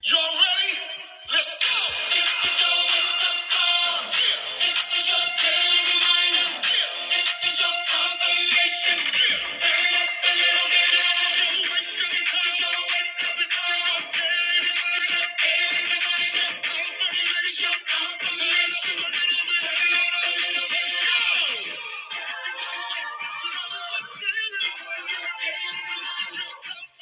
Y'all ready? Let's go! This is your wake-up call. Yeah. This is your daily reminder. Yeah. This is your confirmation. Yeah. Turn up the little bit of wake-up This is wake-up This is daily reminder. Daily reminder. confirmation. confirmation. Turn up the little bit Turn up little bit Let's go!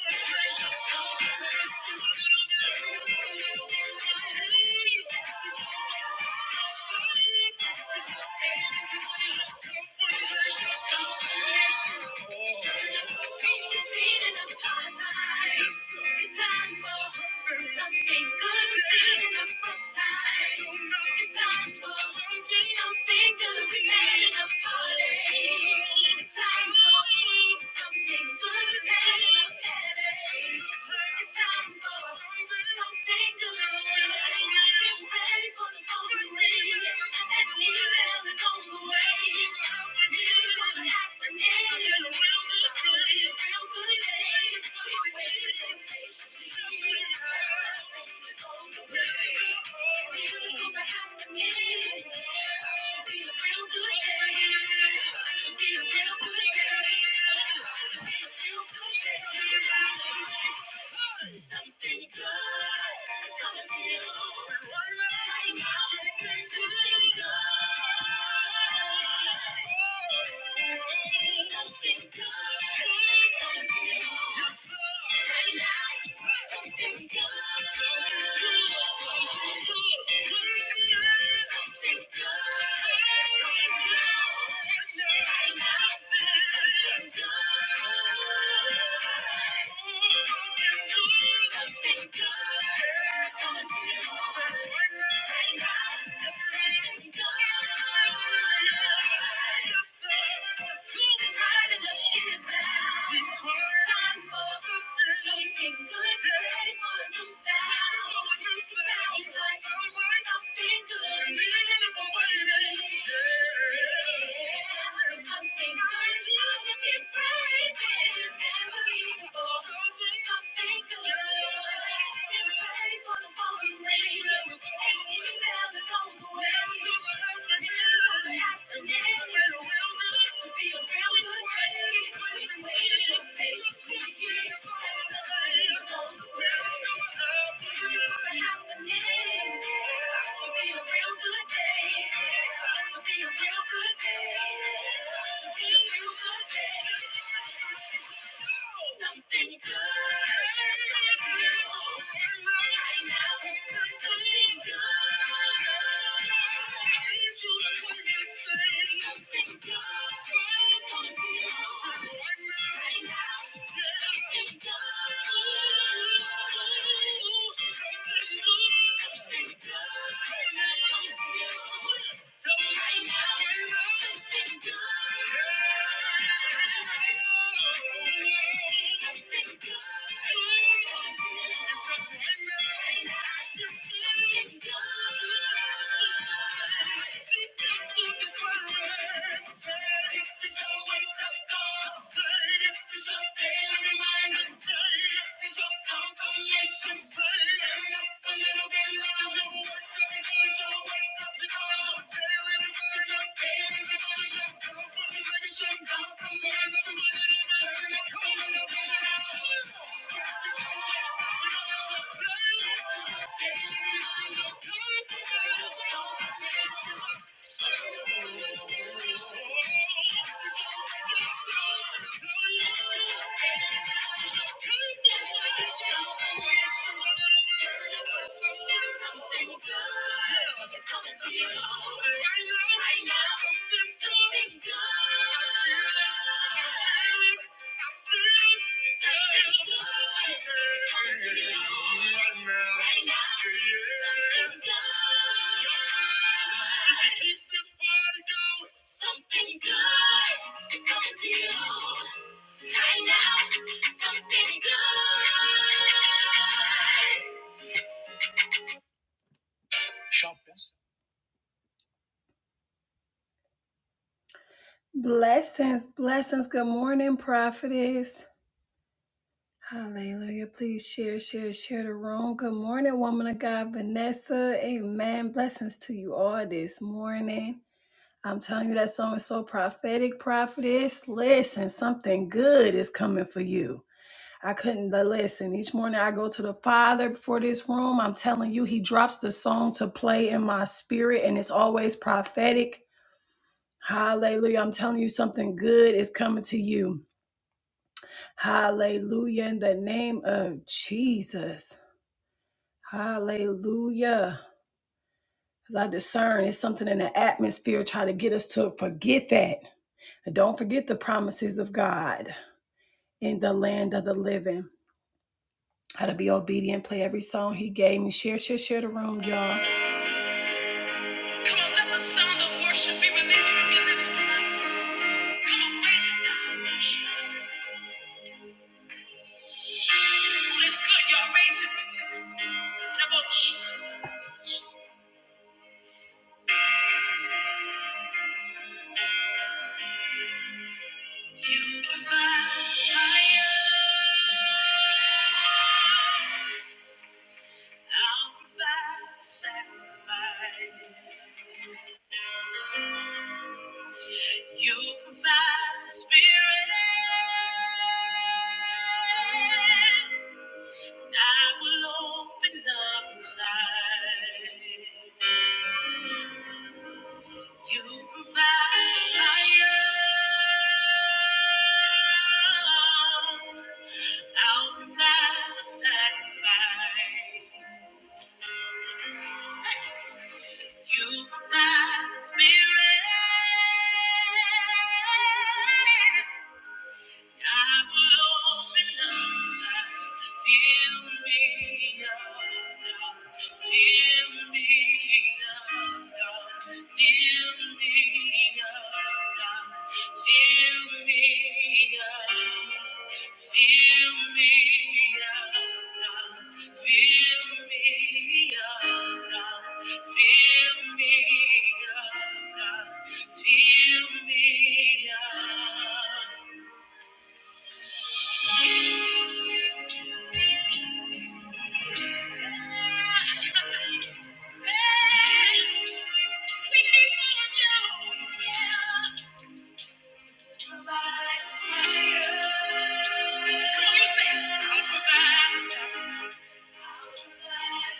Something good is seen enough of time. It's time for something good to be made enough of. It's time something good It's on the way. We need real good thing. Something good, something good. We need a real good thing. Something good, something good. We need a real good thing. Something good, something good. We need a real good thing. Something good, something good. We need a real good thing. Something good, something good. We need a real good thing. Something good, something good. Thank you. right Blessings, blessings. Good morning, prophetess. Hallelujah. Please share, share, share the room. Good morning, woman of God, Vanessa. Amen. Blessings to you all this morning. I'm telling you, that song is so prophetic, prophetess. Listen, something good is coming for you. I couldn't but listen. Each morning I go to the Father before this room. I'm telling you, He drops the song to play in my spirit, and it's always prophetic. Hallelujah. I'm telling you, something good is coming to you. Hallelujah. In the name of Jesus. Hallelujah. Because I discern it's something in the atmosphere trying to get us to forget that. And don't forget the promises of God in the land of the living. How to be obedient, play every song he gave me. Share, share, share the room, y'all. Come on, let the sound of worship be released from your lips tonight. Come on, raise it now. Oh, that's good, y'all. Raise it, raise it. Come on, shoot. You provide fire. I'll provide the sacrifice. You provide the spirit, and I will open up inside. You provide fire, I'll provide the sacrifice. You provide the spirit. I will open up, God. fill me up, God. Fill me up, God. Fill me up, God. Fill me up. Fill me up, God. Fill me up, God. Fill me up, God. Fill me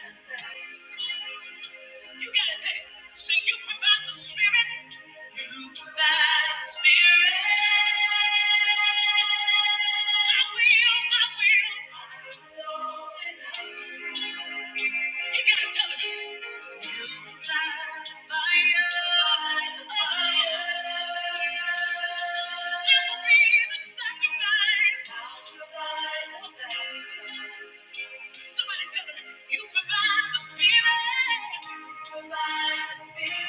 Thank you. You got to take. So you provide the spirit. You provide the spirit. I will, I will. You got to tell them. You provide the fire. I will be the sacrifice. I'll provide the sacrifice. Somebody tell them, you provide the spirit. Provide the spirit. Come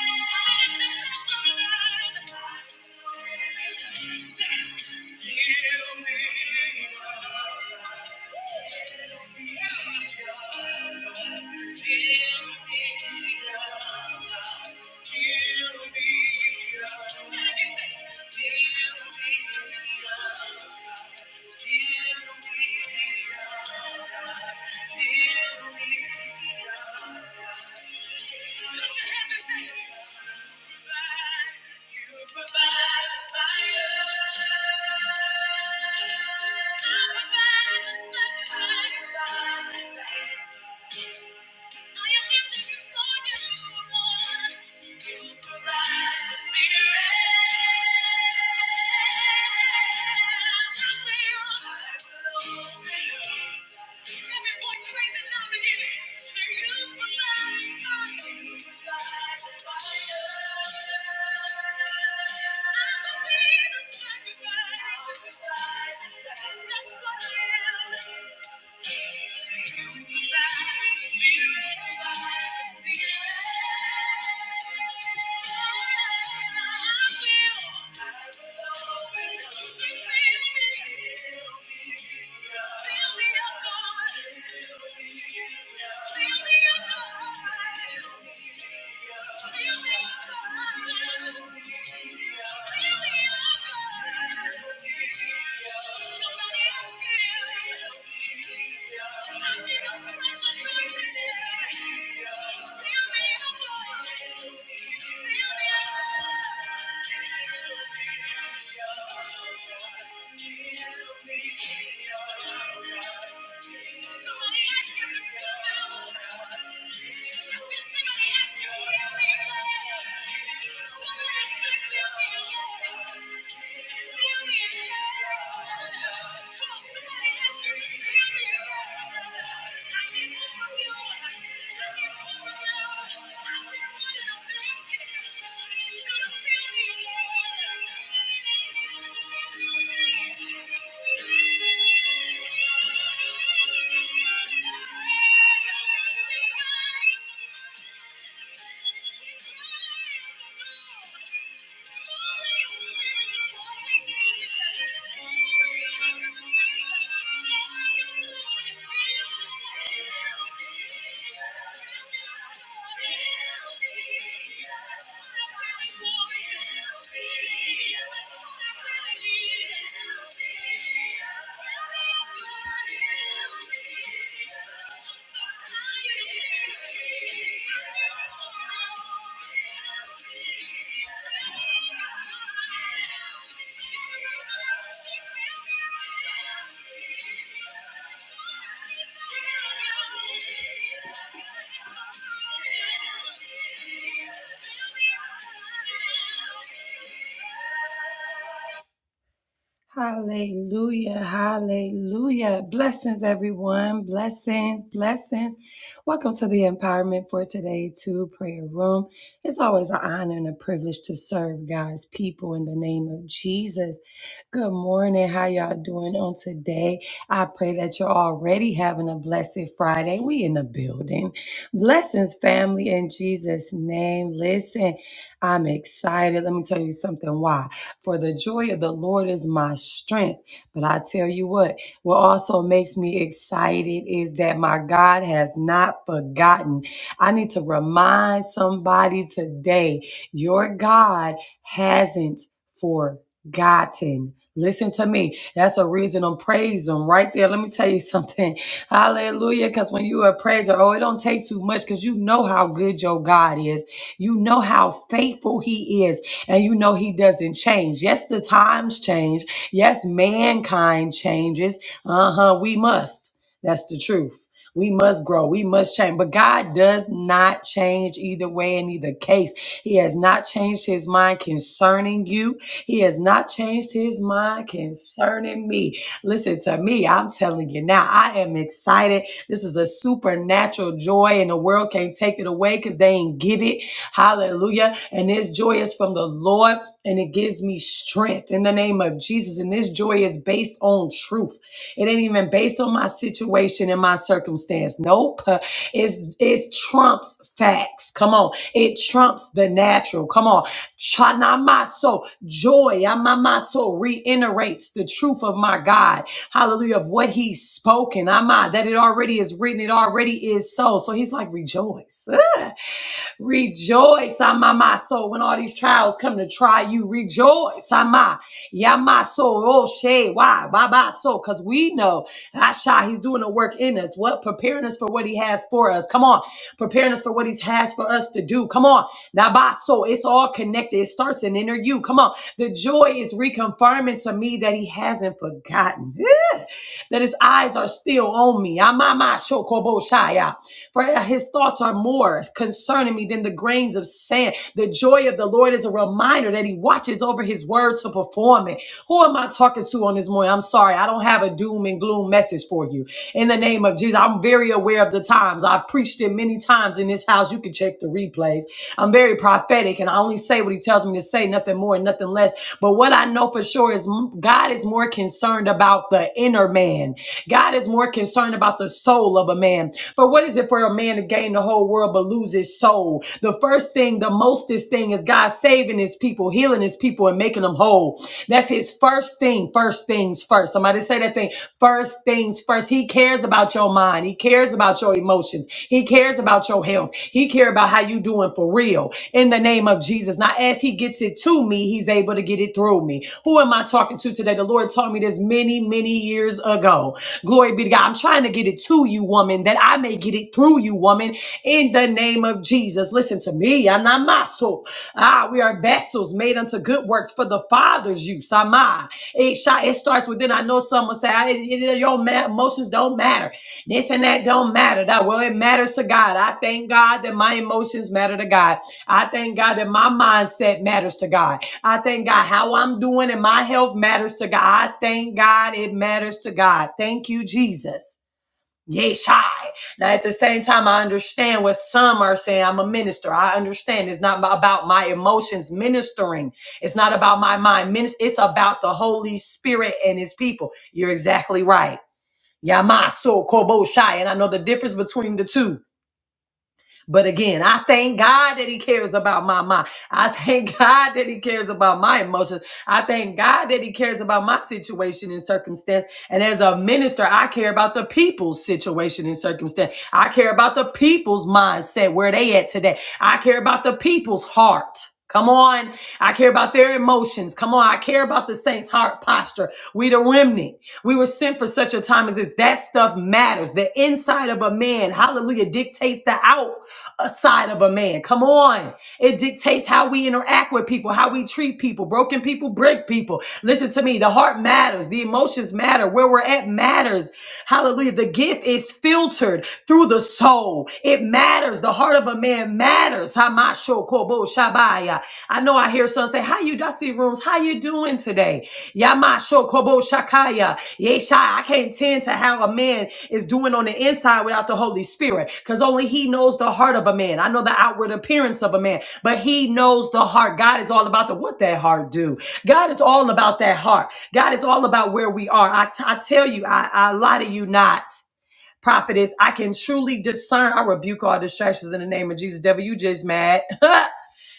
and lift up this on earth. Say, fill me that song tonight. Say, it again, say, fill me up. Thank you. Lord. You provide the spirit. I I voice raise it loud again. Say you provide the fire. You provide the fire. I believe the sacrifice. You provide the sacrifice. That's what I am. Say you provide. Hallelujah. Hallelujah. Blessings, everyone. Blessings, blessings. Welcome to the Empowerment for Today 2 Prayer Room. It's always an honor and a privilege to serve God's people in the name of Jesus. Good morning. How y'all doing on today? I pray that you're already having a blessed Friday. We in the building. Blessings, family, in Jesus' name. Listen, I'm excited. Let me tell you something. Why? For the joy of the Lord is my strength. But I tell you what, what also makes me excited is that my God has not forgotten. I need to remind somebody today, your God hasn't forgotten Listen to me. That's a reason I'm praising him right there. Let me tell you something. Hallelujah. Because when you are a praiser, oh, it don't take too much because you know how good your God is. You know how faithful he is. And you know he doesn't change. Yes, the times change. Yes, mankind changes. Uh-huh. We must. That's the truth. We must grow. We must change. But God does not change either way in either case. He has not changed his mind concerning you. He has not changed his mind concerning me. Listen to me. I'm telling you now, I am excited. This is a supernatural joy, and the world can't take it away because they ain't give it. Hallelujah. And this joy is from the Lord, and it gives me strength in the name of Jesus. And this joy is based on truth. It ain't even based on my situation and my circumstance. Nope. It's, it's trumps facts. Come on. It trumps the natural. Come on. Chanamaso, joy, amamaso, reiterates the truth of my God. Hallelujah, of what he's spoken. Ama, that it already is written, it already is so. So he's like, rejoice. Rejoice, ah, my my soul, when all these trials come to try you. Rejoice, ah, my yeah, my soul. Oh, shay, why, bye, bye, soul, because we know, Asha, he's doing a work in us. What preparing us for what he has for us? Come on, preparing us for what He has for us to do. Come on, now, by soul, it's all connected. It starts in inner you. Come on, the joy is reconfirming to me that he hasn't forgotten. that his eyes are still on me. Ah, my, my, shokobo, shaya. For his thoughts are more concerning me than the grains of sand. The joy of the Lord is a reminder that he watches over his word to perform it. Who am I talking to on this morning? I'm sorry, I don't have a doom and gloom message for you. In the name of Jesus, I'm very aware of the times. I've preached it many times in this house. You can check the replays. I'm very prophetic and I only say what he tells me to say, nothing more and nothing nothing less. But what I know for sure is God is more concerned about the inner man. God is more concerned about the soul of a man. For what is it for a man to gain the whole world but lose his soul? The first thing, the mostest thing is God saving his people, healing his people, and making them whole. That's his first thing, first things first. Somebody say that thing, first things first. He cares about about your mind. He cares about your emotions. He cares about your health. He cares about how you doing for real. In the name of Jesus. Now, as he gets it to me, he's able to get it through me. Who am I talking to today? The Lord told me this many, many years ago. Glory be to God. I'm trying to get it to you, woman, that I may get it through you, woman. In the name of Jesus. Listen to me. Anamaso. Ah, we are vessels made unto good works for the Father's use. Ama. It, sha- it starts with then. I know someone say, "Ah, it- it- your ma- emotions don't matter. This and that don't matter. That Well, it matters to God. I thank God that my emotions matter to God. I thank God that my mindset matters to God. I thank God how I'm doing and my health matters to God. I thank God it matters to God. Thank you, Jesus yay shy. Now, at the same time, I understand what some are saying. I'm a minister. I understand it's not about my emotions ministering. It's not about my mind. minis- It's about the Holy Spirit and His people. You're exactly right. Yamaso kobo shy, and I know the difference between the two. But again, I thank God that He cares about my mind. I thank God that He cares about my emotions. I thank God that He cares about my situation and circumstance. And as a minister, I care about the people's situation and circumstance. I care about the people's mindset, where they at today. I care about the people's heart. Come on. I care about their emotions. Come on. I care about the saints' heart posture. We the remnant. We were sent for such a time as this. That stuff matters. The inside of a man, hallelujah, dictates the out a side of a man. Come on. It dictates how we interact with people, how we treat people. Broken people break people. Listen to me. The heart matters. The emotions matter. Where we're at matters. Hallelujah. The gift is filtered through the soul. It matters. The heart of a man matters. Hamasho kobo shaba fire. I know I hear some say, "How you dusty rooms? How you doing today?" Yamasho kobo shakaya. Yesha, I can't tend to how a man is doing on the inside without the Holy Spirit, because only He knows the heart of a man. I know the outward appearance of a man, but He knows the heart. God is all about the what that heart do. God is all about that heart. God is all about where we are. I, t- I tell you, I, I lie to you not prophetess. I can truly discern. I rebuke all distractions in the name of Jesus. Devil, you just mad.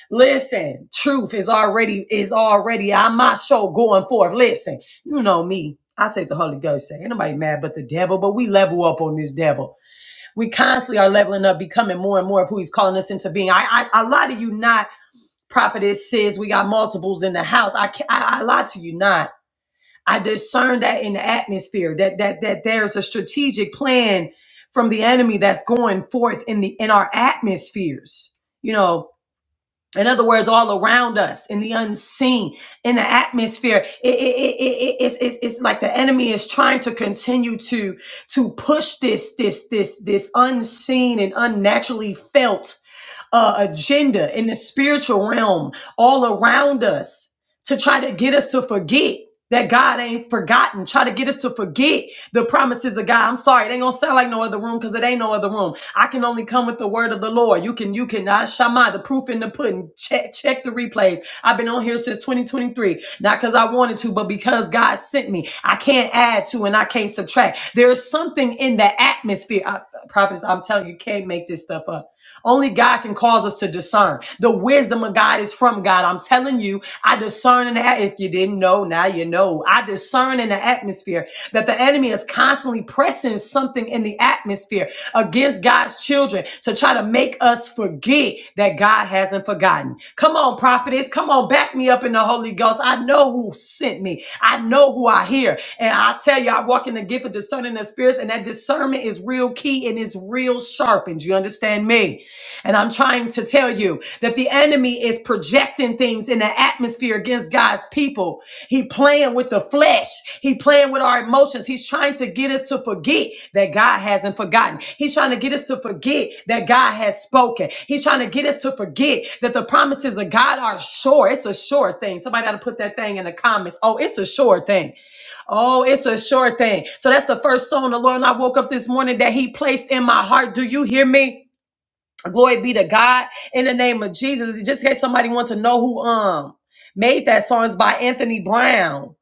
Listen, truth is already is already on my show going forth. Listen, you know me. I say the Holy Ghost say, ain't nobody mad but the devil, but we level up on this devil. We constantly are leveling up, becoming more and more of who he's calling us into being. I, I, I lie to you not, prophetess sis. We got multiples in the house. I, ca- I, I lie to you not. I discern that in the atmosphere that that that there's a strategic plan from the enemy that's going forth in the in our atmospheres. You know, in other words, all around us, in the unseen, in the atmosphere, it, it, it, it- it's, it's, it's like the enemy is trying to continue to to push this this this this unseen and unnaturally felt uh, agenda in the spiritual realm all around us to try to get us to forget that God ain't forgotten, try to get us to forget the promises of God. I'm sorry, it ain't gonna sound like no other room because it ain't no other room. I can only come with the word of the Lord. You can, you can, I shama, the proof in the pudding. Check, check the replays. I've been on here since 2023, not because I wanted to, but because God sent me. I can't add to and I can't subtract. There is something in the atmosphere. I, prophets, I'm telling you, you can't make this stuff up. Only God can cause us to discern. The wisdom of God is from God. I'm telling you, I discern in the at- if you didn't know, now you know. I discern in the atmosphere that the enemy is constantly pressing something in the atmosphere against God's children to try to make us forget that God hasn't forgotten. Come on, prophetess. Come on, back me up in the Holy Ghost. I know who sent me. I know who I hear. And I tell you, I walk in the gift of discerning the spirits, and that discernment is real key and it's real sharpened. You understand me? And I'm trying to tell you that the enemy is projecting things in the atmosphere against God's people. He playing with the flesh. He playing with our emotions. He's trying to get us to forget that God hasn't forgotten. He's trying to get us to forget that God has spoken. He's trying to get us to forget that the promises of God are sure. It's a sure thing. Somebody got to put that thing in the comments. Oh, it's a sure thing. Oh, it's a sure thing. So that's the first song the Lord and I woke up this morning that he placed in my heart. Do you hear me? Glory be to God in the name of Jesus. Just in case somebody wants to know who um made that song, it's by Anthony Brown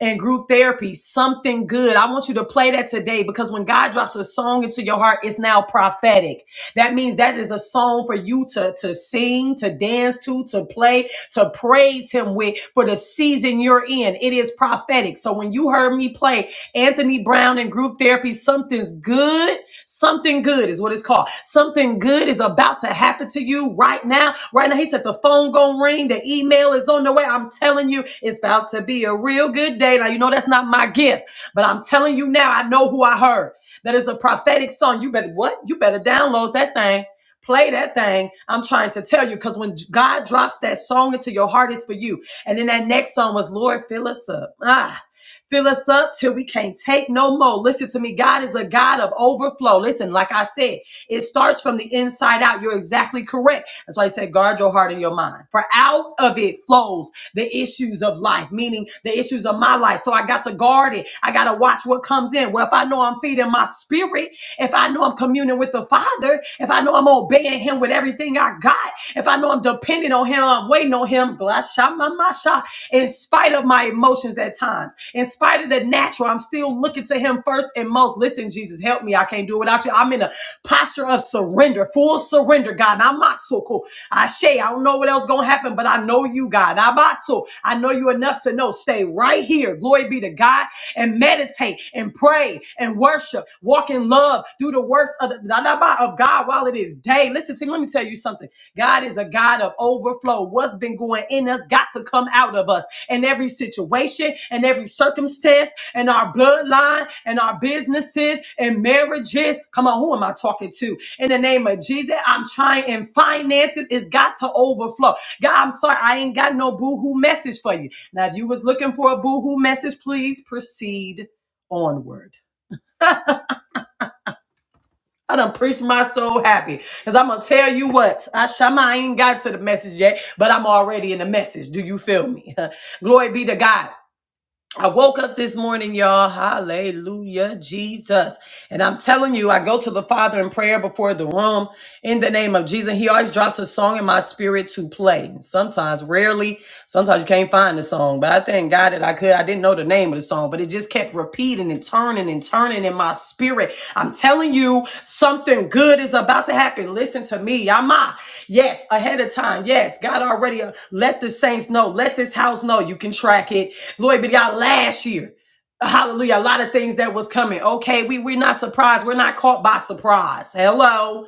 and group therapy. Something good. I want you to play that today because when God drops a song into your heart, it's now prophetic. That means that is a song for you to, to sing, to dance to, to play, to praise him with for the season you're in. It is prophetic. So when you heard me play Anthony Brown and group therapy, something's good. Something good is what it's called. Something good is about to happen to you right now. Right now, he said the phone gonna ring, the email is on the way. I'm telling you, it's about to be a real good day. Now, you know that's not my gift, but I'm telling you now, I know who I heard. That is a prophetic song. You better what? You better download that thing. Play that thing. I'm trying to tell you because when God drops that song into your heart, it's for you. And then that next song was Lord, fill us up. Ah, Fill us up till we can't take no more. Listen to me. God is a God of overflow. Listen, like I said, it starts from the inside out. You're exactly correct. That's why he said, guard your heart and your mind. For out of it flows the issues of life, meaning the issues of my life. So I got to guard it. I got to watch what comes in. Well, if I know I'm feeding my spirit, if I know I'm communing with the Father, if I know I'm obeying Him with everything I got, if I know I'm dependent on Him, I'm waiting on Him, glasha mamasha, in spite of my emotions at times, in spite of the natural, I'm still looking to Him first and most. Listen, Jesus, help me. I can't do it without you. I'm in a posture of surrender, full surrender, God. And I'm not so cool. I say, I don't know what else gonna happen, but I know you, God. I'm not so. I know you enough to know. Stay right here. Glory be to God. And meditate and pray and worship. Walk in love. Do the works of, the, of God while it is day. Listen to me. Let me tell you something. God is a God of overflow. What's been going in us got to come out of us. And every situation and every circumstance and our bloodline and our businesses and marriages. Come on, who am I talking to? In the name of Jesus, I'm trying and finances. It's got to overflow. God, I'm sorry, I ain't got no boo-hoo message for you. Now, if you was looking for a boo-hoo message, please proceed onward. I done preached my soul happy. Because I'm going to tell you what. I, Shama, I ain't got to the message yet, but I'm already in the message. Do you feel me? Glory be to God. I woke up this morning, y'all. Hallelujah, Jesus. And I'm telling you, I go to the Father in prayer before the room in the name of Jesus. He always drops a song in my spirit to play. Sometimes, rarely, sometimes you can't find the song. But I thank God that I could. I didn't know the name of the song, but it just kept repeating and turning and turning in my spirit. I'm telling you, something good is about to happen. Listen to me, Yama. Yes, ahead of time. Yes, God already uh, let the saints know. Let this house know. You can track it. Glory be to God. Last year, hallelujah, a lot of things that was coming. Okay, we, we're not surprised. We're not caught by surprise. Hello.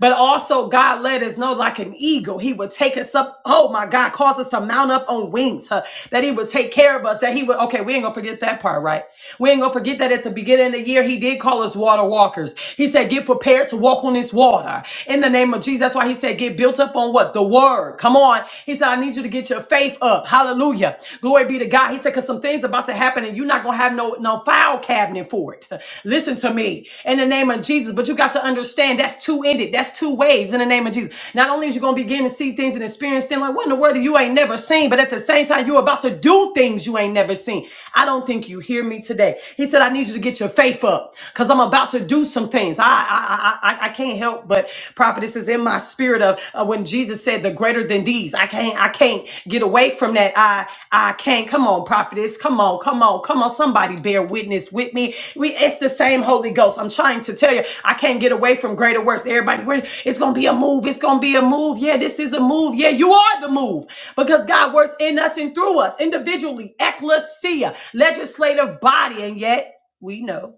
But also, God let us know, like an eagle, He would take us up. Oh my God, cause us to mount up on wings, huh? that He would take care of us. That He would, okay, we ain't gonna forget that part, right? We ain't gonna forget that at the beginning of the year, He did call us water walkers. He said, Get prepared to walk on this water in the name of Jesus. That's why He said, Get built up on what? The Word. Come on. He said, I need you to get your faith up. Hallelujah. Glory be to God. He said, because some things about to happen and you're not gonna have no no file cabinet for it. Listen to me in the name of Jesus. But you got to understand that's two-ended, that's two ways in the name of Jesus. Not only is you gonna begin to see things and experience things like what in the world you ain't never seen, but at the same time, you're about to do things you ain't never seen. I don't think you hear me today. He said, I need you to get your faith up because I'm about to do some things." things. I I I, I can't help but prophet. This is in my spirit of uh, when Jesus said, "The greater than these." I can't I can't get away from that. I I can't. Come on, prophetess. Come on, come on, come on. Somebody bear witness with me. We it's the same Holy Ghost. I'm trying to tell you, I can't get away from greater works. Everybody, we're- it's gonna be a move. It's gonna be a move. Yeah, this is a move. Yeah, you are the move because God works in us and through us individually. Ecclesia, legislative body, and yet we know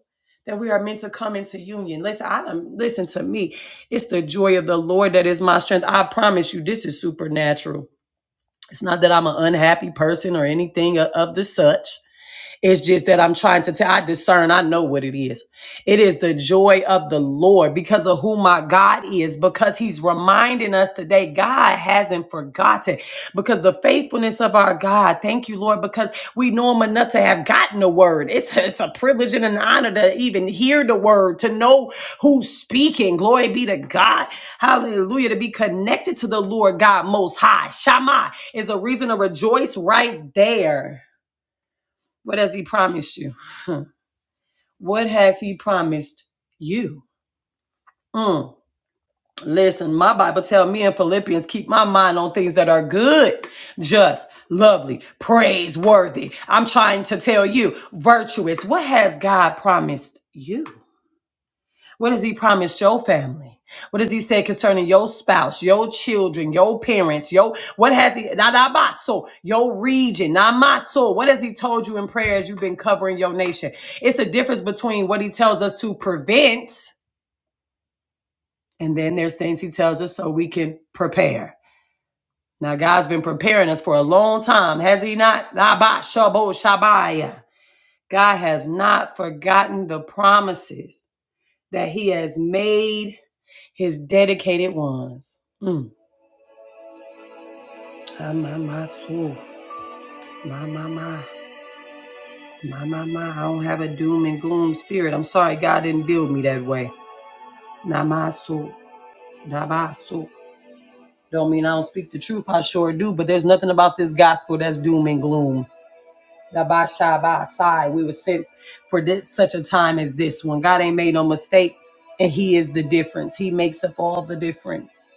that we are meant to come into union. Listen, I don't listen to me. It's the joy of the Lord that is my strength. I promise you, this is supernatural. It's not that I'm an unhappy person or anything of the such. It's just that I'm trying to tell, I discern, I know what it is. It is the joy of the Lord because of who my God is, because He's reminding us today, God hasn't forgotten. Because the faithfulness of our God, thank you, Lord, because we know Him enough to have gotten the word. It's, it's a privilege and an honor to even hear the word, to know who's speaking. Glory be to God. Hallelujah. To be connected to the Lord God Most High. Shammah is a reason to rejoice right there. What has He promised you? What has he promised you? Mm. Listen, my Bible tell me in Philippians, keep my mind on things that are good, just, lovely, praiseworthy. I'm trying to tell you, virtuous. What has God promised you? What has he promised your family? What does he say concerning your spouse, your children, your parents, your what has he not not my soul, your region, not my soul? What has he told you in prayer as you've been covering your nation? It's a difference between what he tells us to prevent And then there's things he tells us so we can prepare. Now, God's been preparing us for a long time, has he not? Rabba shabo shabaya. God has not forgotten the promises that he has made his dedicated ones. Mm. Ah, My, my soul. My, my, my. My, my, my. I don't have a doom and gloom spirit. I'm sorry God didn't build me that way. Not my soul. Not my soul. Don't mean I don't speak the truth. I sure do. But there's nothing about this gospel that's doom and gloom. Dabashabasai. We were sent for this, such a time as this one. God ain't made no mistake, and He is the difference. He makes up all the difference.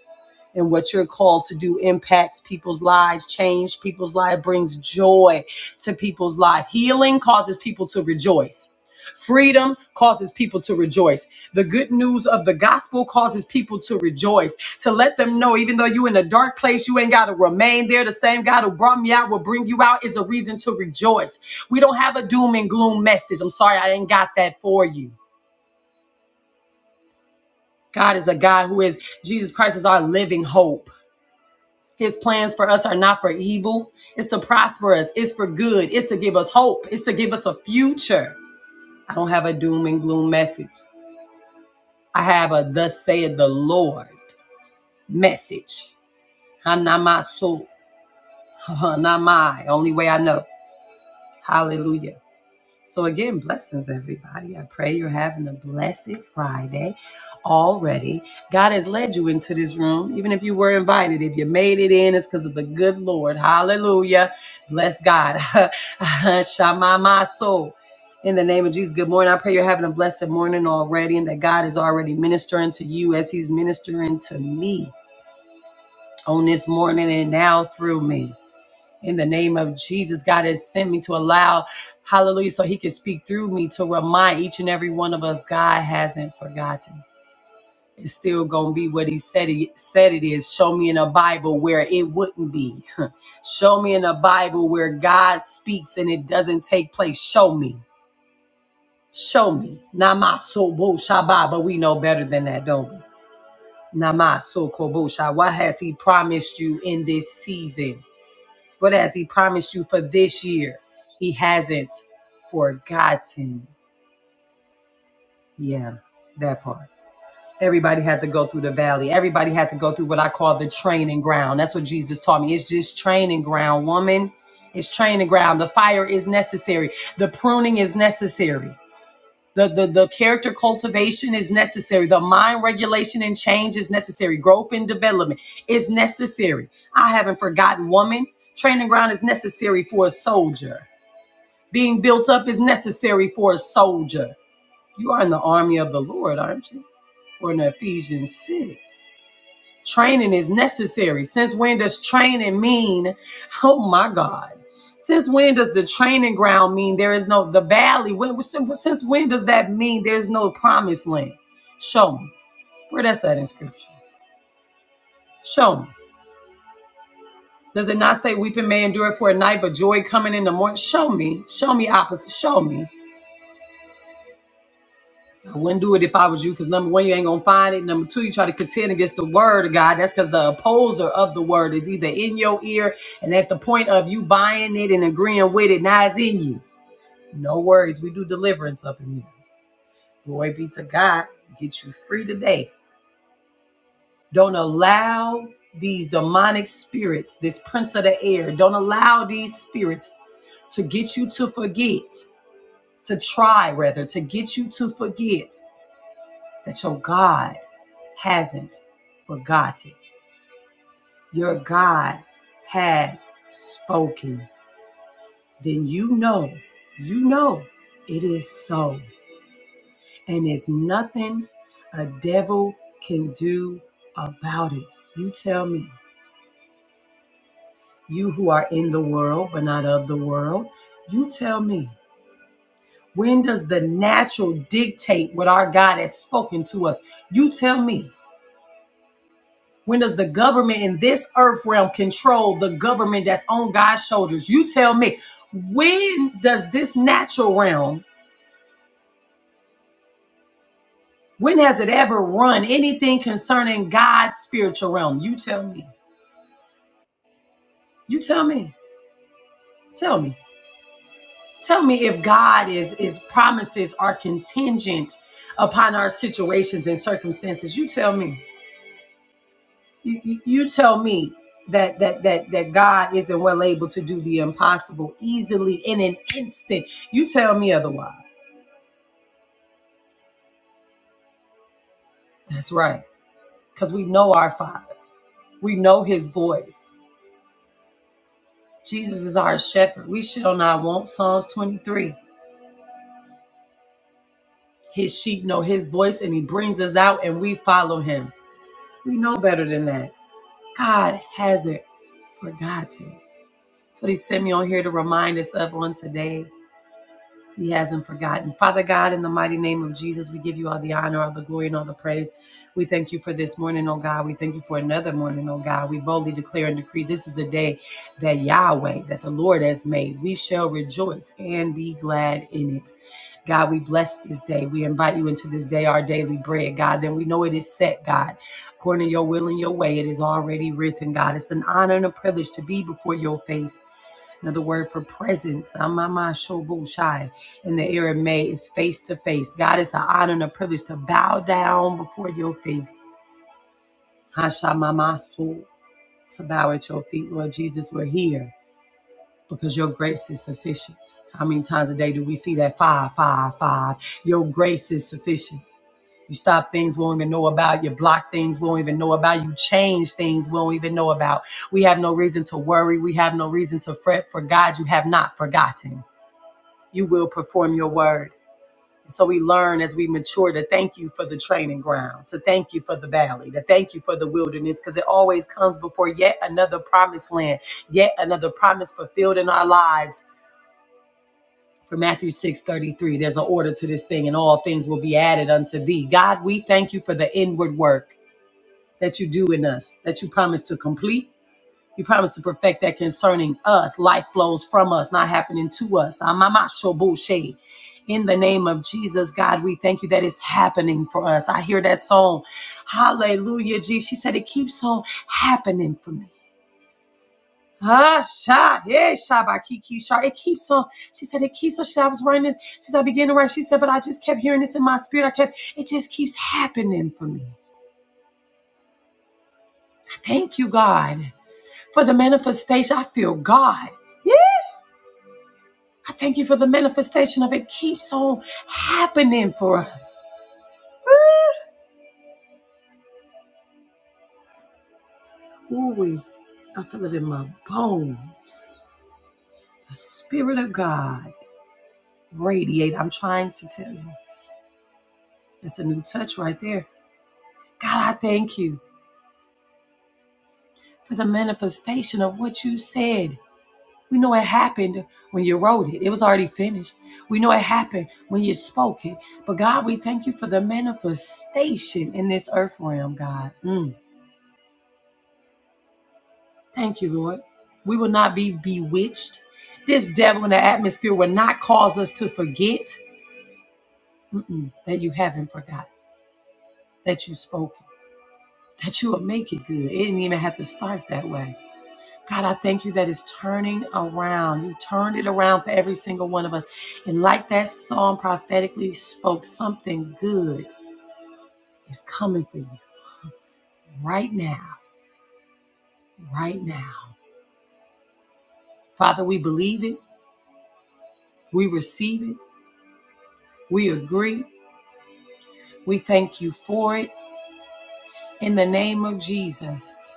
And what you're called to do impacts people's lives, change people's lives, brings joy to people's life. Healing causes people to rejoice Freedom causes people to rejoice. The good news of the gospel causes people to rejoice, to let them know, even though you're in a dark place, you ain't got to remain there. The same God who brought me out will bring you out is a reason to rejoice. We don't have a doom and gloom message. I'm sorry, I ain't got that for you. God is a God who is, Jesus Christ is our living hope. His plans for us are not for evil, it's to prosper us, it's for good, it's to give us hope, it's to give us a future. I don't have a doom and gloom message. I have a thus saith the Lord message. Hanamaso, hanamai, only way I know. Hallelujah. So, again, blessings, everybody. I pray you're having a blessed Friday already. God has led you into this room, even if you were invited. If you made it in, it's because of the good Lord. Hallelujah. Bless God. Shama my soul. In the name of Jesus, good morning. I pray you're having a blessed morning already and that God is already ministering to you as He's ministering to me on this morning and now through me in the name of Jesus. God has sent me to allow, hallelujah, so he can speak through me to remind each and every one of us God hasn't forgotten. It's still gonna be what he said he said it is. Show me in a Bible where it wouldn't be. Show me in a Bible where God speaks and it doesn't take place. Show me. Show me. Namaso Shaba, but we know better than that, don't we? Namaso Kobosha. What has he promised you in this season? But as he promised you for this year, he hasn't forgotten. Yeah, that part. Everybody had to go through the valley. Everybody had to go through what I call the training ground. That's what Jesus taught me. It's just training ground, woman. It's training ground. The fire is necessary. The pruning is necessary. The, the, the character cultivation is necessary. The mind regulation and change is necessary. Growth and development is necessary. I haven't forgotten, woman. Training ground is necessary for a soldier. Being built up is necessary for a soldier. You are in the army of the Lord, aren't you? For in Ephesians 6. Training is necessary. Since when does training mean? Oh my God. Since when does the training ground mean there is no, the valley? When, since when does that mean there's no promised land? Show me. Where that's at in scripture. Show me. Does it not say weeping may endure for a night, but joy coming in the morning? Show me. Show me opposite. Show me. I wouldn't do it if I was you, because number one, you ain't gonna find it. Number two, you try to contend against the word of God. That's because the opposer of the word is either in your ear and at the point of you buying it and agreeing with it, now it's in you. No worries, we do deliverance up in here. Glory be to God, get you free today. Don't allow these demonic spirits, this prince of the air, don't allow these spirits to get you to forget, to try rather, to get you to forget that your God hasn't forgotten. Your God has spoken. Then you know, you know it is so. And there's nothing a devil can do about it. You tell me, you who are in the world but not of the world, you tell me. When does the natural dictate what our God has spoken to us? You tell me. When does the government in this earth realm control the government that's on God's shoulders? You tell me. When does this natural realm, when has it ever run anything concerning God's spiritual realm? You tell me. You tell me. Tell me. Tell me if God is his promises are contingent upon our situations and circumstances. You tell me. you, you you tell me that that that that God isn't well able to do the impossible easily in an instant. You tell me otherwise. That's right, because we know our Father. We know His voice. Jesus is our. shepherd. We want Psalms 23. His sheep know His voice, and He brings us out, and we follow Him. We know better than that. God hasn't forgotten. That's what He sent me on here to remind us of on today He hasn't forgotten. Father God, in the mighty name of Jesus, we give you all the honor, all the glory, and all the praise. We thank you for this morning, oh God. We thank you for another morning, oh God. We boldly declare and decree this is the day that Yahweh, that the Lord has made. We shall rejoice and be glad in it. God, we bless this day. We invite you into this day, our daily bread, God. Then we know it is set, God. According to your will and your way, it is already written, God. It's an honor and a privilege to be before your face. Another word for presence, Amama Shobushai, in the Aramaic is face to face. God, it's an honor and a privilege to bow down before your face. Hashamamasu, to bow at your feet. Lord Jesus, we're here because your grace is sufficient. How many times a day do we see that? Five, five, five. Your grace is sufficient. You stop things we won't even know about. You block things we won't even know about. You change things we won't even know about. We have no reason to worry. We have no reason to fret. For God, you have not forgotten. you will perform your word. So we learn as we mature to thank you for the training ground, to thank you for the valley, to thank you for the wilderness, because it always comes before yet another promised land, yet another promise fulfilled in our lives. For Matthew 6 33, there's an order to this thing, and all things will be added unto thee. God, we thank you for the inward work that you do in us, that you promise to complete you promised to perfect that concerning us. Life flows from us, not happening to us. Amama shoboshe. In the name of Jesus, God, we thank you that it's happening for us. I hear that song. Hallelujah, G. She said it keeps on happening for me. Ah, sha, yeah, shabakiki, sha. It keeps on. She said it keeps on. She, I was writing it. She said I began to write. She said, but I just kept hearing this in my spirit. I kept. It just keeps happening for me. Thank you, God, for the manifestation. I feel God. I thank you for the manifestation of it keeps on happening for us. Ooh, we, I feel it in my bone. The Spirit of God radiate. I'm trying to tell you. That's a new touch right there. God, I thank you for the manifestation of what you said. We know it happened when you wrote it. It was already finished. We know it happened when you spoke it. But God, we thank you for the manifestation in this earth realm, God. Mm. Thank you, Lord. We will not be bewitched. This devil in the atmosphere will not cause us to forget mm-mm, that you haven't forgotten, that you spoke, that you will make it good. It didn't even have to start that way. God, I thank you that it's turning around. You turned it around for every single one of us. And like that psalm prophetically spoke, something good is coming for you right now, right now. Father, we believe it. We receive it. We agree. We thank you for it. in the name of Jesus.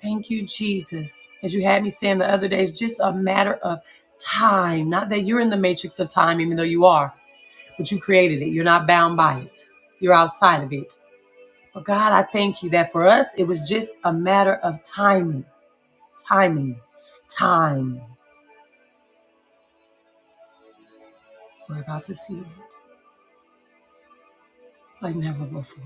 Thank you, Jesus. As you had me saying the other day, it's just a matter of time. Not that you're in the matrix of time, even though you are, but you created it. You're not bound by it, you're outside of it. But God, I thank you that for us, it was just a matter of timing, timing, time. We're about to see it like never before.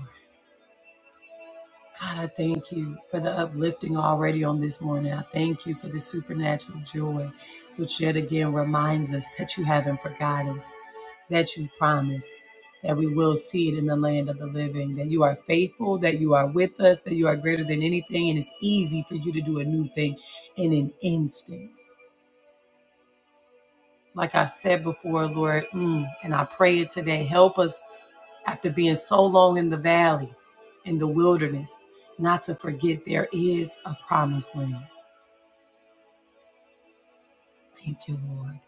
God, I thank you for the uplifting already on this morning. I thank you for the supernatural joy, which yet again reminds us that you haven't forgotten, that you promised, that we will see it in the land of the living, that you are faithful, that you are with us, that you are greater than anything, and it's easy for you to do a new thing in an instant. Like I said before, Lord, mm, and I pray it today, help us after being so long in the valley, in the wilderness, not to forget there is a promised land. Thank you, Lord.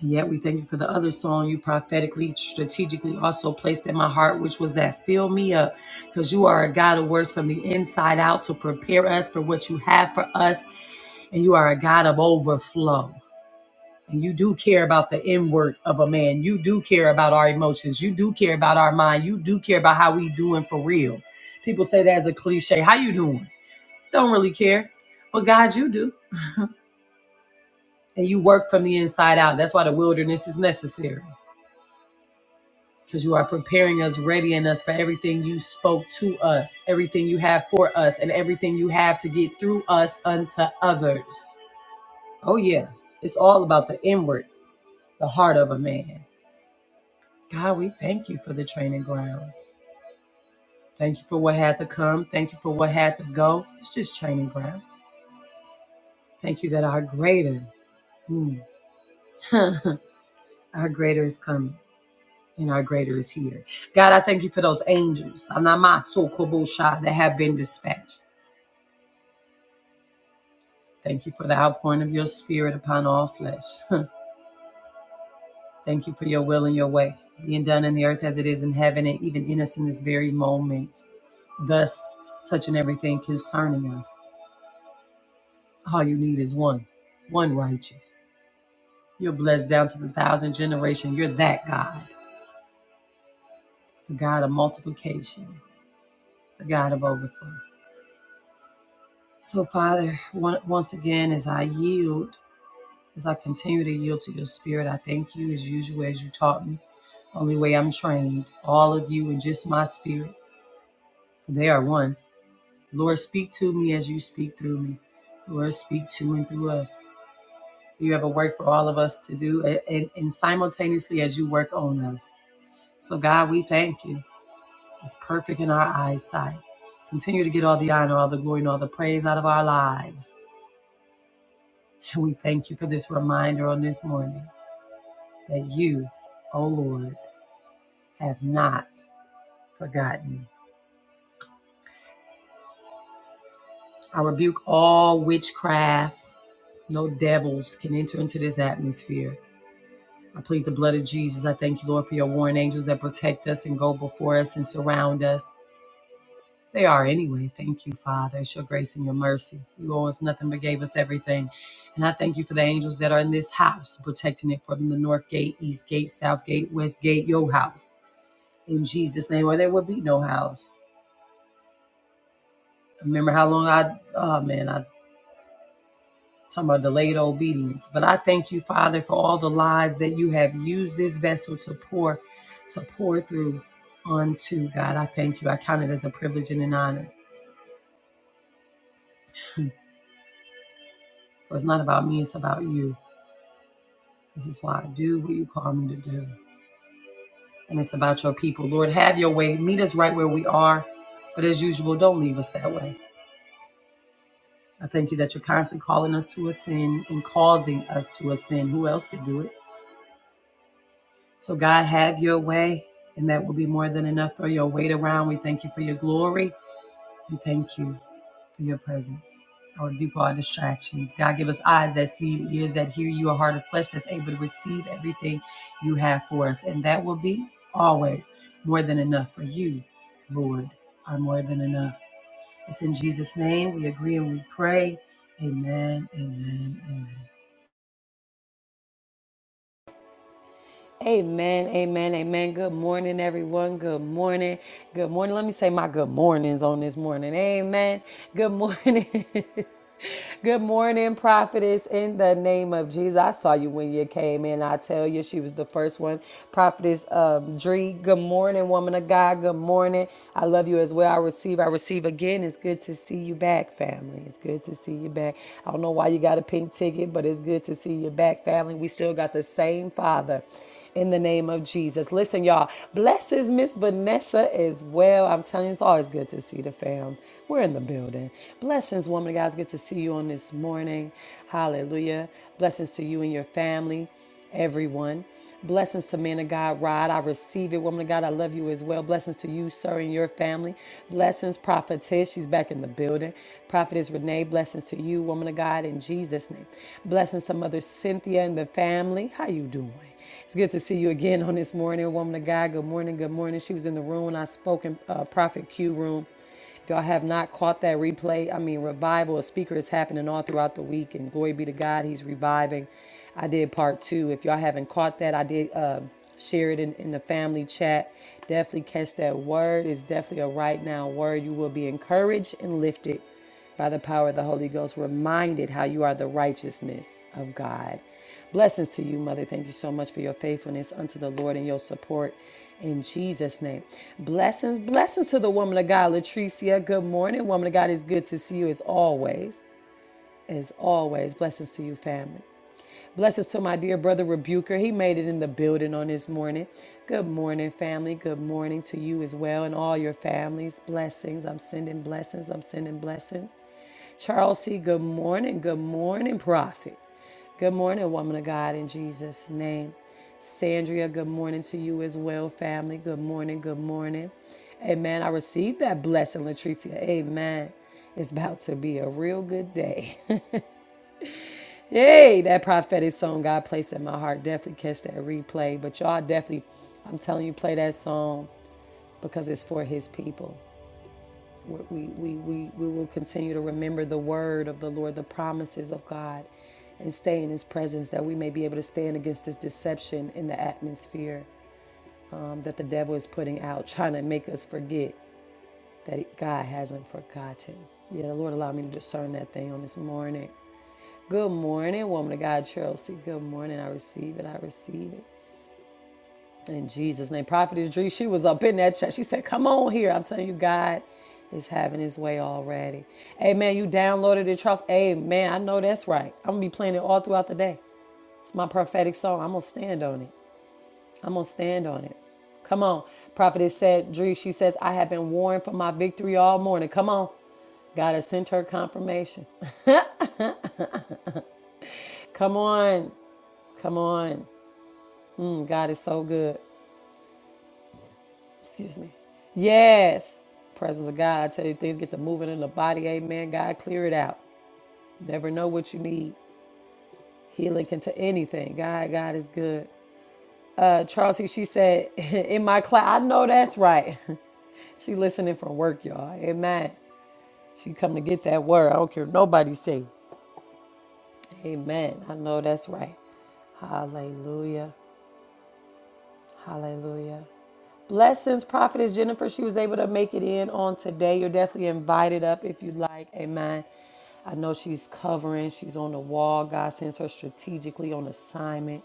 And yet we thank you for the other song you prophetically, strategically also placed in my heart, which was that fill me up, because you are a God of words from the inside out to prepare us for what you have for us, and you are a God of overflow. And you do care about the inward of a man. You do care about our emotions. You do care about our mind. You do care about how we doing for real. People say that as a cliche. How you doing? Don't really care. But God, you do. And you work from the inside out. That's why the wilderness is necessary. Because you are preparing us, readying us for everything you spoke to us, everything you have for us, and everything you have to get through us unto others. Oh yeah. It's all about the inward, the heart of a man. God, we thank you for the training ground. Thank you for what had to come. Thank you for what had to go. It's just training ground. Thank you that our greater, mm, our greater is coming and our greater is here. God, I thank you for those angels, Anamasu Kobosha, that have been dispatched. Thank you for the outpouring of your spirit upon all flesh. thank you for your will and your way being done in the earth as it is in heaven and even in us in this very moment. Thus, touching everything concerning us. All you need is one, one righteous. You're blessed down to the thousand generation. You're that God, the God of multiplication, the God of overflow. So, Father, on- once again, as I yield, as I continue to yield to your spirit, I thank you as usual as you taught me. Only way I'm trained, all of you and just my spirit, for they are one. Lord, speak to me as you speak through me. Lord, speak to and through us. You have a work for all of us to do, a- and, and simultaneously as you work on us. So, God, we thank you. It's perfect in our eyesight. Continue to get all the honor, all the glory, and all the praise out of our lives. And we thank you for this reminder on this morning that you, O Lord, have not forgotten. I rebuke all witchcraft. No devils can enter into this atmosphere. I plead the blood of Jesus. I thank you, Lord, for your warring angels that protect us and go before us and surround us. They are anyway. Thank you, Father. It's your grace and your mercy. You owe us nothing but gave us everything. And I thank you for the angels that are in this house, protecting it from the north gate, east gate, south gate, west gate, your house. In Jesus' name, or there would be no house. Remember how long I, oh man, I talking about delayed obedience. But I thank you, Father, for all the lives that you have used this vessel to pour, to pour through onto God. I thank you. I count it as a privilege and an honor. For it's not about me, it's about you. This is why I do what you call me to do. And it's about your people. Lord, have your way. Meet us right where we are. But as usual, don't leave us that way. I thank you that you're constantly calling us to a sin and causing us to a sin. Who else could do it? So, God, have your way. And that will be more than enough. Throw your weight around. We thank you for your glory. We thank you. for your presence. I rebuke all distractions. God, give us eyes that see, ears that hear you, a heart of flesh that's able to receive everything you have for us. And that will be always more than enough for you, Lord, are more than enough. It's in Jesus' name we agree and we pray. Amen, amen, amen. Amen, amen, amen. Good morning, everyone. Good morning. Good morning. Let me say my good mornings on this morning. Amen. Good morning. Good morning, prophetess. In the name of Jesus, I saw you when you came in. I tell you, she was the first one. Prophetess um, Dree, good morning, woman of God. Good morning. I love you as well. I receive, I receive again. It's good to see you back, family. It's good to see you back. I don't know why you got a pink ticket, but it's good to see you back, family. We still got the same father in the name of Jesus. Listen, y'all, blesses Miss Vanessa as well. I'm telling you, it's always good to see the fam. We're in the building. Blessings, woman of God. It's good to see you on this morning. Hallelujah. Blessings to you and your family, everyone. Blessings to man of God, Rod. I receive it. Woman of God, I love you as well. Blessings to you, sir, and your family. Blessings, prophetess. She's back in the building. Prophetess Renee, blessings to you, woman of God, in Jesus' name. Blessings to Mother Cynthia and the family. How you doing? It's good to see you again on this morning, woman of God. Good morning, good morning. She was in the room when I spoke in uh, Prophet Q room. If y'all have not caught that replay, I mean, revival, a speaker is happening all throughout the week, and glory be to God, he's reviving. I did part two. If y'all haven't caught that, I did uh, share it in, in the family chat. Definitely catch that word. It's definitely a right now word. You will be encouraged and lifted by the power of the Holy Ghost, reminded how you are the righteousness of God. Blessings to you, Mother. Thank you so much for your faithfulness unto the Lord and your support in Jesus' name. Blessings, blessings to the woman of God, Latricia. Good morning, woman of God. It's good to see you as always. As always, blessings to you, family. Blessings to my dear brother Rebuker. He made it in the building on this morning. Good morning, family. Good morning to you as well and all your families. Blessings. I'm sending blessings. I'm sending blessings. Charles C., good morning. Good morning, Prophet. Good morning, woman of God, in Jesus' name. Sandria, good morning to you as well, family. Good morning. Good morning. Amen. I received that blessing, Latricia. Amen. It's about to be a real good day. hey, that prophetic song God placed in my heart. Definitely catch that replay. But y'all definitely, I'm telling you, play that song because it's for his people. We, we, we, we will continue to remember the word of the Lord, the promises of God, and stay in His presence that we may be able to stand against this deception in the atmosphere um, that the devil is putting out, trying to make us forget that God hasn't forgotten. Yeah, the Lord allowed me to discern that thing on this morning. Good morning, woman of God, Chelsea. Good morning. I receive it. I receive it. In Jesus' name, Prophetess Dree, she was up in that chat. She said, Come on here. I'm telling you, God is having his way already. Amen. You downloaded it, trust. Amen. I know that's right. I'm going to be playing it all throughout the day. It's my prophetic song. I'm going to stand on it. I'm going to stand on it. Come on. Prophetess said, Dree, she says, I have been warring for my victory all morning. Come on. God has sent her confirmation. Come on. Come on. God is so good. Excuse me. Yes. Presence of God. I tell you, things get to moving in the body. Amen. God, clear it out. Never know what you need. Healing can to anything. God, God is good. Uh, Charles, she said, in my class, I know that's right. She listening from work, y'all. Amen. Come to get that word. Say, amen. Know that. Hallelujah. Yeah. Since prophet is Jennifer, she was able to make it in on today. You're definitely invited up if you'd like. Amen. I know she's covering. She's on the wall. God sends her strategically on assignment.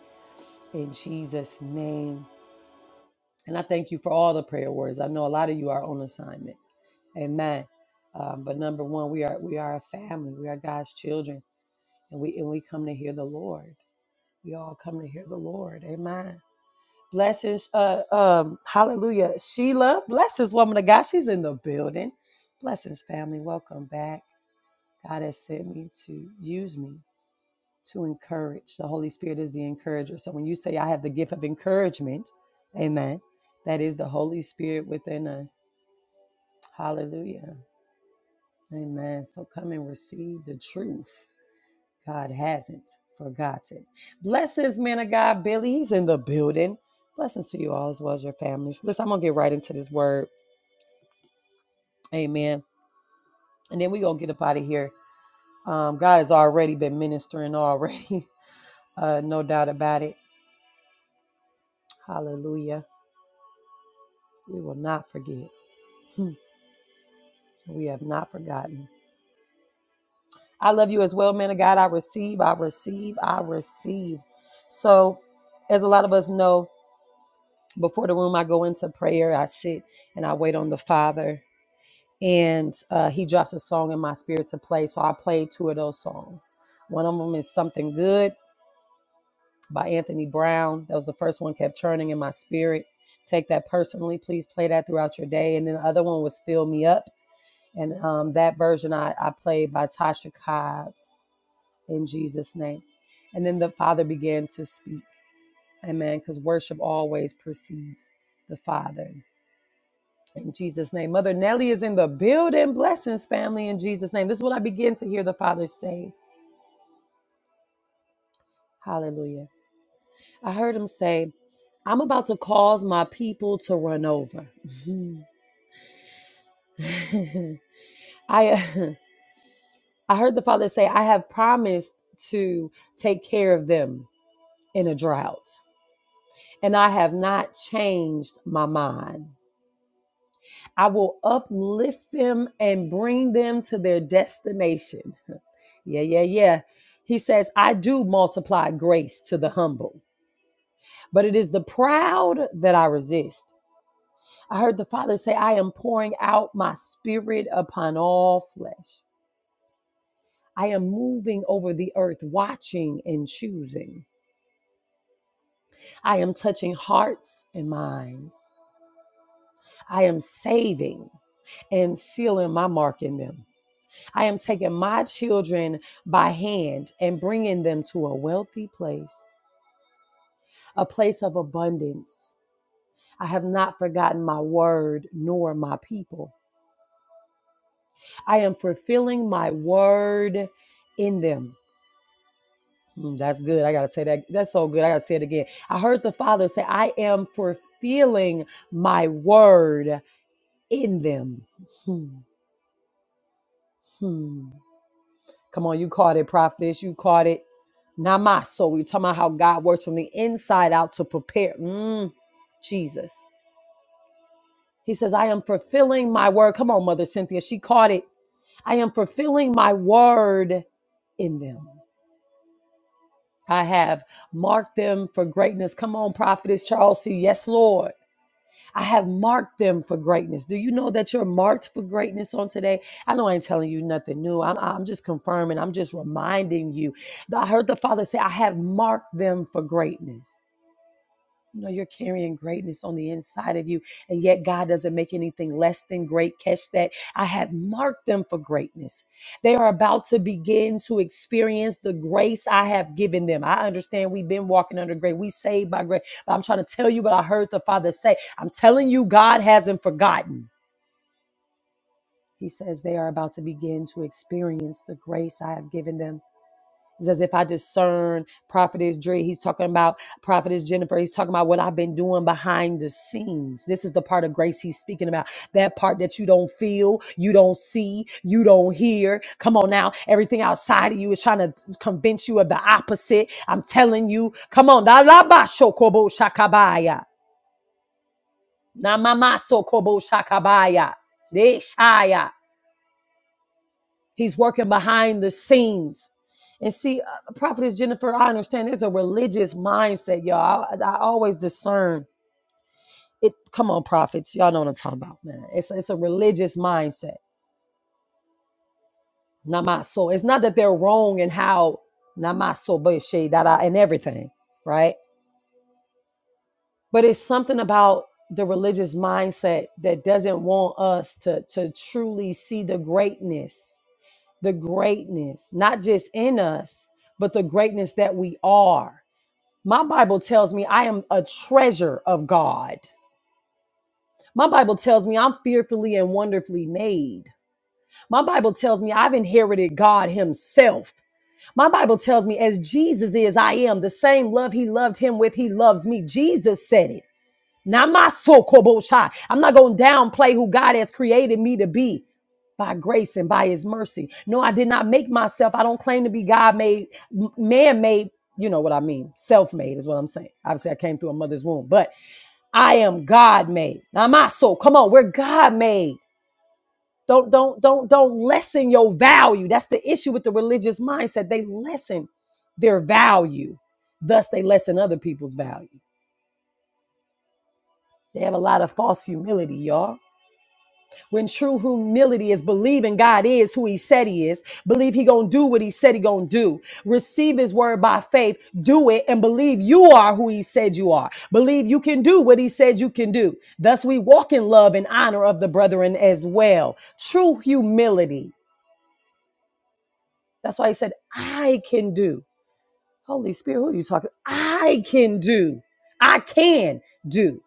in Jesus' name. And I thank you for all the prayer words. I know a lot of you are on assignment. Amen. Um, but number one, we are we are a family. We are God's children, and we and we come to hear the Lord. We all come to hear the Lord. Amen. Blessings. Uh, um, hallelujah. Sheila, bless this woman of God. She's in the building. Blessings, family. Welcome back. God has sent me to use me to encourage. The Holy Spirit is the encourager. So when you say, I have the gift of encouragement, amen, that is the Holy Spirit within us. Hallelujah. Amen. So come and receive the truth. God hasn't forgotten. Blessings, man of God, Billy. He's in the building. Blessings to you all as well as your families. Listen, I'm going to get right into this word. Amen. And then we're going to get up out of here. Um, God has already been ministering already. Uh, no doubt about it. Hallelujah. We will not forget. Hmm, We have not forgotten. I love you as well, man of God. I receive, I receive, I receive. So, as a lot of us know, before the room, I go into prayer, I sit and I wait on the Father. And uh, he drops a song in my spirit to play. So, I played two of those songs. One of them is Something Good by Anthony Brown. That was the first one, kept churning in my spirit. Take that personally. Please play that throughout your day. And then the other one was Fill Me Up. And um, that version I, I played by Tasha Cobbs in Jesus' name. And then the Father began to speak. Amen. Because worship always precedes the Father. In Jesus' name. Mother Nellie is in the building. Blessings, family, in Jesus' name. This is what I begin to hear the Father say. Hallelujah. I heard him say, I'm about to cause my people to run over. Mhm. I I heard the Father say, I have promised to take care of them in a drought. And I have not changed my mind. I will uplift them and bring them to their destination. Yeah, yeah, yeah. He says, I do multiply grace to the humble, but it is the proud that I resist. I heard the Father say, I am pouring out my spirit upon all flesh. I am moving over the earth, watching and choosing. I am touching hearts and minds. I am saving and sealing my mark in them. I am taking my children by hand and bringing them to a wealthy place, a place of abundance. I have not forgotten my word nor my people. I am fulfilling my word in them. Mm, that's good. I got to say that. That's so good. I got to say it again. I heard the Father say, I am fulfilling my word in them. Hmm, hmm. Come on, you caught it, prophetess. You caught it. Namaso. We're talking about how God works from the inside out to prepare. Mm, Jesus. He says, I am fulfilling my word. Come on, Mother Cynthia. She caught it. I am fulfilling my word in them. I have marked them for greatness. Come on, Prophetess Charles C. Yes, Lord. I have marked them for greatness. Do you know that you're marked for greatness on today? I know I ain't telling you nothing new. I'm, I'm just confirming, I'm just reminding you. I heard the Father say, I have marked them for greatness. You know, you're carrying greatness on the inside of you, and yet God doesn't make anything less than great. Catch that. I have marked them for greatness. They are about to begin to experience the grace I have given them. I understand we've been walking under grace. We saved by grace. But I'm trying to tell you what I heard the Father say. I'm telling you, God hasn't forgotten. He says they are about to begin to experience the grace I have given them. It's as if I discern Prophetess Dre. He's talking about Prophetess Jennifer. He's talking about what I've been doing behind the scenes. This is the part of grace he's speaking about. That part that you don't feel, you don't see, you don't hear. Come on now. Everything outside of you is trying to convince you of the opposite. I'm telling you, come on. Da la ba shokobo shakabaya. Na mama sokobo shakabaya. De shaya. He's working behind the scenes. And see, uh, Prophetess Jennifer, I understand there's a religious mindset, y'all. I, I always discern it. Come on, prophets, y'all know what I'm talking about, man. It's it's a religious mindset. Not my soul. It's not that they're wrong in how not my soul, but shade that I and everything, right? But it's something about the religious mindset that doesn't want us to to truly see the greatness the greatness, not just in us, but the greatness that we are. My Bible tells me I am a treasure of God. My Bible tells me I'm fearfully and wonderfully made. My Bible tells me I've inherited God Himself. My Bible tells me, as Jesus is, I am the same love He loved Him with, He loves me. Jesus said it. Namasokobosha. I'm not going to downplay who God has created me to be by grace and by his mercy. No, I did not make myself. I don't claim to be God made, man made. You know what I mean? Self made is what I'm saying. Obviously, I came through a mother's womb, but I am God made. Namaso. Come on, we're God made. Don't, don't, don't, don't lessen your value. That's the issue with the religious mindset. They lessen their value. Thus, they lessen other people's value. They have a lot of false humility, y'all. When true humility is believing God is who he said he is, believe he gonna do what he said he gonna do. Receive his word by faith, do it, and believe you are who he said you are. Believe you can do what he said you can do. Thus we walk in love and honor of the brethren as well. True humility. That's why he said, I can do. Holy Spirit, who are you talking? I can do. I can do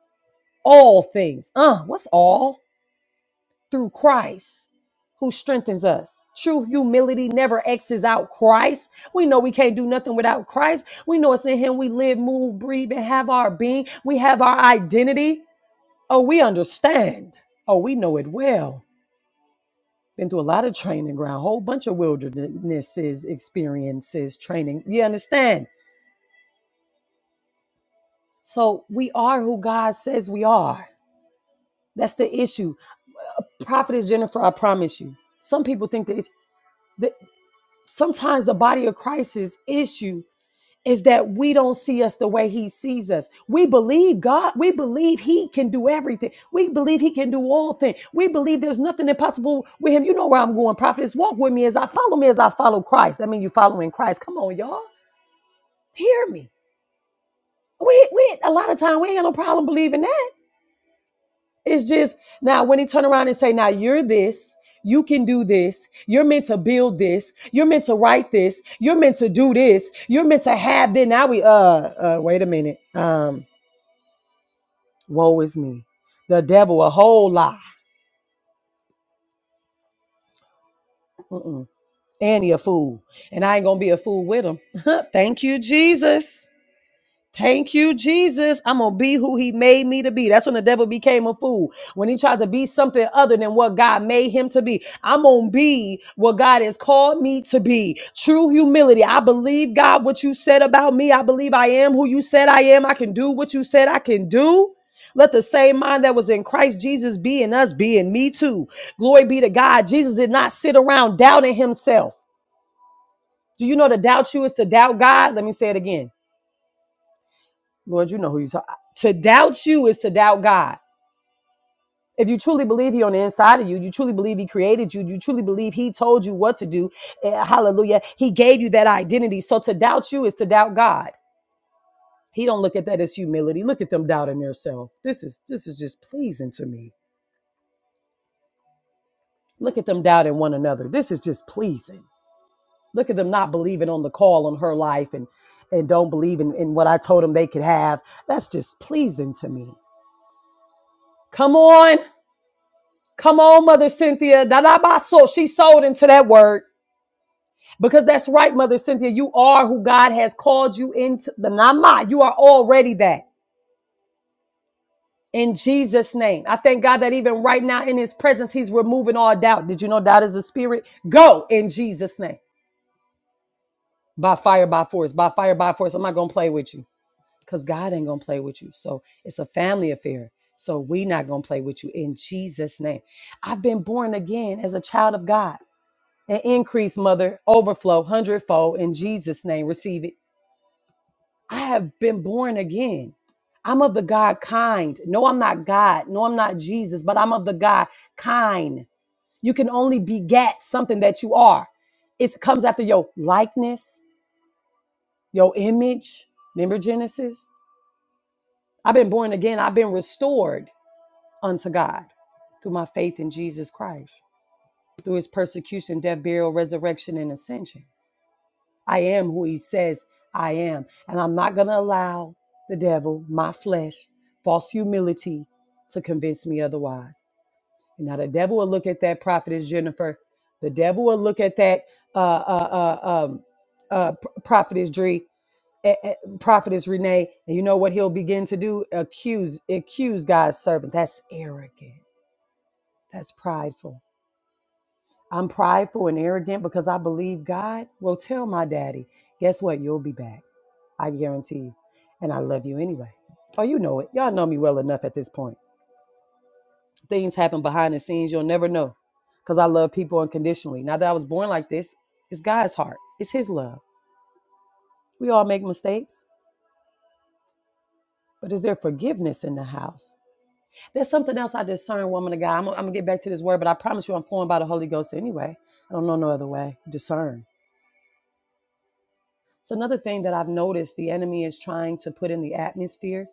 all things. Uh, what's all? through Christ who strengthens us. True humility never X's out Christ. We know we can't do nothing without Christ. We know it's in Him we live, move, breathe, and have our being. We have our identity. Oh, we understand. Oh, we know it well. Been through a lot of training ground, whole bunch of wildernesses, experiences, training. You understand? So we are who God says we are. That's the issue. Prophetess Jennifer, I promise you. Some people think that it's- sometimes the body of Christ's issue is that we don't see us the way he sees us. We believe God, we believe he can do everything. We believe he can do all things. We believe there's nothing impossible with him. You know where I'm going, prophets. Walk with me as I follow me as I follow Christ. I mean, you following Christ. Come on, y'all. Hear me. We we a lot of time we ain't got no problem believing that. It's just now when he turn around and say, "Now you're this, you can do this. You're meant to build this. You're meant to write this. You're meant to do this. You're meant to have." this." now we uh uh wait a minute. Um, woe is me. The devil a whole lie. Mm-mm. And he a fool, and I ain't gonna be a fool with him. Thank you, Jesus. Thank you, Jesus. I'm gonna be who He made me to be. That's when the devil became a fool. When he tried to be something other than what God made him to be. I'm gonna be what God has called me to be. True humility. I believe God what you said about me. I believe I am who you said I am. I can do what you said I can do. Let the same mind that was in Christ Jesus be in us, be in me too. Glory be to God. Jesus did not sit around doubting himself. Do you know to doubt you is to doubt God? Let me say it again. Lord, you know who you talk. To doubt you is to doubt God. If you truly believe He on the inside of you, you truly believe He created you, you truly believe He told you what to do. eh, hallelujah! He gave you that identity. So to doubt you is to doubt God. He don't look at that as humility. Look at them doubting themselves. This is this is just pleasing to me. Look at them doubting one another. This is just pleasing. Look at them not believing on the call on her life and and don't believe in, in what I told them they could have. That's just pleasing to me. Come on. Come on, Mother Cynthia. Da da ba so. She sold into that word. Because that's right, Mother Cynthia. You are who God has called you into. Nama, you are already that. In Jesus' name. I thank God that even right now in his presence, he's removing all doubt. Did you know doubt is a spirit? Go in Jesus' name. By fire, by force, by fire, by force. I'm not gonna play with you. Because God ain't gonna play with you. So it's a family affair. So we not gonna play with you in Jesus' name. I've been born again as a child of God. and increase, mother, overflow hundredfold in Jesus' name. Receive it. I have been born again. I'm of the God kind. No, I'm not God. No, I'm not Jesus, but I'm of the God kind. You can only beget something that you are. It comes after your likeness, your image. Remember Genesis? I've been born again. I've been restored unto God through my faith in Jesus Christ, through his persecution, death, burial, resurrection, and ascension. I am who he says I am. And I'm not going to allow the devil, my flesh, false humility to convince me otherwise. And now the devil will look at that prophetess Jennifer. The devil will look at that uh, uh, uh, um, uh, p- prophetess Dree, eh, eh, prophetess Renee. And you know what he'll begin to do? Accuse, accuse God's servant. That's arrogant. That's prideful. I'm prideful and arrogant because I believe God will tell my daddy, guess what? You'll be back. I guarantee you. And I love you anyway. Oh, you know it. Y'all know me well enough at this point. Things happen behind the scenes you'll never know because I love people unconditionally. Now that I was born like this, it's God's heart, it's His love. We all make mistakes, but is there forgiveness in the house? There's something else I discern, woman of God. I'm, I'm going to get back to this word, but I promise you I'm flowing by the Holy Ghost anyway. I don't know no other way. Discern. It's another thing that I've noticed the enemy is trying to put in the atmosphere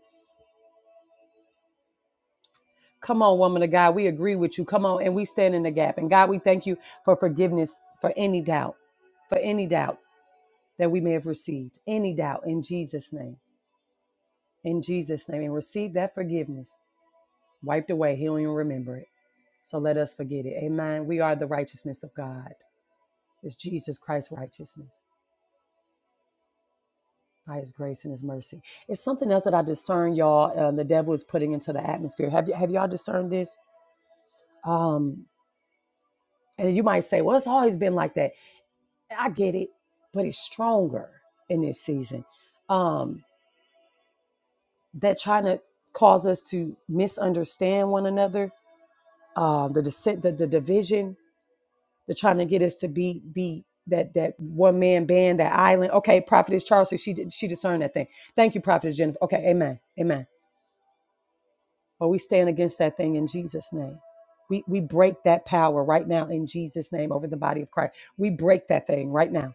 Come on, woman of God. We agree with you. Come on. And we stand in the gap. And God, we thank you for forgiveness for any doubt, for any doubt that we may have received, any doubt in Jesus' name, in Jesus' name. And receive that forgiveness wiped away. He don't even remember it. So let us forget it. Amen. We are the righteousness of God. It's Jesus Christ's righteousness by his grace and his mercy. It's something else that I discern, y'all, uh, the devil is putting into the atmosphere. Have, y- have y'all discerned this? Um, and you might say, well, it's always been like that. I get it, but it's stronger in this season. Um, that trying to cause us to misunderstand one another, uh, the dissent, the, the division, are trying to get us to be be that that one man band, that island. Okay, prophetess Charles, she did- she discerned that thing. Thank you, prophetess Jennifer. Okay, amen, amen. But we stand against that thing in Jesus' name. We we break that power right now in Jesus' name over the body of Christ. We break that thing right now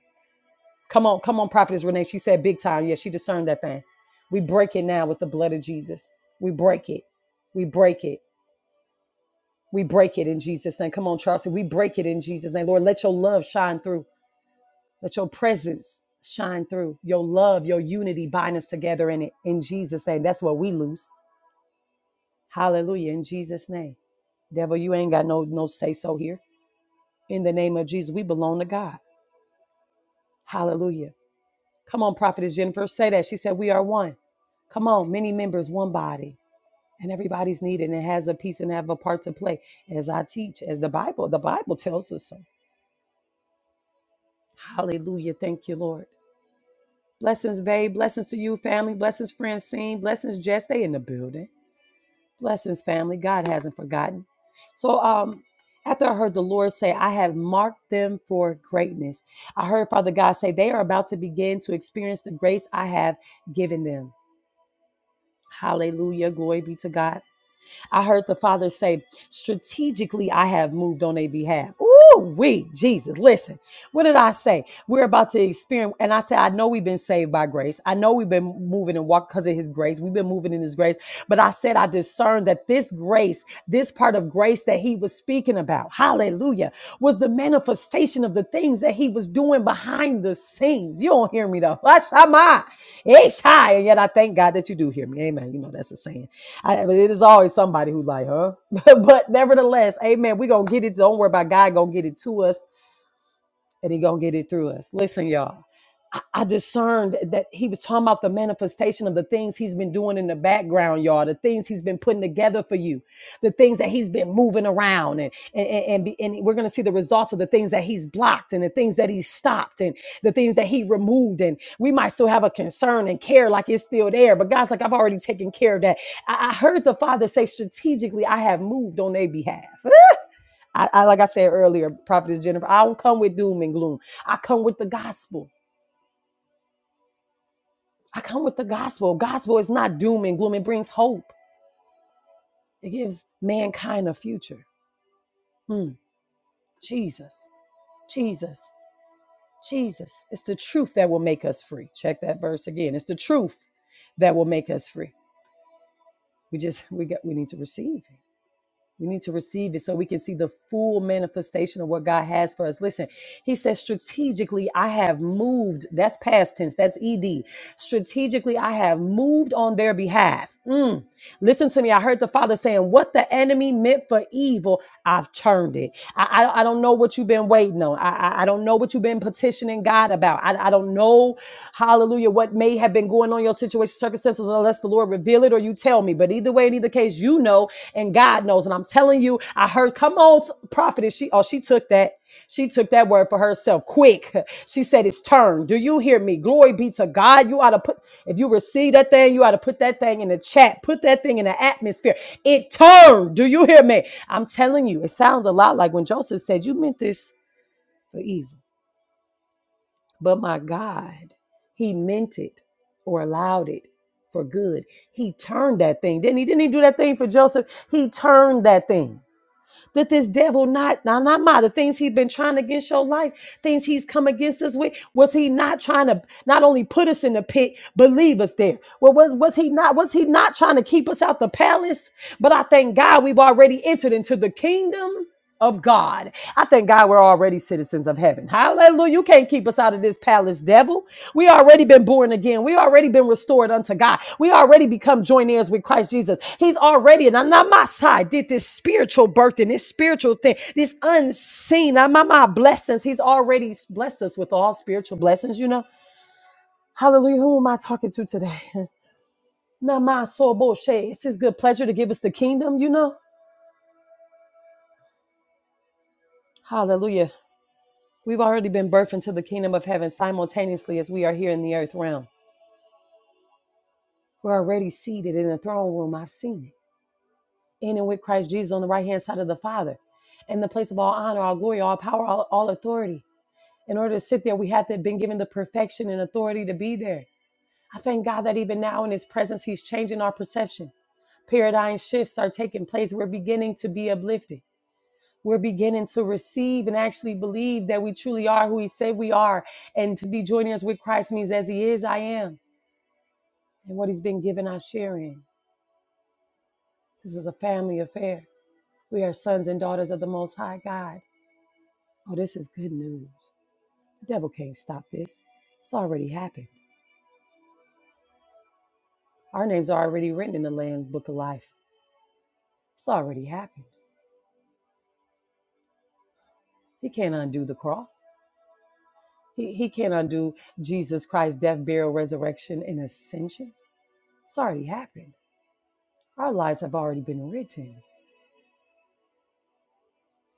Come on, come on, Prophetess Renee. She said big time. Yeah, she discerned that thing. We break it now with the blood of Jesus. We break it. We break it. We break it in Jesus' name. Come on, Charleston. We break it in Jesus' name. Lord, let your love shine through. Let your presence shine through. Your love, your unity bind us together in it. In Jesus' name. That's what we lose. Hallelujah. In Jesus' name. Devil, you ain't got no no say so here. In the name of Jesus, we belong to God. Hallelujah. Come on, Prophetess Jennifer, say that. She said, We are one. Come on, many members, one body. And everybody's needed and has a piece and have a part to play. As I teach, as the Bible, the Bible tells us so. Hallelujah. Thank you, Lord. Blessings, babe. Blessings to you, family. Blessings, Francine. Blessings, Jess. They in the building. Blessings, family. God hasn't forgotten. So um after I heard the Lord say, I have marked them for greatness. I heard Father God say, they are about to begin to experience the grace I have given them. Hallelujah. Glory be to God. I heard the Father say, strategically, I have moved on their behalf. Ooh, we, Jesus, listen. What did I say? We're about to experience, and I said, I know we've been saved by grace. I know we've been moving and walking because of his grace. We've been moving in his grace. But I said, I discerned that this grace, this part of grace that he was speaking about, hallelujah, was the manifestation of the things that he was doing behind the scenes. You don't hear me though. Hush, I'm out. Ish, hi. And yet I thank God that you do hear me. Amen. You know that's a saying. I, but it is always somebody who's like, huh? but nevertheless, amen. We're going to get it. Don't worry about God going to get it to us and he going to get it through us. Listen, y'all. I I discerned that he was talking about the manifestation of the things he's been doing in the background, y'all, the things he's been putting together for you, the things that he's been moving around. And, and, and, and be, and we're going to see the results of the things that he's blocked and the things that he stopped and the things that he removed. And we might still have a concern and care like it's still there. But God's like, I've already taken care of that. I, I heard the Father say strategically, I have moved on their behalf. I, I like I said earlier, Prophetess Jennifer, I don't come with doom and gloom. I come with the gospel. I come with the gospel. Gospel is not doom and gloom. It brings hope. It gives mankind a future. Mm, Jesus, Jesus, Jesus. It's the truth that will make us free. Check that verse again. It's the truth that will make us free. We just we got we need to receive it. We need to receive it so we can see the full manifestation of what God has for us. Listen, he says, strategically, I have moved. That's past tense, that's ED. Strategically, I have moved on their behalf. Mm. Listen to me. I heard the Father saying, What the enemy meant for evil, I've turned it. I, I, I don't know what you've been waiting on. I, I, I don't know what you've been petitioning God about. I, I don't know, hallelujah, what may have been going on in your situation, circumstances, unless the Lord reveal it or you tell me. But either way, in either case, you know and God knows. And I'm telling you, I heard, come on, prophetess. She oh, she took that. She took that word for herself. Quick. She said it's turned." Do you hear me? Glory be to God. You ought to put if you receive that thing, you ought to put that thing in the chat. Put that thing in the atmosphere. It turned. Do you hear me? I'm telling you, it sounds a lot like when Joseph said, You meant this for evil. But my God, he meant it or allowed it for good. He turned that thing. Didn't he? Didn't he do that thing for Joseph? He turned that thing. That this devil not, not, not my, the things he's been trying against your life, things he's come against us with, was he not trying to not only put us in the pit, but leave us there? Well, was, was he not, was he not trying to keep us out the palace? But I thank God we've already entered into the kingdom of God. I thank God we're already citizens of heaven. Hallelujah. You can't keep us out of this palace, devil. We already been born again. We already been restored unto God. We already become joint heirs with Christ Jesus. He's already, and I'm not my side, did this spiritual birth and this spiritual thing, this unseen, I'm not my blessings. He's already blessed us with all spiritual blessings, you know. Hallelujah. Who am I talking to today? Not my soul, bullshit. It's his good pleasure to give us the kingdom, you know. Hallelujah. We've already been birthed into the kingdom of heaven simultaneously as we are here in the earth realm. We're already seated in the throne room. I've seen it. In and with Christ Jesus on the right hand side of the Father, in the place of all honor, all glory, all power, all, all authority. In order to sit there, we have to have been given the perfection and authority to be there. I thank God that even now in His presence, He's changing our perception. Paradigm shifts are taking place. We're beginning to be uplifted. we're beginning to receive and actually believe that we truly are who he said we are. And to be joining us with Christ means as he is, I am. And what he's been given, I share in. This is a family affair. We are sons and daughters of the Most High God. Oh, this is good news. The devil can't stop this. It's already happened. Our names are already written in the Lamb's Book of Life. It's already happened. He can't undo the cross. He, he can't undo Jesus Christ's death, burial, resurrection, and ascension. It's already happened. Our lives have already been written.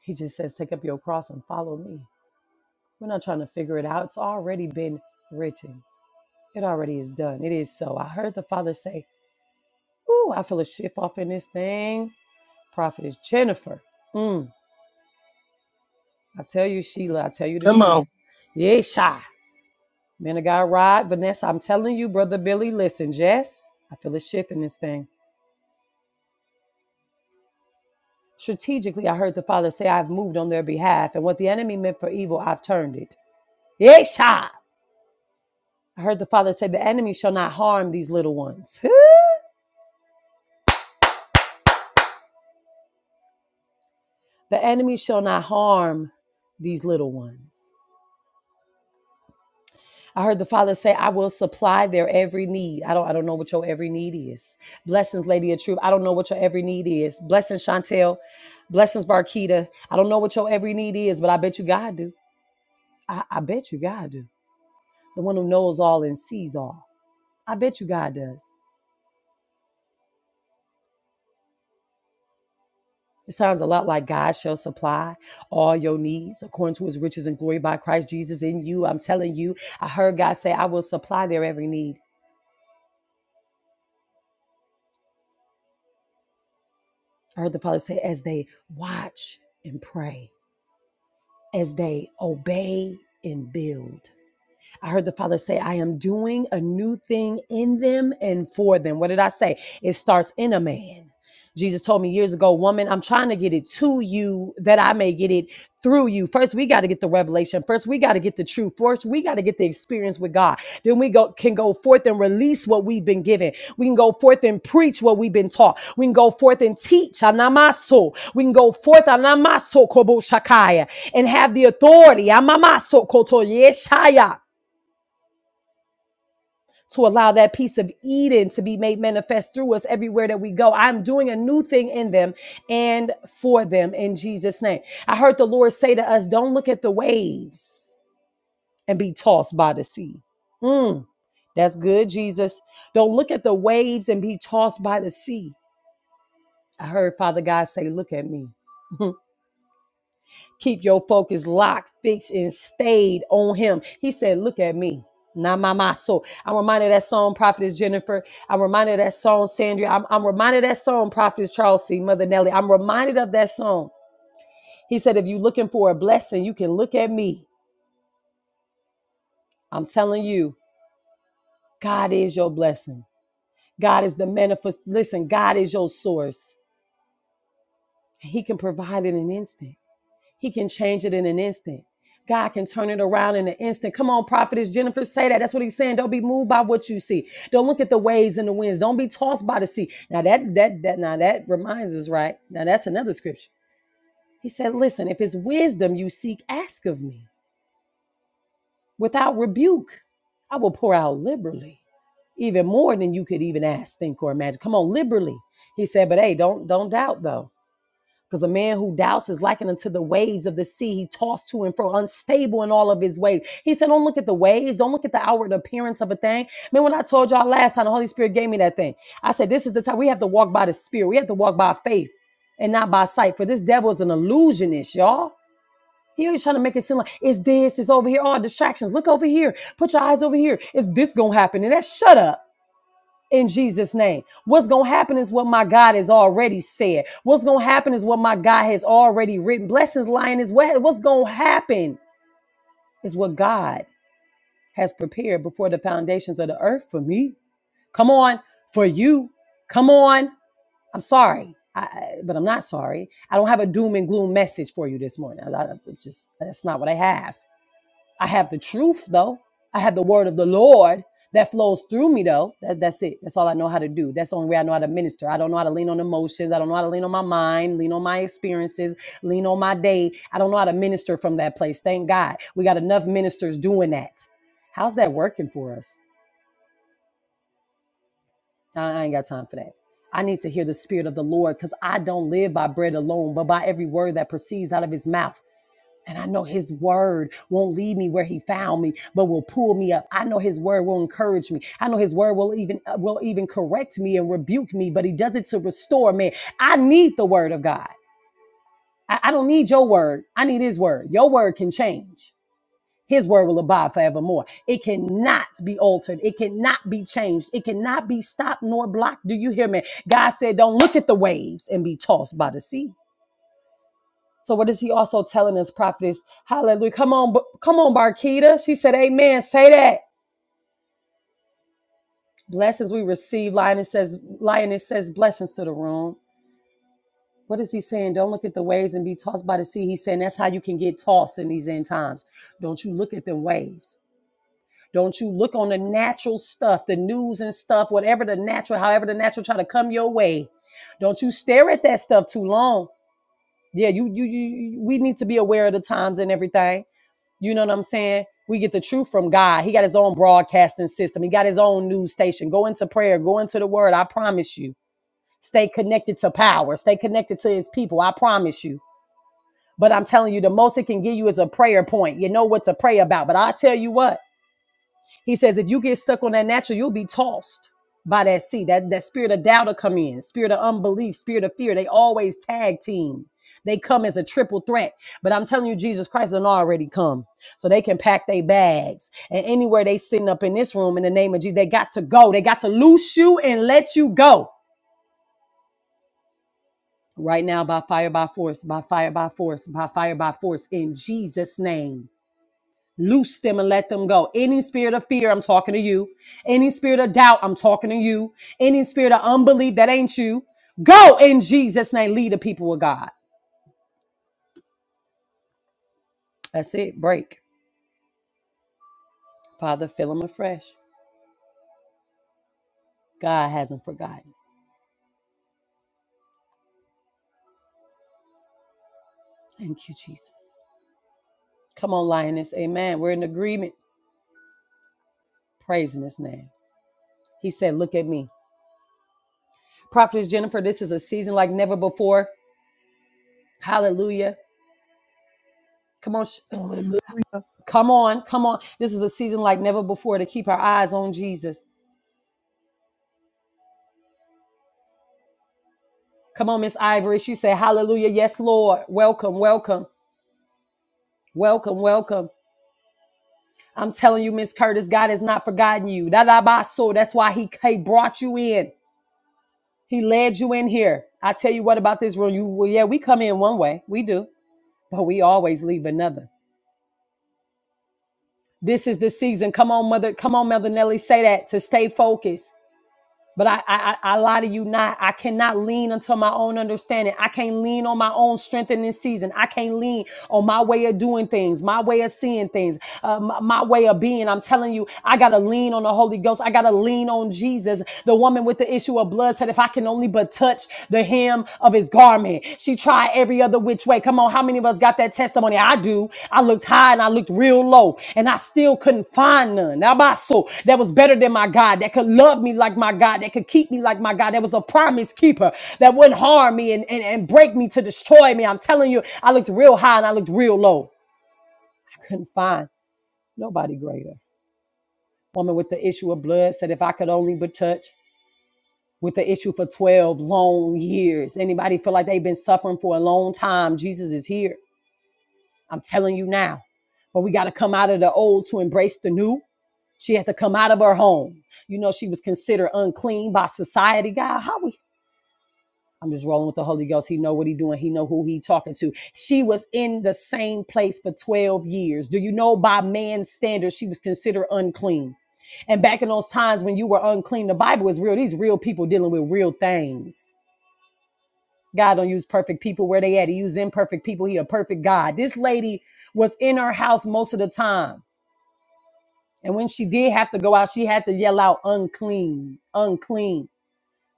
He just says, Take up your cross and follow me. We're not trying to figure it out. It's already been written. It already is done. It is so. I heard the Father say, Ooh, I feel a shift off in this thing. Prophet is Jennifer. Mm, I tell you, Sheila, I tell you the Come on. truth. Yesha, shy. Man of God, Rod, Vanessa, I'm telling you, Brother Billy, listen, Jess, I feel a shift in this thing. Strategically, I heard the Father say, I've moved on their behalf, and what the enemy meant for evil, I've turned it. Yesha! I heard the Father say, The enemy shall not harm these little ones. the enemy shall not harm these little ones. I heard the Father say, I will supply their every need. I don't, I don't know what your every need is. Blessings, Lady of Truth. I don't know what your every need is. Blessings, Chantel. Blessings, Barkita. I don't know what your every need is, but I bet you God do. I, I bet you God do. The one who knows all and sees all. I bet you God does. It sounds a lot like God shall supply all your needs according to his riches and glory by Christ Jesus in you. I'm telling you, I heard God say, I will supply their every need. I heard the Father say, as they watch and pray, as they obey and build. I heard the Father say, I am doing a new thing in them and for them. What did I say? It starts in a man. Jesus told me years ago, woman, I'm trying to get it to you that I may get it through you. First, we got to get the revelation. First, we got to get the truth. First, we got to get the experience with God. Then we go can go forth and release what we've been given. We can go forth and preach what we've been taught. We can go forth and teach. Anamaso. We can go forth anamaso kobo shakaya and have the authority. Amamaso koto yeshaya to allow that piece of Eden to be made manifest through us everywhere that we go. I'm doing a new thing in them and for them in Jesus' name. I heard the Lord say to us, Don't look at the waves and be tossed by the sea. Mm, that's good, Jesus. Don't look at the waves and be tossed by the sea. I heard Father God say, Look at me. Keep your focus locked, fixed, and stayed on him. He said, Look at me. Not my my soul. I'm reminded of that song, Prophetess Jennifer. I'm reminded of that song, Sandra. I'm, I'm reminded of that song, Prophetess Charles C. Mother Nelly. I'm reminded of that song. He said, if you're looking for a blessing, you can look at me. I'm telling you, God is your blessing. God is the manifest. Listen, God is your source. He can provide in an instant. He can change it in an instant. God can turn it around in an instant. Come on, prophetess Jennifer, say that. That's what he's saying. Don't be moved by what you see. Don't look at the waves and the winds. Don't be tossed by the sea. Now that that that now that reminds us, right? Now that's another scripture. He said, "Listen, if it's wisdom you seek, ask of me without rebuke. I will pour out liberally, even more than you could even ask, think, or imagine. Come on, liberally." He said, "But hey, don't don't doubt though." Because a man who doubts is likened unto the waves of the sea. He tossed to and fro, unstable in all of his ways. He said, Don't look at the waves. Don't look at the outward appearance of a thing. Man, when I told y'all last time, the Holy Spirit gave me that thing. I said, This is the time we have to walk by the Spirit. We have to walk by faith and not by sight. For this devil is an illusionist, y'all. He always trying to make it seem like it's this, it's over here, all distractions. Look over here. Put your eyes over here. Is this gonna happen. And that shut up in Jesus' name. What's going to happen is what my God has already said. What's going to happen is what my God has already written. Blessings lying is what, what's going to happen is what God has prepared before the foundations of the earth for me. Come on, for you. Come on. I'm sorry, I, I- but I'm not sorry. I don't have a doom and gloom message for you this morning. I, I- it's just that's not what I have. I have the truth though. I have the word of the Lord that flows through me though. That, that's it. That's all I know how to do. That's the only way I know how to minister. I don't know how to lean on emotions. I don't know how to lean on my mind, lean on my experiences, lean on my day. I don't know how to minister from that place. Thank God. We got enough ministers doing that. How's that working for us? I, I ain't got time for that. I need to hear the spirit of the Lord because I don't live by bread alone, but by every word that proceeds out of his mouth. And I know his word won't leave me where he found me, but will pull me up. I know his word will encourage me. I know his word will even uh, will even correct me and rebuke me, but he does it to restore me. I need the word of God. I, I don't need your word. I need his word. Your word can change. His word will abide forevermore. It cannot be altered. It cannot be changed. It cannot be stopped nor blocked. Do you hear me? God said, Don't look at the waves and be tossed by the sea. So what is he also telling us, prophetess? Hallelujah. Come on, come on, Barkita. She said, Amen. Say that. Blessings we receive. Lioness says, Lioness says blessings to the room. What is he saying? Don't look at the waves and be tossed by the sea. He's saying that's how you can get tossed in these end times. Don't you look at the waves. Don't you look on the natural stuff, the news and stuff, whatever the natural, however the natural try to come your way. Don't you stare at that stuff too long. Yeah, you you you- we need to be aware of the times and everything You know what I'm saying? We get the truth from God. He got his own broadcasting system. He got his own news station. Go into prayer. Go into the word. I promise you. Stay connected to power. Stay connected to his people. I promise you. But I'm telling you, the most it can give you is a prayer point. You know what to pray about. But I tell you what. He says, if you get stuck on that natural, you'll be tossed by that sea. That that spirit of doubt will come in, spirit of unbelief, spirit of fear. They always tag team. They come as a triple threat. But I'm telling you, Jesus Christ done already come. So they can pack their bags. And anywhere they sitting up in this room in the name of Jesus, they got to go. They got to loose you and let you go. Right now, by fire, by force, by fire, by force, by fire, by force, in Jesus' name. Loose them and let them go. Any spirit of fear, I'm talking to you. Any spirit of doubt, I'm talking to you. Any spirit of unbelief, that ain't you. Go in Jesus' name. Lead the people with God. That's it. Break. Father, fill them afresh. God hasn't forgotten. Thank you, Jesus. Come on, lioness. Amen. We're in agreement. Praising his name. He said, Look at me. Prophetess Jennifer, this is a season like never before. Hallelujah. Come on, sh- Hallelujah. come on, come on. This is a season like never before to keep our eyes on Jesus. Come on, Miss Ivory. She said, Hallelujah. Yes, Lord. Welcome, welcome, welcome, welcome. I'm telling you, Miss Curtis, God has not forgotten you. Da da ba so. That's why he, he brought you in. He led you in here. I tell you what about this room. You well, yeah, we come in one way. We do, but we always leave another. This is the season. Come on, mother. Come on, Mother Nelly. Say that to stay focused. But I, I, I I lie to you not. I cannot lean unto my own understanding. I can't lean on my own strength in this season. I can't lean on my way of doing things, my way of seeing things, uh, my, my way of being. I'm telling you, I got to lean on the Holy Ghost. I got to lean on Jesus. The woman with the issue of blood said, if I can only but touch the hem of his garment she tried every other which way. Come on, how many of us got that testimony? I do. I looked high and I looked real low, and I still couldn't find none. Nabaso, that was better than my God, that could love me like my God, that could keep me like my God, that was a promise keeper, that wouldn't harm me and, and, and break me to destroy me. I'm telling you, I looked real high and I looked real low. I couldn't find nobody greater. Woman with the issue of blood said, if I could only but touch with the issue for 12 long years. Anybody feel like they've been suffering for a long time? Jesus is here. I'm telling you now. But we got to come out of the old to embrace the new. She had to come out of her home. You know, she was considered unclean by society. God, how we? I'm just rolling with the Holy Ghost. He know what he doing. He know who he talking to. She was in the same place for 12 years. Do you know by man's standards, she was considered unclean. And back in those times when you were unclean, the Bible is real. These real people dealing with real things. God don't use perfect people where they at. He use imperfect people. He a perfect God. This lady was in her house most of the time. And when she did have to go out, she had to yell out unclean, unclean.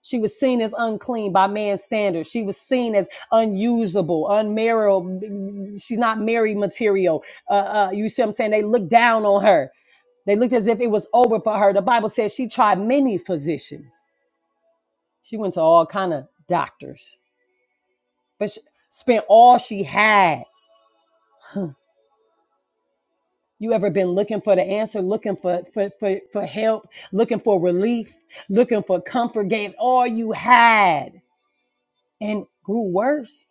She was seen as unclean by man's standards. She was seen as unusable, unmarried. She's not married material. Uh, uh, you see what I'm saying? They looked down on her. They looked as if it was over for her. The Bible says she tried many physicians. She went to all kind of doctors, but she spent all she had You ever been looking for the answer, looking for, for, for, for help, looking for relief, looking for comfort, gave all you had and grew worse?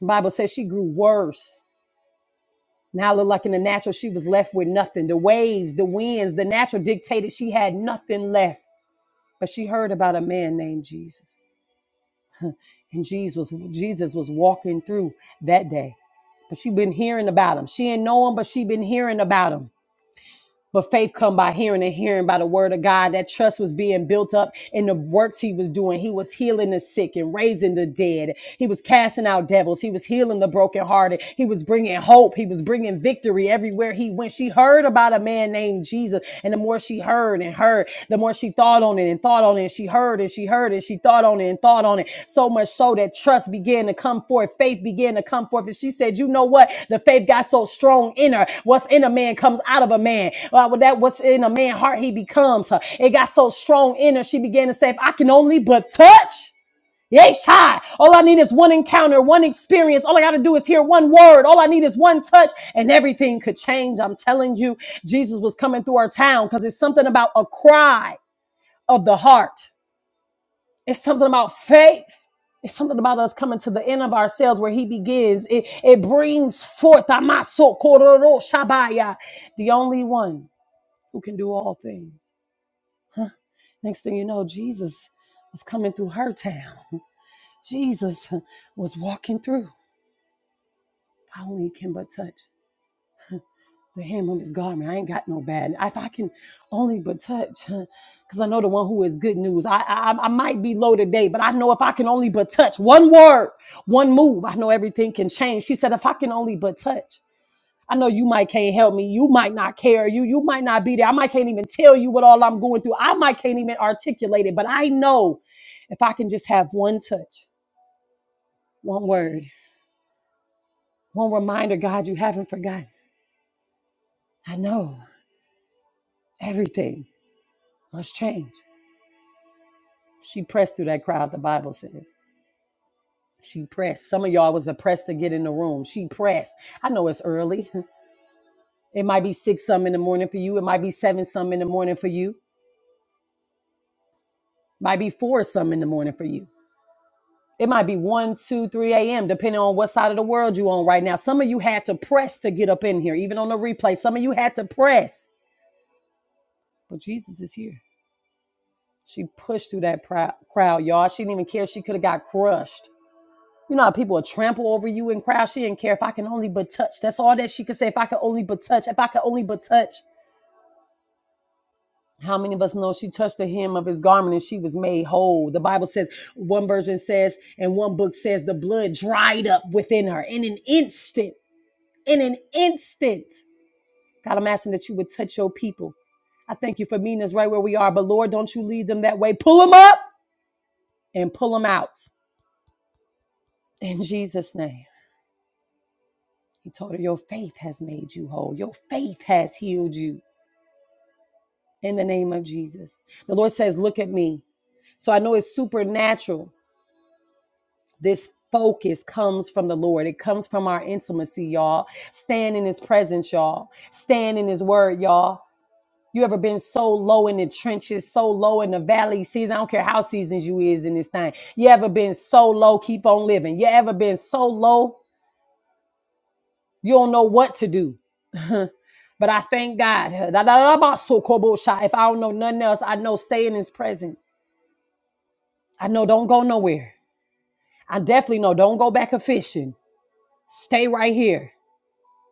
The Bible says she grew worse. Now it looked like in the natural she was left with nothing. The waves, the winds, the natural dictated she had nothing left. But she heard about a man named Jesus. And Jesus, Jesus was walking through that day. But she been hearing about him. She didn't know him, but she been hearing about him. But faith come by hearing and hearing by the word of God. That trust was being built up in the works he was doing. He was healing the sick and raising the dead. He was casting out devils. He was healing the brokenhearted. He was bringing hope. He was bringing victory everywhere he went. She heard about a man named Jesus. And the more she heard and heard, the more she thought on it and thought on it. And she heard it, she heard it, she thought on it and thought on it. So much so that trust began to come forth, faith began to come forth. And she said, You know what? The faith got so strong in her. What's in a man comes out of a man. Uh, with that what's in a man's heart, he becomes her. It got so strong in her. She began to say, If I can only but touch. Yes, high. All I need is one encounter, one experience. All I got to do is hear one word. All I need is one touch, and everything could change. I'm telling you, Jesus was coming through our town because it's something about a cry of the heart. It's something about faith. It's something about us coming to the end of ourselves where he begins. It, it brings forth Amaso Kororo Shabaya, the only one who can do all things. Next thing you know, Jesus was coming through her town. Jesus was walking through. I only can but touch. the hem of his garment. I ain't got no bad. If I can only but touch, because I know the one who is good news. I, I I might be low today, but I know if I can only but touch one word, one move, I know everything can change. She said, if I can only but touch. I know you might can't help me. You might not care. You you might not be there. I might can't even tell you what all I'm going through. I might can't even articulate it, but I know if I can just have one touch, one word, one reminder, God, you haven't forgotten. I know everything must change. She pressed through that crowd, the Bible says. She pressed. Some of y'all was oppressed to get in the room. She pressed. I know it's early. It might be six some in the morning for you. It might be seven some in the morning for you. Might be four some in the morning for you. It might be one, two, three a.m. depending on what side of the world you on right now. Some of you had to press to get up in here, even on the replay. Some of you had to press, but Jesus is here. She pushed through that prou- crowd, y'all. She didn't even care. She could have got crushed. You know how people will trample over you and crash. She didn't care if I can only but touch. That's all that she could say. If I could only but touch. If I could only but touch. How many of us know she touched the hem of his garment and she was made whole? The Bible says, one version says, and one book says, the blood dried up within her in an instant. In an instant. God, I'm asking that you would touch your people. I thank you for meeting us right where we are, but Lord, don't you lead them that way. Pull them up and pull them out. In Jesus' name. He told her, Your faith has made you whole. Your faith has healed you in the name of Jesus. The Lord says, Look at me. So I know it's supernatural. This focus comes from the Lord, it comes from our intimacy, y'all. Stand in His presence, y'all. Stand in His word, y'all. You ever been so low in the trenches, so low in the valley season? I don't care how seasons you is in this thing. You ever been so low, keep on living. You ever been so low, you don't know what to do. But I thank God. da da da ba so ko sha If I don't know nothing else, I know stay in his presence. I know don't go nowhere. I definitely know don't go back a fishing. Stay right here.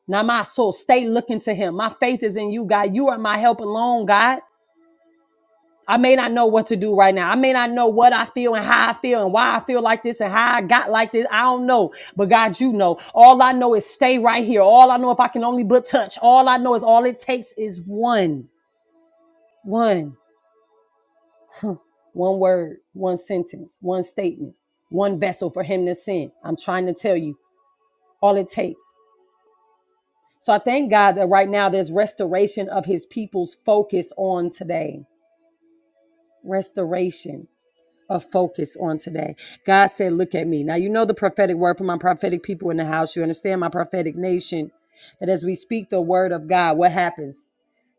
Now my soul, stay looking to him. My faith is in you, God. You are my help alone, God. I may not know what to do right now. I may not know what I feel and how I feel and why I feel like this and how I got like this. I don't know. But God, you know. All I know is stay right here. All I know if I can only but touch. All I know is all it takes is one. One. One word, one sentence, one statement, one vessel for him to send. I'm trying to tell you all it takes. So I thank God that right now there's restoration of his people's focus on today. Restoration of focus on today. God said, Look at me. Now, you know the prophetic word for my prophetic people in the house. You understand my prophetic nation that as we speak the word of God, what happens?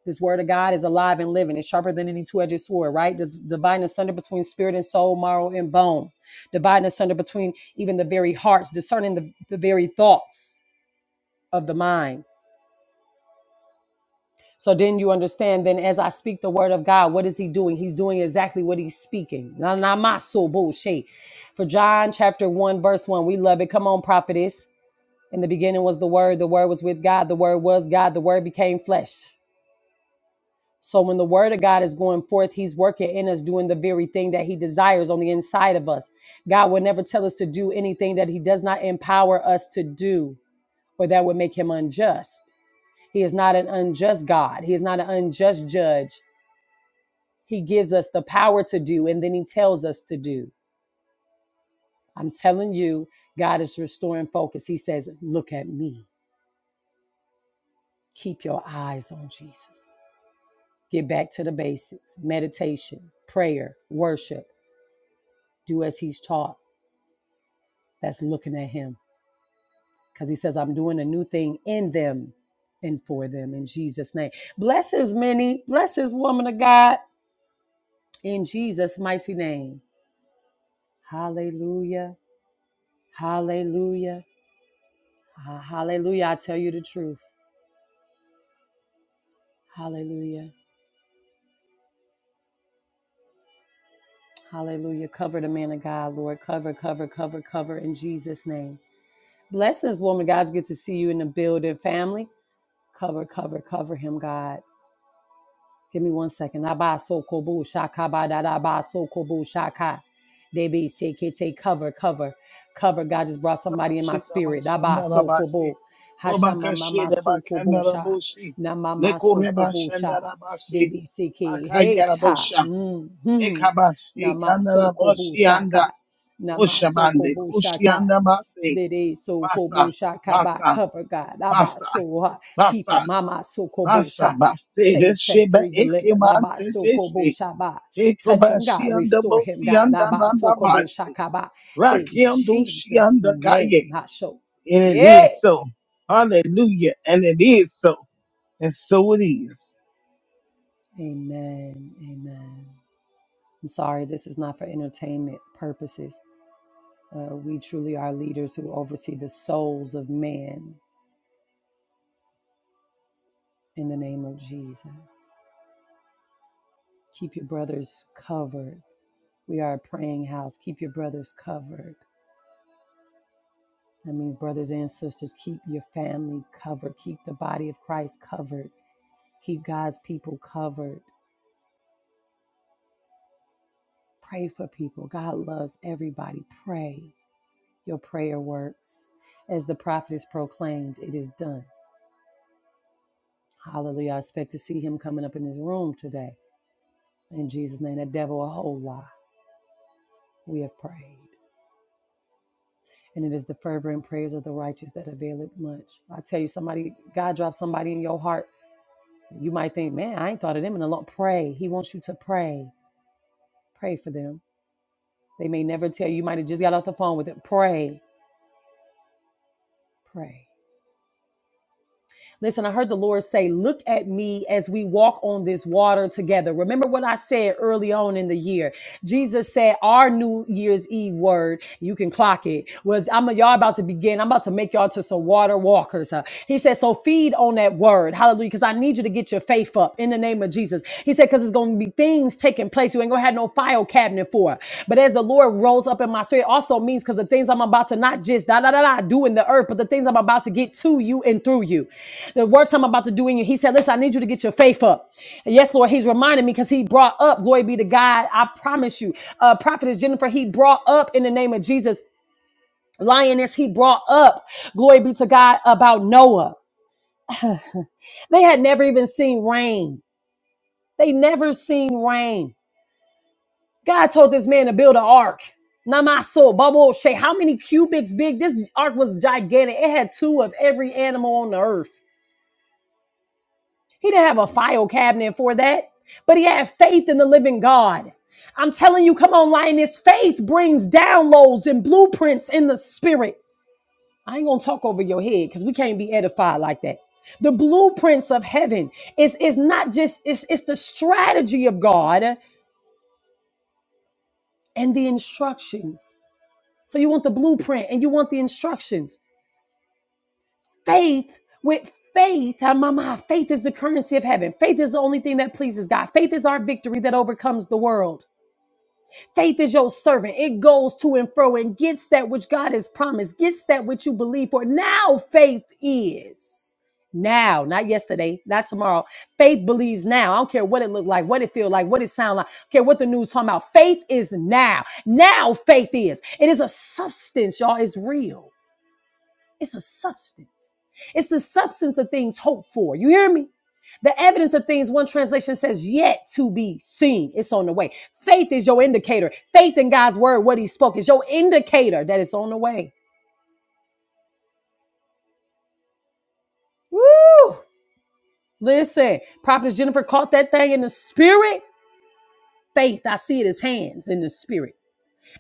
This word of God is alive and living. It's sharper than any two-edged sword, right? Dis- Dividing asunder between spirit and soul, marrow and bone. Dividing asunder between even the very hearts, discerning the, the very thoughts of the mind. So then you understand, then as I speak the word of God, what is he doing? He's doing exactly what he's speaking. Na- na- ma- so bullshit. For John chapter 1, verse 1, we love it. Come on, prophetess. In the beginning was the word, the word was with God, the word was God, the word became flesh. So when the word of God is going forth, he's working in us, doing the very thing that he desires on the inside of us. God will never tell us to do anything that he does not empower us to do or that would make him unjust. He is not an unjust God. He is not an unjust judge. He gives us the power to do and then he tells us to do. I'm telling you, God is restoring focus. He says, Look at me. Keep your eyes on Jesus. Get back to the basics meditation, prayer, worship. Do as he's taught that's looking at him because he says, I'm doing a new thing in them and for them in Jesus' name. Bless his many, bless his woman of God in Jesus' mighty name. Hallelujah. Hallelujah. Ah, hallelujah. I tell you the truth. Hallelujah. Hallelujah. Cover the man of God, Lord. Cover, cover, cover, cover in Jesus' name. Bless this woman, guys. Good to see you in the building, family. Cover, cover, cover him, God. Give me one second. Abaso kobu shaka ba da da baso kobu shaka. They be say kete cover, cover, cover. God just brought somebody in my spirit. Abaso kobu. Hasha mama maso kobu sha. Na mama so kobu sha. They be say ke hey sha. Mm hmm. Na maso kobu shaka. Na maso kobu shaka. That is so Basa. kobo shaka by Basa. cover God. Aba Basa. so ha keeper Basa. mama so kobo Basa. Save, set Sheba free, deliver. Daba ekimante so kobo teshi. shaba. Touch him, Tekobashi God. anda Restore him, bosi God. anda Daba so nanda kobo bashi. shakaba. In Rakiandushi Jesus' anda kaye. name, Hasho. And it Yeah. is so. Hallelujah. And it is so. And so it is. Amen. Amen. I'm sorry, this is not for entertainment purposes. Uh, we truly are leaders who oversee the souls of men in the name of Jesus. Keep your brothers covered. We are a praying house. Keep your brothers covered. That means, brothers and sisters, keep your family covered, keep the body of Christ covered, keep God's people covered. Pray for people. God loves everybody. Pray. Your prayer works. As the prophet is proclaimed, it is done. Hallelujah. I expect to see him coming up in his room today. In Jesus' name, that devil a whole lie. We have prayed. And it is the fervent prayers of the righteous that avail it much. I tell you, somebody, God drops somebody in your heart. You might think, man, I ain't thought of them in a long. Pray. He wants you to pray Pray for them. They may never tell you. You might have just got off the phone with them. Pray, pray. Listen, I heard the Lord say, Look at me as we walk on this water together. Remember what I said early on in the year. Jesus said, Our New Year's Eve word, you can clock it, was I'm y'all about to begin. I'm about to make y'all to some water walkers. huh? He said, So feed on that word. Hallelujah. Because I need you to get your faith up in the name of Jesus. He said, Because it's going to be things taking place you ain't going to have no file cabinet for. it." But as the Lord rose up in my spirit also means because the things I'm about to not just da da da da do in the earth, but the things I'm about to get to you and through you. The works I'm about to do in you. He said, Listen, I need you to get your faith up. And yes, Lord, he's reminding me because he brought up, glory be to God. I promise you, uh, Prophetess Jennifer, he brought up in the name of Jesus. Lioness, he brought up, glory be to God, about Noah. They had never even seen rain. They never seen rain. God told this man to build an ark. Namaso, bubble shay. How many cubits big? This ark was gigantic. It had two of every animal on the earth. He didn't have a file cabinet for that, but he had faith in the living God. I'm telling you, come on, lioness. Faith brings downloads and blueprints in the spirit. I ain't gonna talk over your head because we can't be edified like that. The blueprints of heaven is is not just it's it's the strategy of God and the instructions. So you want the blueprint and you want the instructions. Faith with faith, ah, mama, faith is the currency of heaven. Faith is the only thing that pleases God. Faith is our victory that overcomes the world. Faith is your servant. It goes to and fro and gets that which God has promised, gets that which you believe for. Now faith is. Now, not yesterday, not tomorrow. Faith believes now. I don't care what it looked like, what it feel like, what it sound like. I don't care what the news talking about. Faith is now. Now faith is. It is a substance, y'all. It's real. It's a substance. It's the substance of things hoped for. You hear me? The evidence of things, one translation says, yet to be seen. It's on the way. Faith is your indicator. Faith in God's word, what he spoke, is your indicator that it's on the way. Woo! Listen, Prophetess Jennifer caught that thing in the spirit. Faith, I see it as hands in the spirit.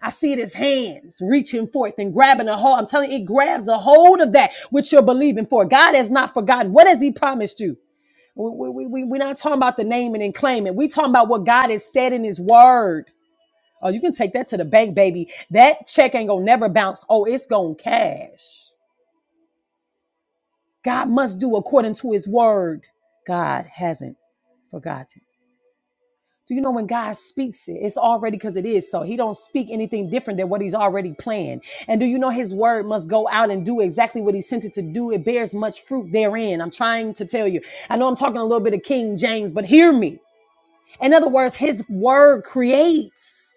I see it as hands reaching forth and grabbing a hold. I'm telling you, it grabs a hold of that which you're believing for. God has not forgotten. What has He promised you? We, we, we, we're not talking about the naming and claiming. we talking about what God has said in his word. Oh, you can take that to the bank, baby. That check ain't going to never bounce. Oh, it's going to cash. God must do according to his word. God hasn't forgotten. Do you know when God speaks it, it's already because it is so. He don't speak anything different than what he's already planned. And do you know his word must go out and do exactly what he sent it to do? It bears much fruit therein. I'm trying to tell you. I know I'm talking a little bit of King James, but hear me. In other words, his word creates.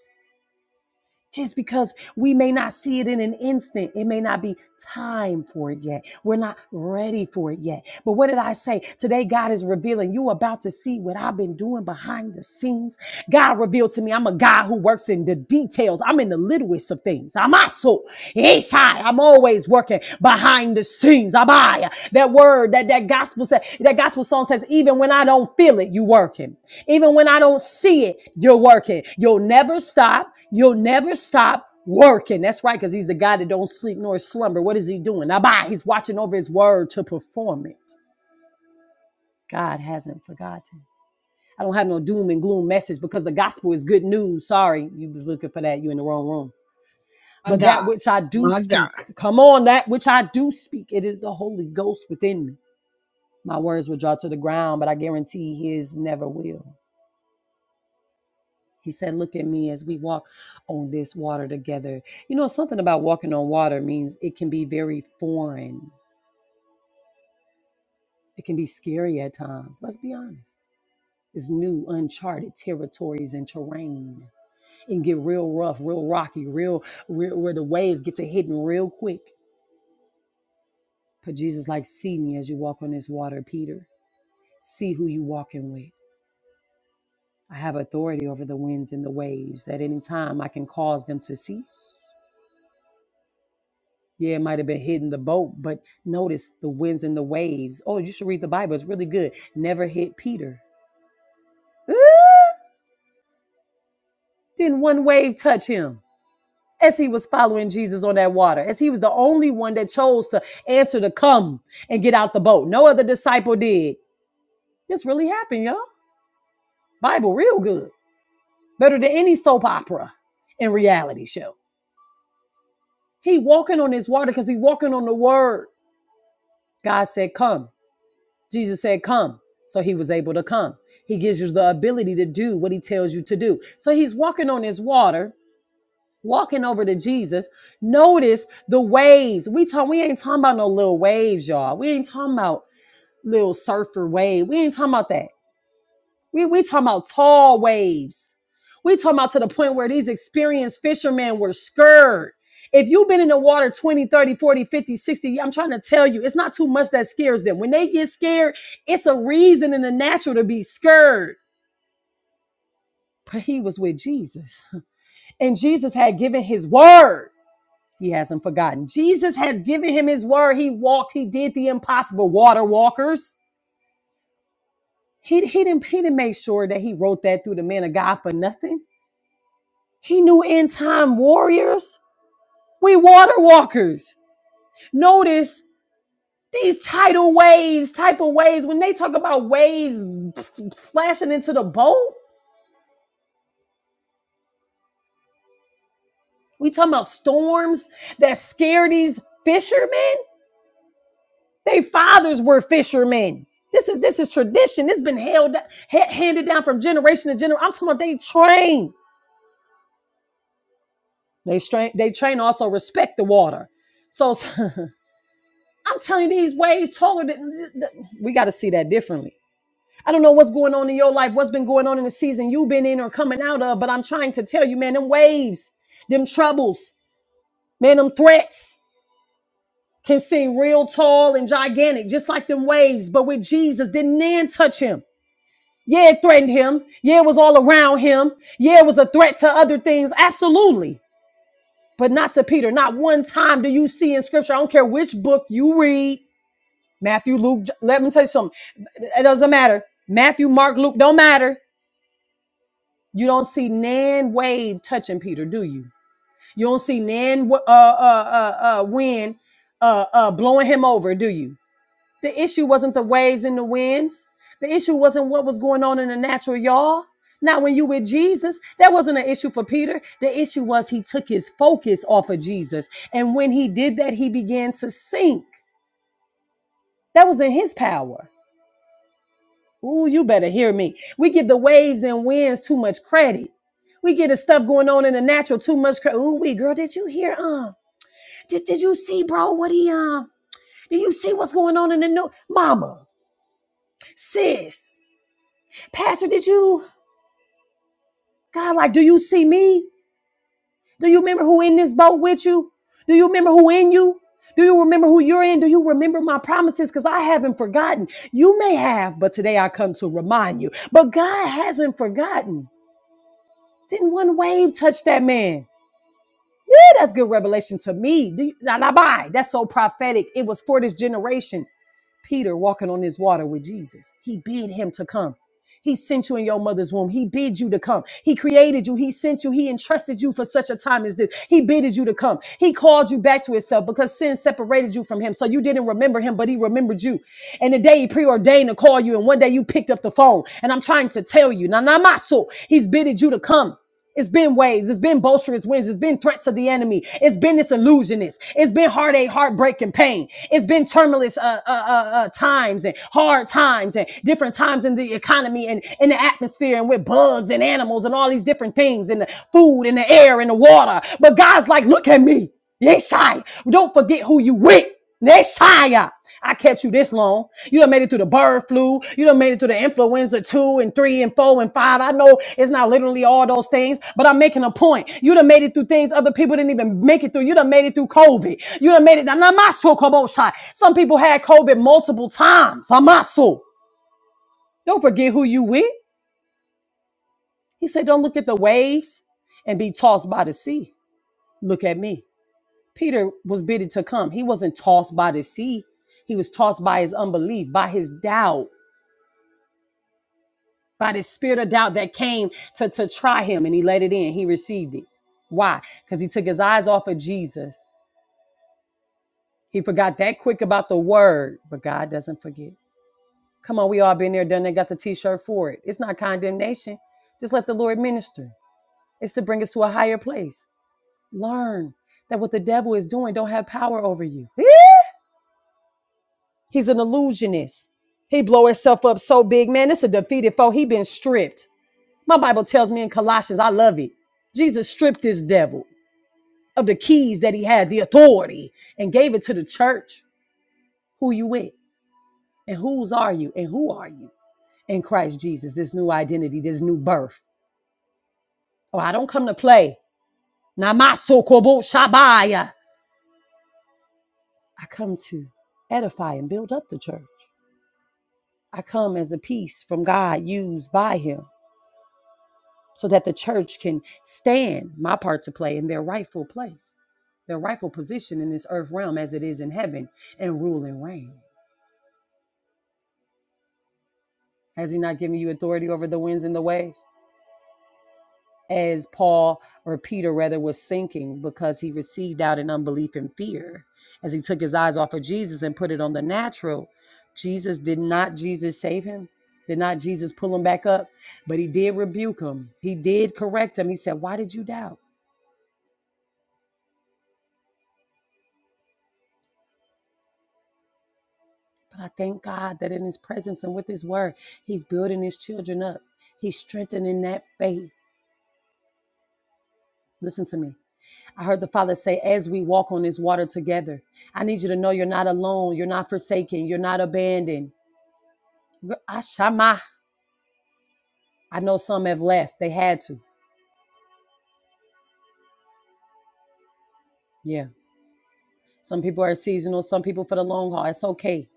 Just because we may not see it in an instant, it may not be time for it yet. We're not ready for it yet. But what did I say? Today, God is revealing. You're about to see what I've been doing behind the scenes. God revealed to me, I'm a guy who works in the details. I'm in the littlest of things. I'm also, I'm always is working behind the scenes. Abaya. That word, that that gospel said, that gospel song says, even when I don't feel it, you working. Even when I don't see it, you're working. You'll never stop. You'll never stop working. That's right, because he's the God that don't sleep nor slumber. What is he doing? Abaya. He's watching over his word to perform it. God hasn't forgotten. I don't have no doom and gloom message because the gospel is good news. Sorry, you was looking for that. You in the wrong room. My But that God. which I do My God. speak, come on, that which I do speak, it is the Holy Ghost within me. My words will draw to the ground, but I guarantee his never will. He said, Look at me as we walk on this water together. You know, something about walking on water means it can be very foreign. It can be scary at times. Let's be honest. It's new, uncharted territories and terrain. It can get real rough, real rocky, real, real where the waves get to hitting real quick. But Jesus, like, see me as you walk on this water, Peter. see who you walking with. I have authority over the winds and the waves. At any time, I can cause them to cease. Yeah, it might have been hitting the boat, but notice the winds and the waves. Oh, you should read the Bible. It's really good. Never hit Peter. Ah! Didn't one wave touch him as he was following Jesus on that water, as he was the only one that chose to answer to come and get out the boat. No other disciple did. This really happened, y'all. Bible real good. Better than any soap opera and reality show. He walking on his water because he walking on the word. God said, come. Jesus said, come. So he was able to come. He gives you the ability to do what he tells you to do. So he's walking on his water, walking over to Jesus. Notice the waves. We talk, we ain't talking about no little waves, y'all. We ain't talking about little surfer wave. We ain't talking about that. We we talking about tall waves. We talking about to the point where these experienced fishermen were scared. If you've been in the water twenty, thirty, forty, fifty, sixty, I'm trying to tell you, it's not too much that scares them. When they get scared, it's a reason in the natural to be scared. But he was with Jesus. And Jesus had given his word. He hasn't forgotten. Jesus has given him his word. He walked, he did the impossible water walkers. He, he, didn't, he didn't make sure that he wrote that through the man of God for nothing. He knew end time warriors. We water walkers. Notice these tidal waves, type of waves, when they talk about waves splashing into the boat, we talking about storms that scare these fishermen. Their fathers were fishermen. This is this is tradition. This has been held ha- handed down from generation to generation. I'm talking about they train. They train. They train also respect the water. So I'm telling you, these waves taller than we got to see that differently I don't know what's going on in your life, what's been going on in the season you've been in or coming out of, but I'm trying to tell you, man, them waves, them troubles, man, them threats can seem real tall and gigantic, just like them waves. But with Jesus, didn't none touch him. Yeah, it threatened him. Yeah, it was all around him. Yeah, it was a threat to other things. Absolutely. But not to Peter. Not one time do you see in scripture, I don't care which book you read, Matthew, Luke, J- let me tell you something. It doesn't matter. Matthew, Mark, Luke, don't matter You don't see Nan wave touching Peter, do you? You don't see Nan w- uh, uh, uh, uh, wind uh, uh, blowing him over, do you? The issue wasn't the waves and the winds. The issue wasn't what was going on in the natural, y'all. Not when you with Jesus. That wasn't an issue for Peter. The issue was he took his focus off of Jesus. And when he did that, he began to sink. That was in his power. Ooh, you better hear me. We give the waves and winds too much credit. We get the stuff going on in the natural too much credit. Ooh, we girl, did you hear? Um, did, did you see, bro? What he um? Did you see what's going on in the new mama, sis, pastor? Did you God like? Do you see me? Do you remember who in this boat with you? Do you remember who in you? Do you remember who you're in? Do you remember my promises? Because I haven't forgotten. You may have, but today I come to remind you. But God hasn't forgotten. Didn't one wave touch that man? Yeah, that's good revelation to me. Do you- Now, now, bye. That's so prophetic. It was for this generation. Peter walking on this water with Jesus. He bid him to come. He sent you in your mother's womb. He bid you to come. He created you. He sent you. He entrusted you for such a time as this. He bidded you to come. He called you back to himself because sin separated you from him. So you didn't remember him, but he remembered you. And the day he preordained to call you, and one day you picked up the phone. And I'm trying to tell you, na na maso. he's bidded you to come. It's been waves. It's been boisterous winds. It's been threats of the enemy. It's been disillusionist. It's been heartache, heartbreak, and pain. It's been tumultuous uh, uh, uh, uh, times and hard times and different times in the economy and in the atmosphere and with bugs and animals and all these different things and the food and the air and the water. But God's like, look at me. Yeshaya. Don't forget who you with. Yeshaya. I kept you this long. You done made it through the bird flu. You done made it through the influenza two and three and four and five. I know it's not literally all those things, but I'm making a point. You done made it through things other people didn't even make it through. You done made it through COVID. You done made it. Now, now, my soul, come on, shot. Some people had COVID multiple times. Now, my soul. Don't forget who you with. He said, don't look at the waves and be tossed by the sea. Look at me. Peter was bidden to come. He wasn't tossed by the sea. He was tossed by his unbelief, by his doubt. by the spirit of doubt that came to, to try him and he let it in. He received it. Why? Because he took his eyes off of Jesus. He forgot that quick about the word, but God doesn't forget. Come on, we all been there, done that, got the t shirt for it. It's not condemnation. Just let the Lord minister. It's to bring us to a higher place. Learn that what the devil is doing don't have power over you. Eh? He's an illusionist. He blow himself up so big, man. It's a defeated foe. He been stripped. My Bible tells me in Colossians, I love it. Jesus stripped this devil of the keys that he had, the authority, and gave it to the church. Who you with? And whose are you? And who are you? In Christ Jesus, this new identity, this new birth. Oh, I don't come to play. Namaso kobo shabaya. I come to edify and build up the church. I come as a piece from God used by him. so that the church can stand my part to play in their rightful place, their rightful position in this earth realm as it is in heaven, and rule and reign. Has he not given you authority over the winds and the waves? As Paul or Peter rather was sinking because he received out in unbelief and fear, as he took his eyes off of Jesus and put it on the natural. Jesus did not Jesus save him? Did not Jesus pull him back up? But he did rebuke him. He did correct him. He said, Why did you doubt? But I thank God that in His presence and with His word, He's building His children up. He's strengthening that faith. Listen to me. I heard the Father say, as we walk on this water together, I need you to know you're not alone. You're not forsaken. You're not abandoned. Ashama. I know some have left. They had to. Yeah. Some people are seasonal, some people for the long haul. It's okay.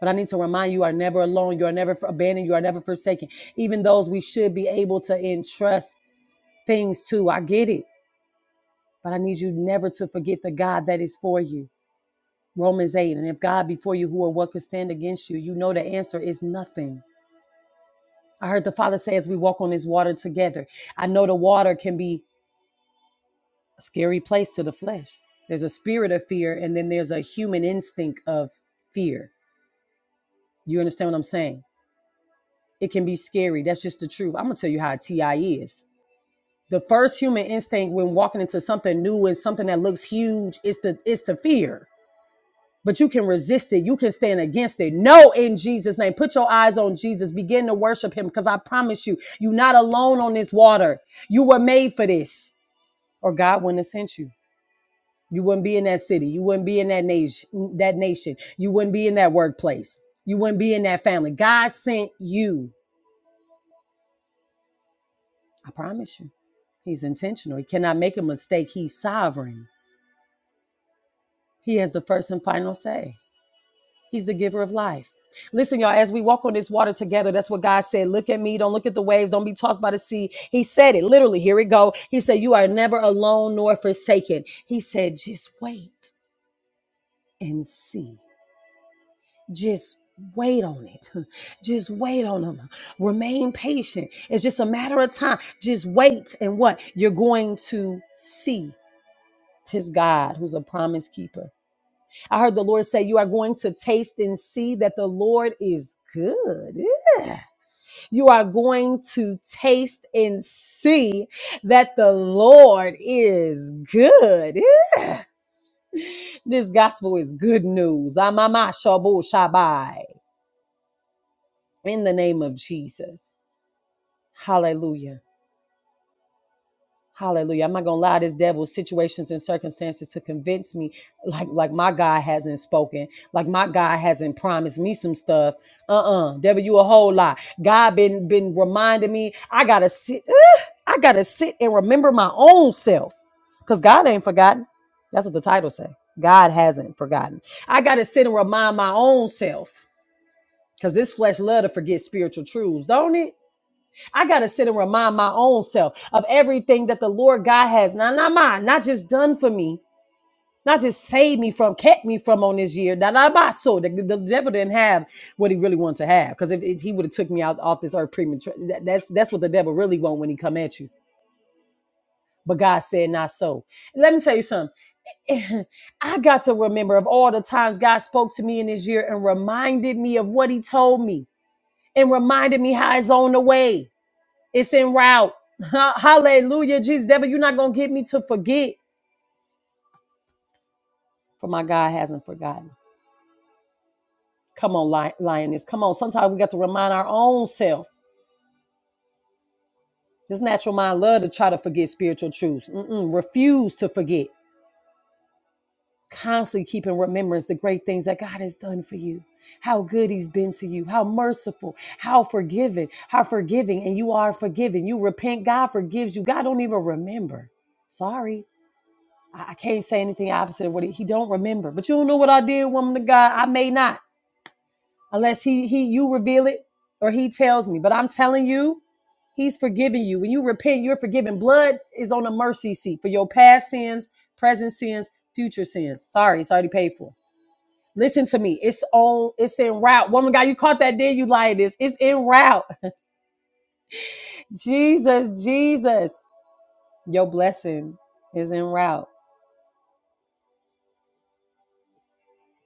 But I need to remind you, you are never alone. You are never abandoned. You are never forsaken. Even those we should be able to entrust things to. I get it. But I need you never to forget the God that is for you. Romans 8. And if God be for you, who or what could stand against you? You know the answer is nothing. I heard the Father say as we walk on this water together, I know the water can be a scary place to the flesh. There's a spirit of fear, and then there's a human instinct of fear. You understand what I'm saying? It can be scary. That's just the truth. I'm gonna tell you how TI is. The first human instinct when walking into something new and something that looks huge is to is to fear but you can resist it. You can stand against it. No, in Jesus' name. Put your eyes on Jesus. Begin to worship him because I promise you, you're not alone on this water. You were made for this, or God wouldn't have sent you. You wouldn't be in that city. You wouldn't be in that nation. That nation. You wouldn't be in that workplace. You wouldn't be in that family. God sent you. I promise you. He's intentional. He cannot make a mistake. He's sovereign. He has the first and final say. He's the giver of life. Listen, y'all, as we walk on this water together, that's what God said. Look at me. Don't look at the waves. Don't be tossed by the sea. He said it literally. Here we go. He said, You are never alone nor forsaken. He said, Just wait and see. Just wait on it. Just wait on them. Remain patient. It's just a matter of time. Just wait and what? You're going to see his God who's a promise keeper. I heard the Lord say, You are going to taste and see that the Lord is good. you are going to taste and see that the Lord is good. This gospel is good news. Amama shabo shabai. In the name of Jesus. Hallelujah. Hallelujah. I'm not gonna allow this devil's situations and circumstances to convince me like like my God hasn't spoken, like my God hasn't promised me some stuff. Uh-uh. Devil, you a whole lot. God been been reminding me I gotta sit, Ugh! I gotta sit and remember my own self. Cause God ain't forgotten. That's what the title say. God hasn't forgotten. I gotta sit and remind my own self. Cause this flesh love to forget spiritual truths, don't it? I gotta sit and remind my own self of everything that the Lord God has, not not mine, not just done for me, not just saved me from, kept me from on this year. Not not my soul. The, the devil didn't have what he really wanted to have, because if, if he would have took me out off this earth premature, that- that's that's what the devil really want when he come at you. But God said, not so. Let me tell you something. I got to remember of all the times God spoke to me in this year and reminded me of what He told me and reminded me how it's on the way. It's en route. Hallelujah, Jesus. Devil, you're not going to get me to forget, for my God hasn't forgotten. Come on, li- lioness. Come on. Sometimes we got to remind our own self. This natural mind love to try to forget spiritual truths. Mm-mm, refuse to forget. Constantly keep in remembrance the great things that God has done for you. How good he's been to you, how merciful, how forgiving, how forgiving, and you are forgiven. You repent, God forgives you. God don't even remember. Sorry. I, I can't say anything opposite of what he, he don't remember. But you don't know what I did, woman of God. I may not, unless he he you reveal it or he tells me. But I'm telling you, he's forgiving you. When you repent, you're forgiven. Blood is on the mercy seat for your past sins, present sins, future sins. Sorry, it's already paid for. Listen to me. It's on. It's in route. Woman, of God, you caught that? Did you lie? This. It's in route. Jesus, Jesus, your blessing is in route.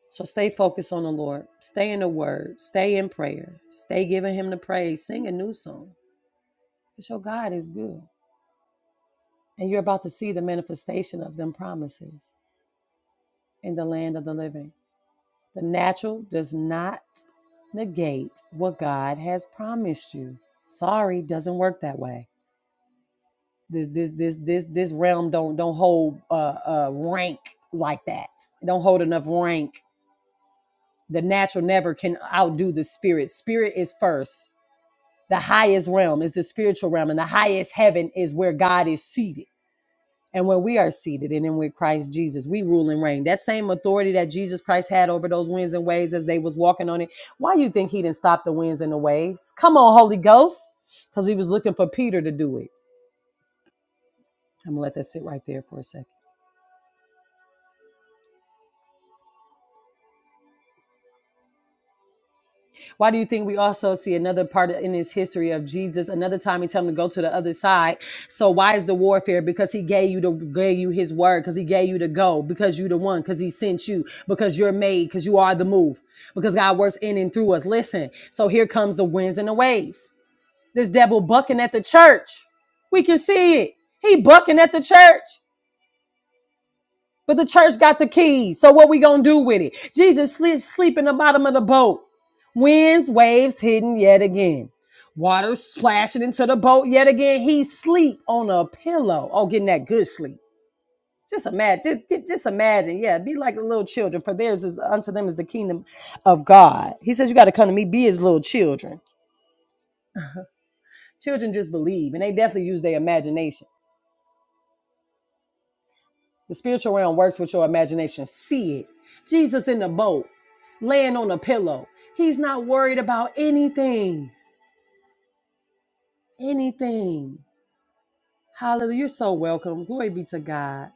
So stay focused on the Lord. Stay in the word. Stay in prayer. Stay giving him the praise. Sing a new song. Because your God is good. And you're about to see the manifestation of them promises in the land of the living. The natural does not negate what God has promised you. Sorry, doesn't work that way. This this this this this realm don't don't hold uh, uh rank like that. It don't hold enough rank. The natural never can outdo the spirit. Spirit is first the highest realm is the spiritual realm and the highest heaven is where god is seated and when we are seated and then with christ jesus we rule and reign that same authority that jesus christ had over those winds and waves as they was walking on it why you think he didn't stop the winds and the waves come on holy ghost because he was looking for peter to do it i'm gonna let that sit right there for a second Why do you think we also see another part in his history of Jesus? Another time he tell him to go to the other side. So why is the warfare? Because he gave you the gave you his word, because he gave you to go, because you the one, because he sent you, because you're made, because you are the move, because God works in and through us. Listen, so here comes the winds and the waves. This devil bucking at the church. We can see it. He bucking at the church. But the church got the keys. So what we gonna do with it? Jesus sleep sleep in the bottom of the boat. Winds, waves hidden yet again. Water splashing into the boat yet again. He sleep on a pillow. Oh, getting that good sleep. Just imagine. Just, just imagine. Yeah, be like the little children, for theirs is unto them is the kingdom of God. He says you got to come to me, be as little children. Children just believe, and they definitely use their imagination. The spiritual realm works with your imagination. See it. Jesus in the boat, laying on a pillow. He's not worried about anything. Anything. Hallelujah. You're so welcome. Glory be to God.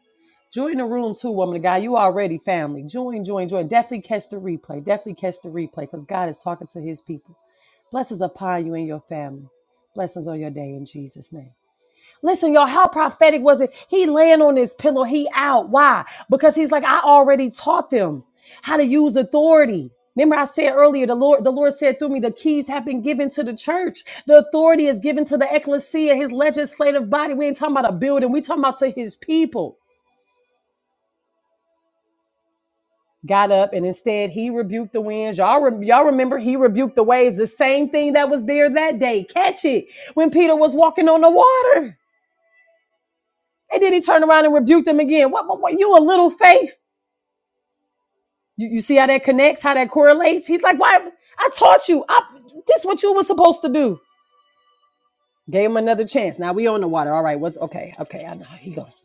Join the room too, woman of God. You already family. Join, join, join. Definitely catch the replay. Definitely catch the replay because God is talking to his people. Blessings upon you and your family. Blessings on your day in Jesus' name. Listen, y'all, how prophetic was it? He laying on his pillow, he out. Why? Because he's like, I already taught them how to use authority. Remember, I said earlier, the Lord, the Lord said through me, the keys have been given to the church. The authority is given to the ecclesia, his legislative body. We ain't talking about a building, we talking about to his people. Got up and instead he rebuked the winds. Y'all, re- y'all remember he rebuked the waves, the same thing that was there that day. Catch it when Peter was walking on the water. And then he turned around and rebuked them again. What, what, what you a little faith? You, you see how that connects, how that correlates? He's like, why? I taught you. I, this is what you were supposed to do. Gave him another chance. Now we on the water. All right, what's okay? Okay, I know. He goes.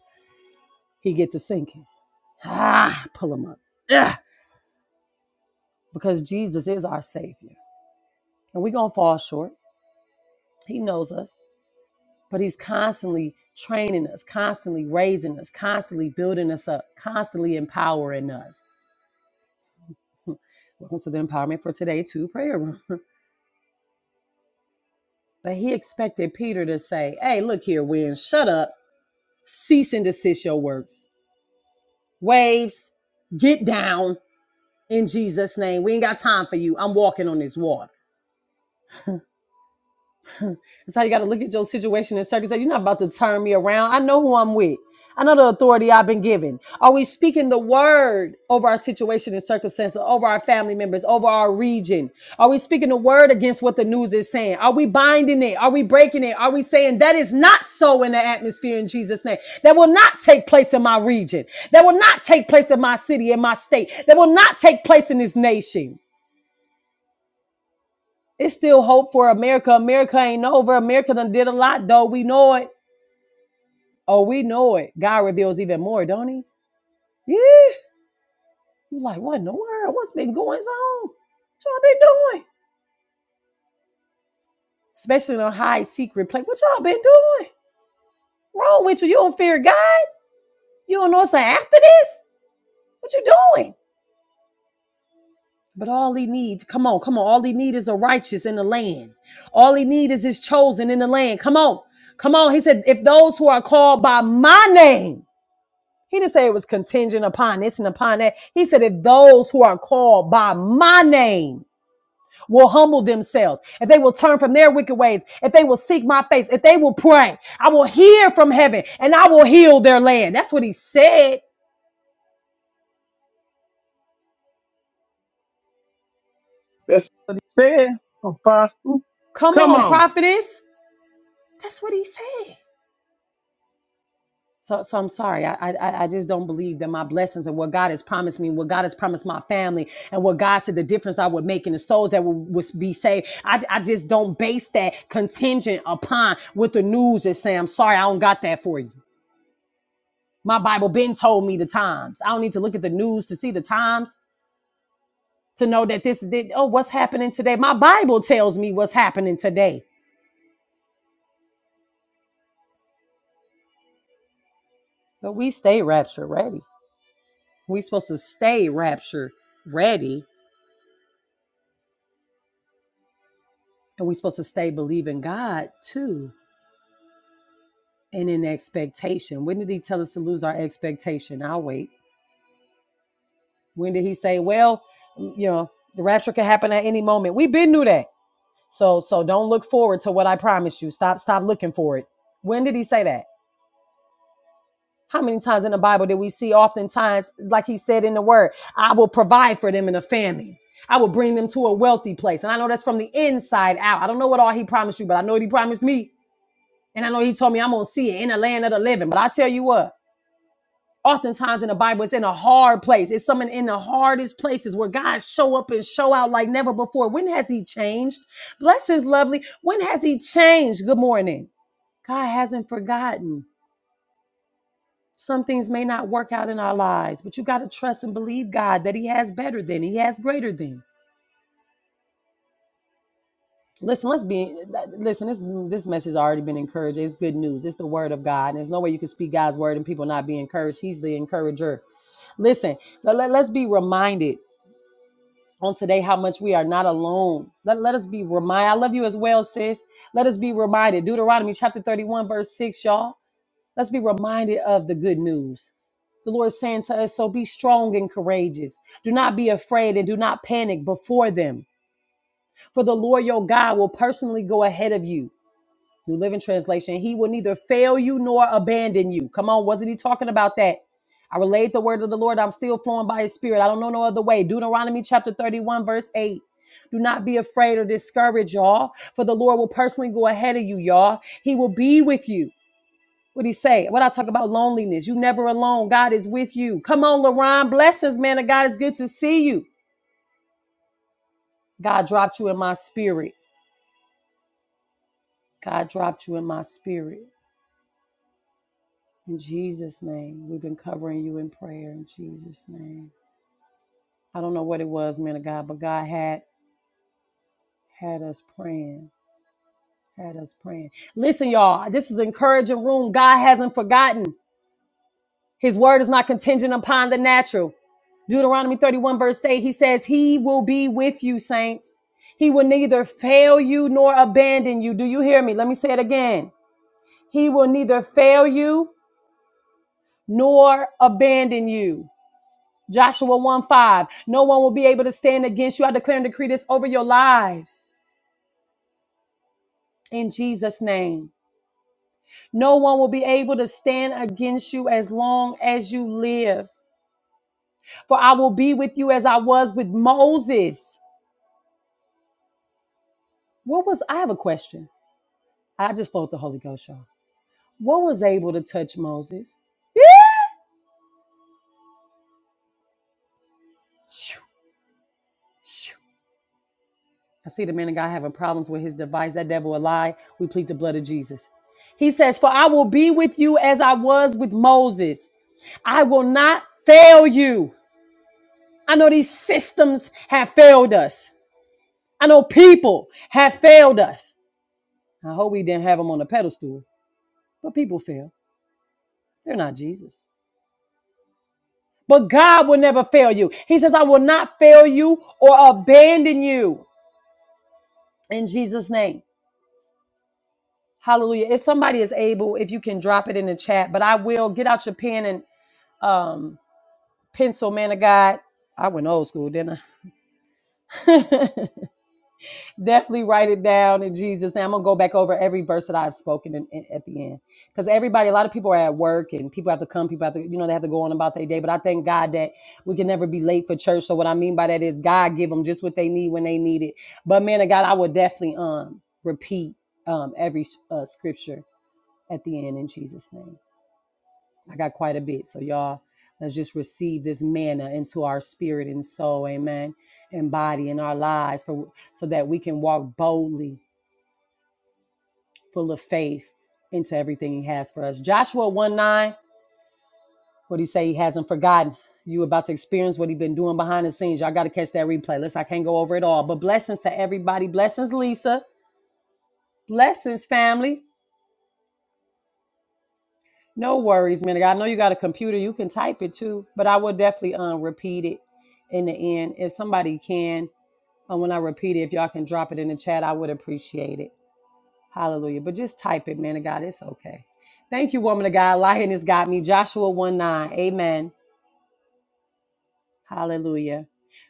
He get to sinking. Ah, pull him up. Ugh. Because Jesus is our Savior. And we going to fall short. He knows us. But he's constantly training us, constantly raising us, constantly building us up, constantly empowering us. Hmm. Welcome to the empowerment for today, two prayer room. But he expected Peter to say, Hey, look here, Win, shut up Cease and desist your works. Waves, get down in Jesus' name. We ain't got time for you. I'm walking on this water. That's how you got to look at your situation and circumstance. You're not about to turn me around. I know who I'm with. I know the authority I've been given. Are we speaking the word over our situation and circumstances, over our family members, over our region? Are we speaking the word against what the news is saying? Are we binding it? Are we breaking it? Are we saying that is not so in the atmosphere in Jesus' name? That will not take place in my region. That will not take place in my city, in my state. That will not take place in this nation. It's still hope for America. America ain't over. America done did a lot, though. We know it. Oh, we know it. God reveals even more, don't he? Yeah. You like, what in the world? What's been going on? What y'all been doing? Especially in a high secret place. What y'all been doing? Wrong with you? You don't fear God? You don't know it's after this? What you doing? But all he needs, come on, come on. All he needs is a righteous in the land. All he needs is his chosen in the land. Come on. Come on. He said, if those who are called by my name, he didn't say it was contingent upon this and upon that. He said, if those who are called by my name. will humble themselves, if they will turn from their wicked ways, if they will seek my face, if they will pray, I will hear from heaven and I will heal their land. That's what he said. That's what he said, Apostle. Come Come on, on. prophetess. That's what he said. So, so I'm sorry. I, I, I just don't believe that my blessings and what God has promised me, what God has promised my family, and what God said the difference I would make in the souls that would, would be saved. I, I just don't base that contingent upon what the news is saying. I'm sorry, I don't got that for you. My Bible been told me the times. I don't need to look at the news to see the times to know that this did oh what's happening today. My Bible tells me what's happening today. But we stay rapture ready. We supposed to stay rapture ready and we supposed to stay believing God too and in expectation. When did he tell us to lose our expectation? I'll wait. When did he say, well, you know, the rapture could happen at any moment? We've been knew that. So so don't look forward to what I promised you. Stop stop looking for it. When did he say that? How many times in the Bible did we see oftentimes, like he said in the word, I will provide for them in a famine. I will bring them to a wealthy place. And I know that's from the inside out. I don't know what all he promised you, but I know what he promised me. And I know he told me I'm gonna see it in the land of the living. But I tell you what, oftentimes in the Bible, it's in a hard place. It's something in the hardest places where God show up and show out like never before. When has he changed? Bless his lovely. When has he changed? Good morning. God hasn't forgotten. Some things may not work out in our lives, but you got to trust and believe God that He has better than, He has greater than. Listen, let's be listen. This this message has already been encouraged. It's good news. It's the word of God, and there's no way you can speak God's word and people not be encouraged. He's the encourager. Listen, let, let, us be reminded on today how much we are not alone. Let, let us be reminded. I love you as well, sis. Let us be reminded. Deuteronomy chapter 31, verse 6, y'all. Let's be reminded of the good news. The Lord is saying to us, So be strong and courageous. Do not be afraid and do not panic before them. For the Lord your God will personally go ahead of you. New Living Translation, He will neither fail you nor abandon you. Come on, wasn't He talking about that? I relayed the word of the Lord. I'm still flowing by His Spirit. I don't know no other way. Deuteronomy chapter 31, verse 8. Do not be afraid or discouraged, y'all, for the Lord will personally go ahead of you, y'all. He will be with you. What he say? What I talk about loneliness. You never alone. God is with you. Come on, LaRon. Blessings, man of God. It's good to see you. God dropped you in my spirit. God dropped you in my spirit. In Jesus' name. We've been covering you in prayer in Jesus' name. I don't know what it was, man of God, but God had had us praying. Had us praying. Listen, y'all, this is an encouraging room. God hasn't forgotten. His word is not contingent upon the natural. Deuteronomy 31, verse 8, he says, He will be with you, saints. He will neither fail you nor abandon you. Do you hear me? Let me say it again. He will neither fail you nor abandon you. Joshua 1 5, no one will be able to stand against you. I declare and decree this over your lives in Jesus' name. No one will be able to stand against you as long as you live. For I will be with you as I was with Moses. What was I have a question? I just thought the Holy Ghost y'all. What was able to touch Moses? Yeah. Shoo, shoo. I see the man of God having problems with his device. That devil will lie. We plead the blood of Jesus. He says, For I will be with you as I was with Moses. I will not fail you. I know these systems have failed us. I know people have failed us. I hope we didn't have them on a pedestal, but people fail. They're not Jesus. but God will never fail you. He says, I will not fail you or abandon you in Jesus' name. Hallelujah. If somebody is able, if you can drop it in the chat, but I will get out your pen and um, pencil, man of God. I went old school, didn't I? Definitely write it down in Jesus' name. I'm gonna go back over every verse that I've spoken in, in- at the end, because everybody, a lot of people are at work and people have to come, people have to, you know, they have to go on about their day. But I thank God that we can never be late for church. So what I mean by that is God give them just what they need when they need it. But man of God, I will definitely um repeat um every uh, scripture at the end in Jesus' name. I got quite a bit, so y'all let's just receive this manna into our spirit and soul, amen, and body in our lives for so that we can walk boldly full of faith into everything he has for us. Joshua 1 9, what he say he hasn't forgotten. You about to experience what he been doing behind the scenes. Y'all got to catch that replay. Listen, I can't go over it all, but blessings to everybody. Blessings, Lisa. Blessings, family. No worries, man. I know you got a computer. You can type it too, but I will definitely um, repeat it in the end. If somebody can, uh, when I repeat it, if y'all can drop it in the chat, I would appreciate it. Hallelujah. But just type it, man of God. It's okay. Thank you, woman of God. Lion got me. Joshua 1 9. Amen. Hallelujah.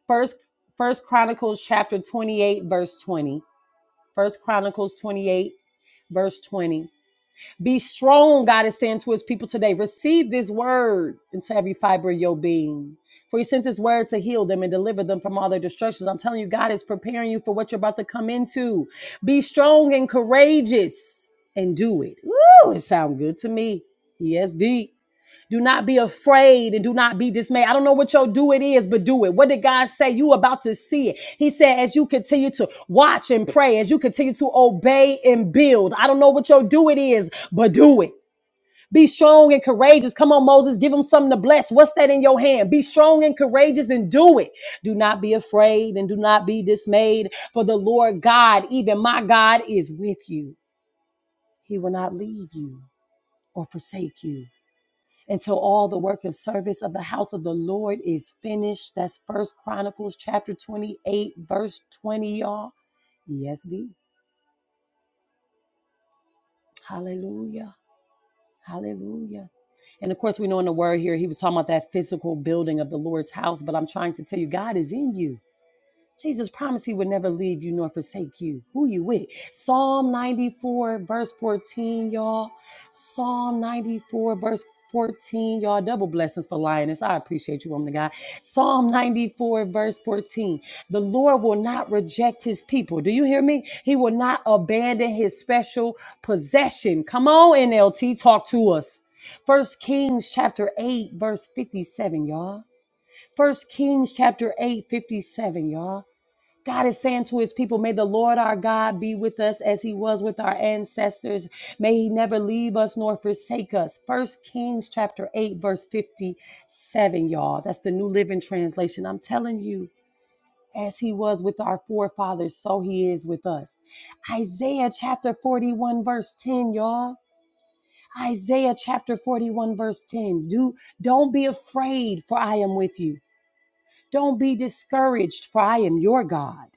First First Chronicles chapter 28, verse 20. First Chronicles 28, verse 20. Be strong, God is saying to his people today. Receive this word into every fiber of your being. For he sent this word to heal them and deliver them from all their destructions. I'm telling you, God is preparing you for what you're about to come into. Be strong and courageous and do it. Woo, it sounds good to me. ESV. Do not be afraid and do not be dismayed. I don't know what your do it is, but do it. What did God say? You about to see it. He said, as you continue to watch and pray, as you continue to obey and build. I don't know what your do it is, but do it. Be strong and courageous. Come on, Moses, give him something to bless. What's that in your hand? Be strong and courageous and do it. Do not be afraid and do not be dismayed, for the Lord God, even my God, is with you. He will not leave you or forsake you until all the work of service of the house of the Lord is finished. That's First Chronicles chapter 28, verse 20, y'all. ESV. Hallelujah. Hallelujah. And of course, we know in the word here, he was talking about that physical building of the Lord's house, but I'm trying to tell you, God is in you. Jesus promised he would never leave you nor forsake you. Who you with? Psalm 94, verse 14, y'all. Psalm 94, verse 14, y'all. Double blessings for lioness. I appreciate you, woman of God. Psalm 94, verse 14. The Lord will not reject his people. Do you hear me? He will not abandon his special possession. Come on, NLT, talk to us. First Kings chapter 8, verse 57, y'all. First Kings chapter eight fifty-seven, y'all. God is saying to his people, may the Lord our God be with us as he was with our ancestors. May he never leave us nor forsake us. First Kings chapter 8, verse 57, y'all. That's the New Living Translation. I'm telling you, as he was with our forefathers, so he is with us. Isaiah chapter 41, verse 10, y'all. Isaiah chapter 41, verse 10. Do don't be afraid, for I am with you. Don't be discouraged, for I am your God.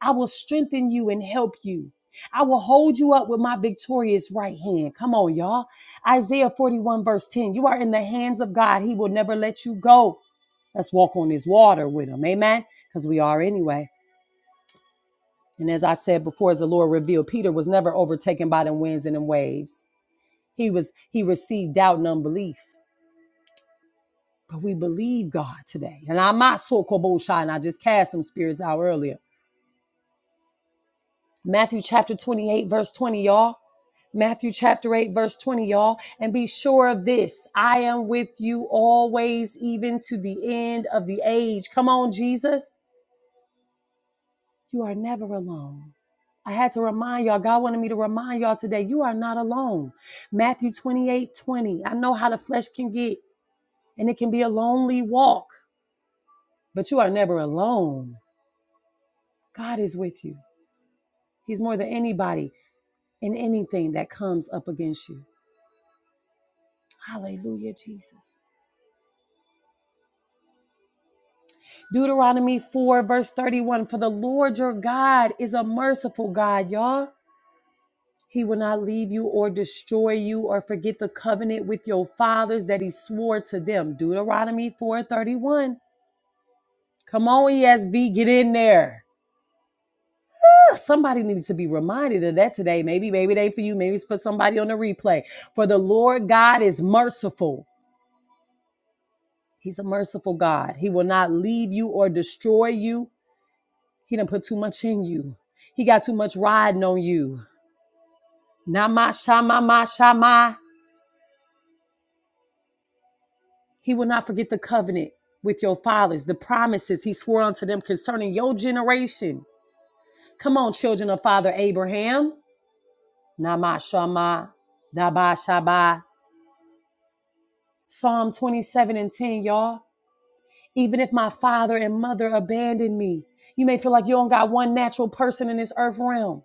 I will strengthen you and help you. I will hold you up with my victorious right hand. Come on, y'all. Isaiah 41, verse 10. You are in the hands of God. He will never let you go. Let's walk on his water with him. Amen. Because we are anyway. And as I said before, as the Lord revealed, Peter was never overtaken by the winds and the waves. He was, he received doubt and unbelief. But we believe God today. And I'm not so kobosha, and I just cast some spirits out earlier. Matthew chapter 28, verse 20, y'all. Matthew chapter 8, verse 20, y'all. And be sure of this I am with you always, even to the end of the age. Come on, Jesus. You are never alone. I had to remind y'all, God wanted me to remind y'all today, you are not alone. Matthew 28 20. I know how the flesh can get, and it can be a lonely walk, but you are never alone. God is with you. He's more than anybody and anything that comes up against you. Hallelujah, Jesus. Deuteronomy 4, verse 31 For the Lord your God is a merciful God, y'all. He will not leave you or destroy you or forget the covenant with your fathers that he swore to them. Deuteronomy 4:31. Come on, ESV, get in there. Ugh, Somebody needs to be reminded of that today. Maybe, maybe it ain't for you. Maybe it's for somebody on the replay. For the Lord God is merciful. He's a merciful God. He will not leave you or destroy you. He done put too much in you. He got too much riding on you. Nama shama ma Namashama He will not forget the covenant with your fathers, the promises he swore unto them concerning your generation. Come on, children of Father Abraham. Namashama Dabashaba. Psalm 27 and 10, y'all. Even if my father and mother abandon me, you may feel like you don't got one natural person in this earth realm.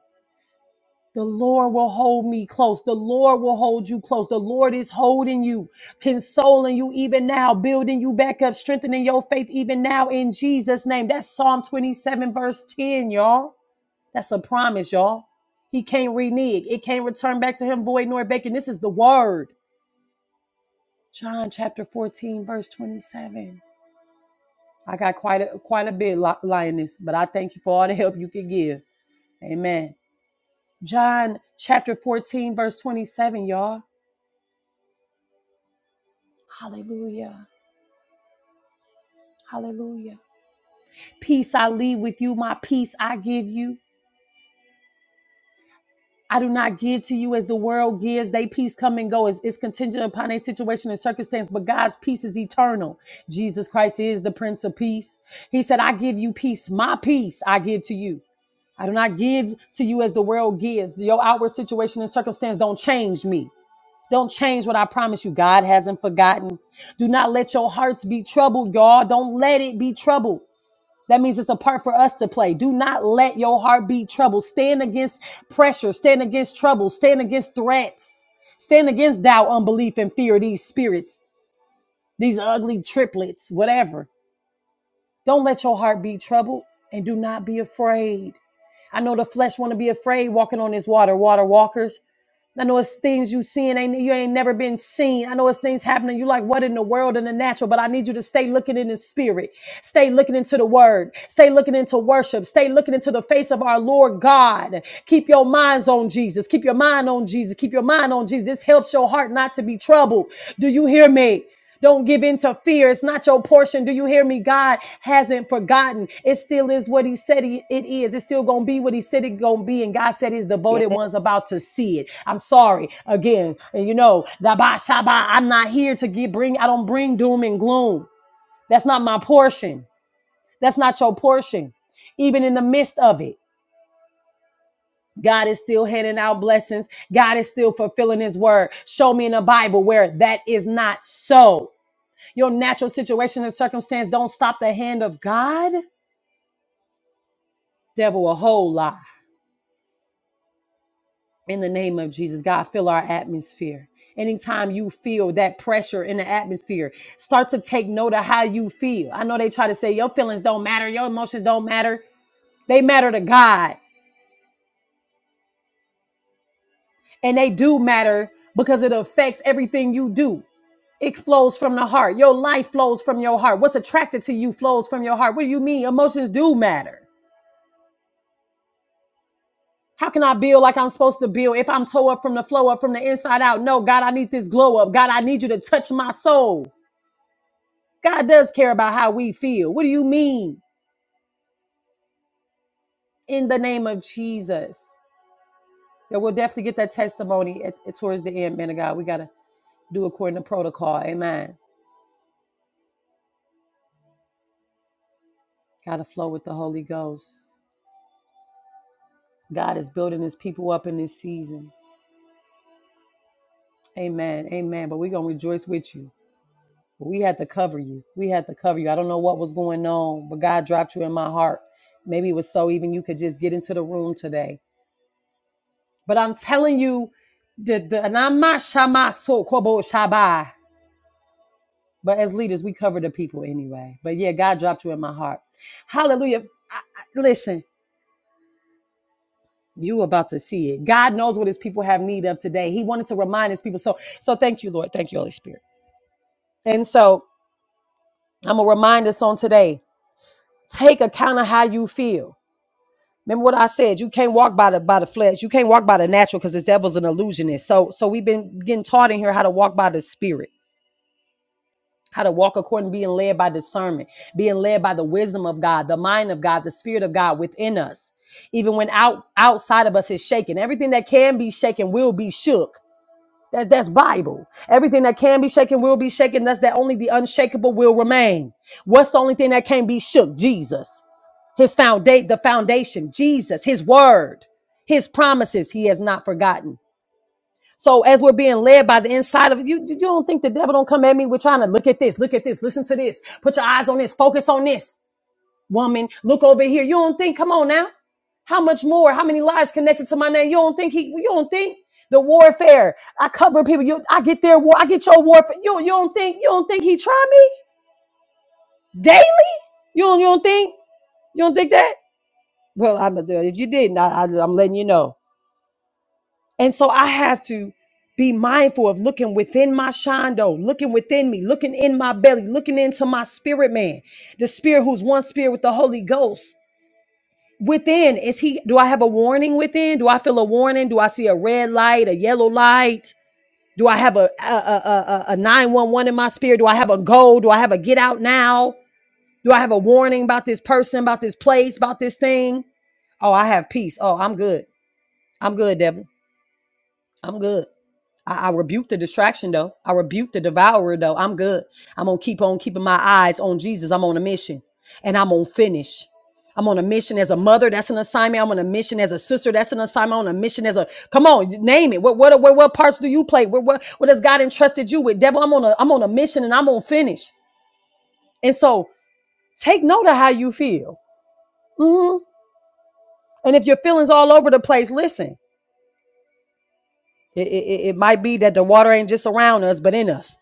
The Lord will hold me close. The Lord will hold you close. The Lord is holding you, consoling you even now, building you back up, strengthening your faith even now in Jesus' name. That's Psalm 27, verse 10, y'all. That's a promise, y'all. He can't renege. It can't return back to him void nor vacant. This is the word. John chapter 14, verse 27. I got quite a quite a bit, li- lioness, but I thank you for all the help you can give. Amen. John chapter 14, verse 27, y'all. Hallelujah. Hallelujah. Peace I leave with you, my peace I give you. I do not give to you as the world gives. They peace come and go. It's, it's contingent upon a situation and circumstance, but God's peace is eternal. Jesus Christ is the Prince of Peace. He said, I give you peace. My peace I give to you. I do not give to you as the world gives. Your outward situation and circumstance don't change me. Don't change what I promise you. God hasn't forgotten. Do not let your hearts be troubled, y'all. Don't let it be troubled. That means it's a part for us to play. Do not let your heart be troubled. Stand against pressure, stand against trouble, stand against threats, stand against doubt, unbelief, and fear, these spirits, these ugly triplets, whatever. Don't let your heart be troubled and do not be afraid. I know the flesh want to be afraid walking on this water, water walkers. I know it's things you seeing ain't you ain't never been seen. I know it's things happening. You like what in the world in the natural, but I need you to stay looking in the spirit. Stay looking into the word. Stay looking into worship. Stay looking into the face of our Lord God. Keep your minds on Jesus. Keep your mind on Jesus. Keep your mind on Jesus. This helps your heart not to be troubled. Do you hear me? Don't give in to fear. It's not your portion. Do you hear me? God hasn't forgotten. It still is what He said he- it is. It's still going to be what He said it's going to be. And God said His Yes, devoted ones about to see it. I'm sorry again. And you know, da ba sha ba, I'm not here to get bring, I don't bring doom and gloom. That's not my portion. That's not your portion. Even in the midst of it, God is still handing out blessings. God is still fulfilling His word. Show me in the Bible where that is not so. Your natural situation and circumstance don't stop the hand of God. Devil, a whole lot. In the name of Jesus, God, fill our atmosphere. Anytime you feel that pressure in the atmosphere, start to take note of how you feel. I know they try to say your feelings don't matter, your emotions don't matter. They matter to God, and they do matter because it affects everything you do it flows from the heart. Your life flows from your heart. What's attracted to you flows from your heart. What do you mean? Emotions do matter. How can I build like I'm supposed to build if I'm toe up from the flow up from the inside out? No, God, I need this glow up. God, I need you to touch my soul. God does care about how we feel. What do you mean? In the name of Jesus. Yeah, we'll definitely get that testimony at, at- towards the end, man of God. We got to do according to protocol. Amen. Got to flow with the Holy Ghost. God is building his people up in this season. Amen. Amen. But we're going to rejoice with you. we had to cover you. We had to cover you. I don't know what was going on, but God dropped you in my heart. Maybe it was so even you could just get into the room today. But I'm telling you, the the Anama Shama So Kobo Shabai. But as leaders, we cover the people anyway. But yeah, God dropped you in my heart. Hallelujah. I, I- listen, you about to see it. God knows what his people have need of today. He wanted to remind his people. So so thank you, Lord. Thank you, Holy Spirit. And so I'm gonna remind us on today. Take account of how you feel Remember what I said. You can't walk by the by the flesh. You can't walk by the natural because this devil's an illusionist. So so we've been getting taught in here how to walk by the spirit, how to walk according to being led by discernment, being led by the wisdom of God, the mind of God, the spirit of God within us. Even when out outside of us is shaken, everything that can be shaken will be shook. That's that's Bible. Everything that can be shaken will be shaken. That's that only the unshakable will remain. What's the only thing that can't be shook? Jesus. His foundation, the foundation, Jesus, his word, his promises, he has not forgotten. So as we're being led by the inside of you, you you don't think the devil don't come at me. We're trying to look at this, look at this, listen to this, put your eyes on this, focus on this, woman, look over here. You don't think, come on now. How much more? How many lives connected to my name? You don't think he? You don't think the warfare? I cover people. You, I get their war. I get your warfare. You, you don't think? You don't think he try me daily? You don't, you don't think? You don't think that? Well, I'm uh, if you didn't, I, I, I'm letting you know. And so I have to be mindful of looking within my shondo, looking within me, looking in my belly, looking into my spirit man, the spirit who's one spirit with the Holy Ghost. Within is he? Do I have a warning within? Do I feel a warning? Do I see a red light, a yellow light? Do I have a a a a a nine one one in my spirit? Do I have a go? Do I have a get out now? Do I have a warning about this person, about this place, about this thing? Oh, I have peace. Oh, I'm good. I'm good, devil. I'm good. I, I rebuke the distraction though. I rebuke the devourer though. I'm good. I'm gonna keep on keeping my eyes on Jesus. I'm on a mission and I'm gonna finish. I'm on a mission as a mother. That's an assignment. I'm on a mission as a sister. That's an assignment. I'm on a mission as a come on, name it. What what what, what parts do you play? What, what what has God entrusted you with? Devil, I'm on a I'm on a mission and I'm gonna finish. And so take note of how you feel. hmm And if your feelings all over the place, listen. It, it, it it might be that the water ain't just around us, but in us.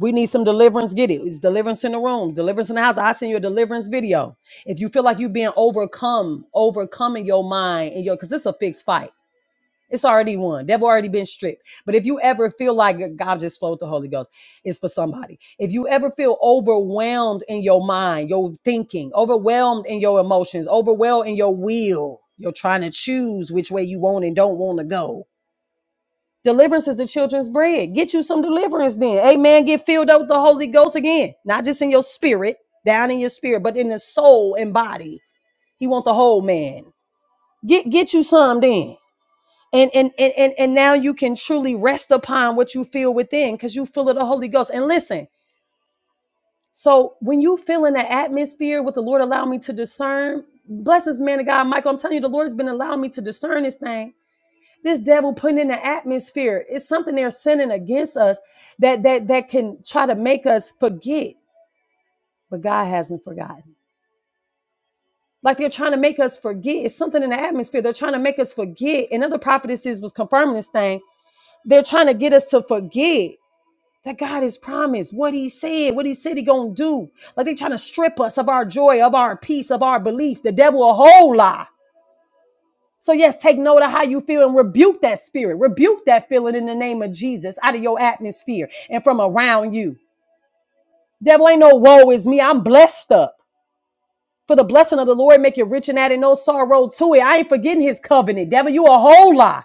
We need some deliverance. Get it. It's deliverance in the room, deliverance in the house. I send you a deliverance video. If you feel like you being overcome, overcoming your mind and your because it's a fixed fight. It's already won. Devil already been stripped. But if you ever feel like God just flowed the Holy Ghost, it's for somebody. If you ever feel overwhelmed in your mind, your thinking, overwhelmed in your emotions, overwhelmed in your will, you're trying to choose which way you want and don't want to go Deliverance is the children's bread. Get you some deliverance then. Amen. Get filled up with the Holy Ghost again. Not just in your spirit, down in your spirit, but in the soul and body. He want the whole man. Get get you some then. And and and and, and now you can truly rest upon what you feel within because you feel of the Holy Ghost. And listen, so when you feel in the atmosphere, what the Lord allowed me to discern, bless this man of God, Michael. I'm telling you, the Lord has been allowing me to discern this thing this devil putting in the atmosphere it's something they're sending against us that that that can try to make us forget but god hasn't forgotten like they're trying to make us forget it's something in the atmosphere they're trying to make us forget another prophetesses was confirming this thing they're trying to get us to forget that god has promised what he said what he said he gonna do like they're trying to strip us of our joy of our peace of our belief the devil a whole lie So, yes, take note of how you feel and rebuke that spirit. Rebuke that feeling in the name of Jesus out of your atmosphere and from around you. Devil ain't no woe is me. I'm blessed up. For the blessing of the Lord make you rich and adding no sorrow to it. I ain't forgetting his covenant. Devil, you a whole lie.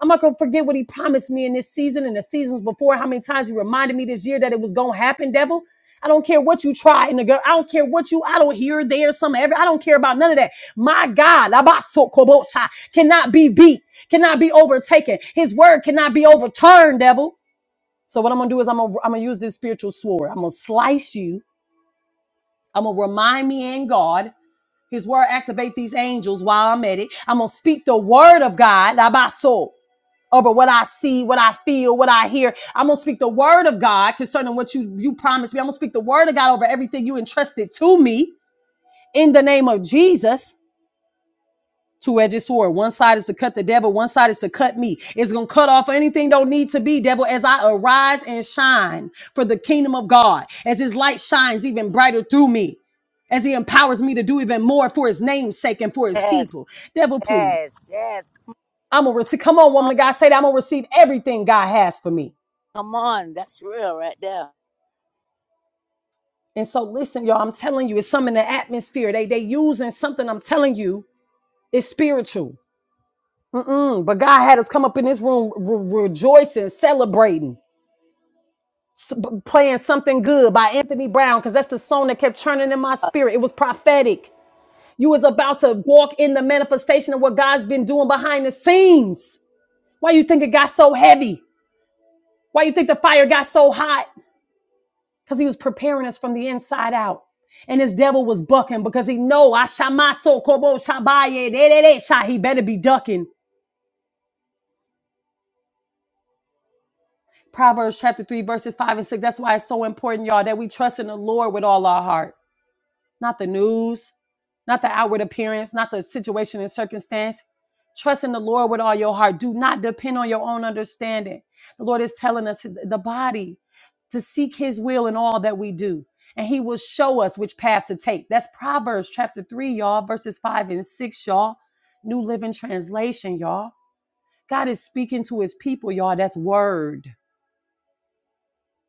I'm not gonna forget what he promised me in this season and the seasons before, how many times he reminded me this year that it was gonna happen, devil. I don't care what you try in the girl. I don't care what you, I don't hear there, some every I don't care about none of that. My God, Abasokobosha, cannot be beat, cannot be overtaken. His word cannot be overturned, devil. So what I'm gonna do is I'm gonna I'm gonna use this spiritual sword. I'm gonna slice you. I'm gonna remind me in God. His word activate these angels while I'm at it. I'm gonna speak the word of God. Labaso over what I see, what I feel, what I hear. I'm gonna speak the word of God concerning what you you promised me. I'm gonna speak the word of God over everything you entrusted to me in the name of Jesus. Two-edged sword. One side is to cut the devil, one side is to cut me. It's gonna cut off anything don't need to be, devil, as I arise and shine for the kingdom of God, as his light shines even brighter through me, as he empowers me to do even more for his name's sake and for his people. Devil, please. yes, yes. I'm gonna receive. Come on, Come woman on, of God, say that I'm gonna receive everything God has for me. come on. That's real right there. And so listen, y'all, I'm telling you, it's something in the atmosphere. They they using something I'm telling you, it's spiritual. Mm-mm. But God had us come up in this room re- rejoicing, celebrating, s- b- playing something good by Anthony Brown, because that's the song that kept churning in my spirit. It was prophetic. You was about to walk in the manifestation of what God's been doing behind the scenes. Why you think it got so heavy? Why you think the fire got so hot? because he was preparing us from the inside out. And his devil was bucking because he know Ashamaso Kobo Shabaye. de, de, de, sha." He better be ducking. Proverbs chapter 3, verses 5 and 6. That's why it's so important, y'all, that we trust in the Lord with all our heart not the news, not the outward appearance, not the situation and circumstance. Trust in the Lord with all your heart. Do not depend on your own understanding. The Lord is telling us the body to seek his will in all that we do. And he will show us which path to take. That's Proverbs chapter 3, y'all, verses 5 and 6, y'all. New Living Translation, y'all. God is speaking to his people, y'all. That's word.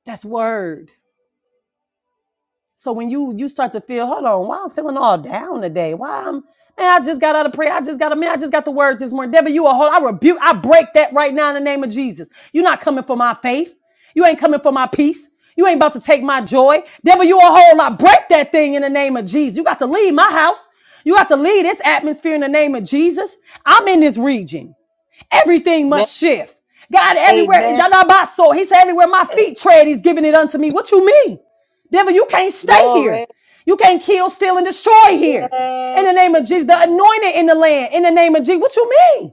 That's word. So when you you start to feel, hold on, why I'm feeling all down today? Why I'm man, I just got out of prayer. I just got a man, I just got the word this morning. Devil, you a whole I rebuke, I break that right now in the name of Jesus. You're not coming for my faith. You ain't coming for my peace. You ain't about to take my joy. Devil, you a whole lot. Break that thing in the name of Jesus. You got to leave my house. You got to leave this atmosphere in the name of Jesus. I'm in this region everything Amen. must shift. God, everywhere, Amen. da, da, ba, so he said, everywhere my feet tread, he's giving it unto me. What you mean? Devil, you can't stay here. Glory. You can't kill, steal, and destroy here. In Yeah. the name of Jesus, the anointed in the land. In the name of Jesus, what you mean?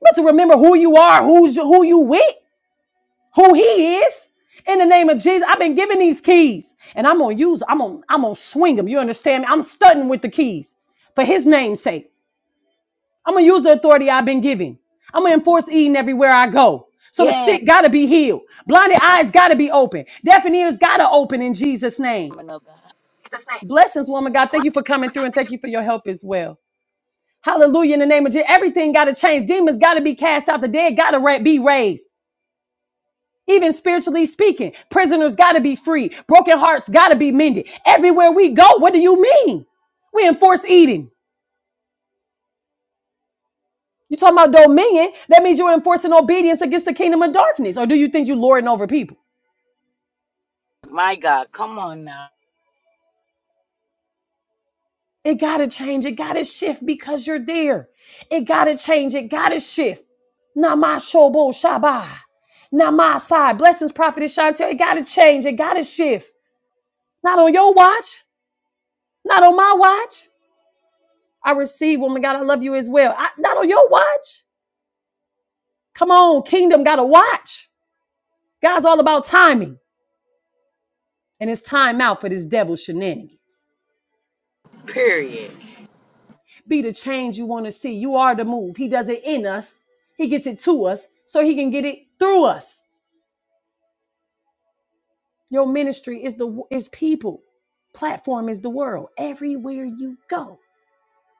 But to remember who you are, who's who you with, who he is. In the name of Jesus, I've been given these keys, and I'm gonna use. I'm gonna. I'm gonna swing them. You understand me? I'm stunting with the keys for His name's sake. I'm gonna use the authority I've been given. I'm gonna enforce Eden everywhere I go. So the Yeah. sick gotta be healed. Blinded eyes gotta be open. Deafened ears gotta open in Jesus' name. Woman of God. Blessings, woman God. Thank you for coming through and thank you for your help as well. Hallelujah. In the name of Jesus, everything gotta change. Demons gotta be cast out. The dead gotta ra- be raised. Even spiritually speaking, prisoners gotta be free. Broken hearts gotta be mended. Everywhere we go, what do you mean? We enforce Eden. You're talking about dominion. That means you're enforcing obedience against the kingdom of darkness. Or do you think you're lording over people? My God, come on now. It got to change. It got to shift because you're there. It got to change. It got to shift. Nama shobo shaba. Nama side. Blessings, prophetess Chantel. It got to change. It got to shift. Not on your watch. Not on my watch. I receive, woman God, I love you as well. I- not on your watch. Come on, kingdom got to watch. God's all about timing. And it's time out for this devil shenanigans. Period. be the change you want to see. You are the move. He does it in us. He gets it to us so he can get it through us. Your ministry is the is people. Platform is the world. Everywhere you go,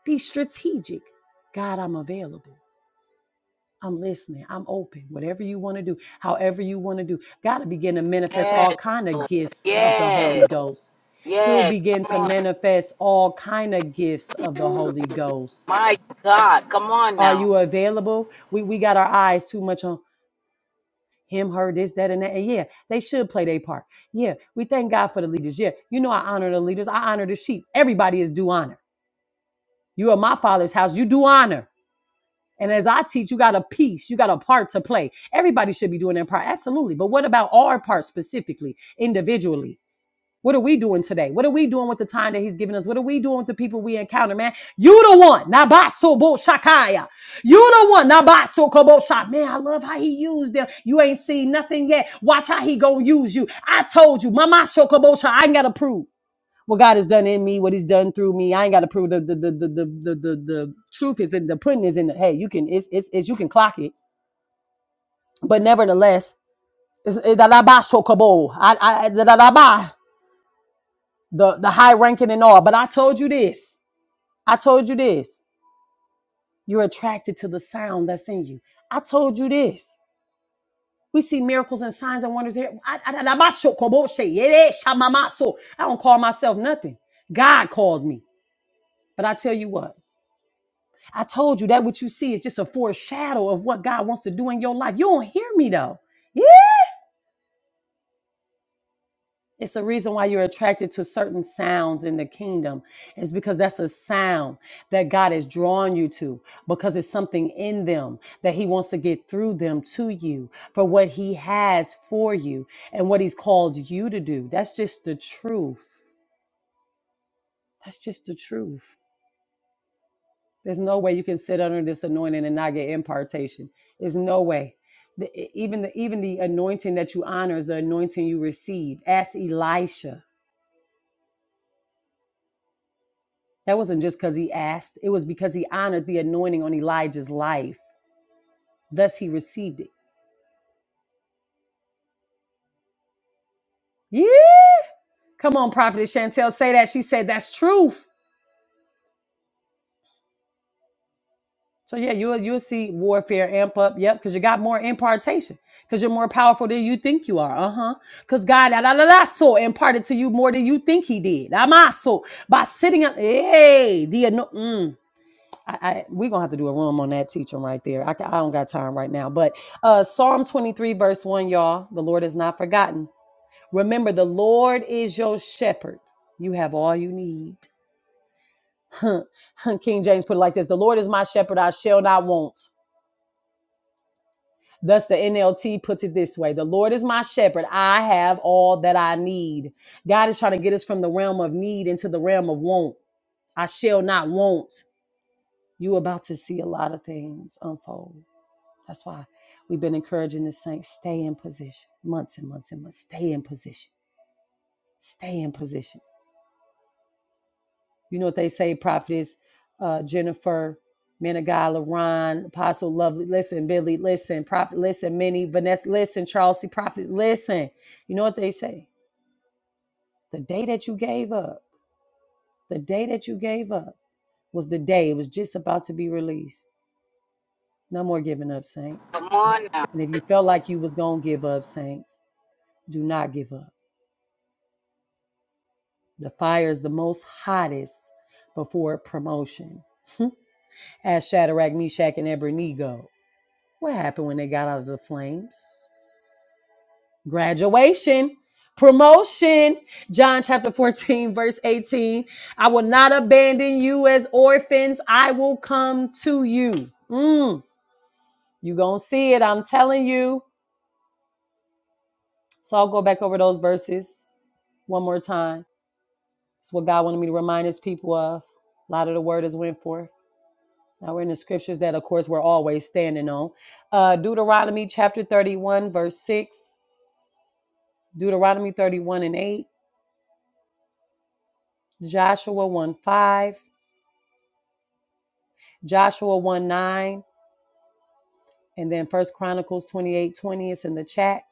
be strategic. God, I'm available. I'm listening. I'm open. Whatever you want to do, however you want to do. God to begin to manifest all Yes. kind of Lord. gifts of the Holy Yes. Ghost. He'll Yes. begin Come to on. manifest all kind of gifts of the Holy Ghost. My God. Come on Are now. you available? We we got our eyes too much on him, her, this, that, and that. And yeah, they should play their part. Yeah, we thank God for the leaders. Yeah, you know I honor the leaders. I honor the sheep. Everybody is due honor. You are my father's house. You do honor. And as I teach, you got a piece, you got a part to play. Everybody should be doing their part. Absolutely. But what about our part specifically, individually? What are we doing today? What are we doing with the time that he's given us? What are we doing with the people we encounter, man? You the one. Nabaso bo shakaya. You the one. Nabaso kobo shak. Man, I love how he used them. You ain't seen nothing yet. Watch how he gonna use you. I told you, mama shokobo shak. I ain't gotta prove what God has done in me, what He's done through me. I ain't got to prove the the the the the the, the, the truth is in the pudding is in the hey. You can it's it's, it's you can clock it, but nevertheless, it's, it, I, I, the the high ranking and all. But I told you this. I told you this. You're attracted to the sound that's in you. I told you this. We see miracles and signs and wonders here. I, I, I, my shok- kobo she, yere, shamama, so. I don't call myself nothing. God called me. But I tell you what, I told you that what you see is just a foreshadow of what God wants to do in your life. You don't hear me though. Yeah. It's the reason why you're attracted to certain sounds in the kingdom. It's because that's a sound that God is drawing you to because it's something in them that He wants to get through them to you for what He has for you and what He's called you to do. That's just the truth. That's just the truth. There's no way you can sit under this anointing and not get impartation. There's no way. The- even the even the anointing that you honor is the anointing you receive. Ask Elisha. That wasn't just because he asked, it was because he honored the anointing on Elijah's life. Thus he received it. Yeah. Come on, Prophetess Chantel, say that. She said that's truth. So yeah, you'll you'll see warfare amp up. Yep, because you got more impartation. Because you're more powerful than you think you are. Uh-huh. Because God la, la, la, la, so imparted to you more than you think he did. Am so by sitting up? Hey, the anointing. I, I we're gonna have to do a room on that teaching right there. I, ca- I don't got time right now, but uh Psalm 23, verse 1, y'all. The Lord is not forgotten. Remember, the Lord is your shepherd. You have all you need. Huh. Huh. King James put it like this: the Lord is my shepherd, I shall not want. Thus the NLT puts it this way: the Lord is my shepherd, I have all that I need. God is trying to get us from the realm of need into the realm of want. I shall not want. You about to see a lot of things unfold That's why we've been encouraging the saints stay in position months and months and months. Stay in position. Stay in position. You know what they say, prophetess uh, Jennifer, men of God, LaRon, Apostle Lovely. Listen, Billy, listen, Prophet, listen, Minnie, Vanessa, listen, Charles C. Prophet, listen. You know what they say? The day that you gave up, the day that you gave up was the day it was just about to be released. No more giving up, saints. Come on now. And if you felt like you was gonna give up, saints, do not give up The fire is the most hottest before promotion. As Shadrach, Meshach, and Abednego, what happened when they got out of the flames? Graduation, promotion. John chapter 14, verse 18. I will not abandon you as orphans. I will come to you. Mm, you going to see it. I'm telling you. So I'll go back over those verses one more time. It's what God wanted me to remind his people of. A lot of the word has went forth. Now we're in the scriptures that, of course, we're always standing on. Uh, Deuteronomy chapter 31, verse 6, Deuteronomy 31 and 8, Joshua 1 5, Joshua 1 9, and then First Chronicles twenty-eight twenty. 20 is in the chat.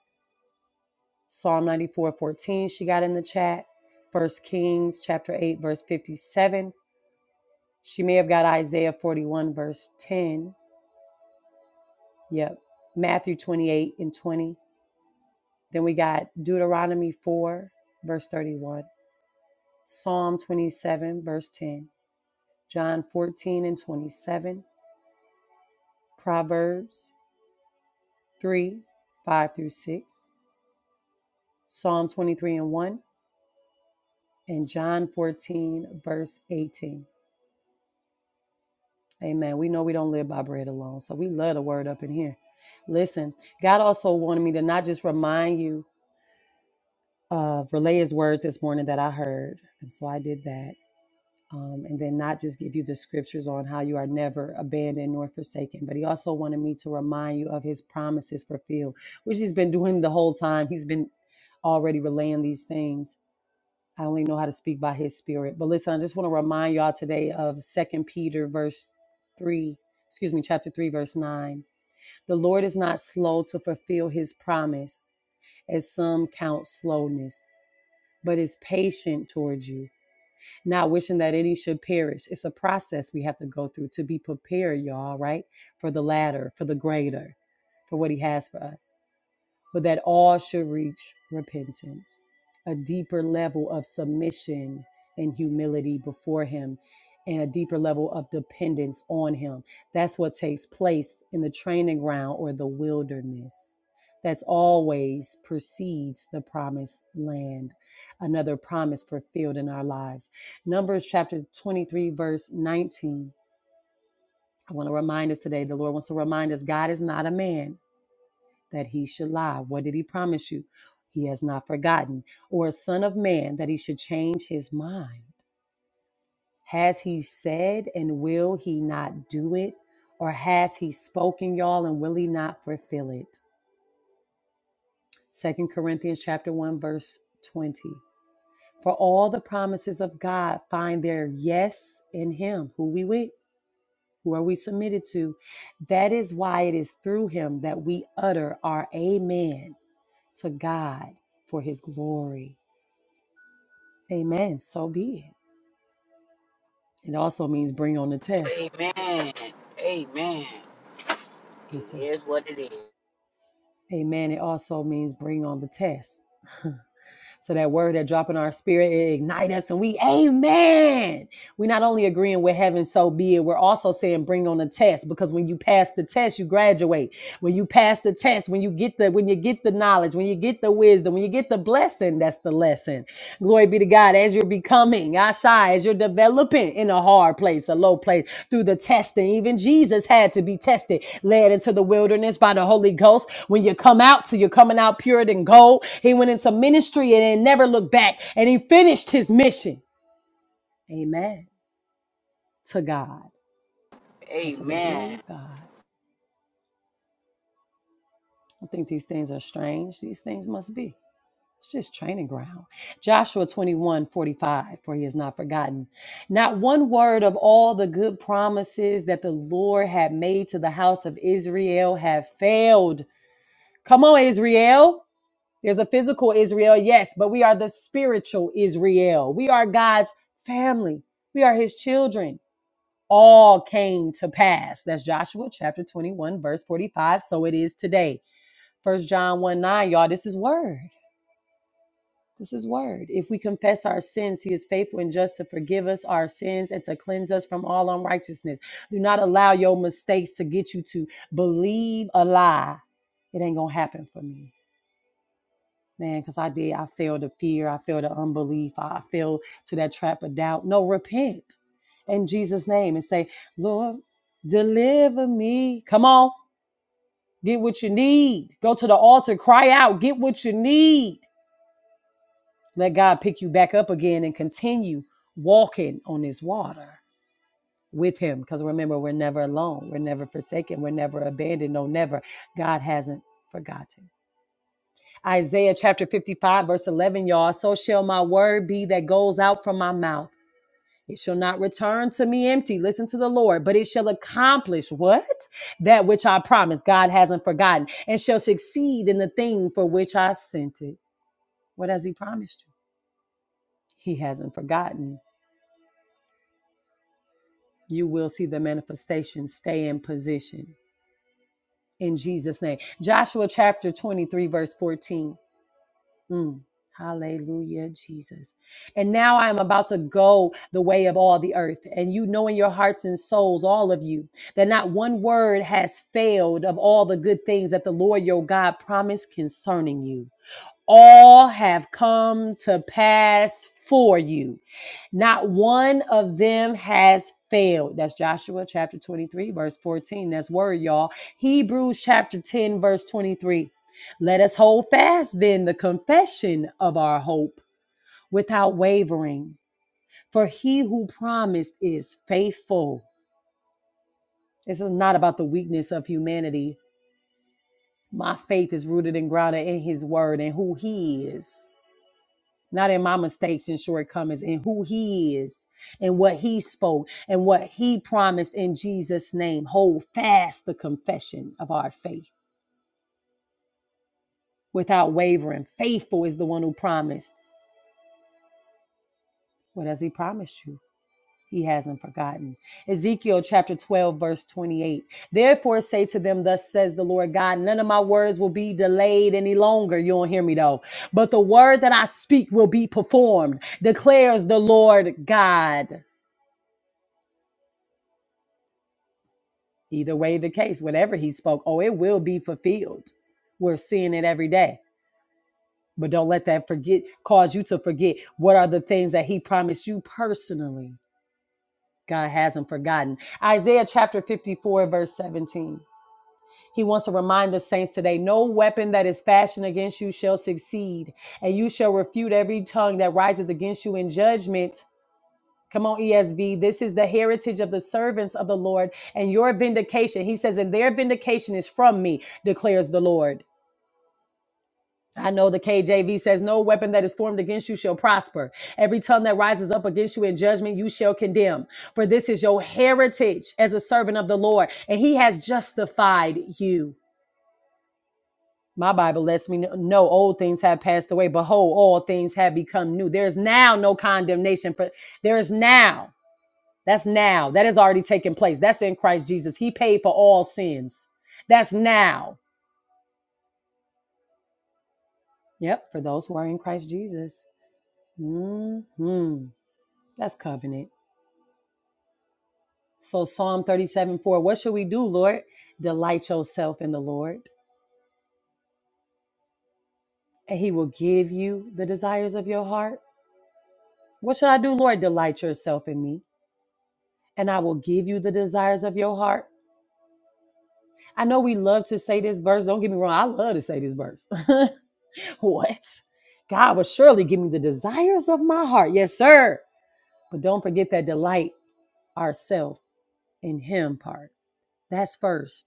Psalm 94 14. she got in the chat. First Kings chapter 8, verse 57. She may have got Isaiah 41, verse 10. Yep. Matthew 28 and 20. Then we got Deuteronomy 4, verse 31. Psalm 27, verse 10, John 14 and 27, Proverbs 3, 5 through 6, Psalm 23 and 1, and John 14, verse 18. Amen. We know we don't live by bread alone, so we love the word up in here. Listen, God also wanted me to not just remind you of relay His word this morning that I heard, and so I did that um, and then not just give you the scriptures on how you are never abandoned nor forsaken, but he also wanted me to remind you of his promises fulfilled, which he's been doing the whole time. He's been already relaying these things. I only know how to speak by his spirit. But listen, I just want to remind y'all today of Second Peter verse 3, excuse me, chapter 3, verse 9. The Lord is not slow to fulfill his promise, as some count slowness, but is patient towards you not wishing that any should perish. It's a process we have to go through to be prepared, y'all, right? For the latter, for the greater, for what he has for us but that all should reach repentance, a deeper level of submission and humility before Him, and a deeper level of dependence on Him. That's what takes place in the training ground or the wilderness. That's always precedes the promised land, another promise fulfilled in our lives. Numbers chapter 23, verse 19. I want to remind us today, the Lord wants to remind us God is not a man that he should lie. What did he promise you? He has not forgotten. Or a son of man that he should change his mind. Has he said and will he not do it? Or has he spoken, y'all, and will he not fulfill it? Second Corinthians chapter 1, verse 20. For all the promises of God find their yes in him. Who we with? Who are we submitted to? That is why it is through him that we utter our amen to God for his glory. Amen. So be it. It also means bring on the test, Amen. Amen. you It see. is what it is. Amen. It also means bring on the test. So that word that drop in our spirit, it ignite us and we, amen. We not only agreeing with heaven, so be it. We're also saying bring on the test because when you pass the test, you graduate. When you pass the test, when you get the, when you get the knowledge, when you get the wisdom, when you get the blessing, that's the lesson. Glory. be to God as you're becoming, Ashai, as you're developing in a hard place, a low place, through the testing. Even Jesus had to be tested, led into the wilderness by the Holy Ghost. When you come out, so you're coming out pure than gold. He went into ministry and then never looked back, and he finished his mission. Amen. To God, unto the glory Amen. of God. I think these things are strange. These things must be. It's just training ground. Joshua 21 45. for he has not forgotten. Not one word of all the good promises that the Lord had made to the house of Israel have failed. Come on, Israel. There's a physical Israel, yes, but we are the spiritual Israel. We are God's family, we are his children. All came to pass. That's Joshua chapter 21, verse 45. So it is today. First John 1 9, y'all, this is word. This is word. If we confess our sins, he is faithful and just to forgive us our sins and to cleanse us from all unrighteousness. Do not allow your mistakes to get you to believe a lie. It ain't gonna happen for me. Man, because I did. I fell to fear. I fell to unbelief. I I fell to that trap of doubt. No, repent in Jesus' name and say, Lord, deliver me. Come on, get what you need. Go to the altar, cry out, get what you need Let God pick you back up again and continue walking on this water with Him. Because remember, we're never alone. We're never forsaken. We're never abandoned. No, never. God hasn't forgotten. Isaiah chapter 55, verse 11, y'all. So shall my word be that goes out from my mouth. It shall not return to me empty. Listen to the Lord, but it shall accomplish what? That which I promised. God hasn't forgotten and shall succeed in the thing for which I sent it. What has He promised you? He hasn't forgotten you will see the manifestation. Stay in position in Jesus' name. Joshua chapter 23, verse 14. Mm. Hallelujah, Jesus. And now I am about to go the way of all the earth. And you know in your hearts and souls, all of you, that not one word has failed of all the good things that the Lord your God promised concerning you all have come to pass for you. Not one of them has failed. That's Joshua chapter 23, verse 14. That's word, y'all. Hebrews chapter 10, verse 23. Let us hold fast then the confession of our hope without wavering, for he who promised is faithful. This is not about the weakness of humanity. My faith is rooted and grounded in his word and who he is. not in my mistakes and shortcomings, and who He is, and what He spoke, and what He promised in Jesus' name. Hold fast the confession of our faith without wavering. Faithful is the one who promised. What has He promised you? He hasn't forgotten. Ezekiel chapter 12, verse 28. Therefore, say to them, Thus says the Lord God, none of my words will be delayed any longer. You don't hear me though. But the word that I speak will be performed, declares the Lord God. Either way, the case, whatever he spoke, oh, it will be fulfilled. We're seeing it every day. But don't let that forget cause you to forget what are the things that he promised you personally. God hasn't forgotten. Isaiah chapter 54, verse 17. He wants to remind the saints today no weapon that is fashioned against you shall succeed, and you shall refute every tongue that rises against you in judgment. Come on, ESV. This is the heritage of the servants of the Lord and your vindication. He says, and their vindication is from me, declares the Lord. I know the KJV says, No weapon that is formed against you shall prosper. Every tongue that rises up against you in judgment, you shall condemn. For this is your heritage as a servant of the Lord, and he has justified you. My Bible lets me kn- know old things have passed away. Behold, all things have become new. There is now no condemnation for, there is now. That's now. That has already taken place. That's in Christ Jesus. He paid for all sins. That's now. Yep, for those who are in Christ Jesus. hmm That's covenant. So Psalm 37, 4, what should we do, Lord? Delight yourself in the Lord, and he will give you the desires of your heart. What should I do, Lord? Delight yourself in me, and I will give you the desires of your heart. I know we love to say this verse. Don't get me wrong, I love to say this verse. What? God will surely give me the desires of my heart. Yes, sir. But don't forget that delight ourselves in Him part. That's first.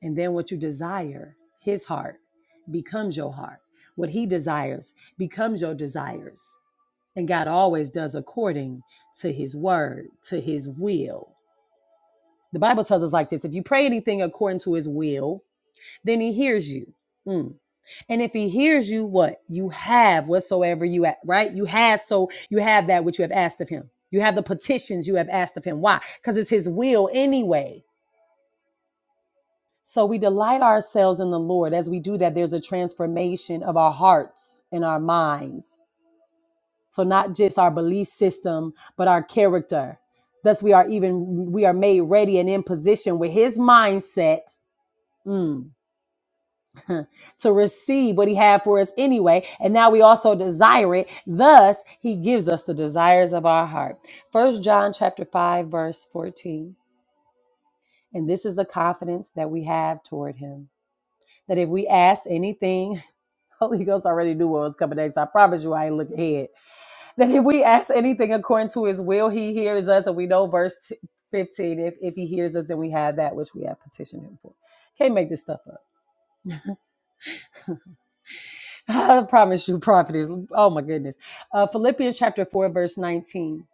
And then what you desire, His heart, becomes your heart. What He desires becomes your desires. And God always does according to His word, to His will. The Bible tells us like this if you pray anything according to His will, then He hears you. Mm. And if he hears you, what? You have whatsoever you at, right? You have so you have that which you have asked of him. You have the petitions you have asked of him. Why? Because it's his will anyway. So we delight ourselves in the Lord. As we do that, there's a transformation of our hearts and our minds. So not just our belief system, but our character. Thus we are even we are made ready and in position with his mindset. Mm. to receive what he had for us anyway and now we also desire it thus he gives us the desires of our heart first john chapter 5 verse 14 and this is the confidence that we have toward him that if we ask anything Holy Ghost already knew what was coming next. I promise you, I ain't looking ahead. That if we ask anything according to his will, he hears us. And we know verse t- 15 if, if he hears us, then we have that which we have petitioned him for. Can't make this stuff up. I promise you, prophetess. Oh my goodness. Uh, Philippians chapter 4, verse 19.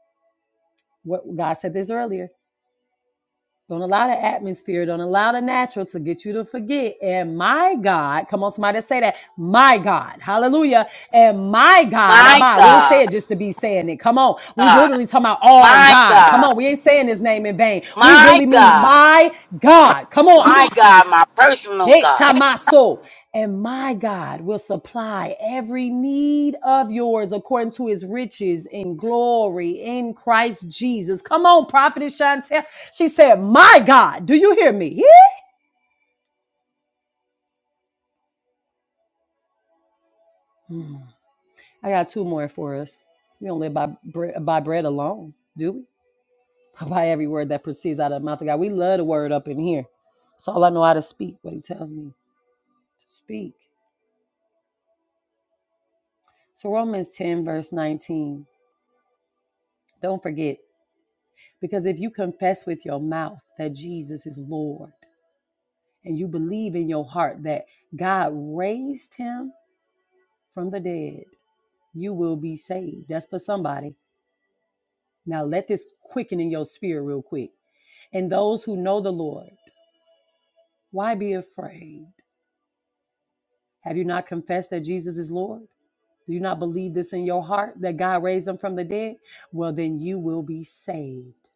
What God said this earlier. Don't allow the atmosphere, don't allow the natural to get you to forget. And my God, come on, somebody say that. My God, hallelujah. And my God, My Abba. We don't God. say it just to be saying it. Come on. We God. literally talking about our My God. Come God. on. We ain't saying his name in vain. We My really mean God. my God. Come on. My God, my personal Hey, God. Shamaso. And my God will supply every need of yours according to his riches in glory in Christ Jesus. Come on, Prophetess Chantel. She said, My God, do you hear me? Yeah. I got two more for us. We don't live by, bre- by bread alone, do we? But by every word that proceeds out of the mouth of God. We love the word up in here. So all I know how to speak, what he tells me to speak. So Romans 10, verse 19. Don't forget. Because if you confess with your mouth that Jesus is Lord and you believe in your heart that God raised him from the dead, you will be saved. That's for somebody. Now let this quicken in your spirit real quick. And those who know the Lord, why be afraid? Have you not confessed that Jesus is Lord? Do you not believe this in your heart that God raised him from the dead? Well, then you will be saved.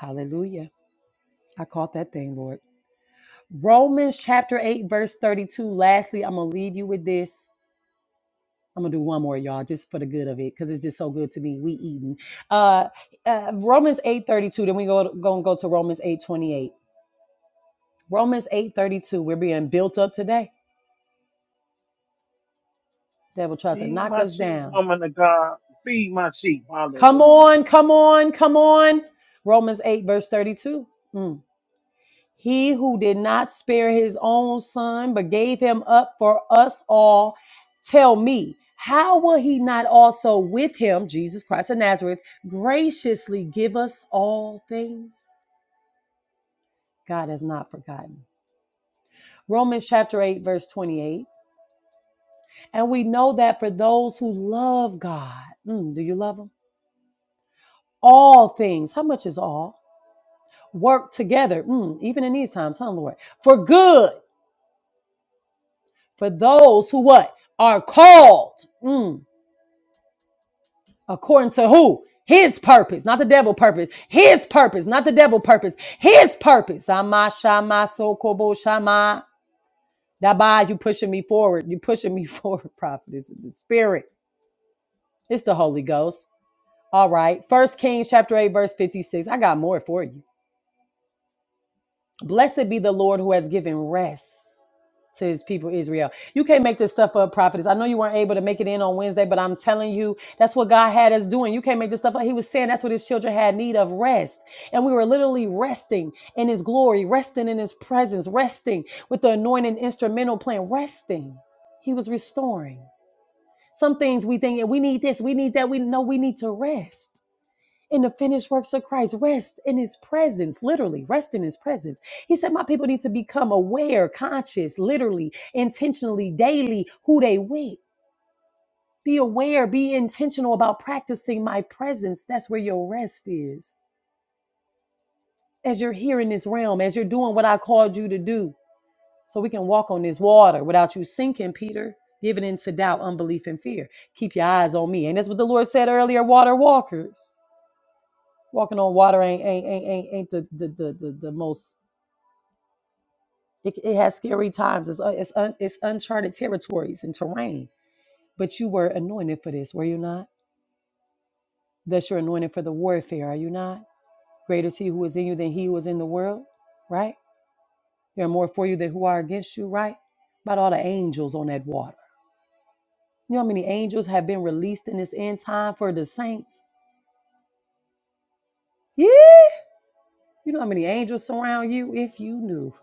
Hallelujah. I caught that thing, Lord. Romans chapter 8, verse 32. Lastly, I'm going to leave you with this. I'm going to do one more, y'all, just for the good of it, because it's just so good to me. We eating. Uh, uh, Romans eight thirty two. Then we go, going to go to Romans 8 28. Romans eight thirty-two. We're being built up today. Devil tried to Feed knock my us sheep, down. woman of God. Feed my sheep. Come Hallelujah. on, come on, come on. Romans 8, verse 32. Mm. He who did not spare his own son, but gave him up for us all, tell me, how will he not also with him, Jesus Christ of Nazareth, graciously give us all things? God has not forgotten. Romans chapter 8, verse 28. And we know that for those who love God, mm, do you love him? All things, how much is all? Work together, mm, even in these times, huh, Lord? For good, for those who what? Are called. Mm, according to who? His purpose, not the devil purpose. His purpose, not the devil purpose. His purpose. Sama shama sokobo shama. Dabai, you pushing me forward. You pushing me forward, prophet. It's the spirit. It's the Holy Ghost. All right. First Kings chapter 8, verse 56. I got more for you. Blessed be the Lord who has given rest to his people Israel. You can't make this stuff up, prophetess. I know you weren't able to make it in on Wednesday, but I'm telling you, that's what God had us doing. You can't make this stuff up. He was saying that's what his children had need of rest. And we were literally resting in his glory, resting in his presence, resting with the anointing instrumental playing, resting. He was restoring. Some things we think "Yeah, we need this, we need that, we know we need to rest in the finished works of Christ. Rest in his presence, literally, rest in his presence. He said, My people need to become aware, conscious, literally, intentionally, daily, who they with. Be aware, be intentional about practicing my presence. That's where your rest is. As you're here in this realm, as you're doing what I called you to do, so we can walk on this water without you sinking, Peter, giving in to doubt, unbelief, and fear. Keep your eyes on me. And that's what the Lord said earlier, water walkers. walking on water ain't ain't ain't, ain't, ain't the, the, the the the most it, it has scary times it's un- it's un, it's uncharted territories and terrain but you were anointed for this were you not thus you're anointed for the warfare are you not greater is he who is in you than he who is in the world right there are more for you than who are against you right about all the angels on that water you know how many angels have been released in this end time for the saints yeah you know how many angels surround you if you knew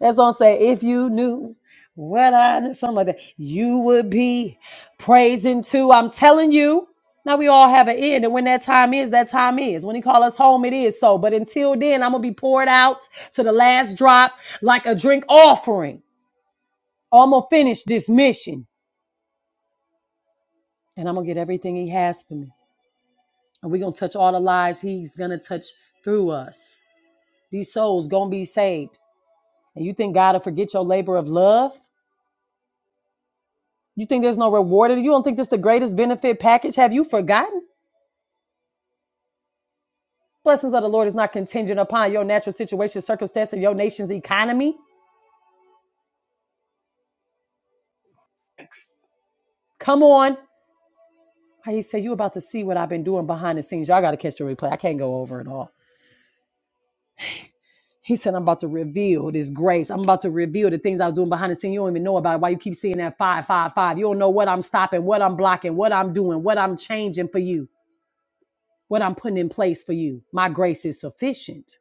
That's gonna say, if you knew what I knew, something like that, you would be praising too. I'm telling you. Now we all have an end, and when that time is, that time is. When he call us home, it is so. But until then, I'm gonna be poured out to the last drop, like a drink offering. I'm gonna finish this mission, and I'm gonna get everything he has for me. And we're gonna touch all the lives he's gonna touch through us. These souls gonna be saved. And you think God will forget your labor of love? You think there's no reward? You don't think this the greatest benefit package? Have you forgotten? Blessings of the Lord is not contingent upon your natural situation, circumstance, and your nation's economy. Yes. Come on. He said, you about to see what I've been doing behind the scenes. Y'all got to catch the replay. I can't go over it all. He said, I'm about to reveal this grace. I'm about to reveal the things I was doing behind the scenes. You don't even know about it. Why you keep seeing that five, five, five. You don't know what I'm stopping, what I'm blocking, what I'm doing, what I'm changing for you, what I'm putting in place for you. My grace is sufficient.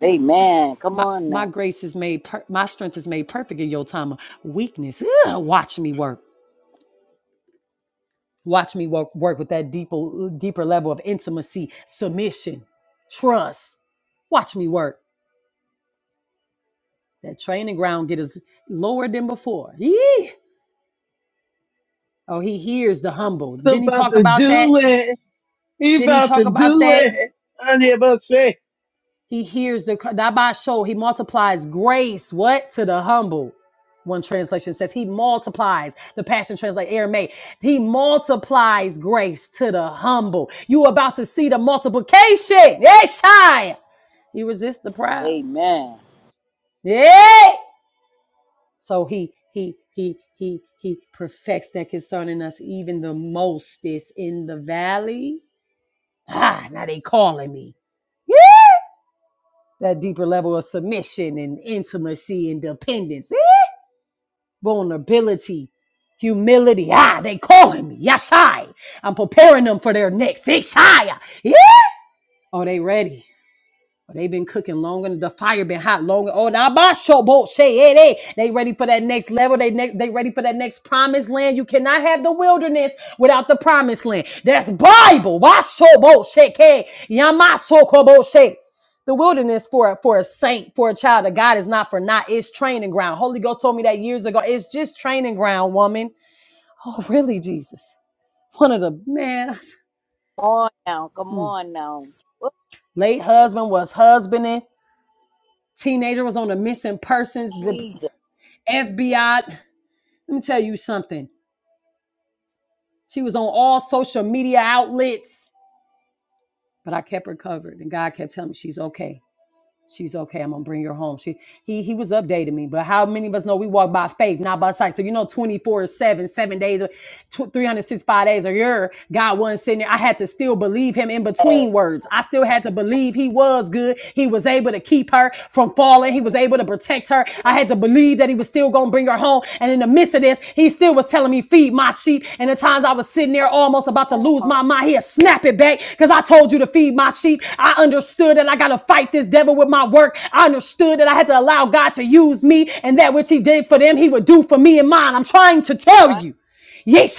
My gr- Amen. Come My, on my now. grace is made, per- my strength is made perfect in your time of weakness. Ugh, watch me work. Watch me work, work with that deeper, deeper level of intimacy, submission, trust. Watch me work. That training ground get us lower than before. Yee! Oh, he hears the humble. He's Didn't he about talk to about that? do it. He Didn't he about to talk about do that? it. I never say, He hears the that by show. He multiplies grace. What to the humble? One translation says he multiplies. The Passion translate Aramaic. He multiplies grace to the humble. You about to see the multiplication. Yeah, shy. He resists the proud. Amen. Yeah. So he he he he he perfects that concerning us even the most is in the valley. Ah, now they calling me. Yeah. that deeper level of submission and intimacy and dependence, eh, vulnerability, humility. Ah, they calling me. Yashai. I'm preparing them for their next. Yeshaya. Yeah. Are they ready? They've been cooking longer. The fire been hot longer. Oh, now my show boat shade. eh, eh. They ready for that next level. They ne- they ready for that next promised land. You cannot have the wilderness without the promised land. That's Bible. My show boat shake. eh. Yamaso kobo shake. The wilderness for a, for a saint, for a child of God is not for naught. It's training ground. Holy Ghost told me that years ago. It's just training ground, woman. Oh, really, Jesus? One of the man. Come on now. Come Mm. on now. What Late husband was husbanding. Teenager was on the missing persons. Jesus FBI. Let me tell you something. She was on all social media outlets, but I kept her covered, and God kept telling me she's okay. She's okay. I'm gonna bring her home. She he he was updating me, but how many of us know we walk by faith, not by sight? So you know, 24 seven, seven days, tw- 365 days a year, God wasn't sitting there. I had to still believe Him in had. between words. I still had to believe He was good. He was able to keep her from falling. He was able to protect her. I had to believe. that he was still gonna bring her home. And in the midst of this, he still was telling me, feed my sheep. And the times I was sitting there almost about to Come lose on. my mind, he'd snap it back because I told you to feed my sheep. I understood that I gotta fight this devil with my work. I understood that I had to allow God to use me and that which he did for them, he would do for me and mine. I'm trying to tell My you.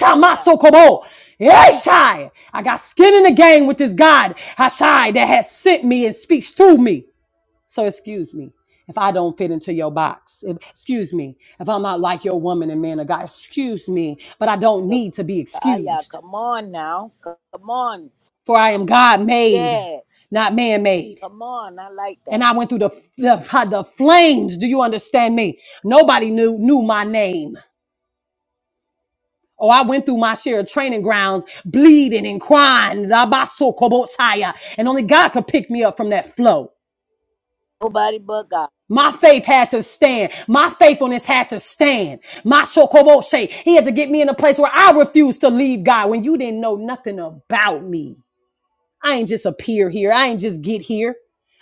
on now. Preach. Yeshai. I got skin in the game with this God, Hashai, that has sent me and speaks through me. So excuse me if I don't fit into your box. If- excuse me if I'm not like your woman and man of God. Excuse me, but I don't need to be Kaya. excused. Come on now. Come on. For I am God made, Yes. not man made. Come on. I like that. And I went through the, the, the flames. Do you understand me? Nobody knew knew my name. Oh, I went through my share of training grounds, bleeding and crying, Rabasokoboshaya, and only God could pick me up from that flow. Nobody but God. My faith had to stand. My faithfulness had to stand. My shokoboshe. He had to get me in a place where I refused to leave God when you didn't know nothing about me. I ain't just appear here. I ain't just get here.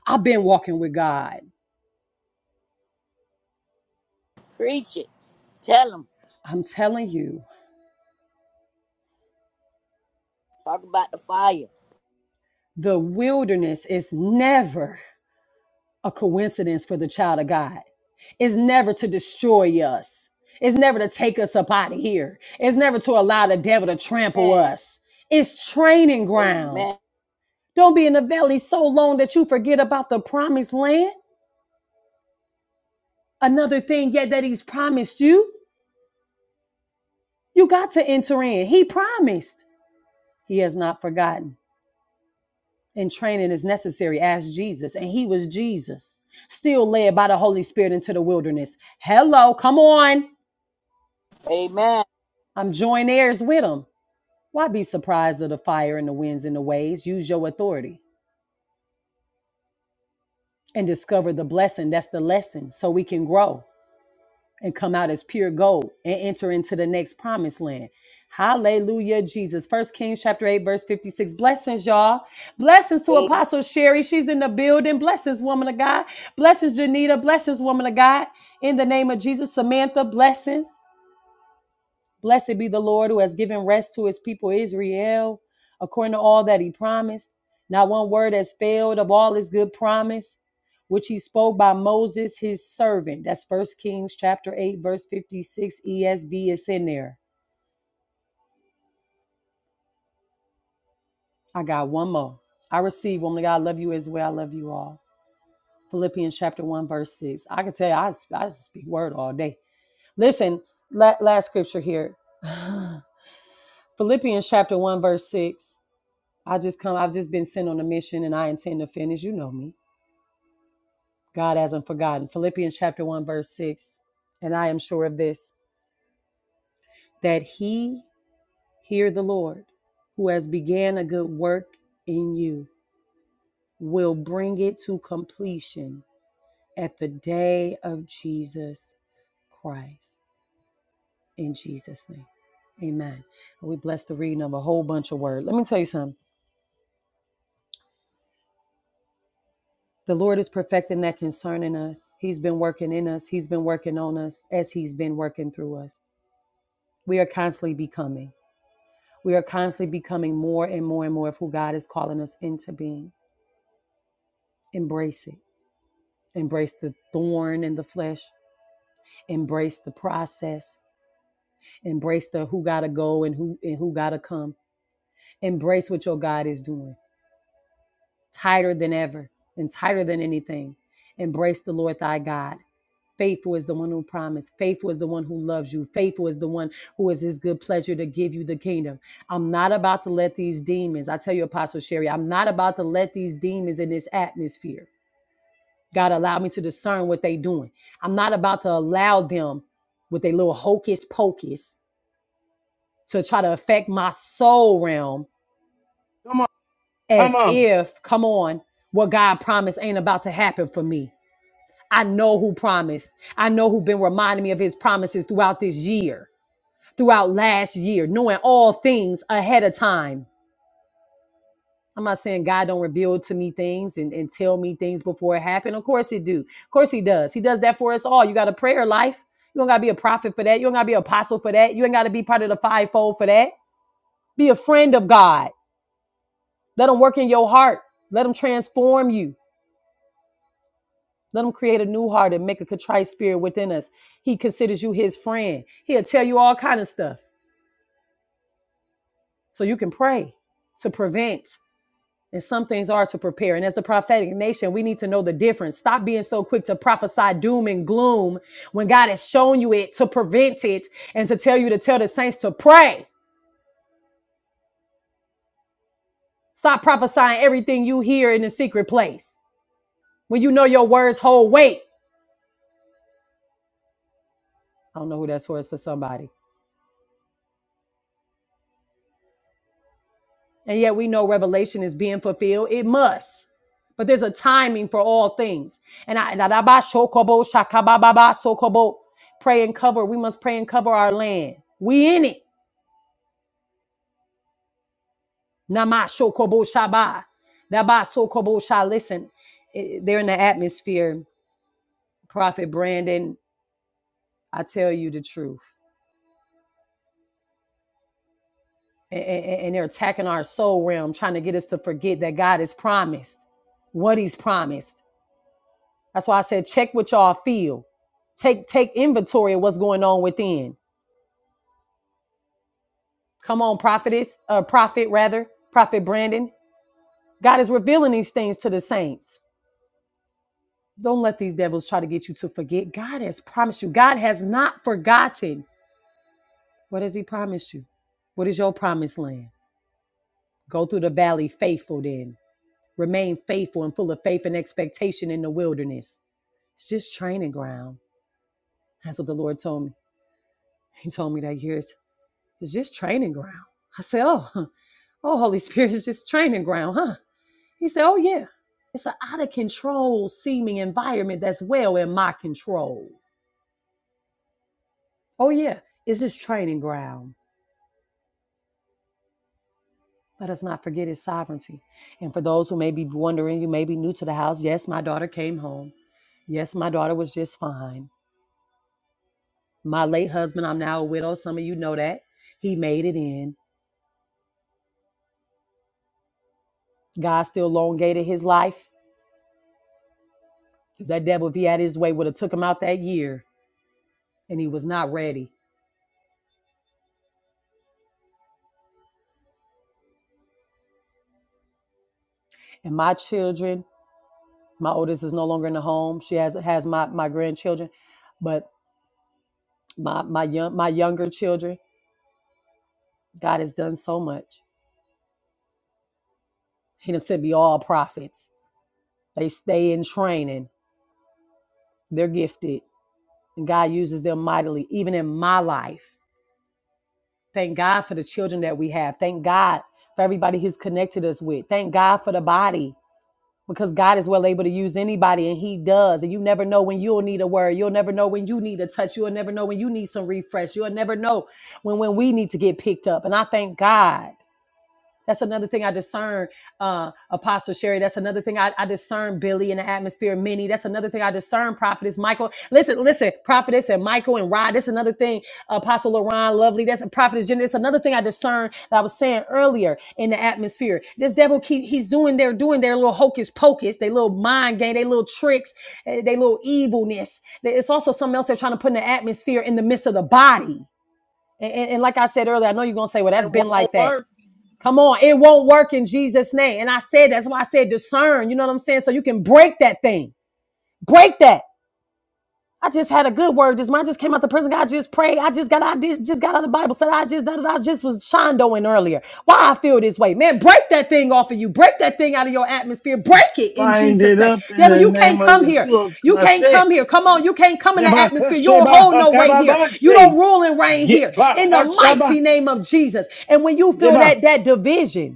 I've been walking with God. Preach it. Tell them. I'm telling you, Talk about the fire. the wilderness is never a coincidence for the child of God. It's never to destroy us. It's never to take us up out of here. It's never to allow the devil to trample Amen. us. It's training ground. Amen. Don't be in the valley so long that you forget about the promised land. Another thing yet that he's promised you, you got to enter in. He promised. He has not forgotten. And training is necessary. Ask Jesus. And he was Jesus, still led by the Holy Spirit into the wilderness. Hello, come on. Amen. I'm joint heirs with him. Why be surprised of the fire and the winds and the waves? Use your authority and discover the blessing. That's the lesson so we can grow. and come out as pure gold and enter into the next promised land. Hallelujah, Jesus. First Kings chapter 8, verse 56. Blessings, y'all. Blessings to Amen. Apostle Sherry. She's in the building. Blessings, woman of God. Blessings, Janita. Blessings, woman of God. In the name of Jesus, Samantha, blessings. Blessed be the Lord who has given rest to his people Israel, according to all that he promised. Not one word has failed of all his good promise, which he spoke by Moses, his servant. That's First Kings chapter 8, verse 56. ESV is in there. I got one more. I receive, woman of God. I love you as well. I love you all. Philippians chapter 1, verse 6. I can tell you, I, I speak word all day. Listen, la- last scripture here. Philippians chapter 1, verse 6. I just come, I've just been sent on a mission and I intend to finish. You know me. God hasn't forgotten. Philippians chapter 1, verse 6. And I am sure of this that he, hear the Lord, who has began a good work in you, will bring it to completion at the day of Jesus Christ. In Jesus' name. Amen. And we bless the reading of a whole bunch of word. Let me tell you something. The Lord is perfecting that concerning us. He's been working in us, He's been working on us as He's been working through us. We are constantly becoming. We are constantly becoming more and more and more of who God is calling us into being. Embrace it. Embrace the thorn in the flesh. Embrace the process. Embrace the who gotta go and who and who gotta come. Embrace what your God is doing. Tighter than ever and tighter than anything. Embrace the Lord thy God Faithful is the one who promised. Faithful is the one who loves you. Faithful is the one who is his good pleasure to give you the kingdom. I'm not about to let these demons, I tell you, Apostle Sherry, I'm not about to let these demons in this atmosphere. God allow me to discern what they doing. I'm not about to allow them with a little hocus pocus to try to affect my soul realm come on, come as on. if, come on, what God promised ain't about to happen for me. I know who promised. I know who been reminding me of his promises throughout this year. throughout last year, knowing all things ahead of time. I'm not saying God don't reveal to me things and, and tell me things before it happened. Of course he do. Of course he does. He does that for us all. You got a prayer life. You don't gotta be a prophet for that. You don't gotta be an apostle for that. You ain't gotta be part of the fivefold for that. Be a friend of God. Let him work in your heart. Let him transform you. Let him create a new heart and make a contrite spirit within us. He considers you his friend. He'll tell you all kind of stuff. So you can pray to prevent And some things are to prepare. And as the prophetic nation, we need to know the difference. Stop being so quick to prophesy doom and gloom when God has shown you it to prevent it and to tell you to tell the saints to pray. Stop prophesying everything you hear in the secret place when you know your words hold weight. I don't know who that's for, it's for somebody. And yet we know revelation is being fulfilled. It must. But there's a timing for all things. And I, and I- ba- shokobo, shakabababa, sokobo. pray and cover. We must pray and cover our land. We in it. Namasho kobo shaba, Namashokoboshaba. Dabasokobosha. Listen, eh, they're in the atmosphere. Prophet Brandon, I tell you the truth. A- a- a- And they're attacking our soul realm, trying to get us to forget that God has promised what He's promised. That's why I said, check what y'all feel. Take take inventory of what's going on within. Come on, prophetess, uh, prophet rather, prophet Brandon. God is revealing these things to the saints. Don't let these devils try to get you to forget. God has promised you. God has not forgotten. What has He promised you? What is your promised land? Go through the valley faithful, then. Remain faithful and full of faith and expectation in the wilderness. It's just training ground. That's what the Lord told me. He told me that years. It's just training ground. I said, Oh, huh. oh, Holy Spirit, it's just training ground, huh? He said, Oh, yeah. It's an out of control seeming environment that's well in my control. Oh, yeah. It's just training ground Let us not forget his sovereignty. And for those who may be wondering, you may be new to the house. Yes, my daughter came home. Yes, my daughter was just fine. My late husband, I'm now a widow. Some of you know that. He made it in. God still elongated his life. Because that devil, if he had his way, would have took him out that year. And he was not ready. And my children, my oldest is no longer in the home. She has has my, my grandchildren. But my my young my younger children, God has done so much. He done sent me all prophets They stay in training. They're gifted, and God uses them mightily, even in my life. Thank God for the children that we have. Thank God for everybody He's connected us with. Thank God for the body, because God is well able to use anybody, and He does. And you never know when you'll need a word. You'll never know when you need a touch. You'll never know when you need some refresh. You'll never know when when we need to get picked up. And I thank God. That's another thing I discern, uh, Apostle Sherry. That's another thing I, I discern, Billy, in the atmosphere, Minnie. That's another thing I discern, Prophetess Michael. Listen, listen, Prophetess and Michael and Rod. That's another thing, Apostle Lauren, Lovely. That's Prophetess Jenny. That's another thing I discern that I was saying earlier in the atmosphere. This devil, keep, he's doing their doing their little hocus pocus, their little mind game, their little tricks, eh, their little evilness. It's also something else they're trying to put in the atmosphere in the midst of the body. And, and, and like I said earlier, I know you're gonna say, "Well, that's It been won't like that." work. Come on, it won't work in Jesus' name. And I said that's why I said discern. You know what I'm saying? So you can break that thing. Break that. I just had a good word this morning. just came out the prison. God just prayed. I just got out. This just got out of the Bible. Said I just that I just was shondoing earlier. Why I feel this way, man? Break that thing off of you. Break that thing out of your atmosphere. Break it in Bind Jesus' it name. up in Devil, the you can't name of come here. Yeshua. Come You on, can't say, come here. Come on, you can't come in the atmosphere. You don't Yabakasheba, hold no way here. You Hakababashe, don't rule and reign here. In the mighty name of Jesus. And when you feel Yeah, that that division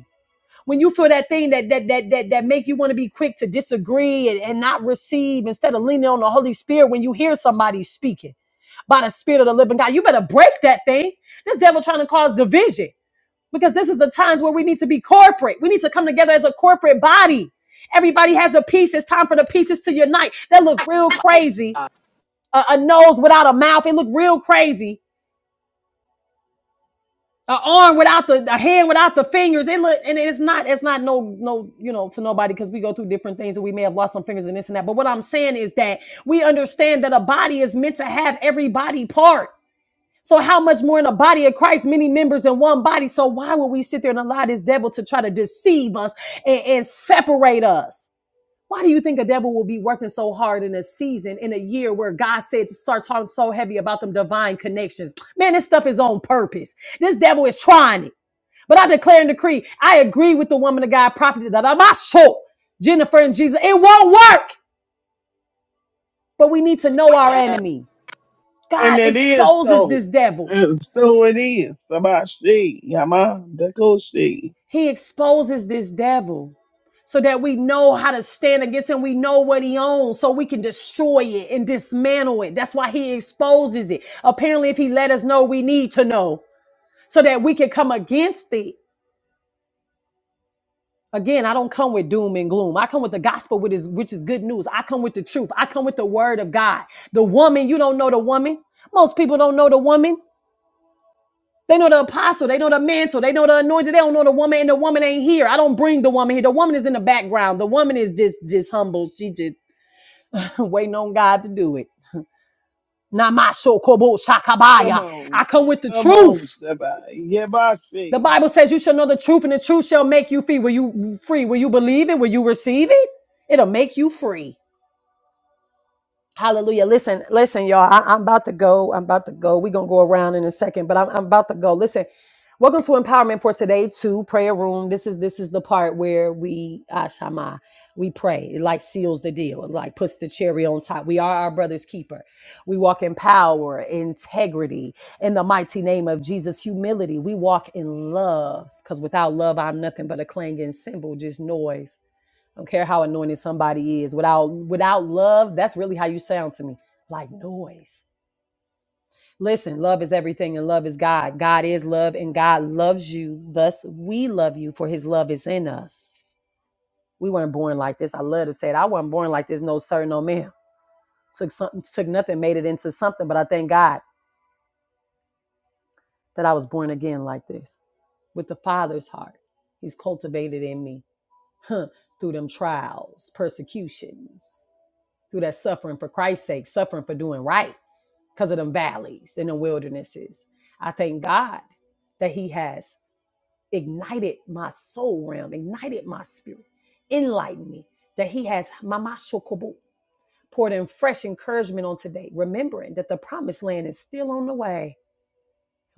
when you feel that thing that that that that, that makes you want to be quick to disagree and, and not receive instead of leaning on the Holy Spirit when you hear somebody speaking by the Spirit of the Living God, you better break that thing. This devil trying to cause division because this is the times where we need to be corporate. We need to come together as a corporate body. Everybody has a piece. It's time for the pieces to unite. That look real My crazy. God. A, a nose without a mouth. It look real crazy a arm without the a hand without the fingers. It look and it's not it's not no no you know to nobody because we go through different things and we may have lost some fingers and this and that. But what I'm saying is that we understand that a body is meant to have every body part. So how much more in a body of Christ, many members in one body. So why would we sit there and allow this devil to try to deceive us and, and separate us? Why do you think a devil will be working so hard in a season, in a year where God said to start talking so heavy about them divine connections? Man, this stuff is on purpose. This devil is trying it. But I declare and decree, I agree with the woman of God, prophet that I'm soul, Jennifer and Jesus. It won't work, but we need to know our enemy. and God it is exposes so. this devil. And so it is. Sabashi, Yama, Dakoshi. He exposes this devil so that we know how to stand against him. We know what he owns so we can destroy it and dismantle it. That's why he exposes it. Apparently, if he let us know, we need to know so that we can come against it Again, I don't come with doom and gloom. I come with the gospel, which is, which is good news. I come with the truth. I come with the word of God. The woman, you don't know the woman. Most people don't know the woman. They know the apostle. They know the mantle. They know the anointed. They don't know the woman, and the woman ain't here. I don't bring the woman here. The woman is in the background. The woman is just just humble. She just waiting on God to do it. Namasho kobo Come shakabaya. on. I come with the Come on, truth. Sabai. The Yabashi. Bible says you shall know the truth, and the truth shall make you free. Will you free? Will you believe it? Will you receive it? It'll make you free. Hallelujah. Listen, listen, y'all. I, am about to go. I'm about to go. We're going to go around in a second, but I'm, I'm about to go. Listen, welcome to Empowerment for Today to Prayer Room. This is this is the part where we, Ashama, we pray. It like seals the deal. It like puts the cherry on top. We are our brother's keeper. We walk in power, integrity, in the mighty name of Jesus, humility. We walk in love because without love, I'm nothing but a clanging cymbal, just noise. I don't care how anointed somebody is. Without without love, that's really how you sound to me. Like noise. Listen, love is everything and love is God. God is love and God loves you. Thus we love you for his love is in us. We weren't born like this. I love to say it. I wasn't born like this, no sir, no ma'am. Took something, took nothing, made it into something, but I thank God that I was born again like this. With the Father's heart. He's cultivated in me. Huh. Through them trials, persecutions. through that suffering for Christ's sake, suffering for doing right because of them valleys and the wildernesses. I thank God that He has ignited my soul realm, ignited my spirit, enlightened me, that He has Mama Shokobu poured in fresh encouragement on today, remembering that the promised land is still on the way.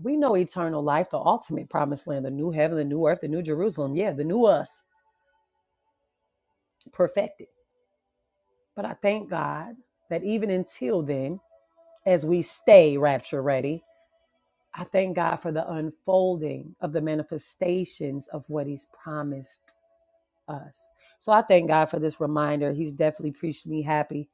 We know eternal life, the ultimate promised land, the new heaven, the new earth, the new Jerusalem, yeah, the new us, perfected. But I thank God that even until then, as we stay rapture ready, I thank God for the unfolding of the manifestations of what He's promised us. So I thank God for this reminder. He's definitely preached me happy,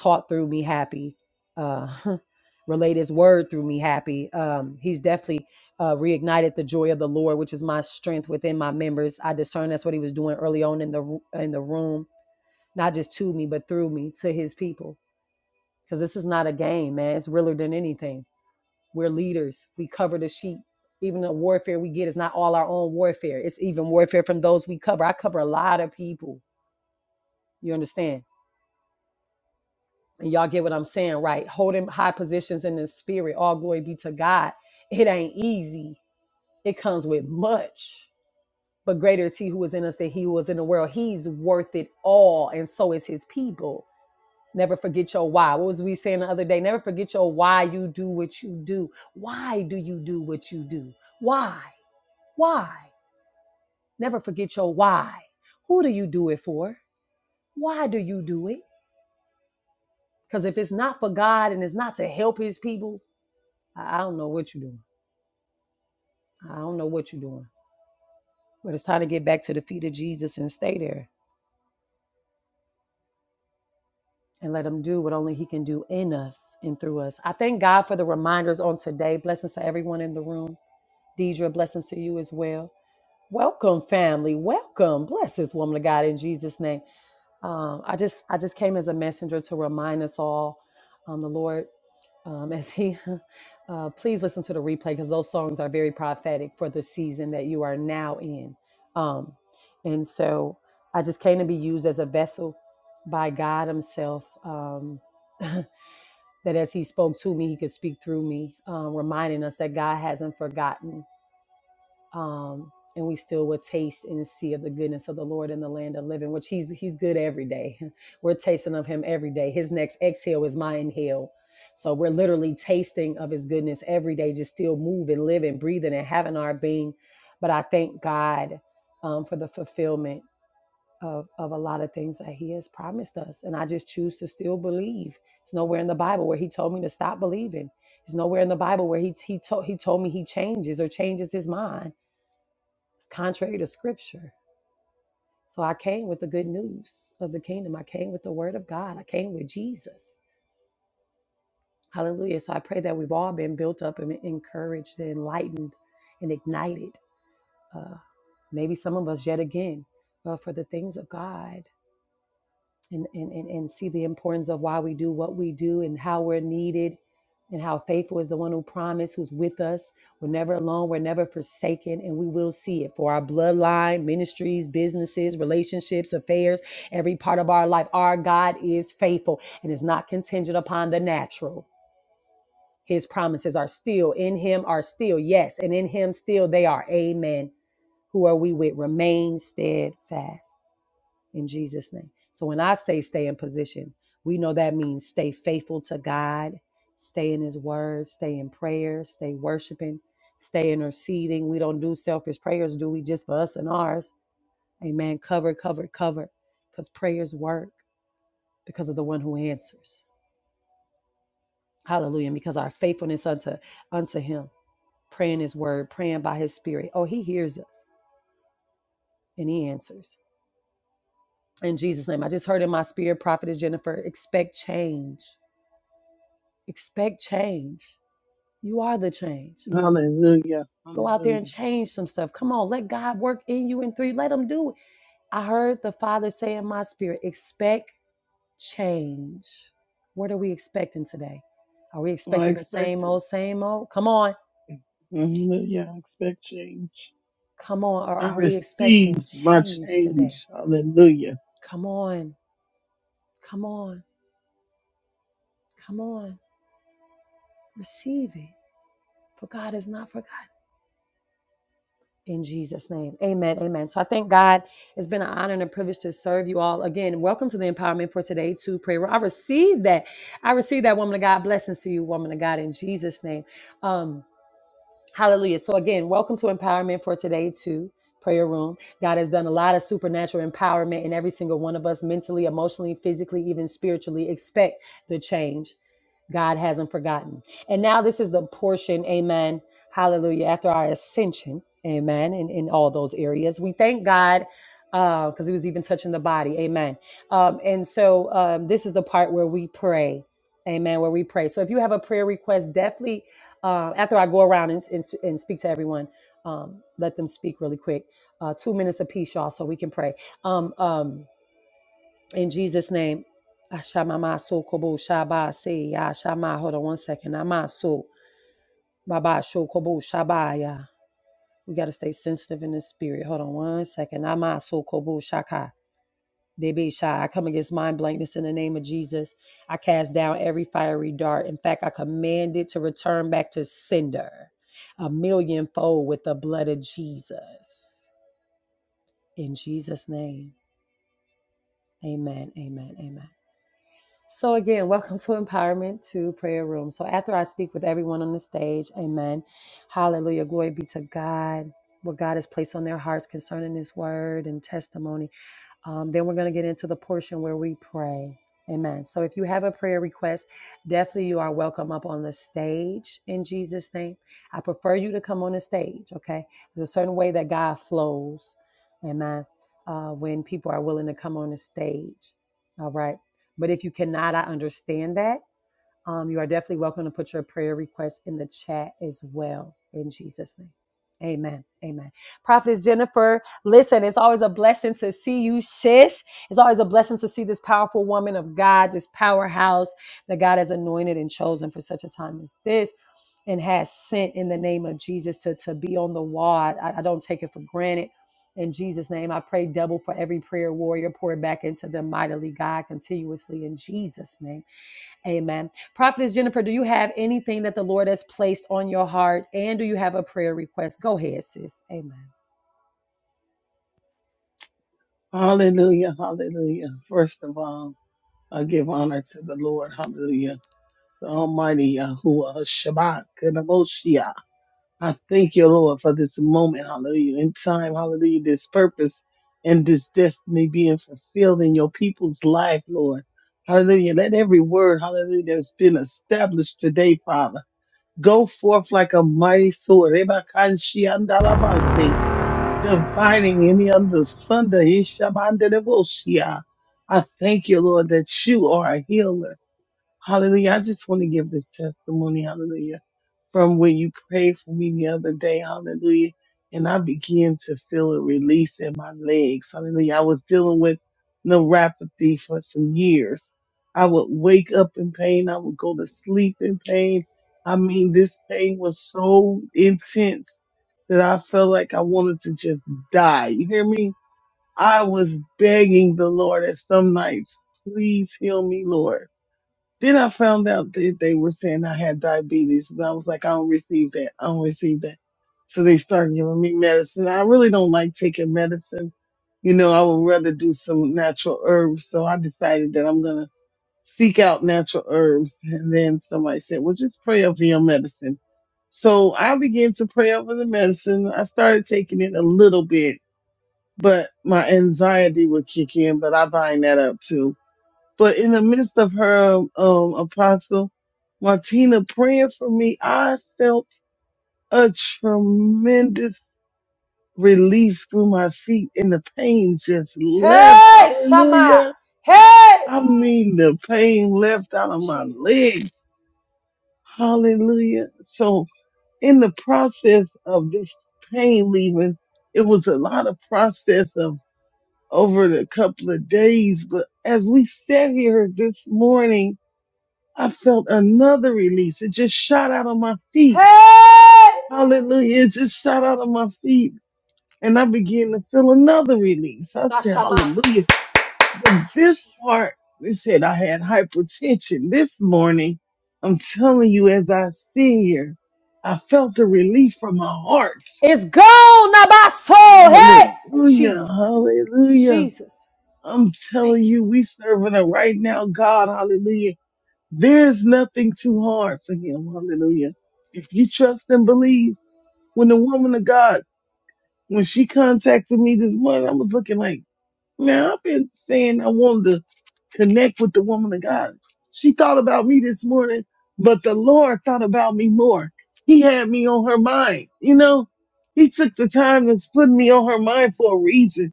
taught through me happy, uh, relayed His word through me happy. Um, he's definitely uh, reignited the joy of the Lord, which is my strength within my members. I discern that's what He was doing early on in the in the room, not just to me but through me to His people. Because this is not a game, man. It's realer than anything we're leaders. We cover the sheep. Even the warfare we get is not all our own warfare. It's even warfare from those we cover. I cover a lot of people. You understand? And y'all get what I'm saying, right? Holding high positions in the spirit. All glory be to God. It ain't easy. It comes with much. But greater is he who is in us than he who is in the world. He's worth it all. And so is his people. Never forget your why. What was we saying the other day? Never forget your why you do what you do. Why do you do what you do? Why? Why? Never forget your why. Who do you do it for? Why do you do it? Because if it's not for God and it's not to help his people, I I don't know what you're doing. I don't know what you're doing. But it's time to get back to the feet of Jesus and stay there and let him do what only he can do in us and through us. I thank God for the reminders on today. Blessings to everyone in the room. Deidre, blessings to you as well. Welcome, family. Welcome. Bless this woman of God in Jesus' name. Um, I just I just came as a messenger to remind us all, um, the Lord, um, as He, uh, please listen to the replay because those songs are very prophetic for the season that you are now in. Um, and so I just came to be used as a vessel by God Himself. Um, that as He spoke to me, He could speak through me, um, reminding us that God hasn't forgotten um, and we still will taste and see of the goodness of the Lord in the land of living, which He's He's good every day. We're tasting of Him every day. His next exhale is my inhale. So we're literally tasting of His goodness every day, just still moving, living, breathing, and having our being. But I thank God um, for the fulfillment of of a lot of things that He has promised us, and I just choose to still believe. It's nowhere in the Bible where He told me to stop believing. It's nowhere in the Bible where He He told He told me He changes or changes His mind it's contrary to scripture. So I came with the good news of the kingdom. I came with the word of God. I came with Jesus. Hallelujah. So I pray that we've all been built up and encouraged and enlightened and ignited. Uh, maybe some of us yet again uh, for the things of God. and, and, and, and see the importance of why we do what we do and how we're needed and how faithful is the one who promised, who's with us. We're never alone, we're never forsaken, and we will see it for our bloodline, ministries, businesses, relationships, affairs, every part of our life. Our God is faithful and is not contingent upon the natural. His promises are still in Him, are still yes, and in Him still they are. Amen. Who are we with? Remain steadfast in Jesus' name. So when I say stay in position, we know that means stay faithful to God, stay in His Word, stay in prayer, stay worshiping, stay interceding. We don't do selfish prayers, do we? Just for us and ours. Amen. Cover, cover, cover. Because prayers work because of the one who answers. Hallelujah. And because our faithfulness unto unto him, praying his word, praying by his spirit. Oh, he hears us and he answers. In Jesus' name. I just heard in my spirit, Prophetess Jennifer, expect change expect change. You are the change. Hallelujah. Go out there and Hallelujah. change some stuff. Come on, let God work in you and through you. Let Him do it. I heard the Father say in my spirit, expect change. What are we expecting today? Are we I expecting the expect same it. old, same old? Come on, Hallelujah. I expect change. come on. Or I are we receive expecting my change today? change. Hallelujah. Come on, come on, come on. Receive it. For God has not forgotten. In Jesus' name. Amen. Amen. So I thank God. It's been an honor and a privilege to serve you all. Again, welcome to the empowerment for today to pray. I receive that. I receive that woman of God. Blessings to you, woman of God, in Jesus' name. Um, Hallelujah. So again, welcome to Empowerment for Today too. Prayer room. God has done a lot of supernatural empowerment in every single one of us, mentally, emotionally, physically, even spiritually. Expect the change. God hasn't forgotten. And now this is the portion, amen. Hallelujah. After our ascension, amen, in, in all those areas. We thank God because he was even touching the body. Amen. Um, and so um, this is the part where we pray. Amen. Where we pray. So if you have a prayer request, definitely uh, after I go around and, and, and speak to everyone, um, let them speak really quick. Uh, two minutes apiece, y'all, so we can pray. Um, um, in Jesus' name. Ashamama so kobo shaba Say ya shama. Hold on one second. Ama so baba sho kobo shaba ya. We got to stay sensitive in the spirit. Hold on one second. Ama so kobo shaka. They be shy. I come against mind blankness in the name of Jesus. I cast down every fiery dart. In fact, I command it to return back to cinder a millionfold with the blood of Jesus. In Jesus' name, amen, amen, amen. So, again, welcome to Empowerment to Prayer Room. So, after I speak with everyone on the stage, amen, hallelujah, glory be to God, what God has placed on their hearts concerning this word and testimony. Um, then we're going to get into the portion where we pray. Amen. So if you have a prayer request, definitely you are welcome up on the stage in Jesus' name. I prefer you to come on the stage, okay? There's a certain way that God flows, amen, uh, when people are willing to come on the stage, all right? But if you cannot, I understand that. Um, you are definitely welcome to put your prayer request in the chat as well. In Jesus' name. Amen. Amen. Prophetess Jennifer, listen, it's always a blessing to see you, sis. It's always a blessing to see this powerful woman of God, this powerhouse that God has anointed and chosen for such a time as this and has sent in the name of Jesus to, to be on the wall. I, I don't take it for granted. In Jesus' name, I pray double for every prayer warrior poured back into them mightily, God, continuously in Jesus' name. Amen. Prophetess Jennifer, do you have anything that the Lord has placed on your heart? And do you have a prayer request? Go ahead, sis. Amen. Hallelujah. Hallelujah. First of all, I give honor to the Lord. Hallelujah. The Almighty Yahuwah Shabbat I thank you, Lord, for this moment, hallelujah, in time, hallelujah, this purpose and this destiny being fulfilled in your people's life, Lord. Hallelujah. Let every word, hallelujah, that's been established today, Father, go forth like a mighty sword. Ebakanshi andalabase, Dividing any under sunder. Ishabandeleboshia. I thank you, Lord, that you are a healer. Hallelujah. I just want to give this testimony. Hallelujah. From when you prayed for me the other day. Hallelujah. And I began to feel a release in my legs. Hallelujah. I was dealing with neuropathy for some years. I would wake up in pain. I would go to sleep in pain. I mean, this pain was so intense that I felt like I wanted to just die. You hear me? I was begging the Lord at some nights, please heal me, Lord then I found out that they were saying I had diabetes, and I was like, I don't receive that. I don't receive that. So they started giving me medicine. I really don't like taking medicine. You know, I would rather do some natural herbs. So I decided that I'm gonna seek out natural herbs. And then somebody said, well, just pray over your medicine. So I began to pray over the medicine. I started taking it a little bit, but my anxiety would kick in, but I bind that up too but in the midst of her, um, apostle Martina praying for me, I felt a tremendous relief through my feet and the pain just left. Hallelujah. I mean, the pain left out of my legs. Hallelujah. So in the process of this pain leaving, it was a lot of process of over the couple of days. But as we sat here this morning, I felt another release. It just shot out of my feet. Hey! Hallelujah. It just shot out of my feet. And I began to feel another release. I said, Nashama. Hallelujah. But this part, it said I had hypertension this morning. I'm telling you, as I sit here, I felt a relief from my heart. It's gone, Nabaso. Hey, Hallelujah. Jesus. Hallelujah. Jesus. I'm telling you, we serving a right now God. Hallelujah There is nothing too hard for him. Hallelujah. If you trust and believe, when the woman of God, when she contacted me this morning, I was looking like, man, I've been saying I wanted to connect with the woman of God. She thought about me this morning, but the Lord thought about me more. He had me on her mind. You know, he took the time to put me on her mind for a reason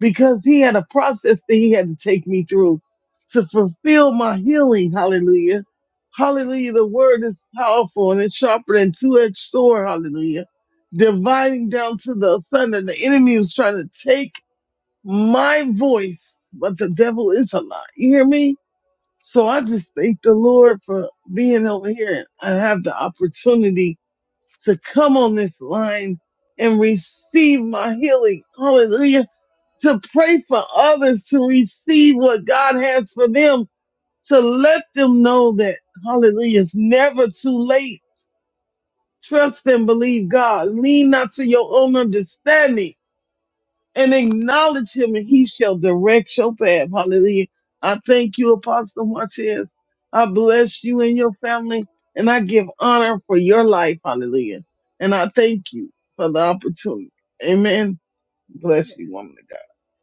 because he had a process that he had to take me through to fulfill my healing. Hallelujah. Hallelujah. The word is powerful and it's sharper than two-edged sword. Hallelujah. Dividing down to the thunder. The enemy was trying to take my voice, but the devil is a lie. You hear me? So I just thank the Lord for being over here. I have the opportunity to come on this line and receive my healing. Hallelujah. To pray for others to receive what God has for them, to let them know that, hallelujah, it's never too late. Trust and believe God. Lean not to your own understanding and acknowledge him and he shall direct your path. Hallelujah. I thank you, Apostle Martinez. I bless you and your family and I give honor for your life. Hallelujah. And I thank you for the opportunity. Amen. Bless you, woman of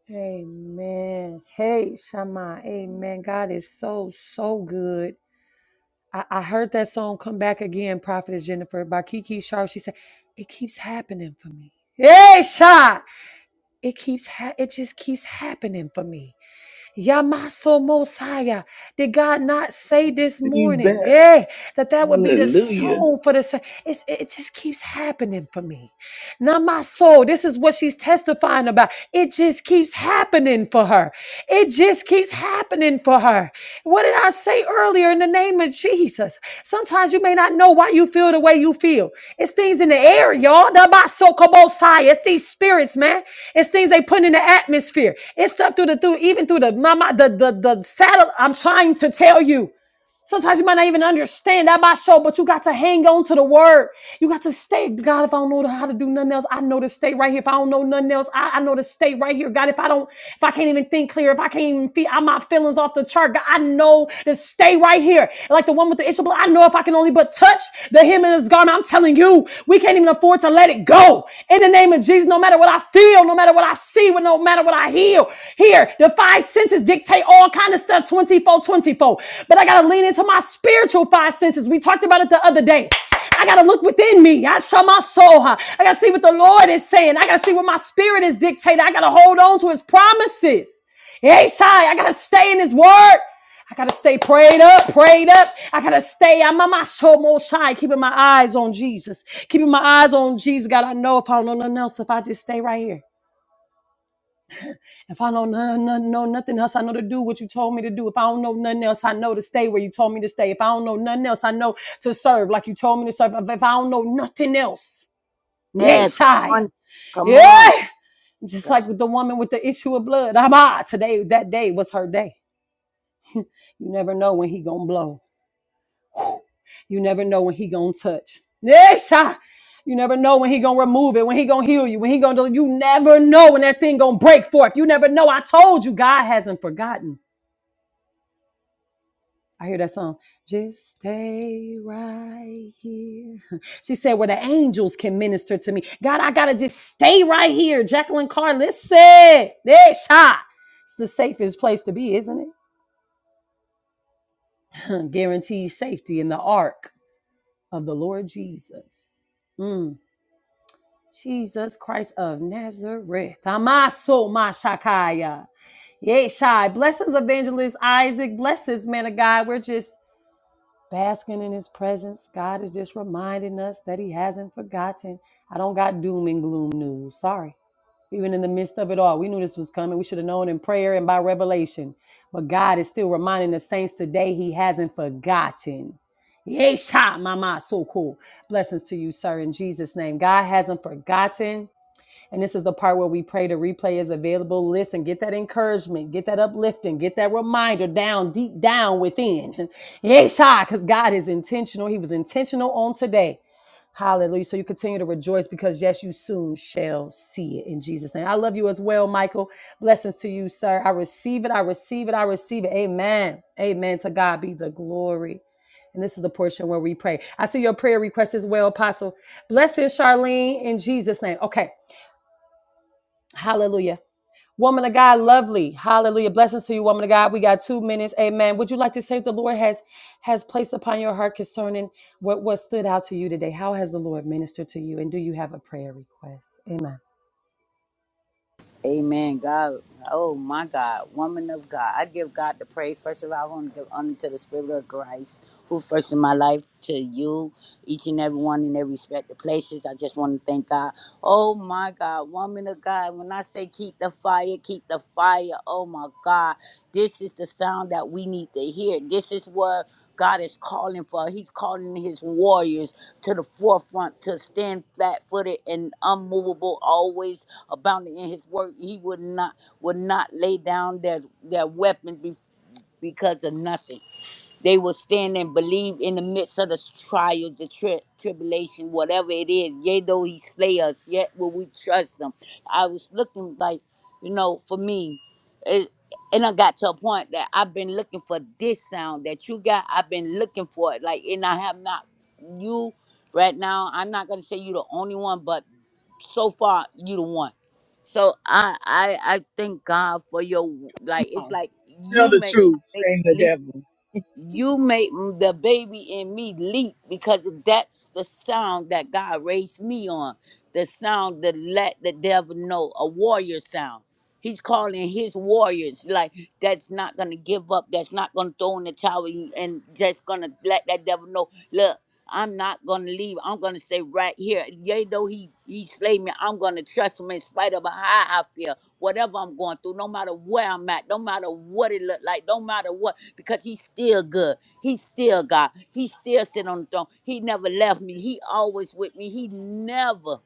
Amen. Hey, Shama. Amen. God is so, so good. I, I heard that song come back again, Prophetess Jennifer, by Kiki Sharp. She said, It keeps happening for me. Hey, Sha. It keeps, ha- it just keeps happening for me. Yamaso Mosiah. Did God not say this God. See morning, that. yeah, that that would be the Hallelujah. song for the sa- It's, it just keeps happening for me. Not my soul. This is what she's testifying about. It just keeps happening for her. It just keeps happening for her. What did I say earlier in the name of Jesus? Sometimes you may not know why you feel the way you feel. It's things in the air, y'all. Not my soul, come It's these spirits, man. It's things they put in the atmosphere. It's stuff through the through, even through the my, the the the saddle. I'm trying to tell you. Sometimes you might not even understand that by show, but you got to hang on to the word. You got to stay. God, if I don't know how to do nothing else, I know to stay right here. If I don't know nothing else, I, I know to stay right here. God, if I don't, if I can't even think clear, if I can't even feel I, my feelings off the chart, God, I know to stay right here. Like the one with the issue, of I know if I can only but touch the hem of his garment, I'm telling you, we can't even afford to to let it go in the name of Jesus. No matter what I feel, no matter what I see, no matter what I hear, here the five senses dictate all kind of stuff 24 24. But I got to lean into my spiritual five senses. We talked about it the other day. I gotta look within me. I shall my soul. huh? I gotta see what the Lord is saying. I gotta see what my spirit is dictating. I gotta hold on to his promises. Hey, Shai, I gotta stay in his word. Gotta stay prayed up, prayed up. I gotta stay. I'm on my soul most high, keeping my eyes on Jesus. Keeping my eyes on Jesus. God, I know if I don't know nothing else, if I just stay right here. If I don't know, no, know nothing else, I know to do what you told me to do. If I don't know nothing else, I know to stay where you told me to stay. If I don't know nothing else, I know to serve like you told me to serve. If, if I don't know nothing else, Yes. yes, Come I on. Come on. Yeah. Just like with the woman with the issue of blood. ah, today, that day was her day. You never know when he gonna blow. You never know when he gonna touch. Yes, ah. you never know when he gonna remove it, when he gonna heal you, when he gonna. del- You never know when that thing gonna break forth. You never know. I told you, God hasn't forgotten. I hear that song. Just stay right here. She said, where the angels can minister to me. God, I gotta just stay right here. Jacqueline Carr, listen. Yes, ah. It's the safest place to be, isn't it? Guaranteed safety in the ark of the Lord Jesus. Mm. Jesus Christ of Nazareth. Amaso mashakaya. Yeshai. Bless us, evangelist Isaac. Bless us, man of God. We're just basking in his presence. God is just reminding us that he hasn't forgotten. I don't got doom and gloom news. Sorry. Even in the midst of it all, we knew this was coming. We should have known in prayer and by revelation. But God is still reminding the saints today he hasn't forgotten. Yeshai, mama, so cool. Blessings to you, sir, in Jesus' name. God hasn't forgotten. And this is the part where we pray the replay is available. Listen, get that encouragement, get that uplifting, get that reminder down, deep down within. Yay, shy, because God is intentional. He was intentional on today. Hallelujah. So you continue to rejoice because, yes, you soon shall see it in Jesus' name. I love you as well, Michael. Blessings to you, sir. I receive it. I receive it. I receive it. Amen. Amen. To God be the glory. And this is the portion where we pray. I see your prayer request as well, Apostle. Blessings, Charlene, in Jesus' name. Okay. Hallelujah. Woman of God, lovely. Hallelujah. Blessings to you, woman of God. We got two minutes. Amen. Would you like to say what the Lord has has placed upon your heart concerning what, what stood out to you today? How has the Lord ministered to you? And do you have a prayer request? Amen. Amen. God, oh my God, woman of God. I give God the praise. First of all, I want to give honor to the Spirit of Christ, who first in my life to you, each and every one in their respective places. I just want to thank God. Oh my God, woman of God, when I say keep the fire, keep the fire. Oh my God, this is the sound that we need to hear. This is what God is calling for. He's calling his warriors to the forefront to stand flat footed and unmovable, always abounding in his work. He would not would not lay down their their weapons be, because of nothing. They will stand and believe in the midst of the trials, the tri- tribulation, whatever it is. Yea, though he slay us, yet will we trust him. I was looking like, you know, for me, it, and I got to a point that I've been looking for this sound that you got. I've been looking for it, like, and I have not. You right now, I'm not gonna say you the only one, but so far you the one so i i i thank god for your like it's Oh, like Tell you the make my truth, baby same the leap devil. you make m- the baby in me leap because that's the sound that god raised me on the sound that let the devil know a warrior sound he's calling his warriors like that's not gonna give up that's not gonna throw in the towel and and just gonna let that devil know Look. I'm not gonna leave. I'm gonna stay right here. Yea, though he he slay me, I'm gonna trust him in spite of how I feel. Whatever I'm going through, no matter where I'm at, no matter what it look like, no matter what, because he's still good. He's still God. He still sit on the throne. He never left me. He always with me. He never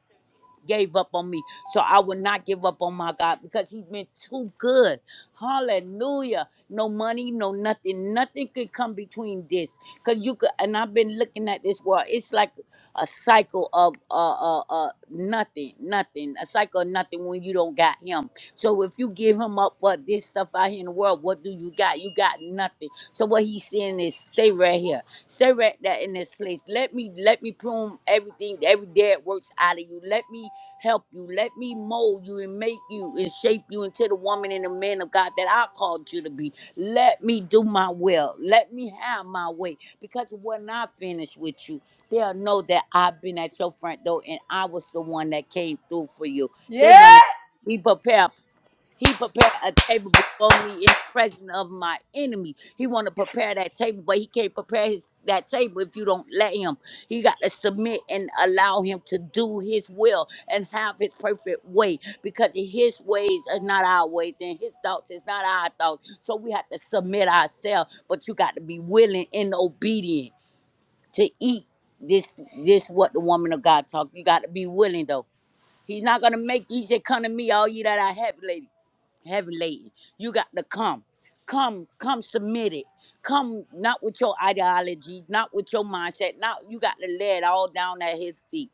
gave up on me. So I will not give up on my God because He's been too good. Hallelujah. No money, no nothing. Nothing could come between this. Cause you could and I've been looking at this world. It's like a cycle of uh uh uh nothing, nothing. A cycle of nothing when you don't got him. So if you give him up for this stuff out here in the world, what do you got? You got nothing. So what he's saying is stay right here. Stay right there in this place. Let me let me prune everything, every dead works out of you. Let me help you. Let me mold you and make you and shape you into the woman and the man of God that I called you to be. Let me do my will. Let me have my way. Because when I finish with you, they'll know that I've been at your front door and I was the one that came through for you. They're going to be prepared he prepared a table before me in the presence of my enemy. He want to prepare that table, but he can't prepare his, that table if you don't let him. He got to submit and allow him to do his will and have his perfect way because his ways are not our ways and his thoughts is not our thoughts. So we have to submit ourselves, but you got to be willing and obedient to eat this this what the woman of God talked. You got to be willing though. He's not gonna make you say, "Come to me, all you that are heavy laden." heavy laden. You got to come. Come, come submit it. Come not with your ideology, not with your mindset, not you got to lay it all down at his feet.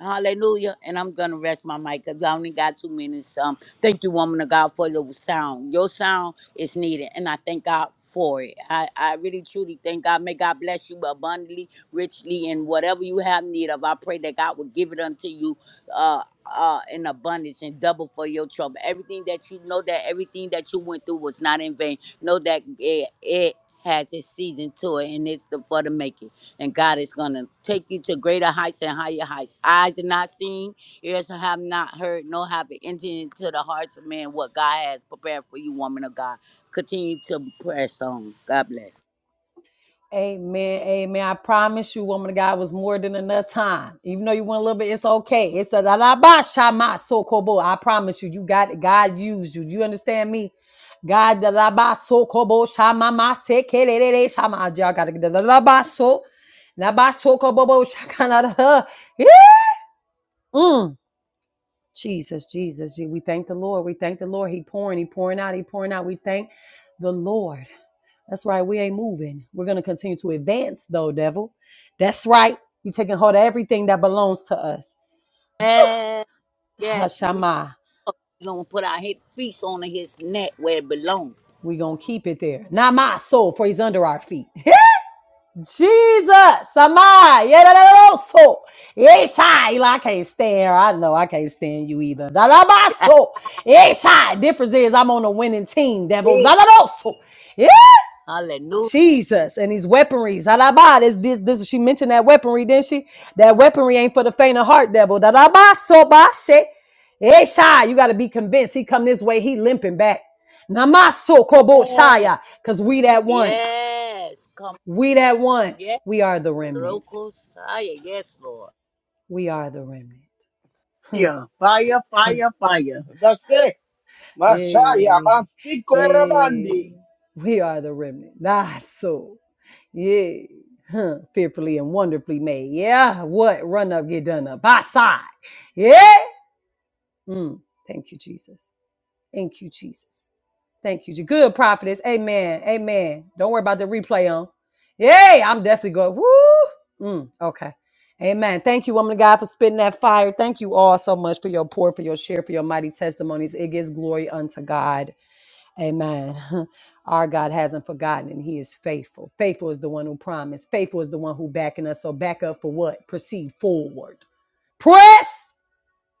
Hallelujah. And I'm going to rest my mic because I only got two minutes. Um, thank you, woman of God, for your sound. Your sound is needed, and I thank God for it. I, I really, truly thank God. May God bless you abundantly, richly, and whatever you have need of. I pray that God will give it unto you uh, uh, in abundance and double for your trouble. Everything that you know, that everything that you went through was not in vain. Know that it, it has a season to it, and it's the, for the making. And God is going to take you to greater heights and higher heights. Eyes are not seen, ears have not heard, nor have it entered into the hearts of man what God has prepared for you, woman of God. Continue to press on. God bless. Amen. Amen. I promise you, woman of God, was more than enough time. Even though you went a little bit, it's okay. It's a la la ba sha ma so kobo. I promise you, you got it. God used you. You understand me? God da la ba so kobo sha ma ma se ke le le le sha ma. Y'all gotta get the la la ba so. La ba so kobo bo sha ka na da ha. Yeah. Mm. Jesus, Jesus, Je- we thank the Lord. We thank the Lord. He pouring, he pouring out, he pouring out. We thank the Lord. That's right. We ain't moving. We're going to continue to advance, though, devil. That's right. you taking hold of everything that belongs to us. And yes, we're Hashama. going to put our head, feast on his neck where it belongs. we going to keep it there. Not my soul, for he's under our feet. Jesus. Sama. Yeah, da, da, da, da, so. Yeah, shy. Eli, I can't stand her. I know I can't stand you either. Da, da, ba, so. Yeah, shy. Difference is I'm on a winning team, devil. Da, da, da, so. Yeah, Hallelujah. Jesus and these weaponries. Alaba, this, this, this, she mentioned that weaponry, didn't she? That weaponry ain't for the faint of heart, devil. Da da ba so ba se. Eh, shy, you got to be convinced. He come this way, he limping back. Namaso kobo Yes, shaya, because we that one. yes. Come. We that one. Yes. We are the remnants. Rokosaya. Yes, Lord. We are the remnant. Hmm. Fire, fire, fire, fire. That's it. Mashaya, Hey, yeah. Mastikorabandi. We are the remnant. That's so. Yeah. Huh. Fearfully and wonderfully made. Yeah. What? Run up, get done up. By side. Yeah. Mm. Thank you, Jesus. Thank you, Jesus. Thank you. Je- Good prophetess. Amen. Amen. Don't worry about the replay on. Yay. I'm definitely going. Woo. Mm. Okay. Amen. Thank you, woman of God, for spitting that fire. Thank you all so much for your pour, for your share, for your mighty testimonies. It gives glory unto God. Amen. Our God hasn't forgotten and he is faithful. Faithful is the one who promised. Faithful is the one who backing us. So back up for what? Proceed forward. Press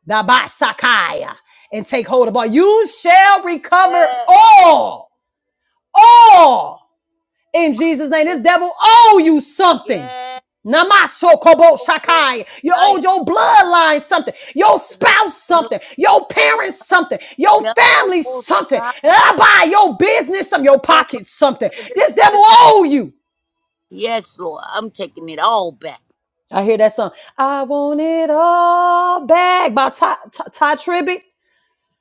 the basakaya and take hold of all. You shall recover all. All in Jesus' name. This devil owe you something. Yes. Namaso kobo shakai. You Yes. owe your bloodline something, your spouse something, your parents something, your family something, and I buy your business some, your pocket something. This devil owe you. Yes, Lord, I'm taking it all back. I hear that song. I want it all back by Ty, Ty, Ty Tribbett.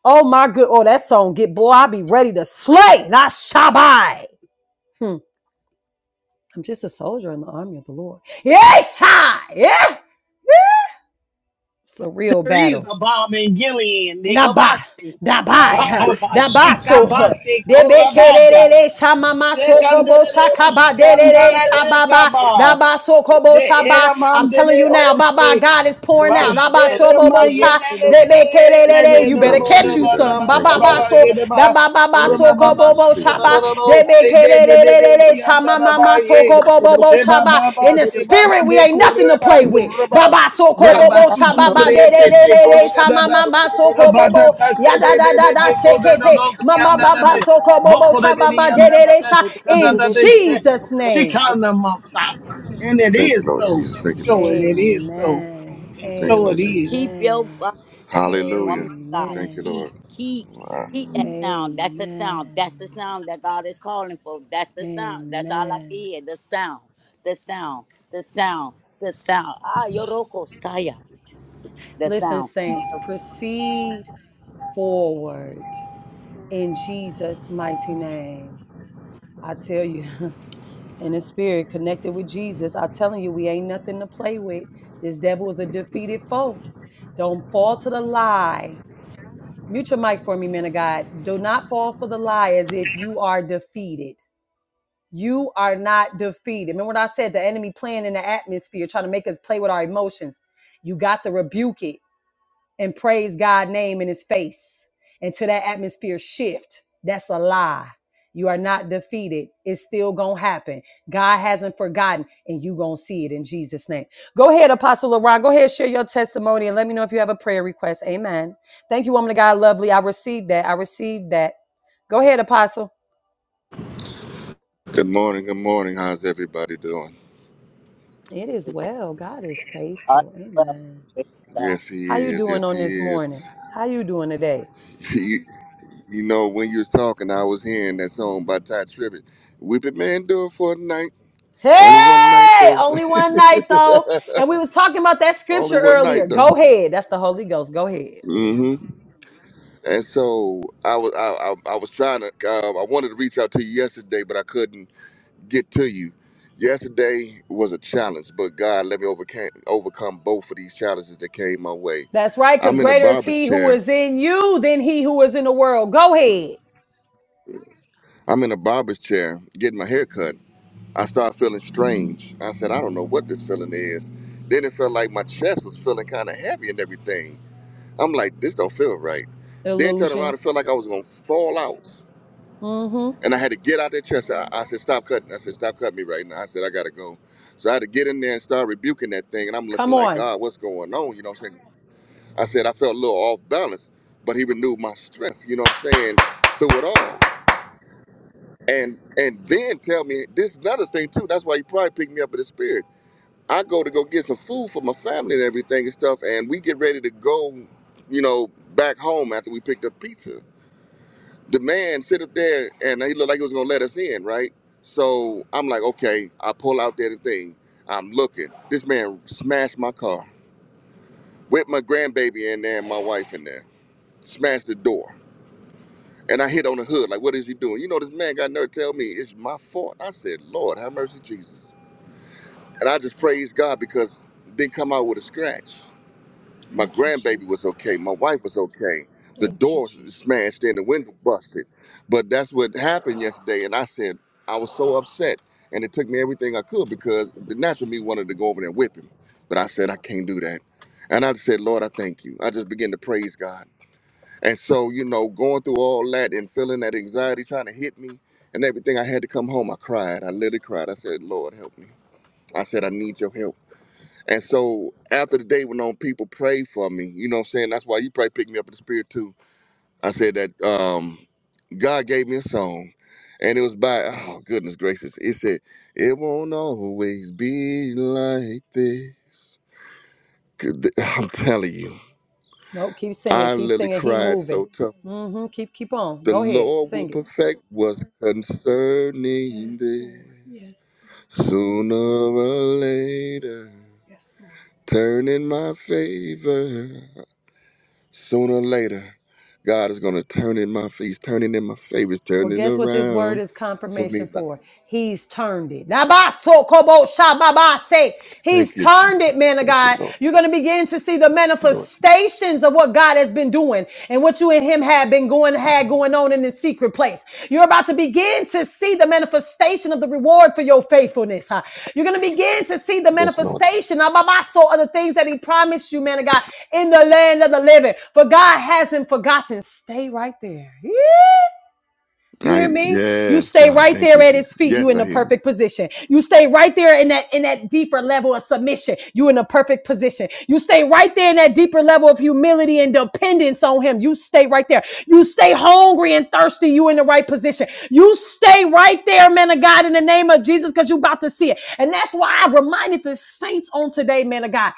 Oh my good. Oh, that song get boy. I be ready to slay, not shabai. Hmm. I'm just a soldier in the army of the Lord. Yes, I. Yeah. It's a real There is battle. a bomb in Gilead, Daba, Nicobashi. dabai, ha, Akabashi dabaso, ha, kabate korabada. debekerere, shamama, sokobo, Sekandere shakaba, oshi derere, andane shababa, ekaba. dabaso, kobo, Se shaba. I'm telling eramandere you now, Baba, oshi. God is pouring out. Daba, Shikana shobobo, sha, debekerere. You I better catch receive you it, some. God. Thank you, Baba, Lord baso, Jesus. dababa, Thank you, baso, Jesus. kobo. I Bobo receive it, Shaba, God. Debekerere, Shama Mama Soko Bobo Bo Shaba. In the spirit, we ain't nothing to play Thank with. you. Baba Soko Bobo Shaba, Ba Thank you. De De Thank De you, De De, Shama Mama Soko Bobo, Yada Da Da Da Shekete, Mama Baba Soko Bobo Shaba, Ba De De De Sha. In Jesus' name, must stop. And it Thank you, is Lord so. Jesus. Thank you, Lord Showing it Jesus. is so. Amen, And Thank you, so Lord it Jesus. is. Keep your Amen, fire. Woman Hallelujah. of God, Thank you, Amen, keep, Lord. keep, Wow. keep that sound. That's the sound. That's the Amen, sound that God is calling for. That's the sound. That's all I can Amen. hear. The sound, the sound, the sound, the sound. Ah, Yoroko Staya. The Listen, sound. Keep saints, the proceed forward in Jesus' mighty name. I tell you, in the spirit, connected with Jesus, I'm telling you, we ain't nothing to play with. This devil is a defeated foe. Don't fall to the lie. Mute your mic for me, man of God. Do not fall for the lie as if you are defeated. You are not defeated. Remember what I said the enemy playing in the atmosphere, trying to make us play with our emotions. You got to rebuke it. and praise God's name in his face until that atmosphere shift. That's a lie. You are not defeated. It's still gonna happen. God hasn't forgotten, and you gonna see it in Jesus' name. Go ahead, Apostle LaRon. Go ahead, share your testimony, and let me know if you have a prayer request. Amen. Thank you, woman of God, lovely. I received that. I received that. Go ahead, Apostle. Good morning. Good morning. How's everybody doing? It is faith. well. God is faithful. well. Amen. Yes, How you he is. doing Yes, on this he is. morning? How you doing today? You, you know, when you was talking, I was hearing that song by Ty Tribbett. Weeping man do it for a night. Only one night, Hey, though. only one night though. And we was talking about that Only scripture one earlier. night, though. Go ahead. That's the Holy Ghost. Go ahead. hmm And so I was I, I, I was trying to um, I wanted to reach out to you yesterday, but I couldn't get to you. Yesterday was a challenge, but God let me overcame, overcome both of these challenges that came my way. That's right, because I'm in a greater is barber's he who chair. is in you than he who is in the world. Go ahead. I'm in a barber's chair getting my hair cut. I started feeling strange. I said, I don't know what this feeling is. Then it felt like my chest was feeling kind of heavy and everything. I'm like, this don't feel right. Then turned around and Illusions. felt like I was gonna fall out. Mm-hmm. And I had to get out that chest. I, I said, stop cutting. I said, stop cutting me right now. I said, I got to go. So I had to get in there and start rebuking that thing. And I'm looking Come like, on. God, what's going on? You know what I'm saying? I said, I felt a little off balance, but he renewed my strength, you know what I'm saying, through it all. And and then tell me, this is another thing too. That's why he probably picked me up in the spirit. I go to go get some food for my family and everything and stuff. And we get ready to go, you know, back home after we picked up pizza the man sit up there and he looked like he was gonna let us in, right? So I'm like, okay, I pull out that thing. I'm looking. This man smashed my car with my grandbaby in there and my wife in there. Smashed the door. And I hit on the hood, like, what is he doing? You know, this man got nerve to tell me it's my fault. I said, Lord, have mercy, Jesus. And I just praised God because it didn't come out with a scratch. My Thank you, grandbaby was Jesus. okay. My wife was okay. The Thank you, door Jesus. smashed in, the window busted. But that's what happened yesterday. And I said, I was so upset. And it took me everything I could because the natural me wanted to go over there and whip him. But I said, I can't do that. And I said, Lord, I thank you. I just began to praise God. And so, you know, going through all that and feeling that anxiety trying to hit me and everything, I had to come home. I cried. I literally cried. I said, Lord, help me. I said, I need your help. And so after the day went on, people prayed for me. You know what I'm saying? That's why you probably picked me up in the spirit too. I said that um, God gave me a song, and it was by oh goodness gracious. It said, "It won't always be like this." th- I'm telling you, Nope. Keep singing. I Keep literally singing. He cried moving. so tough. Mm-hmm. Keep keep on. The Go ahead. Lord will Sing it. perfect what's concerning Yes, Lord. this Yes, Lord. sooner or later, Yes, Lord. turn in my favor. Sooner or later, God is going to turn in my face, turning in my favors, Well, turning guess what this word around is for me. confirmation for? He's turned it. Nabasokobo-shababase. He's Thank you, turned it, Jesus. man of Thank you, God. Lord. You're going to begin to see the Thank you, Lord. Jesus. manifestations of what God has been doing and what you and him had been going, had going on in this secret place. You're about to begin to see the manifestation of the reward for your faithfulness. huh? You're going to begin to see the Yes, Lord. manifestation Jesus. nababaso, of the things that he promised you, man of God, in the land of the living. For God hasn't forgotten. Stay right there. Yeah. You hear Right? me? You Yes, stay God. right Thank there you, at his Jesus. feet. You Yes, in I the hear you. perfect position. You stay right there in that in that deeper level of submission. You in the perfect position. You stay right there in that deeper level of humility and dependence on him. You stay right there. You stay hungry and thirsty. You in the right position. You stay right there, man of God, in the name of Jesus, because you about to see it. And that's why I reminded the saints on today, man of God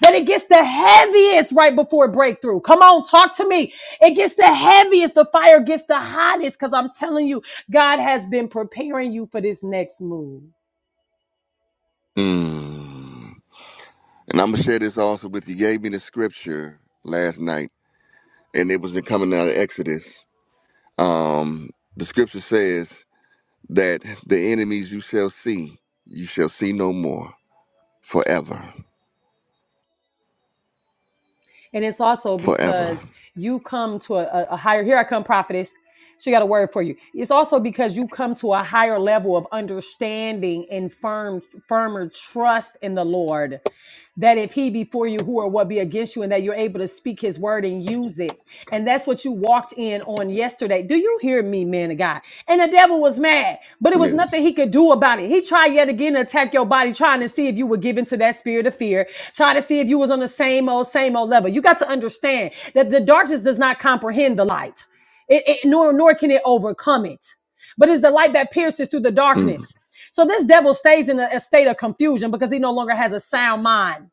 that it gets the heaviest right before breakthrough. Come on, talk to me. It gets the heaviest, the fire gets the hottest because I'm telling you, God has been preparing you for this next move. Mm. And I'm going to share this also with you. You gave me the scripture last night, and it was the coming out of Exodus. Um, the scripture says that the enemies you shall see, you shall see no more forever. And it's also Forever. because you come to a, a a higher, here I come, prophetess. She got a word for you. It's also because you come to a higher level of understanding and firm, firmer trust in the Lord that if he be for you, who or what be against you, and that you're able to speak his word and use it. And that's what you walked in on yesterday. Do you hear me, man of God? And the devil was mad, but it was Yes. nothing he could do about it. He tried yet again to attack your body, trying to see if you were given to that spirit of fear, trying to see if you was on the same old, same old level. You got to understand that the darkness does not comprehend the light. It, it- nor nor can it overcome it. But it's the light that pierces through the darkness. So this devil stays in a a state of confusion because he no longer has a sound mind.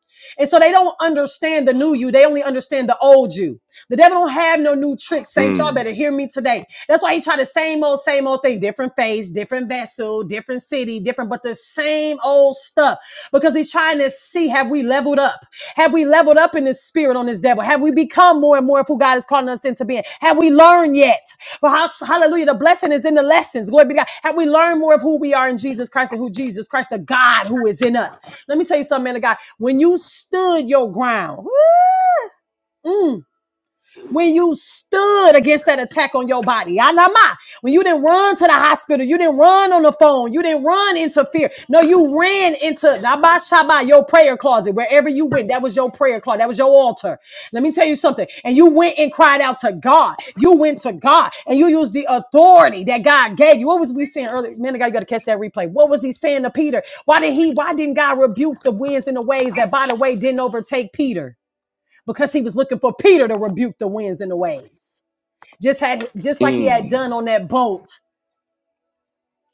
And so they don't understand the new you. They only understand the old you. The devil don't have no new tricks, saints. Y'all Mm. better hear me today. That's why he tried the same old, same old thing. Different face, different vessel, different city, different, but the same old stuff. Because he's trying to see, have we leveled up? Have we leveled up in his spirit on this devil? Have we become more and more of who God is calling us into being? Have we learned yet? For how, hallelujah, the blessing is in the lessons. Glory be to God. Have we learned more of who we are in Jesus Christ and who Jesus Christ, the God who is in us? Let me tell you something, man of God. When you stood your ground, woo, mm, when you stood against that attack on your body. Alama. When you didn't run to the hospital, you didn't run on the phone, you didn't run into fear. No, you ran into Rabba Shabba, your prayer closet, wherever you went. That was your prayer closet, that was your altar. Let me tell you something. And you went and cried out to God. You went to God and you used the authority that God gave you. What was we saying earlier? Man, God, you got to catch that replay. What was he saying to Peter? Why did he, why didn't God rebuke the winds and the waves that, by the way, didn't overtake Peter? because he was looking for Peter to rebuke the winds and the waves. Just had just like he had Mm. done on that boat.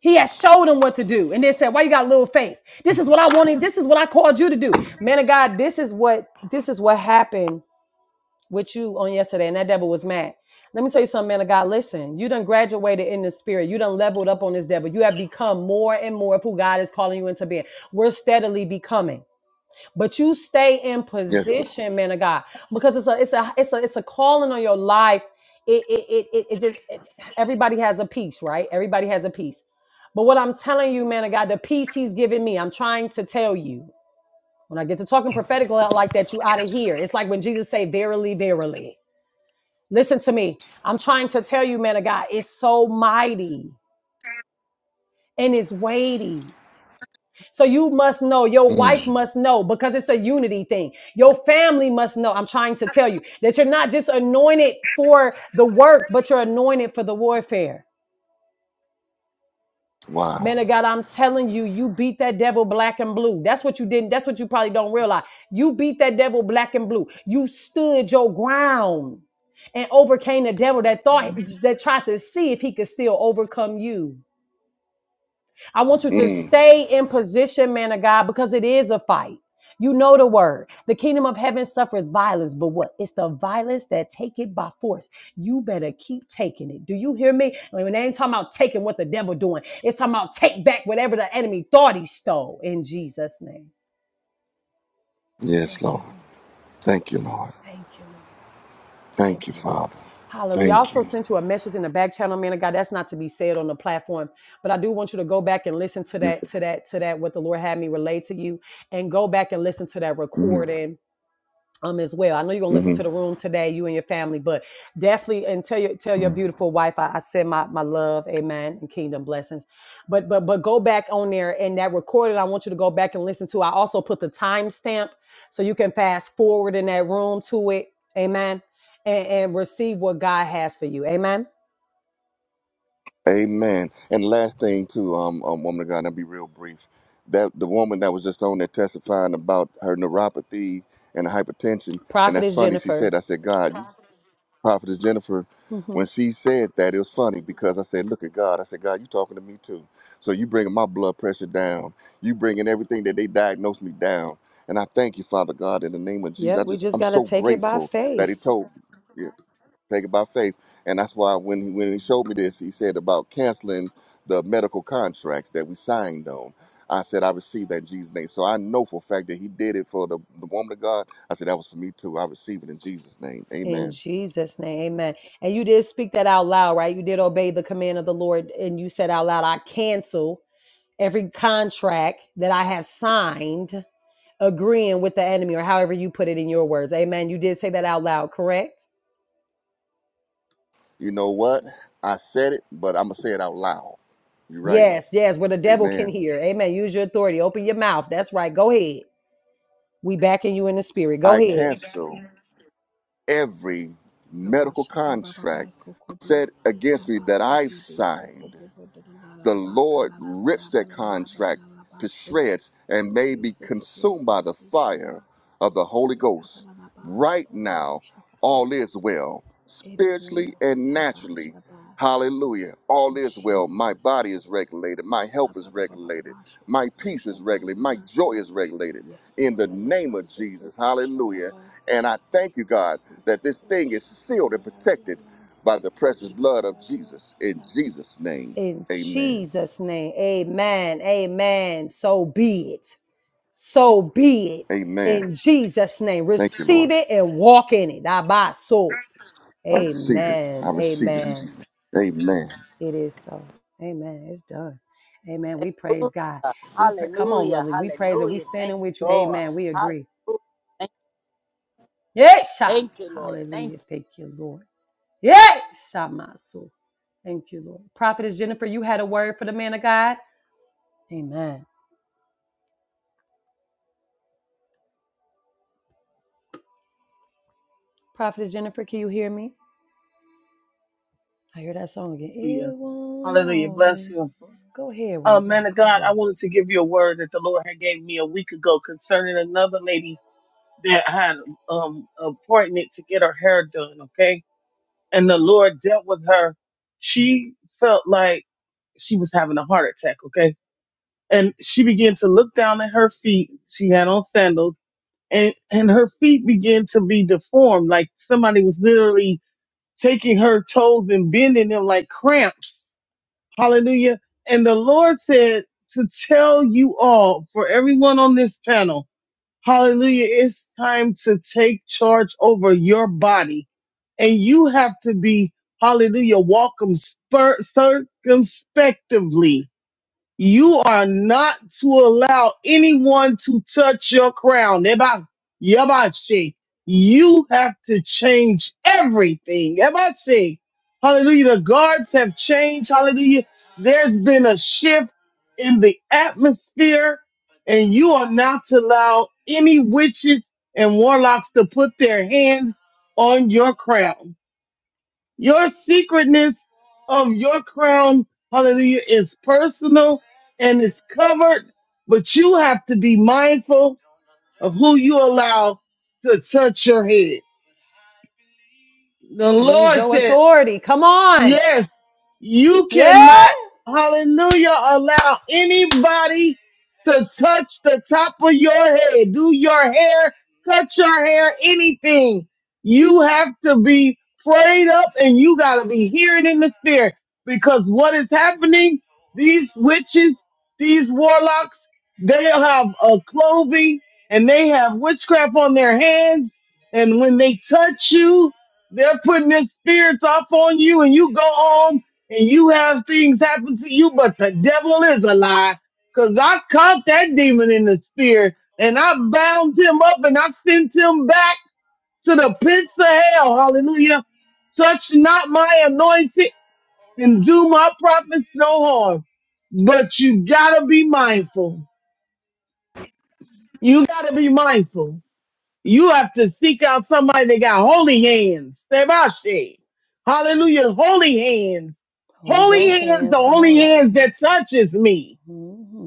He had showed him what to do and then said, Why you got little faith? This is what I wanted. This is what I called you to do. Man of God, this is what this is what happened with you on yesterday. And that devil was mad. Let me tell you something, man of God. Listen, you done graduated in the spirit. You done leveled up on this devil. You have become more and more of who God is calling you into being. We're steadily becoming. But you stay in Yes, position, man of God, because it's a it's a it's a it's a calling on your life. It it it, it, it just it, everybody has a piece, right? Everybody has a piece. But what I'm telling you, man of God, the peace He's giving me, I'm trying to tell you. When I get to talking prophetically like that, you out of here. It's like when Jesus say, "Verily, verily." Listen to me. I'm trying to tell you, man of God, it's so mighty and it's weighty So you must know, your Lord. wife Mm. must know because it's a unity thing. Your family must know. I'm trying to tell you that you're not just anointed for the work, but you're anointed for the warfare. Wow. Man of God, I'm telling you, you beat that devil black and blue. That's what you didn't, that's what you probably don't realize. You beat that devil black and blue. You stood your ground and overcame the devil that thought that tried to see if he could still overcome you. I want you to Mm. stay in position, man of God, because it is a fight. You know the word. The kingdom of heaven suffereth violence, but what? It's the violence that take it by force. You better keep taking it. Do you hear me? And When they ain't talking about taking what the devil doing, it's talking about take back whatever the enemy thought he stole in Jesus' name. Yes, Thank Lord. you, Lord. Thank you, Lord. Thank you, Lord. Thank Thank you, you, Lord. Father. Hallelujah. I Thank also you. sent you a message in the back channel, man of God. That's not to be said on the platform, but I do want you to go back and listen to that, to that, to that, what the Lord had me relay to you, and go back and listen to that Mm-hmm. recording um as well. I know you're gonna listen to the Mm-hmm. room today, you and your family, but definitely and tell your tell your beautiful wife I, I send my my love, amen, and kingdom blessings. But but but go back on there and that recorded I want you to go back and listen to. I also put the timestamp so you can fast forward in that room to it, amen, and, and receive what God has for you. Amen. Amen. And last thing too, um, um, woman of God, and I'll be real brief. That the woman that was just on there testifying about her neuropathy and hypertension, and Prophet that's is funny. She Jennifer. said, "I said, God, you prophetess Jennifer, hmm when she said that, it was funny because I said, "Look at God." I said, "God, you talking to me too? So you bringing my blood pressure down. You bringing everything that they diagnosed me down." And I thank you, Father God, in the name of Jesus. Yeah, I we just just I'm gotta so take it by grateful that He faith. told me, yeah, take it by faith. And that's why when he when he showed me this, he said about canceling the medical contracts that we signed on. I said I received that in Jesus' name. So I know for a fact that He did it for the, the woman of God. I said that was for me too. I receive it in Jesus' name. In Amen. Jesus' name, amen. And you did speak that out loud, right? You did obey the command of the Lord, and you said out loud, I cancel every contract that I have signed agreeing with the enemy, or however you put it in your words. Amen. You did say that out loud, correct? You know what? I said it, but I'm going to say it out loud. You're right. Yes, yes, where the devil can Amen. hear. Amen. Use your authority. Open your mouth. That's right. Go ahead. We backing you in the spirit. Go I ahead. cancel every medical contract set against me that I've signed the Lord rips that contract to shreds and may Tebe be sekete consumed by the rorobu shaba, fire of the Holy tebe Ghost. katalanaba, Right pararu now, shakaba. all is well, It is spiritually well. and Taba naturally. shaba. Hallelujah. All In is well. My Jesus' body name. is regulated. My health Taba is ba ba ba ba regulated. ba My shokobu peace is shaba da regulated. da My joy is regulated Yes, in Lord. the Alaba name of Jesus. sokobu Hallelujah. shakaba. And I thank you, God, Tebi that this soko thing is sealed shakaba and da la protected by the Sokobu precious shaba blood of da la Jesus. In shaba. Jesus' name, In amen. Jesus' name, amen, amen. So be it. So be it Amen. in Jesus' name. Thank you, Receive Lord. it and walk in it. Abaso. I receive it. I Amen. receive it in Amen. Jesus' name. Amen. It is so. Amen. It's done. Amen. We praise God. We pra- come on, Hallelujah. Hallelujah. lovely. We praise it. We Hallelujah. Thank standing with you, you. Lord. Amen. We agree. Hallelujah. Thank, Yes, Sha. thank you, Lord. Thank Hallelujah. you, Thank you, Lord. Yes, Shamasu. Thank you, Lord. Prophetess Jennifer, you had a word for the man of God. Amen. Prophetess Jennifer, can you hear me? I hear that song again. Hallelujah. It won't Hallelujah. Bless always. you. Go ahead, Uh, woman of man God. of Go God, I ahead. wanted to give you a word that the Lord had gave me a week ago concerning another lady that had um appointment to get her hair done, okay? And the Lord dealt with her. She felt like she was having a heart attack, okay? And she began to look down at her feet. She had on sandals and, and her feet began to be deformed. Like somebody was literally taking her toes and bending them like cramps Hallelujah. And the Lord said to tell you all, for everyone on this panel, hallelujah, it's time to take charge over your body. And you have to be, hallelujah, welcome spir- circumspectively. You are not to allow anyone to touch your crown. Eba- Yabashe. You have to change everything. Yabashe. Hallelujah. The guards have changed. Hallelujah. There's been a shift in the atmosphere and you are not to allow any witches and warlocks to put their hands on your crown. Your secretness of your crown, hallelujah, is personal and is covered, but you have to be mindful of who you allow to touch your head. The Use Lord your said, authority. Come on. Yes, you Yeah. cannot, hallelujah, allow anybody to touch the top of your head, do your hair, cut your hair, anything. You have to be prayed up and you got to be hearing in the spirit because what is happening, these witches, these warlocks, they have a clothing and they have witchcraft on their hands. And when they touch you, they're putting their spirits up on you and you go home and you have things happen to you, but the devil is a lie. Cause I caught that demon in the spirit and I bound him up and I sent him back to the pits of hell. Hallelujah. Touch not my anointed and do my prophets no harm. But you gotta be mindful. You gotta be mindful you have to seek out somebody that got holy hands. Sebashe. Hallelujah. Holy hands. Holy Holy Ghost hands, the hands. Come only on. hands that touches me.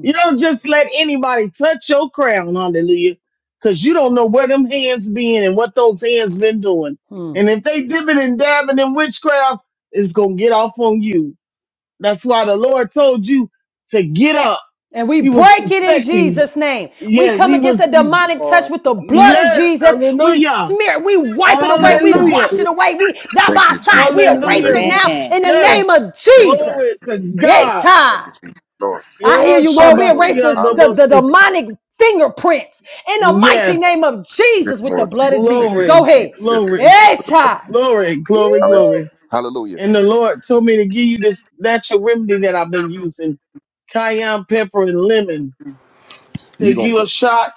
You don't just let anybody touch your crown. Hallelujah. Cause you don't know where them hands been and what those hands been doing. And if they dipping and dabbing in witchcraft, it's going to get off on you. That's why the Lord told you to get up. And we He was break it in protecting. Jesus' name. We Yes, come he against was. a demonic touch Lord. with the blood of Yes. Jesus. We Hallelujah. smear it, we wipe it away, Yes, we Hallelujah. God. Hallelujah. wash it away, we die Thank by you, side, Jesus. we erase it Thank Hallelujah. you, now Amen. Jesus. in the Yes. name of Thank you, Lord. Glory Jesus. to God. Thank Yesha. you, Jesus. Lord. I hear Yellow you, Lord. We erase Hallelujah. the, Shabakia the, double Hallelujah. the six. demonic fingerprints in the mighty Yes. name of Yes, Jesus with the Lord blood Jesus. of Thank Jesus. you, Lord Go Glory. ahead. Jesus. Yes, Lord. Glory. With the blood of Yesha. Jesus. Glory. Glory. Hallelujah. Glory. Hallelujah. And the Lord told me to give you this natural remedy that I've been using. Cayenne pepper and lemon. You Take gonna you a shot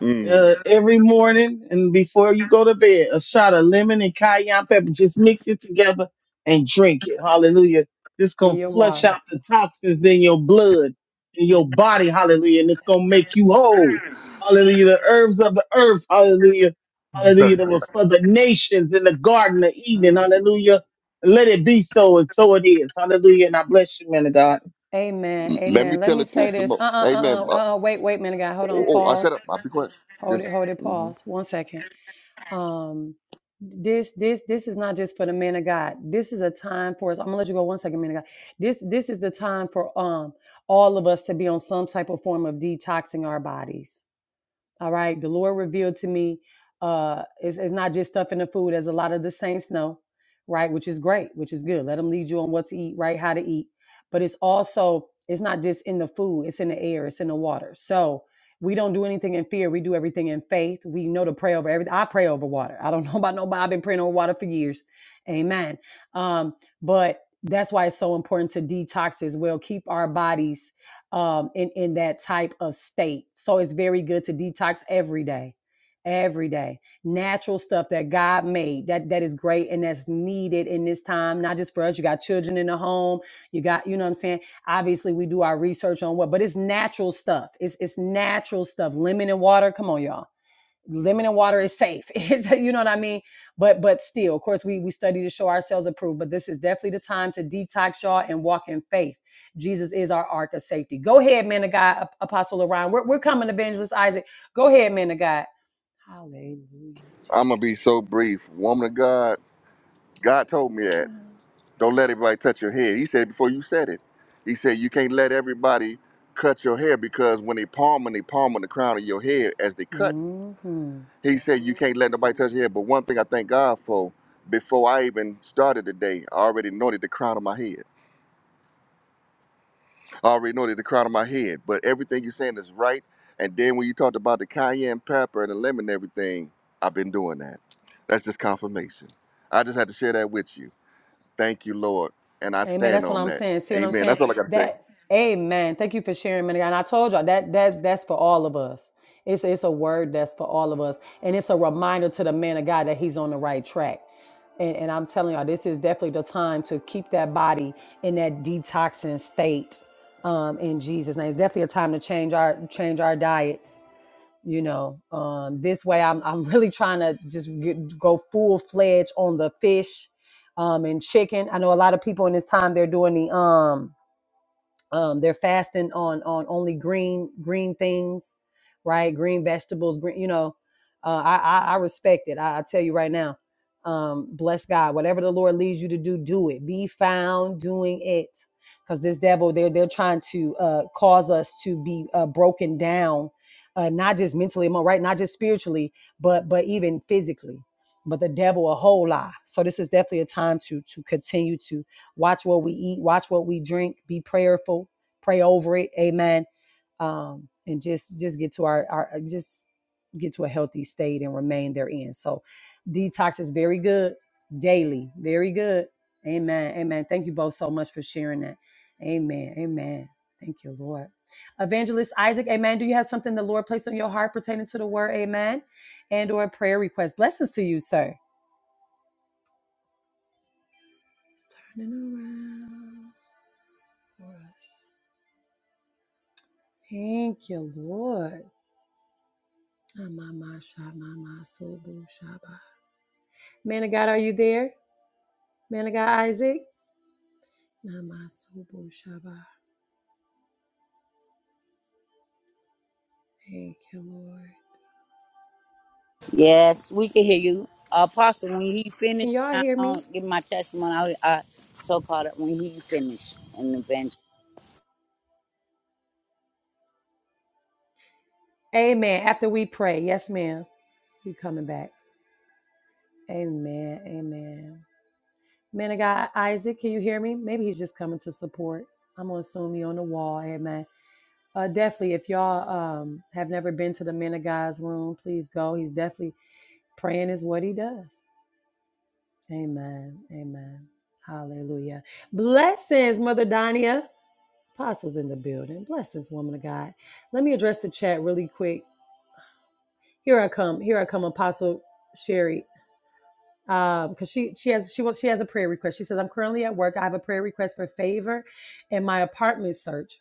mm, uh, every morning and before you go to bed, a shot of lemon and cayenne pepper. Just mix it together and drink it. Hallelujah. This In gonna your flush water. out the toxins in your blood, in your Mm. body. Hallelujah. And it's gonna make you whole. Hallelujah. The herbs of the earth. Hallelujah. Hallelujah. That was for the nations in the garden of Eden. Hallelujah. Let it be so, and so it is. Hallelujah. And I bless you, man of God. Amen. let me Amen. Let tell me a say this. testimony. Uh uh uh Amen. Uh, uh. uh wait, wait, man of God. Hold on. oh, oh, I said it. Pause. I'll be quiet. hold Just, it hold it mhm. pause one second um this this this is not just for the man of god this is a time for us i'm gonna let you go one second man of god this this is the time for um all of us to be on some type of form of detoxing our bodies all right. The Lord revealed to me uh it's, it's not just stuff in the food, as a lot of the saints know, right? Which is great, which is good. Let them lead you on what to eat, right? How to eat. But it's also, it's not just in the food, it's in the air, it's in the water. So we don't do anything in fear. We do everything in faith. We know to pray over everything. I pray over water. I don't know about nobody. I've been praying over water for years. Amen. Um, but that's why it's so important to detox as well. Keep our bodies um, in in that type of state. So it's very good to detox every day, every day. Natural stuff that God made that that is great and that's needed in this time. Not just for us. You got children in the home. You got you know what I'm saying. Obviously, we do our research on what, but it's natural stuff. It's it's natural stuff. Lemon and water. Come on, y'all lemon and water is safe. It's, you know what I mean? But but still, of course, we we study to show ourselves approved. But this is definitely the time to detox y'all and walk in faith. Jesus is our ark of safety. Go ahead, man of God, Ap- Apostle Orion. We're, we're coming, Evangelist Isaac. Go ahead, man of God. Hallelujah, I'm gonna Jesus. be so brief. Woman of God. God told me that. Don't let everybody touch your hair. He said before you said it. He said you can't let everybody cut your hair because when they palm and they palm on the crown of your head as they cutting. hmm He said you can't let nobody touch your hair. But one thing I thank God for, before I even started today, I already noted the crown of my head. I already noted the crown of my head. But everything you're saying is right. And then when you talked about the cayenne pepper and the lemon and everything, I've been doing that. That's just confirmation. I just had to share that with you. Thank you, Lord. And I Amen. stand That's what on I'm that. saying. See what I'm Amen. saying? That's all I got to say. That Amen. Thank you for sharing, man. And I told y'all that that that's for all of us. It's it's a word that's for all of us. And it's a reminder to the man of God that he's on the right track. And, and I'm telling y'all, this is definitely the time to keep that body in that detoxing state um, in Jesus' name. It's definitely a time to change our change our diets you know um this way i'm i'm really trying to just get, go full fledged on the fish um and chicken i know a lot of people in this time they're doing the um um, they're fasting on on only green green things right green vegetables green you know uh, I, I i respect it i, I tell you right now um, bless god whatever the lord leads you to do do it be found doing it because this devil they're they're trying to uh, cause us to be uh, broken down uh, not just mentally emo- right not just spiritually but but even physically but the devil a whole lot so this is definitely a time to to continue to Watch what we eat, watch what we drink, be prayerful, pray over it. Amen. Um, and just just get to our, our uh, just get to a healthy state and remain therein. So detox is very good daily. Very good. Amen. Amen. Thank you both so much for sharing that. Amen. Amen. Thank you, Lord. Evangelist Isaac, amen. Do you have something the Lord placed on your heart pertaining to the word? Amen. And or a prayer request. Blessings to you, sir. Turning around for us. Thank you, Lord. Amama shamama sobo shaba. Man of God, are you there? Man of God, Isaac? Nama sobo shaba. Thank you, Lord. Yes, we can hear you. Apostle, when he Can finished, y'all and hear I me? um, give my testimony. I, I so caught up when he finished and the bench. Amen. After we pray, yes, ma'am. We coming back. Amen. Amen. Man of God, Isaac, can you hear me? Maybe he's just coming to support. I'm gonna assume he on the wall. Amen. Uh, definitely, if y'all um, have never been to the Men of God's room, please go. He's definitely praying is what he does. Amen. Amen. Hallelujah. Blessings, Mother Donia. Apostles in the building. Blessings, woman of God. Let me address the chat really quick. Here I come. Here I come, Apostle Sherry. Um, because she she has she wants she has a prayer request. She says, I'm currently at work. I have a prayer request for favor in my apartment search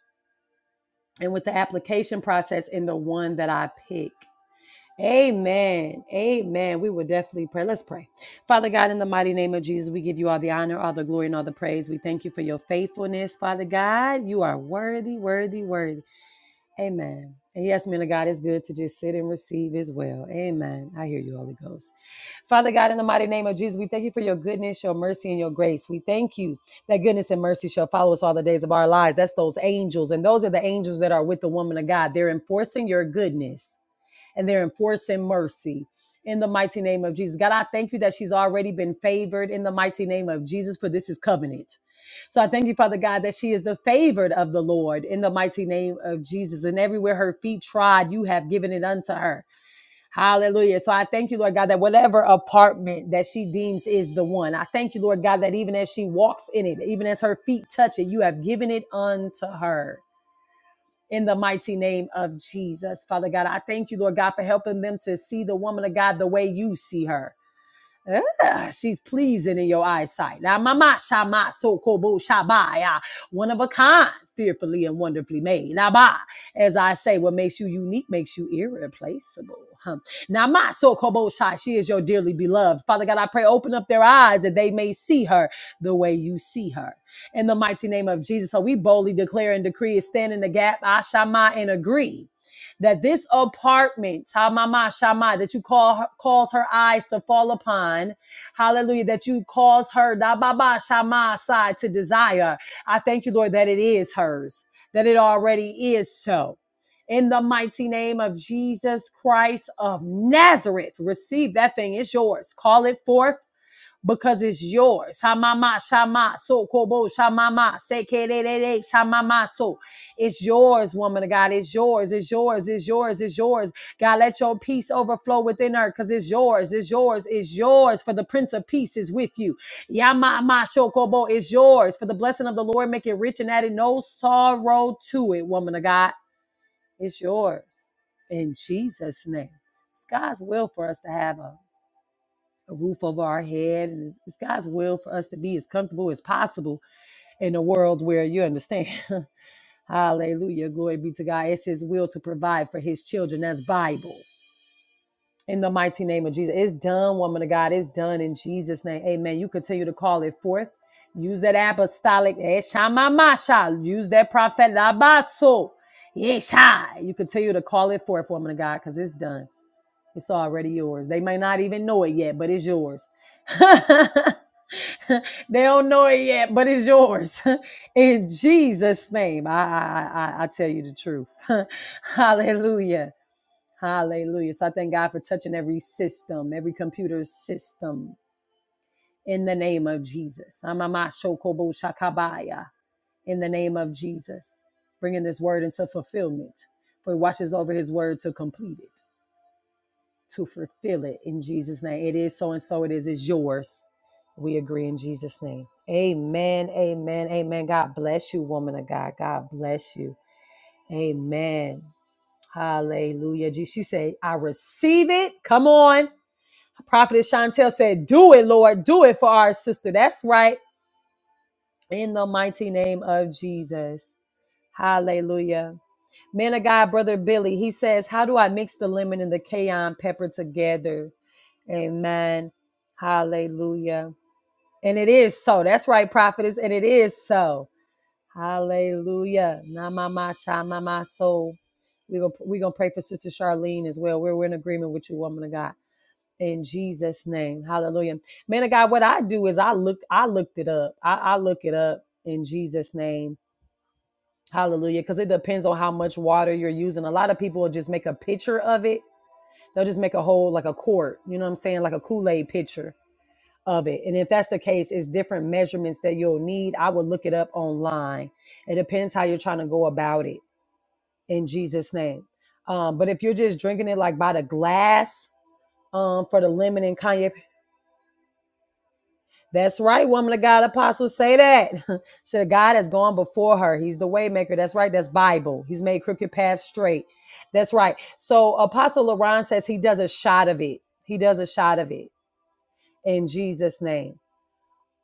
and with the application process in the one that I pick. Amen. Amen. We will definitely pray. Let's pray. Father God, in the mighty name of Jesus, we give you all the honor, all the glory, and all the praise. We thank you for your faithfulness, Father God. You are worthy, worthy, worthy. Amen. And yes, men of God, it's good to just sit and receive as well. Amen. I hear you, Holy Ghost. Father God, in the mighty name of Jesus, we thank you for your goodness, your mercy, and your grace. We thank you that goodness and mercy shall follow us all the days of our lives. That's those angels, and those are the angels that are with the woman of God. They're enforcing your goodness and they're enforcing mercy. In the mighty name of Jesus. God, I thank you that she's already been favored in the mighty name of Jesus, for this is covenant. So I thank you, Father God, that she is the favored of the Lord in the mighty name of Jesus. And everywhere her feet trod, you have given it unto her. Hallelujah. So I thank you, Lord God, that whatever apartment that she deems is the one, I thank you, Lord God, that even as she walks in it, even as her feet touch it, you have given it unto her in the mighty name of Jesus. Father God, I thank you, Lord God, for helping them to see the woman of God the way you see her. Ah, she's pleasing in your eyesight. Now, mama shama so kobo shabaya, one of a kind, fearfully and wonderfully made. Now, ba, as I say, what makes you unique makes you irreplaceable. Huh. Now, ma so kobo shai, she is your dearly beloved. Father God, I pray, open up their eyes that they may see her the way you see her. In the mighty name of Jesus, so we boldly declare and decree and stand in the gap, I shama and agree that this apartment, ha shama, that you call her, cause her eyes to fall upon, hallelujah, that you cause her da baba shama side to desire. I thank you, Lord, that it is hers, that it already is so. In the mighty name of Jesus Christ of Nazareth, receive that thing. It's yours. Call it forth because it's yours. Hamama shama so kobo shamama sekelele shamama so. It's yours, woman of God. It's yours. It's yours. It's yours. It's yours. God, let your peace overflow within her because it's yours. It's yours. It's yours. For the Prince of Peace is with you. Yamama shokobo is yours. For the blessing of the Lord make it rich and added no sorrow to it, woman of God. It's yours. In Jesus' name. It's God's will for us to have a a roof over our head. And it's, it's God's will for us to be as comfortable as possible in a world where you understand. Hallelujah. Glory be to God. It's His will to provide for His children. That's Bible. In the mighty name of Jesus. It's done, woman of God. It's done in Jesus' name. Amen. You continue to call it forth. Use that apostolic. eh, shama Use that prophet. Labaso. Yeshai. You continue to call it forth, woman of God, because it's done. It's already yours. They may not even know it yet, but it's yours. They don't know it yet, but it's yours. In Jesus' name, I, I, I, I tell you the truth. Hallelujah. Hallelujah. So I thank God for touching every system, every computer system in the name of Jesus. Amamashokobo shakabaya, In the name of Jesus, bringing this word into fulfillment, for he watches over his word to complete it to fulfill it in Jesus' name. It is so and so it is. It's yours. We agree in Jesus' name. Amen. Amen. Amen. God bless you, woman of God. God bless you. Amen. Hallelujah. Je- She said, I receive it. Come on. Prophetess Chantel said, Do it, Lord. Do it for our sister. That's right. In the mighty name of Jesus. Hallelujah. Man of God, Brother Billy, he says, How do I mix the lemon and the cayenne pepper together? Amen. Hallelujah. And it is so. That's right, prophetess. And it is so. Hallelujah. Namama shamama so. We're gonna we are going we going to pray for Sister Charlene as well. We're, we're in agreement with you, woman of God. In Jesus' name. Hallelujah. Man of God, what I do is I look, I looked it up. I, I look it up in Jesus' name. Hallelujah. Because it depends on how much water you're using. A lot of people will just make a picture of it. They'll just make a whole like a quart. You know what I'm saying? Like a Kool-Aid pitcher of it. And if that's the case, it's different measurements that you'll need. I will look it up online. It depends how you're trying to go about it in Jesus' name. Um, but if you're just drinking it like by the glass um, for the lemon and cognac, that's right, woman of God, apostle, say that. so the God has gone before her. He's the waymaker. That's right. That's Bible. He's made crooked paths straight. That's right. So Apostle Laron says he does a shot of it. He does a shot of it in Jesus' name.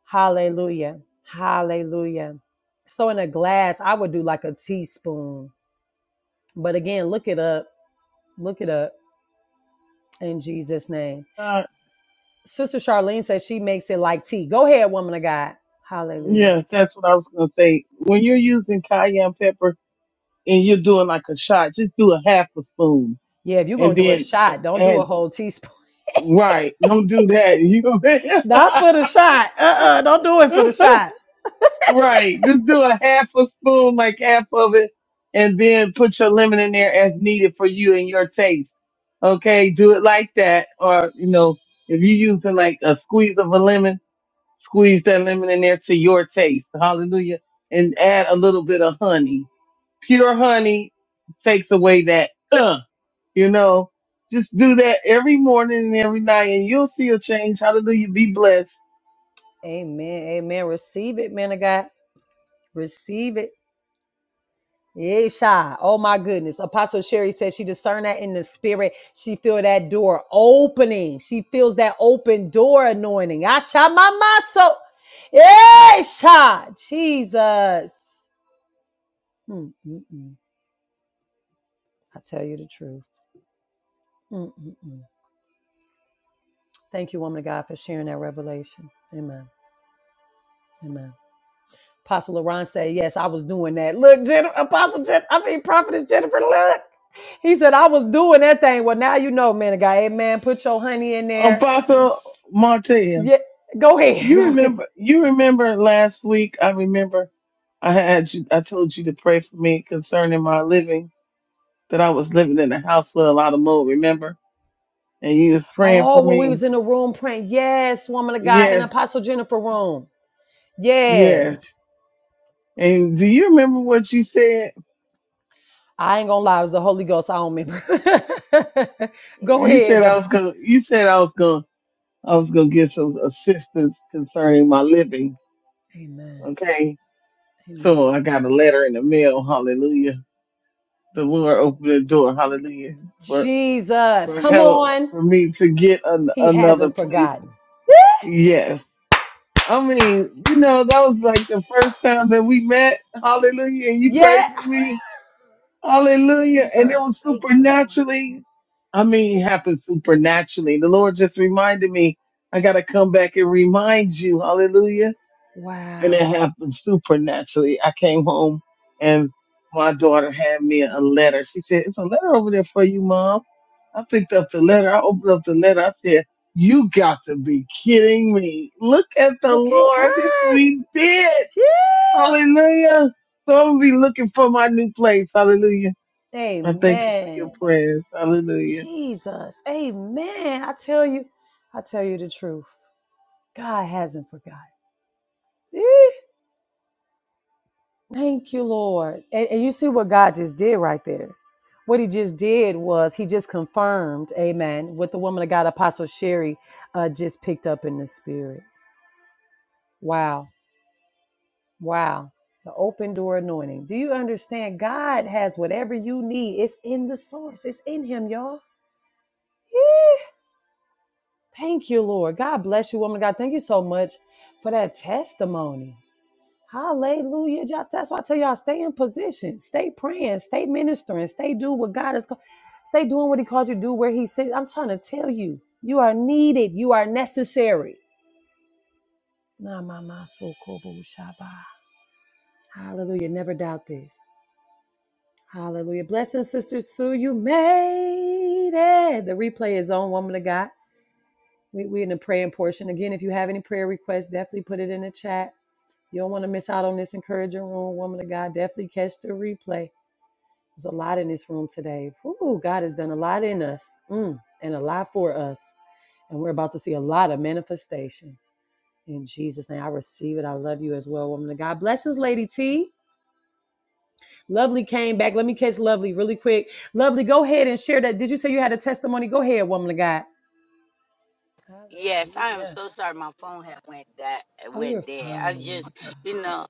Hallelujah. Hallelujah. So in a glass, I would do like a teaspoon. But again, look it up. Look it up in Jesus' name. Uh, Sister Charlene says she makes it like tea. Go ahead, woman of God. Hallelujah. yes, that's what I was gonna say. When you're using cayenne pepper and you're doing like a shot, just do a half a spoon Yeah, if you're gonna and do a then shot, don't do a add, whole teaspoon. right. Don't do that. You go, Not for the shot. Uh-uh. Don't do it for the shot. right. Just do a half a spoon, like half of it, and then put your lemon in there as needed for you and your taste. Okay. Do it like that. Or, you know, if you're using like a squeeze of a lemon, squeeze that lemon in there to your taste. Hallelujah. And add a little bit of honey pure honey takes away that, uh, you know, just do that every morning and every night and you'll see a change. Hallelujah. Be blessed. Amen. Amen. Receive it, man of God. Receive it. Yesha, Oh my goodness. Apostle Sherry says she discerned that in the spirit. She feel that door opening. She feels that open door anointing. Asha mama so. Yesha, Jesus. Mm, mm, mm. I tell you the truth. Mm, mm, mm. Thank you, woman of God, for sharing that revelation. Amen. Amen. Apostle Laron said, yes, I was doing that. Look, Jen- Apostle, Jen- I mean, Prophetess Jennifer, look. He said, I was doing that thing. Well, now you know, man of God. Amen. Put your honey in there. Apostle Martell, Yeah, go ahead. you Go ahead. remember, you remember last week, I remember I had you, I told you to pray for me concerning my living, that I was living in a house with a lot of mold, remember? And you was praying Oh, for when we me. was in the room praying, yes, woman of God, in Yes, Apostle Jennifer room. yes. Yes. And do you remember what you said? I ain't gonna lie, it was the Holy Ghost. I don't remember. go You ahead said I though. was gonna, you said I was gonna I was gonna get some assistance concerning my living. Amen. Okay. Amen. So I got a letter in the mail. Hallelujah. The Lord opened the door. Hallelujah. For, Jesus. for Come help on. for me to get an, He another hasn't place. forgotten. Yes. I mean, you know, that was like the first time that we met. Hallelujah. And you Yeah. prayed for me. Hallelujah. And it Jesus. was Thank you, Lord. supernaturally. I Thank mean, it happened supernaturally. The Lord just reminded me, I got to come back and remind you. Hallelujah and it happened supernaturally. I came home and my daughter had me a letter. She said, It's a letter over there for you, mom. I picked up the letter. I opened up the letter. I said, You got to be kidding me. Look at you. the Look at Lord. Look what God. he did. Yeah. Hallelujah. So I'm going to be looking for my new place. Hallelujah. I thank you for your Amen. prayers. Hallelujah. Jesus. Amen. I tell you, I tell you the truth. God hasn't forgotten. Eh, Thank you, Lord. And, and you see what God just did right there. What he just did was he just confirmed, amen, what the woman of God, Apostle Sherry, uh, just picked up in the spirit. Wow. Wow. The open door anointing. Do you understand? God has whatever you need. It's in the source, it's in him, y'all. Eh, Thank you, Lord. God bless you, woman of God. Thank you so much for that testimony. Hallelujah. Y'all- That's why I tell y'all stay in position, stay praying, stay ministering, stay do what God is, stay doing what He called you to do, where He said. I'm trying to tell you, you are needed, you are necessary. Nah, my, my, so kobo shaba. Hallelujah. Never doubt this. Hallelujah. blessings, Sister Sue, you made it. The replay is on, woman of God. We, we're in the praying portion. Again, if you have any prayer requests, definitely put it in the chat. You don't want to miss out on this encouraging room, woman of God. Definitely catch the replay. There's a lot in this room today. Ooh, God has done a lot in us mm, and a lot for us. And we're about to see a lot of manifestation. In Jesus' name, I receive it. I love you as well, woman of God. Blessings, Lady T. Lovely came back. Let me catch Lovely really quick. Lovely, go ahead and share that. Did you say you had a testimony? Go ahead, woman of God. Yes, I am Hallelujah. so sorry. My phone had went that Oh, you're went dead. I fine, woman just, of God. you know.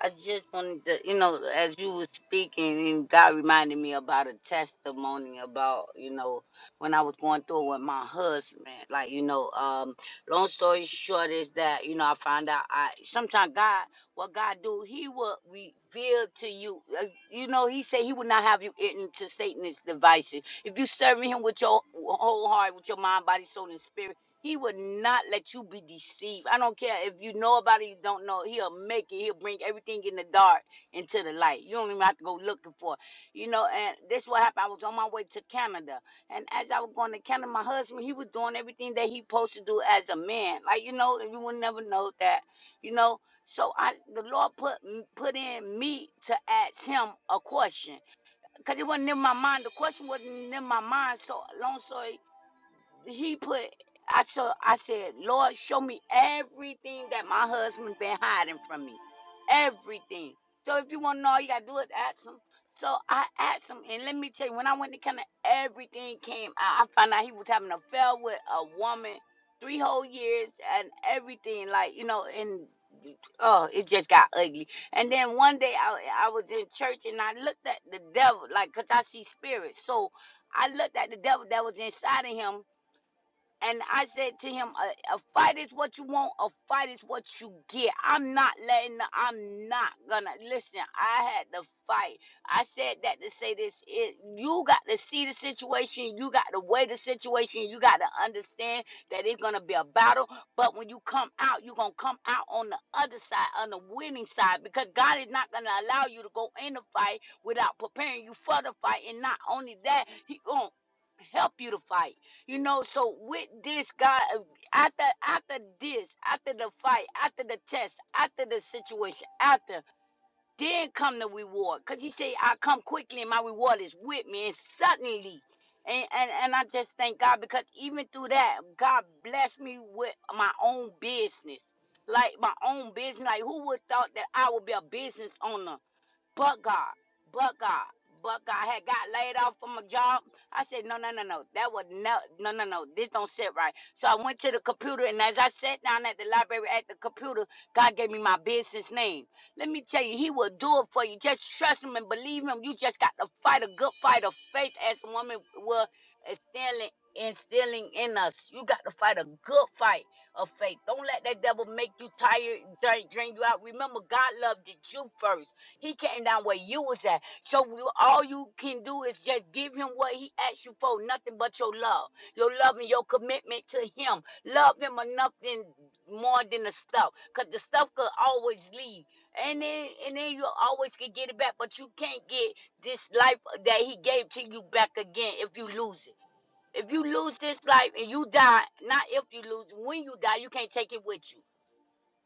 I just wanted to, you know, as you were speaking, and God reminded me about a testimony about, you know, when I was going through with my husband. Like, you know, um, long story short is that, you know, I found out I sometimes God, what God do, He will reveal to you. uh, you know, He said He would not have you ignorant to Satan's devices. If you serving Him with your whole heart, with your mind, body, soul, and spirit. He would not let you be deceived. I don't care if you know about it, you don't know. He'll make it. He'll bring everything in the dark into the light. You don't even have to go looking for it. You know, and this what happened. I was on my way to Canada. And as I was going to Canada, my husband, he was doing everything that he supposed to do as a man. Like, you know, you would never know that, you know. So I the Lord put put in me to ask him a question. Because it wasn't in my mind. The question wasn't in my mind. So long story he put I saw I said, Lord, show me everything that my husband been hiding from me. Everything. So if you wanna know all you gotta do is ask him. So I asked him and let me tell you, when I went to Canada, everything came out. I found out he was having an affair with a woman three whole years and everything, like, you know, and oh, it just got ugly. And then one day I I was in church and I looked at the devil, like, 'cause I see spirits. So I looked at the devil that was inside of him and I said to him, a, a fight is what you want, a fight is what you get. I'm not letting, the- I'm not gonna listen. I had to fight. I said that to say this it, you got to see the situation, you got to weigh the situation, you got to understand that it's gonna be a battle. But when you come out, you're gonna come out on the other side, on the winning side, because God is not gonna allow you to go in the fight without preparing you for the fight. And not only that, He gonna help you to fight. You know, so with this, God, uh, after after this, after the fight, after the test, after the situation, after then come the reward. Cause he said, I come quickly and my reward is with me. And suddenly, and, and, and I just thank God because even through that, God blessed me with my own business. Like my own business. Like who would thought that I would be a business owner? but God, but God, but God had got laid off from a job. I said, no, no, no, no, that was no, no, no, no, this don't sit right. So I went to the computer, and as I sat down at the library at the computer, God gave me my business name. Let me tell you, He will do it for you. Just trust Him and believe Him. You just got to fight a good fight of faith, as the woman was instilling, instilling in us. You got to fight a good fight of faith. Don't let that devil make you tired, drink, drain you out. Remember, God loved you first. He came down where you was at. So we, all you can do is just give him what he asked you for, nothing but your love. Your love and your commitment to him. Love him enough than more than the stuff. Cause the stuff could always leave. And then and then you always can get it back. But you can't get this life that he gave to you back again if you lose it. If you lose this life and you die, not if you lose, when you die, you can't take it with you.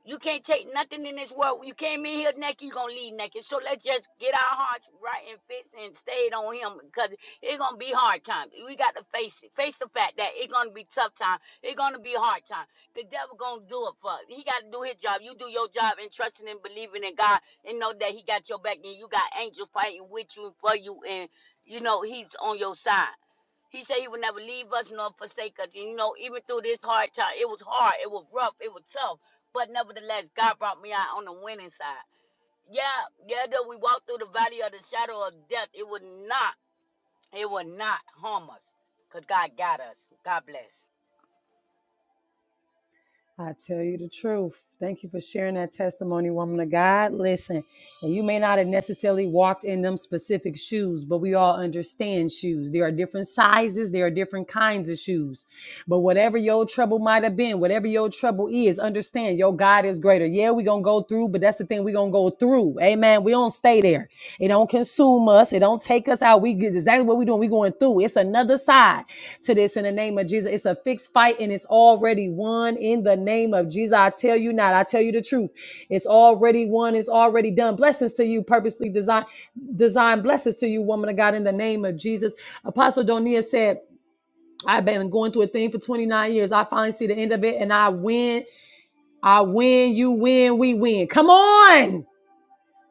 You can't take nothing in this world. You came in here naked, you're gonna leave naked. So let's just get our hearts right and fixed and stayed on him because it's gonna be hard times. We got to face it. Face the fact that it's gonna be tough time. It's gonna be hard time. The devil gonna do it for us. He gotta do his job. You do your job and trusting and believing in God and know that he got your back and you got angels fighting with you and for you and you know he's on your side. He said he would never leave us nor forsake us. And you know, even through this hard time, it was hard, it was rough, it was tough but nevertheless, God brought me out on the winning side. Yeah, yeah, though we walk through the valley of the shadow of death, it would not, it would not harm us. Because God got us. God bless. I tell you the truth. Thank you for sharing that testimony, woman of God. Listen, and you may not have necessarily walked in them specific shoes, but we all understand shoes. There are different sizes, there are different kinds of shoes. But whatever your trouble might have been, whatever your trouble is, understand God is greater. Yeah, we're gonna go through, but that's the thing we're gonna go through. Amen. We don't stay there. It don't consume us, it don't take us out. We get exactly what we're doing. we going through. It's another side to this in the name of Jesus. It's a fixed fight and it's already won in the name of Jesus. I tell you not, I tell you the truth. It's already won, it's already done. Blessings to you, purposely designed design blessings to you, woman of God, in the name of Jesus. Apostle Donia said. I've been going through a thing for 29 years. I finally see the end of it and I win I win, you win, we win. Come on.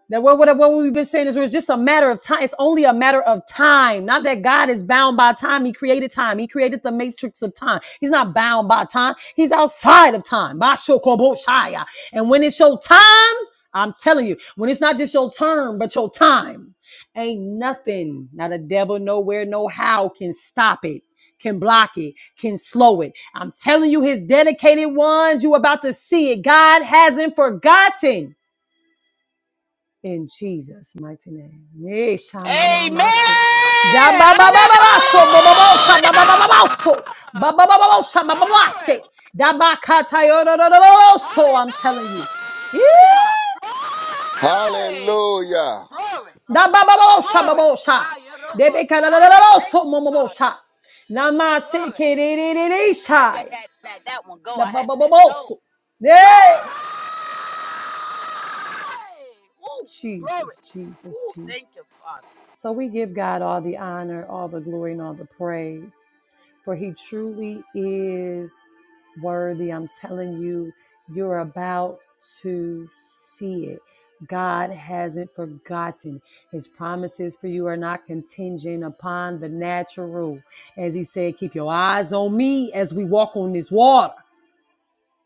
That what, what, what we've been saying is it's just a matter of time. It's only a matter of time. Not that God is bound by time. He created time. He created the matrix of time. He's not bound by time. He's outside of time. Bashokoboshaya. And when it's your time, I'm telling you, when it's not just your turn, but your time, ain't nothing, not a devil, nowhere, no how can stop it. Can block it, can slow it. I'm telling you, his dedicated ones, you about to see it. God hasn't forgotten. In Jesus' mighty name. Eh, shama Amen. mama sho. Da ba ba ba ba ba so ba ba ba sha ba Hallelujah. ba ba ba ba so ba ba ba ba ba sha ba ba ba Glory. she. Da ba ka ta yo do do do do so I'm telling you. Eh, Hallelujah. Glory. Hallelujah. Glory. Da ba ba ba ba sha ba Glory. ba sha. Ah, you're the De be ka da da da Messiah. da, Thank so mo you, mo mo God. sha. Na ma se Glory. ke re re re re I just sha. had to let that one go. Da I ba had ba to ba let it ba go. so. Glory! Eh, Ooh, glory. Jesus, Jesus, Ooh, Jesus. thank you, Father. So we give God all the honor, all the glory, and all the praise. for he truly is worthy. I'm telling you, you're about to see it. God hasn't forgotten. His promises for you are not contingent upon the natural. As he said, keep your eyes on me as we walk on this water.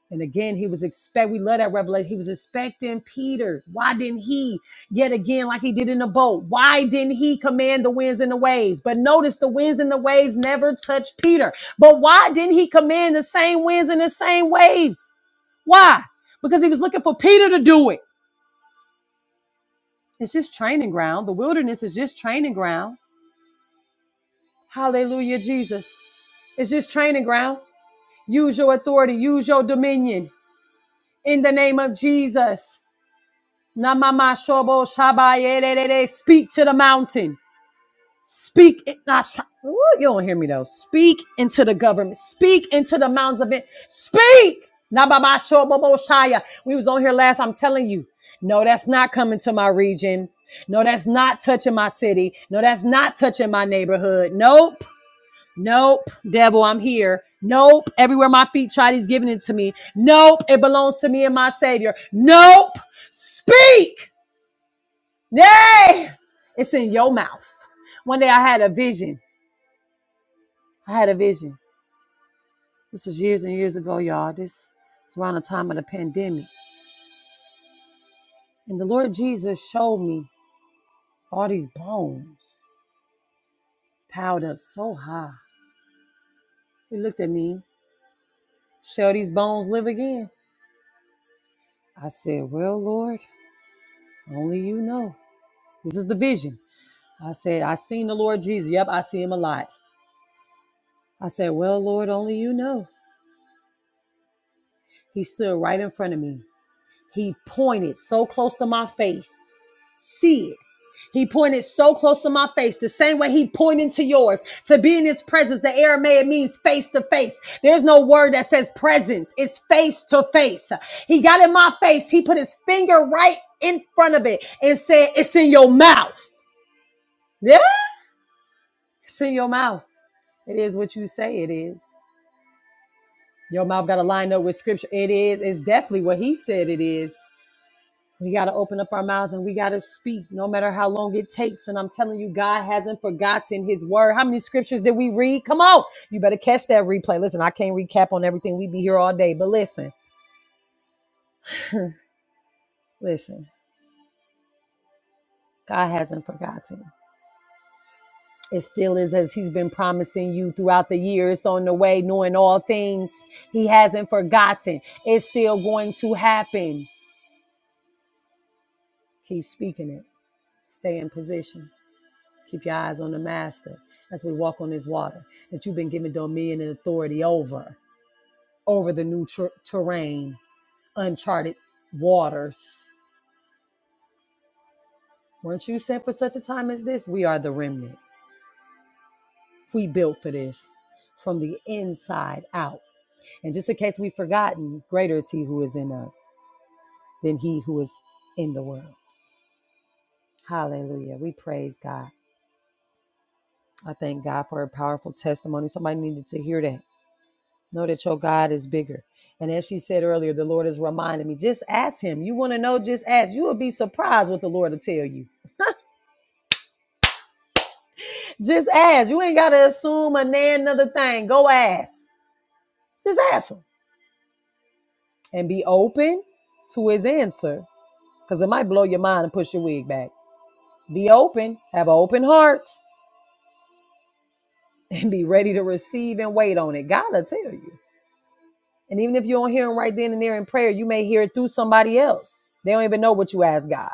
And again, he was expect. We love that revelation. He was expecting Peter. Why didn't he? Yet again, like he did in the boat. Why didn't he command the winds and the waves? But notice the winds and the waves never touched Peter. But why didn't he command the same winds and the same waves? Why? Because he was looking for Peter to do it. It's just training ground. The wilderness is just training ground. Hallelujah, Jesus. It's just training ground. Use your authority. Use your dominion in the name of Jesus. Namama shobo shabayerere. Speak to the mountain. Speak. It, nah, sha- Ooh, you don't hear me though. Speak into the government. Speak into the mountains of it. Speak. Namama shobo bo shaya. We was on here last. I'm telling you. No, that's not coming to my region. No, that's not touching my city. No, that's not touching my neighborhood. Nope. Nope. Devil, I'm here. Nope. Everywhere my feet try, he's giving it to me. Nope. It belongs to me and my savior. Nope. Speak. Yay! It's in your mouth. One day I had a vision. I had a vision. This was years and years ago, y'all. This was around the time of the pandemic. And the Lord Jesus showed me all these bones piled up so high. He looked at me, shall these bones live again? I said, Well, Lord, only you know. This is the vision. I said, I seen the Lord Jesus. Yep, I see him a lot. I said, Well, Lord, only you know. He stood right in front of me. He pointed so close to my face. See it. He pointed so close to my face, the same way he pointed to yours. To be in his presence, the Aramaic means face to face. There's no word that says presence, it's face to face. He got in my face, he put his finger right in front of it and said, It's in your mouth. Yeah, it's in your mouth. It is what you say it is. Your mouth got to line up with scripture. It is. It's definitely what he said it is. We got to open up our mouths and we got to speak no matter how long it takes. And I'm telling you, God hasn't forgotten his word. How many scriptures did we read? Come on. You better catch that replay. Listen, I can't recap on everything. We'd be here all day. But listen, listen, God hasn't forgotten. It still is as he's been promising you throughout the years on the way, knowing all things. He hasn't forgotten. It's still going to happen. Keep speaking it. Stay in position Keep your eyes on the master as we walk on this water that you've been given dominion and authority over, over the new ter- terrain, uncharted waters. Weren't you sent for such a time as this? We are the remnant. We built for this from the inside out. And just in case we've forgotten, greater is he who is in us than he who is in the world. Hallelujah. We praise God. I thank God for a powerful testimony. Somebody needed to hear that Know that your God is bigger. And as she said earlier, the Lord is reminding me just ask Him. You want to know, just ask. You will be surprised what the Lord will tell you. Just ask. You ain't got to assume a nan another thing. Go ask. Just ask Him and be open to His answer because it might blow your mind and push your wig back. Be open, have an open heart, and be ready to receive and wait on it. God will tell you. And even if you don't hear Him right then and there in prayer, you may hear it through somebody else. They don't even know what you ask God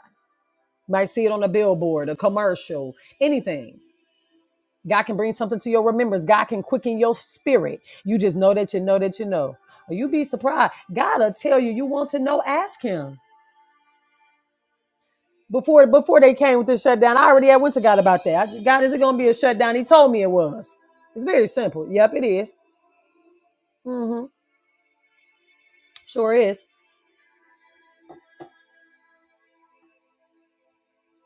Might see it on a billboard, a commercial, anything. God can bring something to your remembrance. God can quicken your spirit. You just know that you know that you know. Or you be surprised. God'll tell you you want to know. Ask Him before before they came with the shutdown. I already had went to God about that. I- God, is it going to be a shutdown? He told me it was. It's very simple. Yep, it is. Mm-hmm. Sure is.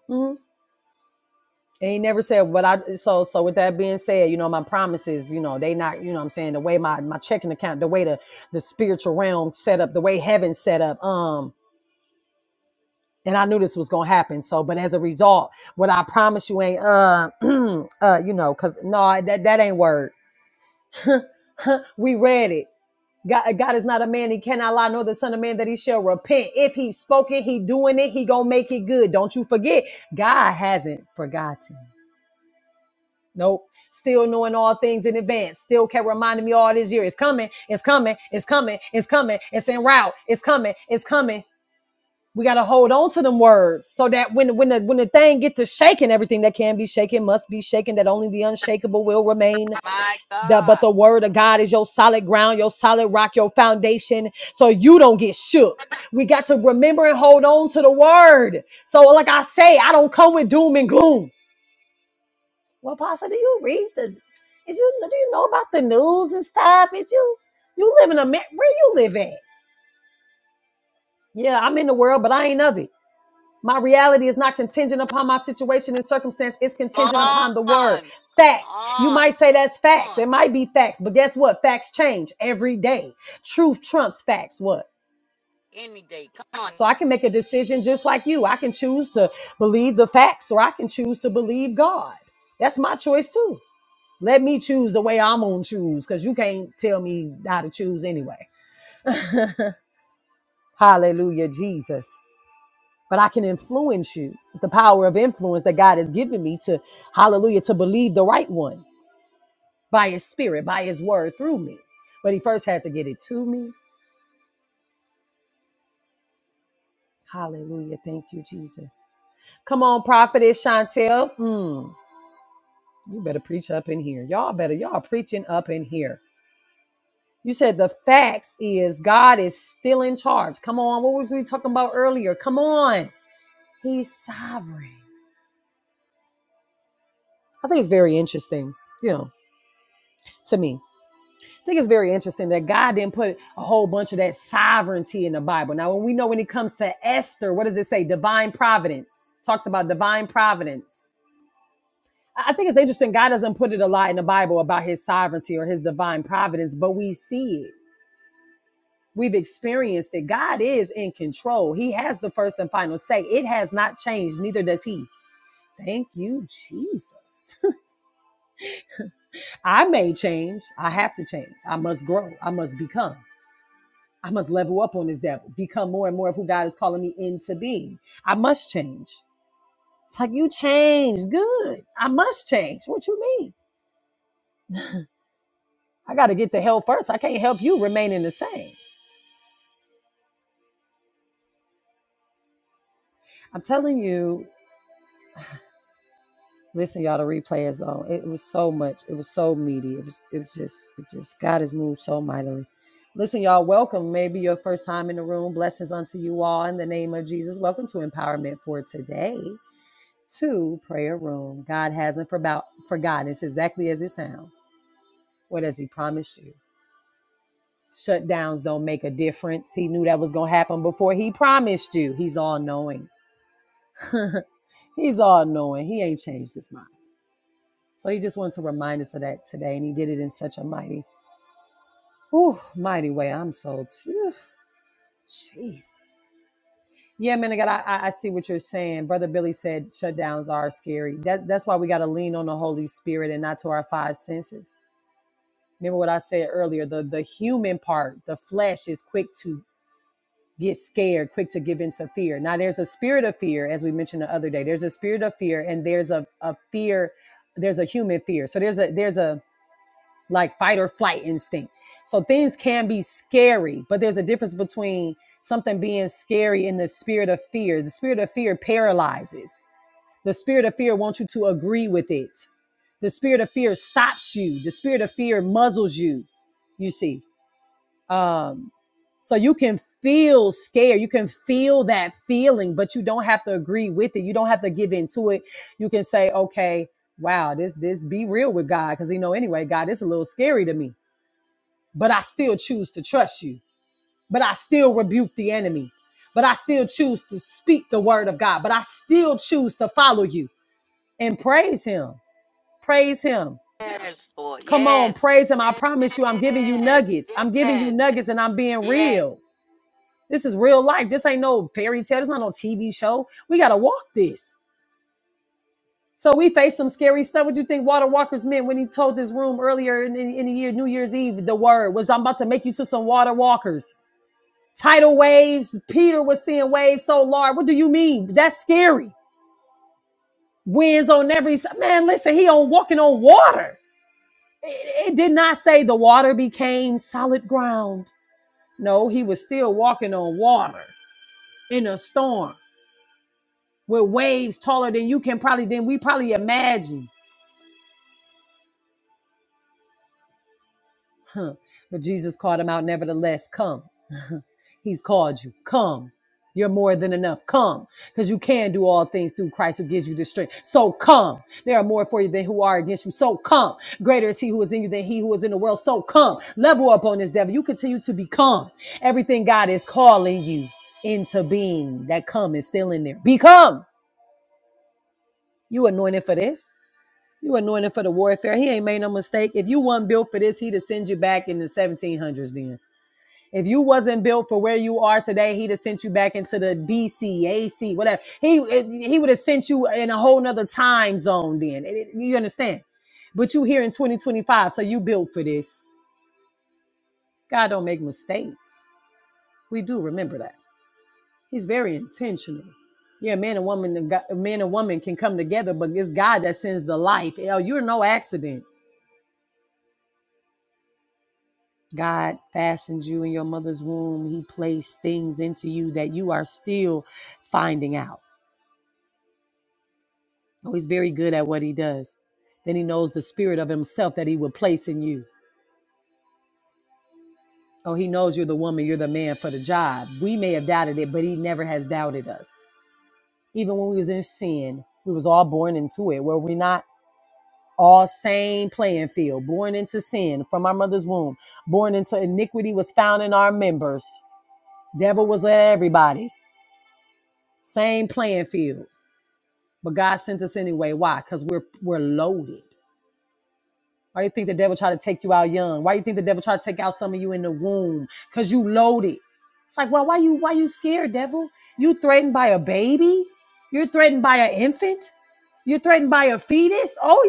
Mm-hmm. And he never said what I so so with that being said, you know, my promises, you know, they not, you know what I'm saying, the way my my checking account, the way the the spiritual realm set up, the way heaven set up, um, and I knew this was gonna happen. So, but as a result, what I promise you ain't uh uh, you know, cause no, that that ain't word. we read it. God, God is not a man, he cannot lie, nor the son of man that he shall repent. If he spoke it, he doing it, he gonna make it good. Don't you forget, God hasn't forgotten. Nope. Still knowing all things in advance. Still kept reminding me all this year. It's coming. It's coming. It's coming. It's coming. It's en route. It's coming. It's coming. We gotta hold on to them words so that when when the when the thing get to shaking, everything that can be shaken must be shaken. That only the unshakable will remain. My The, but God. the word of God is your solid ground, your solid rock, your foundation. So you don't get shook. We got to remember and hold on to the word. So like I say, I don't come with doom and gloom. Well, Pastor, do you read the? Is you do you know about the news and stuff? Is you you live in a Where you live at? Yeah, I'm in the world, but I ain't of it. My reality is not contingent upon my situation and circumstance. It's Come contingent on. upon the word. Come Facts. You on. might say that's Come facts. on. It might be facts, but guess what? Facts change every day. Truth trumps facts. What? Any day. Come on. So I can make a decision just like you. I can choose to believe the facts or I can choose to believe God. That's my choice too. Let me choose the way I'm gonna choose, because you can't tell me how to choose anyway. Hallelujah, Jesus. But I can influence you. The power of influence that God has given me to, hallelujah, to believe the right one by his spirit, by his word through me. But he first had to get it to me. Hallelujah. Thank you, Jesus. Come on, prophetess Chantel. Mm, you better preach up in here. Y'all better, y'all preaching up in here. You said the facts is God is still in charge. Come on, what was we talking about earlier? Come on, He's sovereign. I think it's very interesting, you know, to me. I think it's very interesting that God didn't put a whole bunch of that sovereignty in the Bible. Now, when we know when it comes to Esther, what does it say? Divine providence talks about divine providence. I I think it's interesting. God doesn't put it a lot in the Bible about His sovereignty or His divine providence, but we see it. we've experienced it. God is in control. He has the first and final say. It has not changed, neither does He. Thank you, Jesus. I may change. I have to change. I must grow. I must become. I must level up on this devil, become more and more of who God is calling me into being. I must change. It's like, you change. Good. I must change. What you mean? I got to get the hell first. I can't help you remaining the same. I'm telling you, Listen, y'all, the replay is on. It was so much. It was so meaty. It was. It was just. It just. God has moved so mightily. Listen, y'all. Welcome. Maybe your first time in the room. Blessings unto you all in the name of Jesus. Welcome to Empowerment for today. To prayer room. God hasn't forbout forgotten. It's exactly as it sounds. What has He promised you? Shutdowns don't make a difference. He knew that was going to happen before He promised you. He's all knowing. He's all knowing. He ain't changed His mind. So he just wanted to remind us of that today, and he did it in such a mighty, whew, mighty way. I'm so phew, Jesus. Yeah, man, I got. I, I see what you're saying. Brother Billy said shutdowns are scary. That, that's why we got to lean on the Holy Spirit and not to our five senses. Remember what I said earlier. The the human part, the flesh, is quick to get scared, quick to give into fear. Now there's a spirit of fear, as we mentioned the other day. There's a spirit of fear, and there's a, a fear. There's a human fear. So there's a there's a like fight or flight instinct. So things can be scary, but there's a difference between something being scary and the spirit of fear. The spirit of fear paralyzes. The spirit of fear wants you to agree with it. The spirit of fear stops you. The spirit of fear muzzles you. You see. Um so you can feel scared. You can feel that feeling, but you don't have to agree with it. You don't have to give in to it. You can say, "Okay, wow, this this be real with God cuz you know anyway, God, it's a little scary to me." but I still choose to trust you. But I still rebuke the enemy. But I still choose to speak the word of God. But I still choose to follow you and praise him. Praise him. Yes, Lord. Come on, Yes. praise him. I promise you, I'm giving you Yes. nuggets. I'm giving you Yes. nuggets and I'm being Yes. real. This is real life. This ain't no fairy tale. This not no TV show. We got to walk this. So we face some scary stuff. What do you think Walter Walker's meant when he told this room earlier in, in, in the year, New Year's Eve, the word was, I'm about to make you to some Water Walkers. tidal waves. Peter was seeing waves so large. What do you mean? That's scary. Winds on every s- man. Listen, he on walking on water. It, it did not say the water became solid ground. No, he was still walking on water in a storm with waves taller than you can probably than we probably imagine. But Jesus called him out, nevertheless, come. He's called you. Come. You're more than enough. Come. Because you can do all things through Christ who gives you the strength. So come. There are more for you than who are against you. So come. Greater is he who is in you than he who is in the world. So come. Level up on this devil. You continue to become everything God is calling you into being. That come is still in there. Become. You anointed for this. You anointed for the warfare. He ain't made no mistake. If you weren't built for this, he'd have send you back in the 1700s then. If you wasn't built for where you are today, he'd have sent you back into the B, C, A, C, whatever. He he would have sent you in a whole nother time zone. Then It- it- you understand. But you here in 2025, so you built for this. God don't make mistakes. We do remember that. He's very intentional. Yeah, man and woman, and God- man and woman can come together, but it's God that sends the life. Hell, You're no accident. God fashioned you in your mother's womb. He placed things into you that you are still finding out. Oh, he's very good at what he does. Then he knows the spirit of himself that he would place in you. Oh, he knows you're the woman, you're the man for the job. We may have doubted it, but he never has doubted us. Even when we was in sin, we was all born into it. Were we not all same playing field, born into sin from our mother's womb, born into iniquity was found in our members. Devil was at everybody. Same playing field. But God sent us anyway. Why? Because we're we're loaded. Why you think the devil try to take you out young? Why you think the devil try to take out some of you in the womb? Cause you loaded. It's like, well, why you why you scared, devil? You threatened by a baby? You're threatened by an infant? You're threatened by a fetus? Oh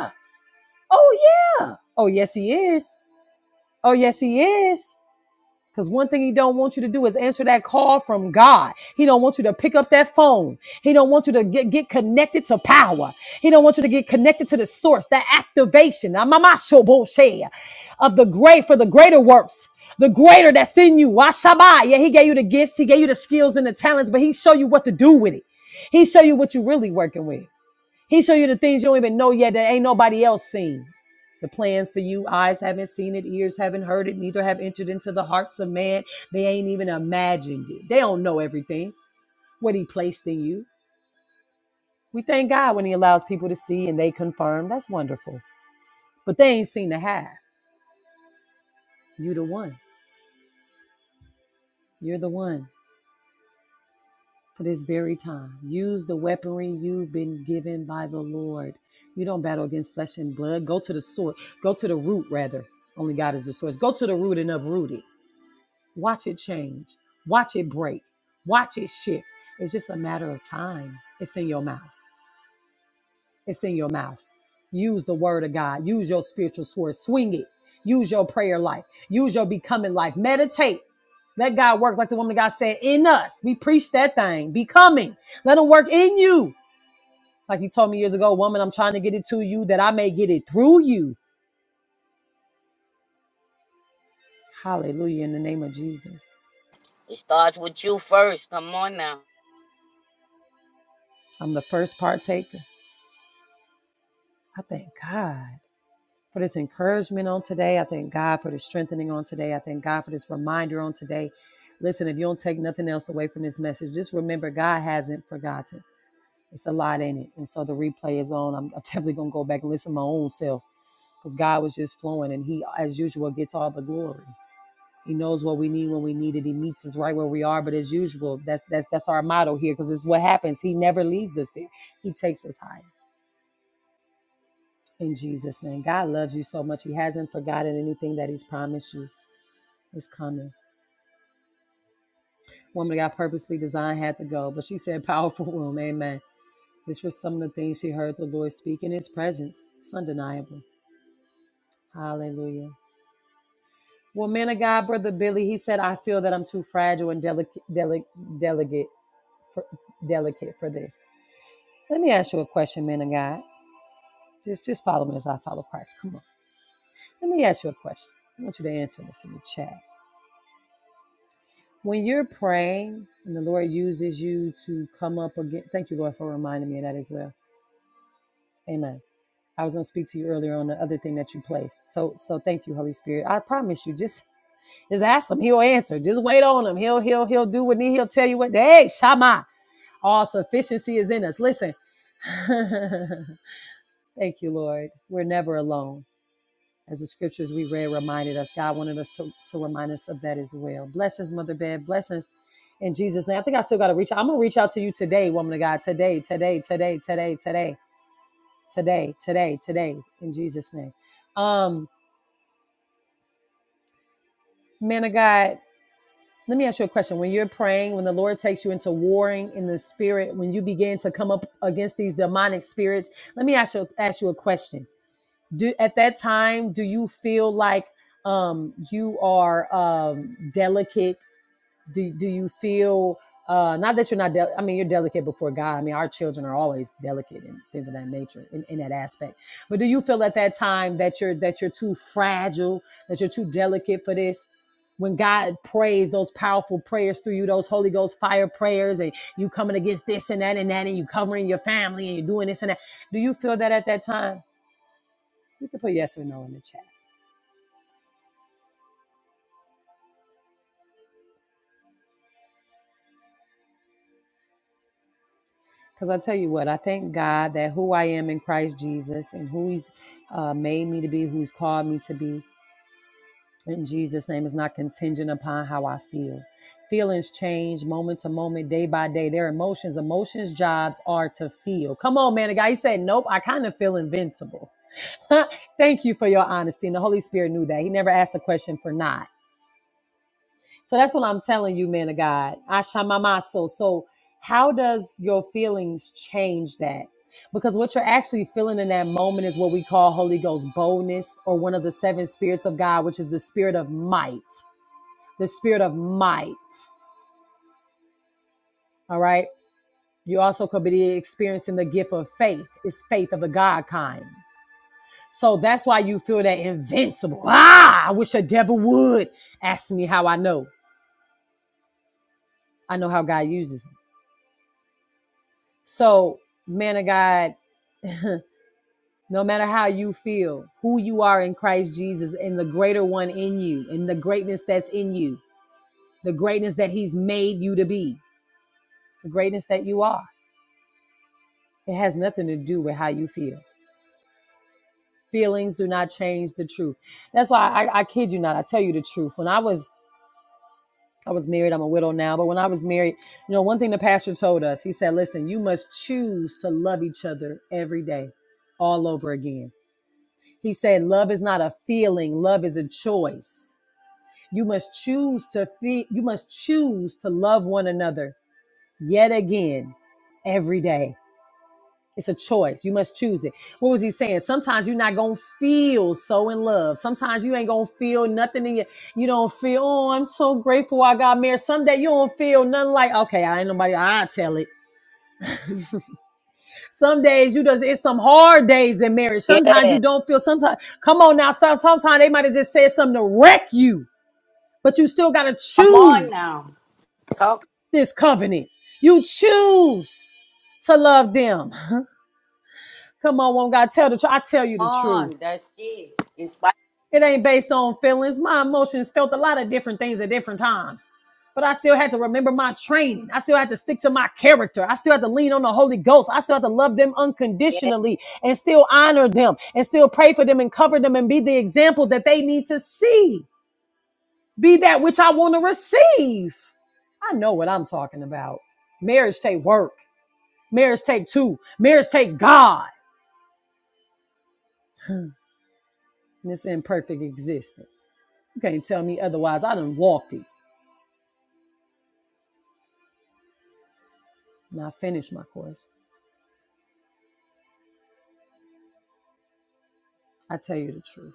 yeah. Oh yeah. Oh yes he is. Oh yes he is. Because one thing he don't want you to do is answer that call from God. He don't want you to pick up that phone. He don't want you to get, get connected to power. He don't want you to get connected to the source, that activation Amamashoboshe, of the great for the greater works. The greater that's in you. Washabai. Yeah, he gave you the gifts, he gave you the skills and the talents, but he show you what to do with it. He show you what you really working with. He show you the things you don't even know yet that ain't nobody else seen. The plans for you, eyes haven't seen it, ears haven't heard it, neither have entered into the hearts of man. They ain't even imagined it. They don't know everything, what he placed in you. We thank God when he allows people to see and they confirm. That's wonderful. But they ain't seen the half. You the one. You're the one. for this very time. Use the weaponry you've been given by the Lord. You don't battle against flesh and blood. Go to the source. Go to the root, rather. Only God is the source. Go to the root and uproot it. Watch it change. Watch it break. Watch it shift. It's just a matter of time. It's in your mouth. It's in your mouth. Use the word of God. Use your spiritual sword. Swing it. Use your prayer life. Use your becoming life. Meditate. Let God work like the woman of God said in us. We preach that thing. Becoming. Let him work in you. Like he told me years ago, woman, I'm trying to get it to you that I may get it through you. Hallelujah. In the name of Jesus. It starts with you first. Come on now. I'm the first partaker. I thank God. for this encouragement on today. I thank God for the strengthening on today. I thank God for this reminder on today. Listen, if you don't take nothing else away from this message, just remember God hasn't forgotten. It's a lot in it. And so the replay is on. I'm, definitely going to go back and listen to my own self because God was just flowing and He, as usual, gets all the glory. He knows what we need when we need it. He meets us right where we are. But as usual, that's that's that's our motto here because it's what happens. He never leaves us there. He takes us higher. In Jesus' name. God loves you so much. He hasn't forgotten anything that He's promised you. is coming. Woman that God purposely designed had to go, but she said, powerful room. Amen. This was some of the things she heard the Lord speak in his presence. It's undeniable. Hallelujah. Well, man of God, Brother Billy, he said, I feel that I'm too fragile and delicate, delic delicate, for, delicate for this. Let me ask you a question, man of God. Just, just follow me as I follow Christ. Come on. Let me ask you a question. I want you to answer this in the chat when you're praying and the Lord uses you to come up again, thank you, Lord, for reminding me of that as well. Amen I was going to speak to you earlier on the other thing that you placed. So so thank you, Holy Spirit. I promise you, just just ask him. He'll answer. Just wait on him. He'll he'll he'll do what he he'll tell you what. Hey, Shama, all sufficiency is in us. Listen. thank you, Lord. We're never alone. As the scriptures we read reminded us, God wanted us to, to remind us of that as well. Blessings, Mother Bed. Blessings in Jesus' name. I think I still got to reach out. I'm going to reach out to you today, woman of God. Today, today, today, today, today, today, today, today, in Jesus' name. Um. Man of God, let me ask you a question. When you're praying, when the Lord takes you into warring in the spirit, when you begin to come up against these demonic spirits, let me ask you ask you a question. Do at that time, do you feel like um, you are um, delicate? do do you feel uh not that you're not del i mean you're delicate before god i mean our children are always delicate and things of that nature in, in that aspect but do you feel at that time that you're that you're too fragile that you're too delicate for this when God prays those powerful prayers through you, those Holy Ghost fire prayers, and you coming against this and that and that, and you covering your family and you're doing this and that. Do you feel that at that time? You can put yes or no in the chat. Because I tell you what, I thank God that who I am in Christ Jesus and who He's uh, made me to be, who He's called me to be in Jesus' name is not contingent upon how I feel. Feelings change moment to moment, day by day. Their emotions, emotions, jobs are to feel. Come on, man. The guy he said, Nope, I kind of feel invincible. Thank you for your honesty. And the Holy Spirit knew that. He never asked a question for not. So that's what I'm telling you, man of God. Ashamamaso. So how does your feelings change that? Because what you're actually feeling in that moment is what we call Holy Ghost boldness or one of the seven spirits of God, which is the spirit of might. The spirit of might. All right. You also could be experiencing the gift of faith. It's faith of the God kind. So that's why you feel that invincible. Ah, I wish a devil would ask me how I know. I know how God uses me. So, man of God, no matter how you feel, who you are in Christ Jesus and the greater one in you and the greatness that's in you, the greatness that he's made you to be, the greatness that you are. It has nothing to do with how you feel. Feelings do not change the truth. That's why I, I kid you not. I tell you the truth. When I was I was married. I'm a widow now. But when I was married, you know, one thing the pastor told us, he said, listen, you must choose to love each other every day, all over again. He said, love is not a feeling. Love is a choice. You must choose to feed, you must choose to love one another yet again every day. It's a choice. You must choose it. What was he saying? Sometimes you're not gonna feel so in love. Sometimes you ain't gonna feel nothing in you. You don't feel, oh, I'm so grateful I got married. Some day you don't feel nothing like, okay, I ain't nobody, I tell it. Some days you just it's some hard days in marriage. Sometimes you Yes. don't feel sometimes come on now, some- sometimes they might have just said something to wreck you, but you still gotta Come on choose now. Come this covenant. You choose to love them. Come on, woman, God, tell the truth. I tell you the truth. on. That's it. It's my It ain't based on feelings. My emotions felt a lot of different things at different times. But I still had to remember my training. I still had to stick to my character. I still had to lean on the Holy Ghost. I still had to love them yes. unconditionally and still honor them and still pray for them and cover them and be the example that they need to see. Be that which I want to receive. I know what I'm talking about. Marriage take work. Marriage take two. Marriage take God in this imperfect existence. You can't tell me otherwise. I done walked it. And I finished my course. I tell you the truth.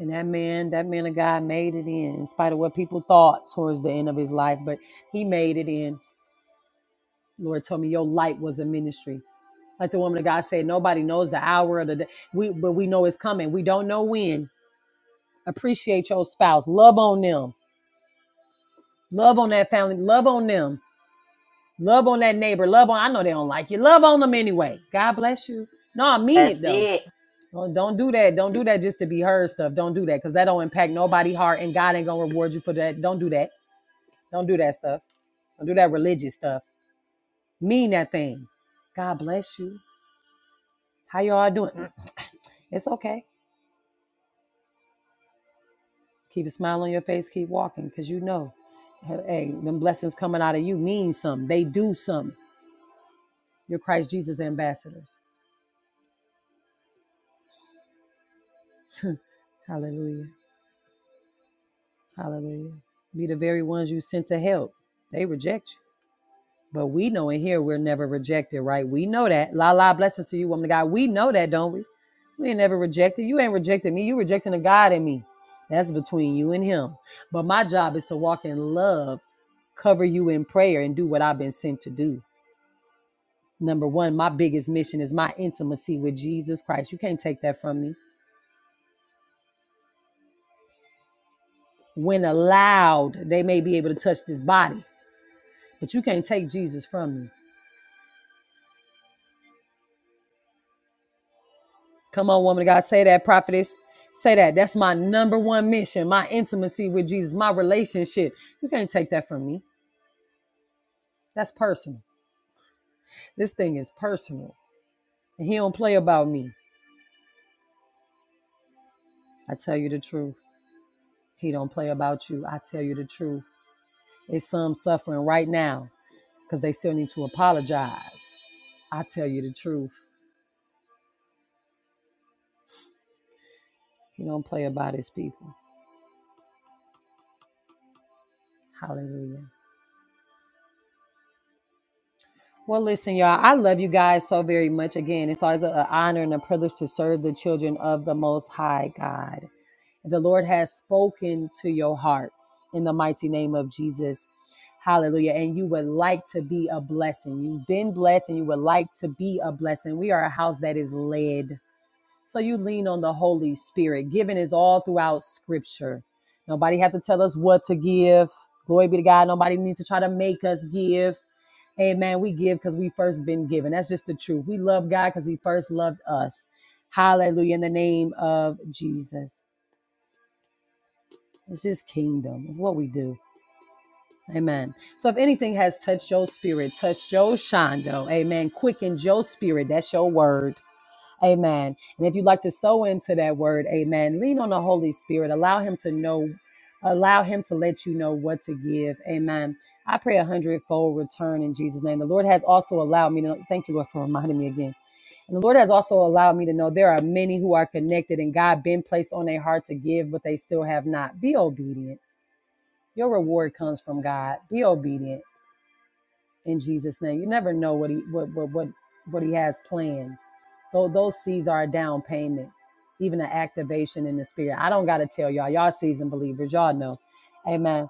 And that man, that man of God made it in, in spite of what people thought towards the end of his life, but he made it in. Lord told me your light was a ministry. Like the woman of God said, nobody knows the hour of the day. We but we know it's coming. We don't know when. Appreciate your spouse. Love on them. Love on that family. Love on them Love on that neighbor. Love on. I know they don't like you. Love on them anyway. God bless you. No, I mean That's it though. it. Don't, don't do that. Don't do that just to be heard stuff. Don't do that because that don't impact nobody's heart and God ain't gonna reward you for that. Don't do that. Don't do that stuff. Don't do that religious stuff. Mean that thing. God bless you. How y'all doing? It's okay. Keep a smile on your face. Keep walking because you know, hey, hey, them blessings coming out of you mean something. They do something. You're Christ Jesus ambassadors. Hallelujah. Hallelujah. Be the very ones you sent to help. They reject you. But we know in here we're never rejected, right? We know that. La la blessings to you, woman of God. We know that, don't we? We ain't never rejected. You ain't rejected me. You rejecting the God in me. That's between you and him. But my job is to walk in love, cover you in prayer, and do what I've been sent to do. Number one, my biggest mission is my intimacy with Jesus Christ. You can't take that from me. When allowed, they may be able to touch this body, but you can't take Jesus from me. Come on, woman of God, say that, prophetess. Say that. That's my number one mission, my intimacy with Jesus, my relationship. You can't take that from me. That's personal. This thing is personal. And he don't play about me. I tell you the truth. He don't play about you. I tell you the truth. It's some suffering right now because they still need to apologize. I tell you the truth. He don't play about his people. Hallelujah. Well, listen, y'all, I love you guys so very much. Again, it's always an honor and a privilege to serve the children of the Most High God. The Lord has spoken to your hearts in the mighty name of Jesus. Hallelujah. And you would like to be a blessing. You've been blessed and you would like to be a blessing. We are a house that is led. So you lean on the Holy Spirit. Giving is all throughout scripture. Nobody have to tell us what to give. Glory be to God. Nobody needs to try to make us give. Amen. We give because we first been given. That's just the truth. We love God because He first loved us. Hallelujah. In the name of Jesus. It's His kingdom. It's what we do. Amen. So if anything has touched your spirit, touched your shondo. Amen. Quicken your spirit. That's your word. Amen. And if you'd like to sow into that word, amen, lean on the Holy Spirit. Allow Him to know, allow Him to let you know what to give. Amen. I pray a hundredfold return in Jesus' name. The Lord has also allowed me to know, thank you, Lord, for reminding me again. And the Lord has also allowed me to know there are many who are connected and God been placed on their heart to give, but they still have not. Be obedient. Your reward comes from God. Be obedient in Jesus' name. You never know what He what what what, what He has planned. Those, those seeds are a down payment, even an activation in the spirit. I don't got to tell y'all. Y'all seasoned believers. Y'all know. Amen.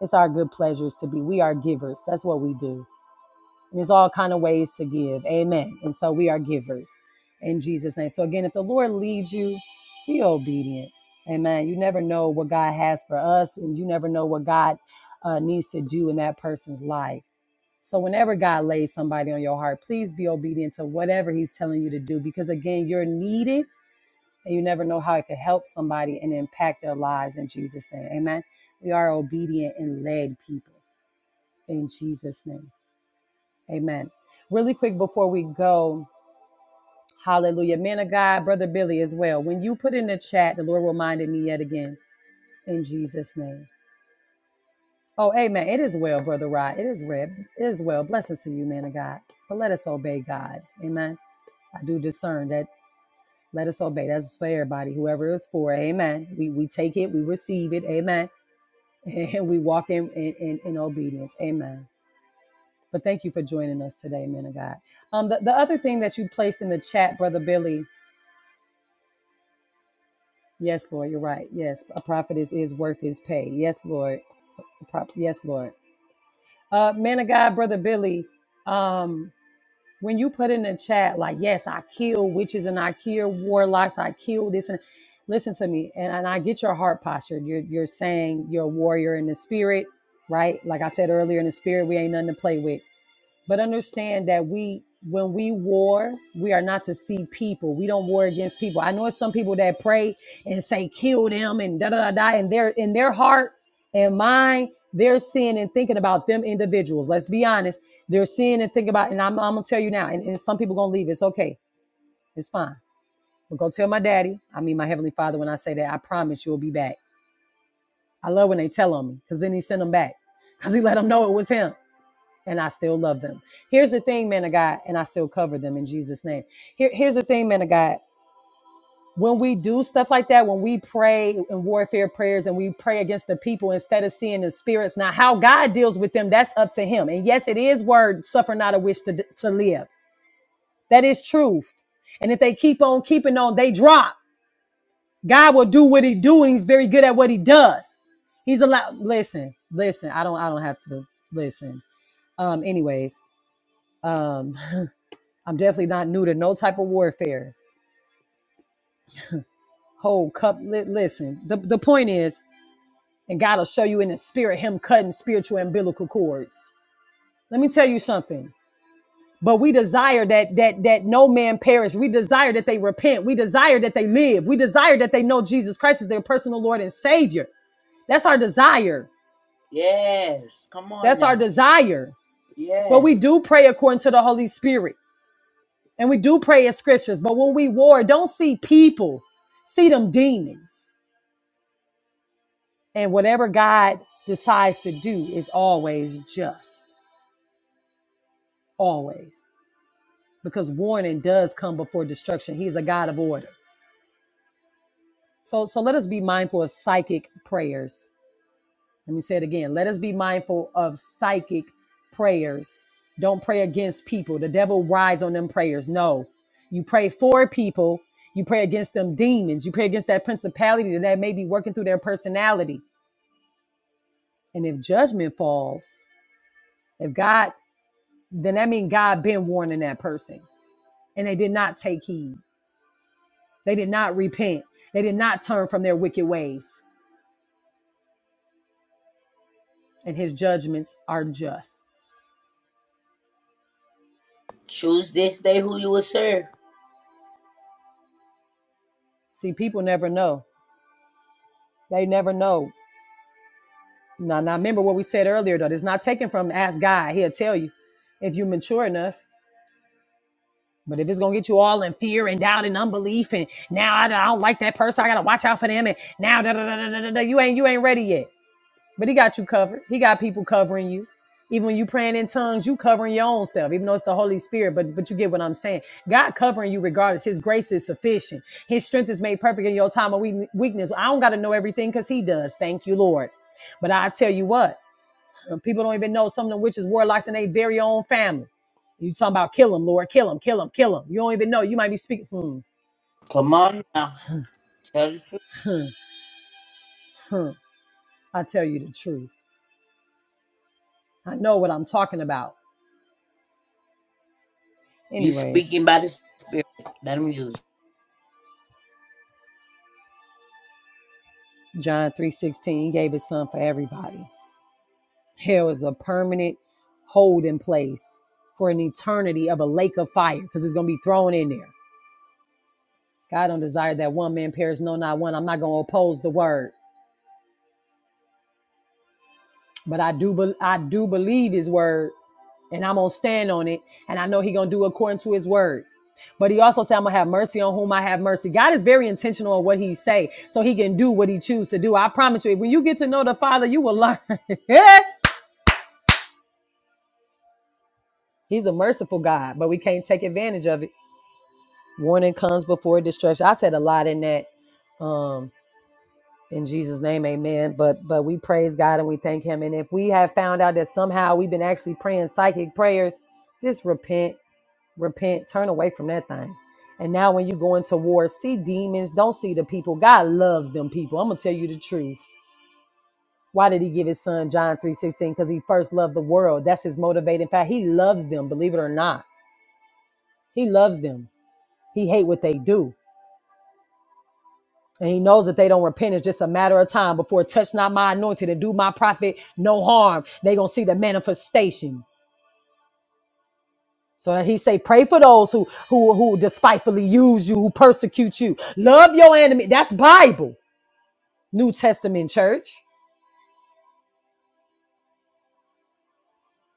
It's our good pleasures to be. We are givers. That's what we do. And there's all kind of ways to give. Amen. And so we are givers in Jesus' name. So again, if the Lord leads you, be obedient. Amen. You never know what God has for us, and you never know what God uh, needs to do in that person's life. So, whenever God lays somebody on your heart, please be obedient to whatever He's telling you to do because, again, you're needed and you never know how it could help somebody and impact their lives in Jesus' name. Amen. We are obedient and led people in Jesus' name. Amen. Really quick before we go, hallelujah. Man of God, Brother Billy as well. When you put in the chat, the Lord reminded me yet again in Jesus' name. Oh, amen. It is well, Brother Rod. It is read. It is well. Blessings to you, man of God. But let us obey God. Amen I do discern that let us obey. That's for everybody, whoever is for. Amen. We we take it, we receive it. Amen. And we walk in in, in, in obedience. Amen. But thank you for joining us today, men of God. Um, the, the other thing that you placed in the chat, Brother Billy. Yes, Lord, you're right. Yes, a prophet is, is worth his pay. Yes, Lord. A prop- yes, Lord. Uh, man of God, Brother Billy. Um, when you put in the chat like yes i kill witches and i kill warlocks i kill this and listen to me and, and i get your heart posture you're, you're saying you're a warrior in the spirit right like i said earlier in the spirit we ain't nothing to play with but understand that we, when we war, we are not to see people. We don't war against people. I know it's some people that pray and say, kill them and da da da da. And they're in their heart and mind, they're seeing and thinking about them individuals. Let's be honest. They're seeing and thinking about, and I'm, I'm gonna tell you now, and, and some people gonna leave. It's okay. It's fine. But go tell my daddy, I mean my heavenly father, when I say that, I promise you'll be back. I love when they tell on me because then he send them back because he let them know it was him and I still love them. Here's the thing, man of God, and I still cover them in Jesus' name. Here, here's the thing, man of God. When we do stuff like that, when we pray in warfare prayers and we pray against the people instead of seeing the spirits, now how God deals with them, that's up to Him. And yes, it is word, suffer not a wish to, to live. That is truth. And if they keep on keeping on, they drop. God will do what He do, and He's very good at what He does. He's allowed. Listen, listen. I don't. I don't have to listen. Um. Anyways. Um. I'm definitely not new to no type of warfare. Whole cup, li- listen. The, the point is, and God will show you in the spirit Him cutting spiritual umbilical cords. Let me tell you something. But we desire that that that no man perish. We desire that they repent. We desire that they live. We desire that they know Jesus Christ is their personal Lord and Savior. That's our desire. Yes. Come on That's our now. desire. But Yes. we do pray according to the Holy Spirit, and we do pray in scriptures. But when we war, don't see people, see them demons. And whatever God decides to do is always just, always. Because warning does come before destruction. He's a God of order. So so let us be mindful of psychic prayers. Let me say it again. Let us be mindful of psychic prayers. Don't pray against people. The devil rides on them prayers. No. You pray for people. You pray against them demons. You pray against that principality that may be working through their personality. And if judgment falls, if God then that means God been warning that person. And they did not take heed. They did not repent. They did not turn from their wicked ways. And his judgments are just. Choose this day who you will serve. See, people never know. They never know. Now, now remember what we said earlier though. It's not taken from ask God. He'll tell you if you're mature enough. But if it's gonna get you all in fear and doubt and unbelief, and now I, I don't like that person, I gotta watch out for them, and now da, da, da, da, da, da, you ain't you ain't ready yet. But he got you covered. He got people covering you. Even when you praying in tongues, you covering your own self, even though it's the Holy Spirit. But but you get what I'm saying. God covering you regardless. His grace is sufficient. His strength is made perfect in your time of weak- weakness. I don't got to know everything because He does. Thank you, Lord. But I tell you what, uh, people don't even know some of them witches, warlocks, and their very own family. You talking about kill them, Lord? Kill them, kill them, kill them. You don't even know. You might be speaking. Hmm, Come on now. Tell the truth. hmm, hmm. I tell you the truth. I know what I'm talking about. You Anyways. speaking by the spirit. Let them use it. John 3:16 gave his son for everybody. Hell is a permanent hold in place for an eternity of a lake of fire because it's going to be thrown in there. God don't desire that one man perish, no, not one. I'm not going to oppose the word, but I do, bel I do believe his word, and I'm gonna stand on it, and I know he gonna do according to his word. But he also said, "I'm gonna have mercy on whom I have mercy." God is very intentional on what He say, so He can do what He choose to do. I promise you, when you get to know the Father, you will learn. Yeah, He's a merciful God, but we can't take advantage of it. Warning comes before destruction. I said a lot in that. Um, in Jesus' name, amen. But but we praise God and we thank him. And if we have found out that somehow we've been actually praying psychic prayers, just repent, repent, turn away from that thing. And now when you go into war, see demons, don't see the people. God loves them people. I'm gonna tell you the truth. Why did he give his son John 3:16? Because he first loved the world. That's his motivating fact. He loves them, believe it or not. He loves them. He hate what they do. And he knows that they don't repent. It's just a matter of time before touch not my anointed and do my prophet no harm. They gonna see the manifestation. So that he say, pray for those who who who despitefully use you, who persecute you. Love your enemy. That's Bible. New Testament church.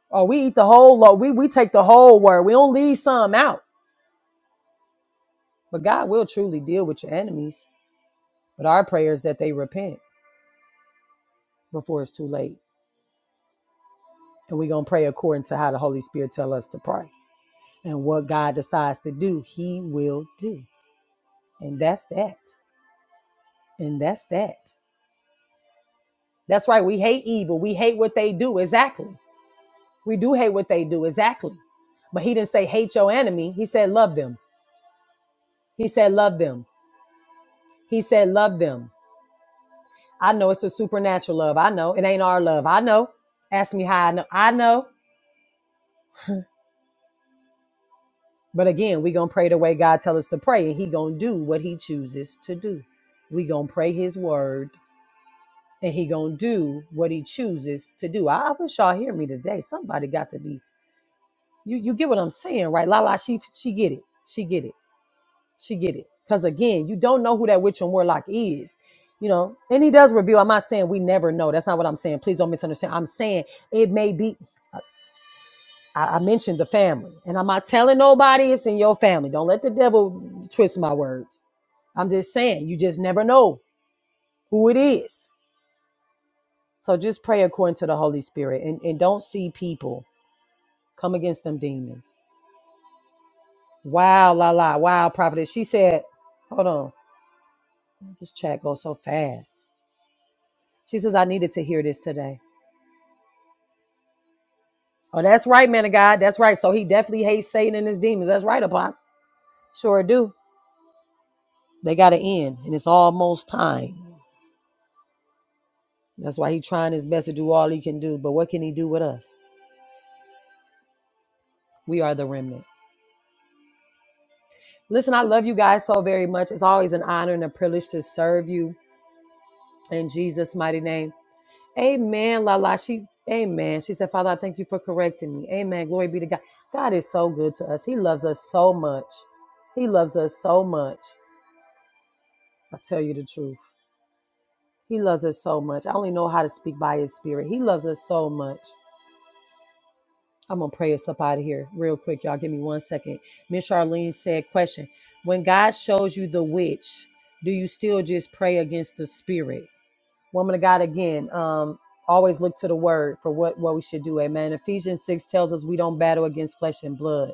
Oh, we eat the whole law. We we take the whole word. We don't leave some out. But God will truly deal with your enemies. But our prayer is that they repent before it's too late. And we're gonna pray according to how the Holy Spirit tell us to pray. And what God decides to do, he will do. And that's that. And that's that. That's right. We hate evil. We hate what they do. Exactly. We do hate what they do. Exactly. But he didn't say hate your enemy. He said love them. He said love them. He said love them. I know it's a supernatural love. I know it ain't our love. I know. Ask me how I know. I know. But again, we gonna pray the way God tell us to pray, and He gonna do what He chooses to do. We gonna pray His word and he gonna do what he chooses to do. I, I wish y'all hear me today. Somebody got to be you. You get what I'm saying, right? Lala, she she get it. She get it. She get it. Cause again, you don't know who that witch and warlock is. You know, and he does reveal. I'm not saying we never know. That's not what I'm saying. Please don't misunderstand. I'm saying it may be. I, I mentioned the family, and I'm not telling nobody it's in your family. Don't let the devil twist my words. I'm just saying you just never know who it is. So just pray according to the Holy Spirit, and, and don't see people Come against them demons. Wow, la la, wow, prophetess. She said, hold on, this chat goes so fast. She says, I needed to hear this today. Oh, that's right, man of God. That's right. So he definitely hates Satan and his demons. That's right, apostle. Sure do. They got to end, and it's almost time. That's why he's trying his best to do all he can do. But what can he do with us? We are the remnant. Listen, I love you guys so very much. It's always an honor and a privilege to serve you in Jesus' mighty name. Amen, La La. She, Amen. She said, Father, I thank you for correcting me. Amen. Glory be to God. God is so good to us. He loves us so much. He loves us so much. I tell you the truth. He loves us so much. I only know how to speak by His Spirit. He loves us so much. I'm gonna pray us up out of here real quick, y'all. Give me one second. Miss Charlene said, "Question: When God shows you the witch, do you still just pray against the spirit?" Woman of God, again, um, always look to the word for what, what we should do. Amen. Ephesians 6 tells us we don't battle against flesh and blood.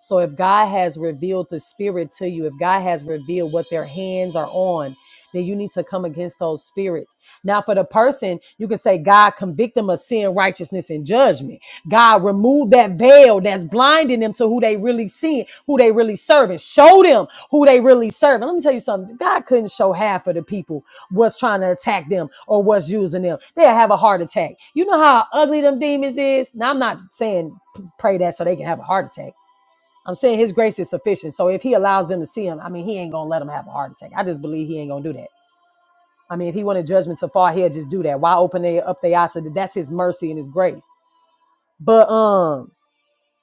So if God has revealed the spirit to you, if God has revealed what their hands are on, then you need to come against those spirits. Now, for the person, you can say, God, convict them of sin, righteousness, and judgment. God, remove that veil that's blinding them to who they really see, who they really serving. Show them who they really serving. Let me tell you something. God couldn't show half of the people what's trying to attack them or what's using them. They'll have a heart attack. You know how ugly them demons is? Now, I'm not saying p- pray that so they can have a heart attack. I'm saying his grace is sufficient. So if he allows them to see him, I mean, he ain't gonna let them have a heart attack. I just believe he ain't gonna do that. I mean, if he wanted judgment to fall, he'll just do that. Why open they up their eyes to that? That's his mercy and his grace. But um,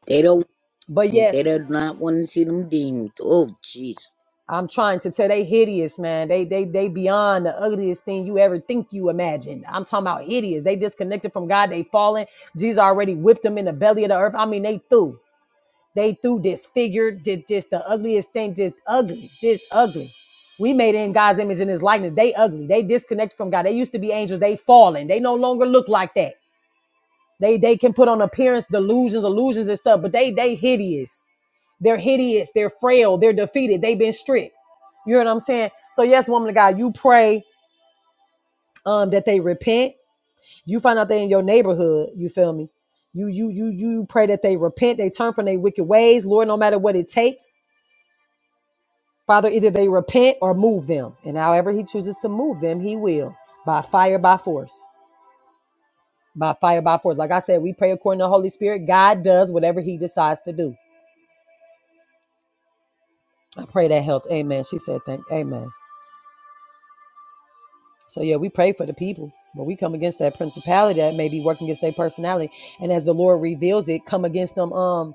They don't but they yes, do not want to see them demons. Oh jeez. I'm trying to tell they hideous, man. They they they beyond the ugliest thing you ever think you imagined. I'm talking about hideous. They disconnected from God, they fallen. Jesus already whipped them in the belly of the earth. I mean, they threw. They threw disfigured, did just the ugliest thing, just ugly, just ugly. We made in God's image and his likeness. They ugly. They disconnected from God. They used to be angels. They fallen. They no longer look like that. They they can put on appearance, delusions, illusions, and stuff, but they they hideous. They're hideous. They're frail. They're defeated. They've been stripped. You hear what I'm saying? So yes, woman of God, you pray um that they repent. You find out they're in your neighborhood. You feel me? You you you you pray that they repent, they turn from their wicked ways, Lord, no matter what it takes. Father, either they repent or move them. And however he chooses to move them, he will by fire, by force. By fire, by force. Like I said, we pray according to the Holy Spirit. God does whatever he decides to do. I pray that helped. Amen. She said, thank, amen. So yeah, we pray for the people, but we come against that principality that may be working against their personality. And as the Lord reveals it, come against them, um,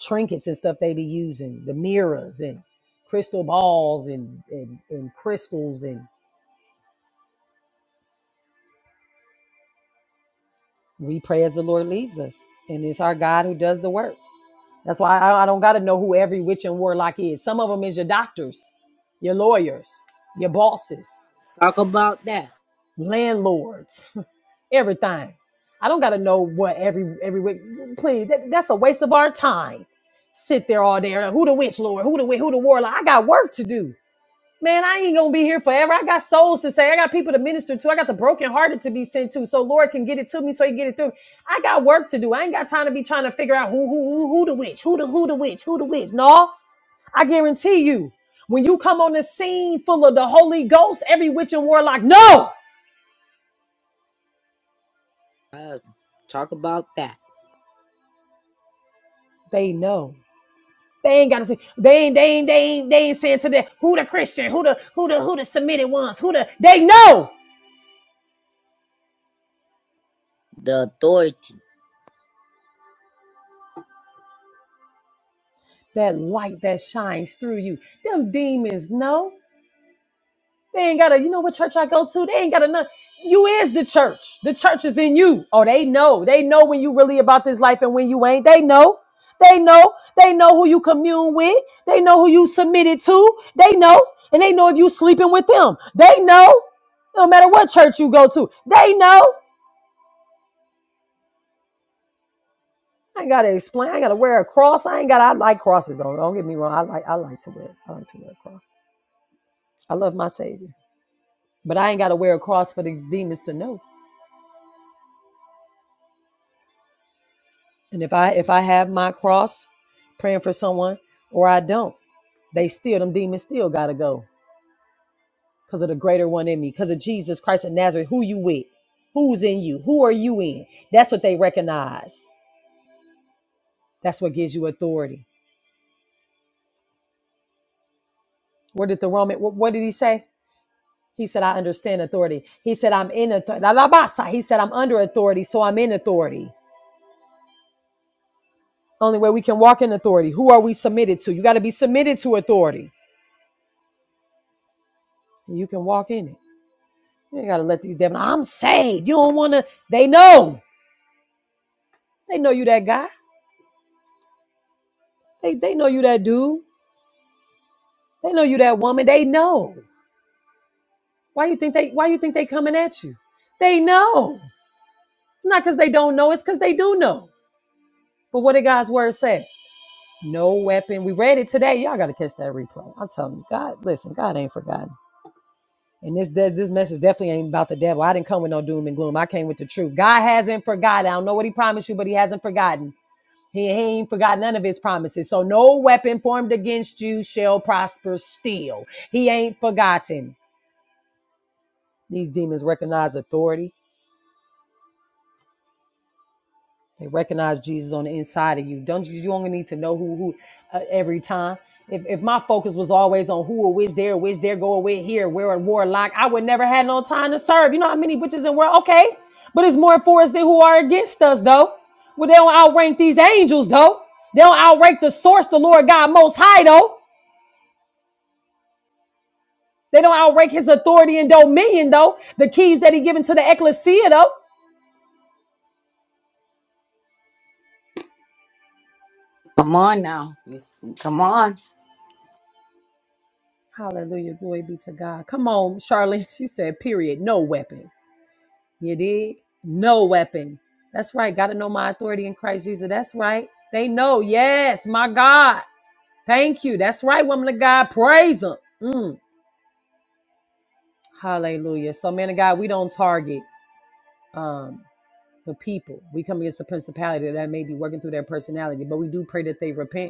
trinkets and stuff they be using, the mirrors and crystal balls and, and, and crystals and We pray as the Lord leads us, and it's our God who does the works. That's why I, I don't got to know who every witch and warlock is. Some of them is your doctors, your lawyers, your bosses, Talk about that. landlords, everything. I don't got to know what every every witch. Please, that, that's a waste of our time. Sit there all day. Who the witch, Lord? Who the witch? Who the warlock? I got work to do. Man, I ain't gonna be here forever. I got souls to say. I got people to minister to. I got the brokenhearted to be sent to. So Lord can get it to me so he can get it through. me. I got work to do. I ain't got time to be trying to figure out who who who, who the witch, who the who the witch, who the witch. No, I guarantee you, when you come on the scene full of the Holy Ghost, every witch and warlock, no, Uh, talk about that. they know. They ain't gotta say they ain't they ain't they ain't they ain't saying to them who the Christian, who the who the who the submitted ones, who the they know The authority. that light that shines through you. Them demons know. They ain't got a, you know what church I go to? They ain't got enough. You is the church. The church is in you. Oh, they know. They know when you really about this life and when you ain't. They know. They know. They know who you commune with. They know who you submitted to. They know. And they know if you sleeping with them. They know. No matter what church you go to, they know. I ain't gotta explain. I ain't gotta wear a cross. I ain't gotta. I like crosses though. Don't get me wrong. I like. I like to wear. I like to wear a cross. I love my Savior, but I ain't gotta wear a cross for these demons to know. And if I if I have my cross praying for someone or I don't, they still them demons still gotta go because of the greater one in me, because of Jesus Christ of Nazareth. Who you with? Who's in you? Who are you in? That's what they recognize. That's what gives you authority. What did the Roman? What, what did he say? He said, "I understand authority." He said, "I'm in authority." He said, "I'm under authority, so I'm in authority." Only way we can walk in authority. Who are we submitted to? You got to be submitted to authority. You can walk in it. You ain't gotta let these devils. I'm saved. You don't wanna. They know. They know you that guy. They they know you that dude. They know you that woman. They know. Why you think they? Why you think they coming at you? They know. It's not because they don't know. It's because they do know. But what did God's word say? No weapon. We read it today. Y'all gotta catch that replay. I'm telling you, God. Listen, God ain't forgotten. And this de- this message definitely ain't about the devil. I didn't come with no doom and gloom. I came with the truth. God hasn't forgotten. I don't know what He promised you, but He hasn't forgotten. He ain't forgot none of his promises. So no weapon formed against you shall prosper still. He ain't forgotten. These demons recognize authority. They recognize Jesus on the inside of you. Don't you? You only need to know who who uh, every time. If, if my focus was always on who or which there, which there, go away here, where a warlock, I would never had no time to serve. You know how many witches in the world? Okay, but it's more for us than who are against us though. Well, they don't outrank these angels though. They don't outrank the source, the Lord God Most High though. They don't outrank his authority and dominion, though. The keys that he given to the ecclesia, though. Come on now. It's- Come on. Hallelujah. Glory be to God. Come on, Charlene. She said, period. No weapon. You dig? No weapon. That's right. Got to know my authority in Christ Jesus. That's right. They know. Yes, my God. Thank you. That's right, woman of God. Praise him. Mm. Hallelujah. So, man of God, we don't target um, the people. We come against the principality that may be working through their personality, but we do pray that they repent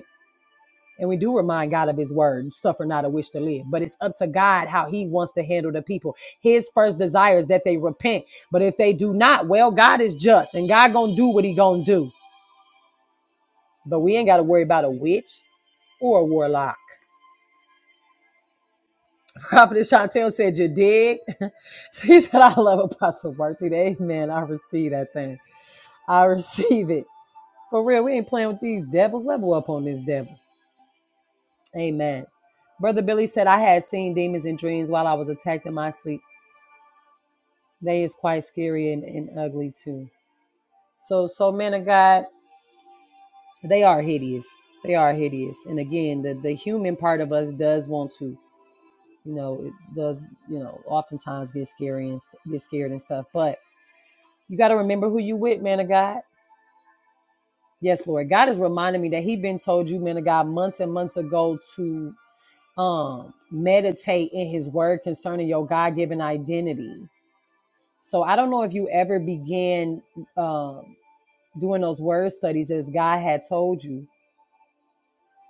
And we do remind God of his word, suffer not a wish to live. But it's up to God how he wants to handle the people. His first desire is that they repent. But if they do not, well, God is just and God gonna do what he gonna do. But we ain't gotta worry about a witch or a warlock. Prophetess Chantel said, You dig? She said, I love Apostle Barty. Amen. I receive that thing. I receive it. For real, we ain't playing with these devils. Level up on this devil. Amen. Brother Billy said, I had seen demons in dreams while I was attacked in my sleep. They is quite scary and, and ugly too. So so men of God, they are hideous. They are hideous. And again, the, the human part of us does want to, you know, it does, you know, oftentimes get scary and st- get scared and stuff. But you got to remember who you with, man of God. Yes, Lord. God is reminding me that He been told you, man of God, months and months ago to um meditate in His Word concerning your God given identity. So I don't know if you ever began um, doing those word studies as God had told you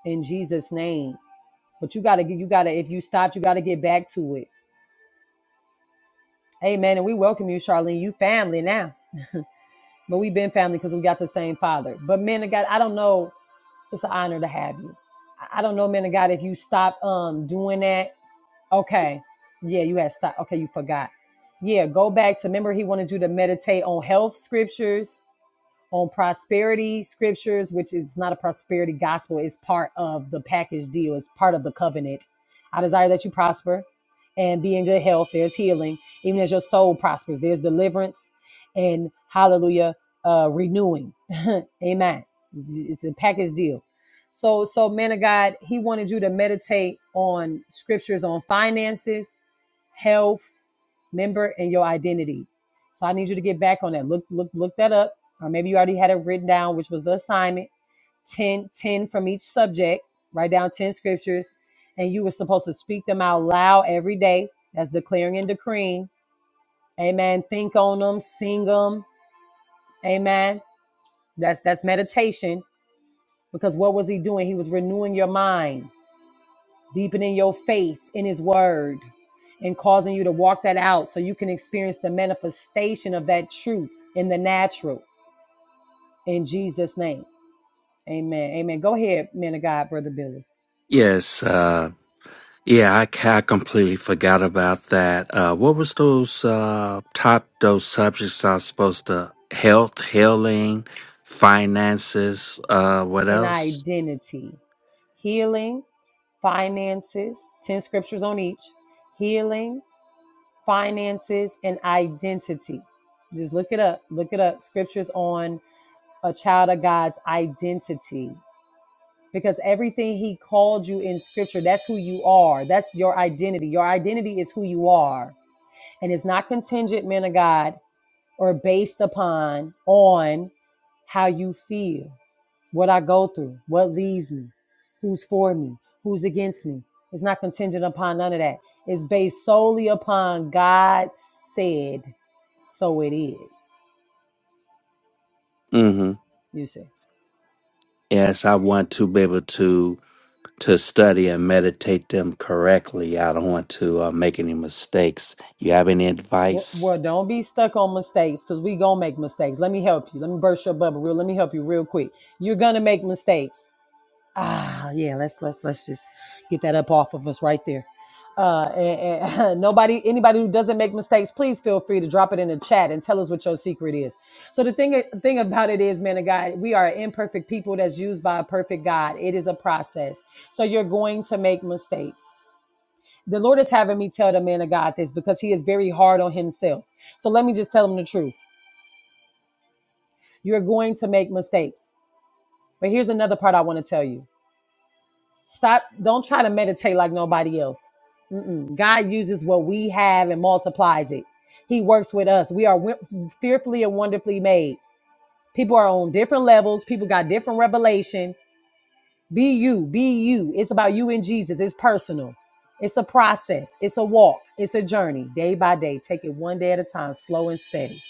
in Jesus' name. But you gotta get you gotta if you stopped, you gotta get back to it. Amen. And we welcome you, Charlene. You family now. But we've been family because we got the same father. But man of God, I don't know. It's an honor to have you. I I don't know, man of God, if you stop um doing that. Okay. Yeah, you had stopped. Okay, you forgot. Yeah, go back to remember he wanted you to meditate on health scriptures on prosperity scriptures, which is not a prosperity gospel, is part of the package deal, Is part of the covenant. I desire that you prosper and be in good health. There's healing, even as your soul prospers, there's deliverance and hallelujah, uh, renewing. Amen. It's, it's a package deal. So, so man of God, he wanted you to meditate on scriptures on finances health member and your identity so i need you to get back on that look look look that up or maybe you already had it written down which was the assignment 10, 10 from each subject write down 10 scriptures and you were supposed to speak them out loud every day that's declaring and decreeing amen think on them sing them amen that's that's meditation because what was he doing he was renewing your mind deepening your faith in his word and causing you to walk that out so you can experience the manifestation of that truth in the natural in Jesus name. Amen. Amen. Go ahead, man of God, brother Billy. Yes, uh, yeah, I, ca- I completely forgot about that. Uh, what was those uh, top those subjects I was supposed to health, healing, finances, uh, what And else? identity, healing, finances, 10 scriptures on each. Healing, finances and identity. Just look it up. Look it up. Scriptures on a child of God's identity because everything he called you in scripture that's who you are that's your identity your identity is who you are and it's not contingent men of god or based upon on how you feel what i go through what leads me who's for me who's against me it's not contingent upon none of that it's based solely upon god said so it is Mm-hmm. you see Yes, I want to be able to to study and meditate them correctly. I don't want to uh, make any mistakes. You have any Well, advice? well, don't be stuck on mistakes because we gonna make mistakes. Let me help you. Let me burst your bubble real. Let me help you real quick. You're gonna make mistakes. Ah, yeah. Let's let's let's just get that up off of us right there. Uh, and, and nobody, anybody who doesn't make mistakes, please feel free to drop it in the chat and tell us what your secret is. So the thing thing about it is, man of God, we are imperfect people that's used by a perfect God. It is a process. So you're going to make mistakes the Lord is having me tell the man of God this because he is very hard on himself. So let me just tell him the truth. You're going to make mistakes. But here's another part I want to tell you. Stop. Don't try to meditate like nobody else. Mm-mm. God uses what we have and multiplies it. He works with us. We are wi- fearfully and wonderfully made. People are on different levels. People got different revelation. Be you, be you. It's about you and Jesus. It's personal. It's a process. It's a walk. It's a journey, day by day. Take it one day at a time, slow and steady.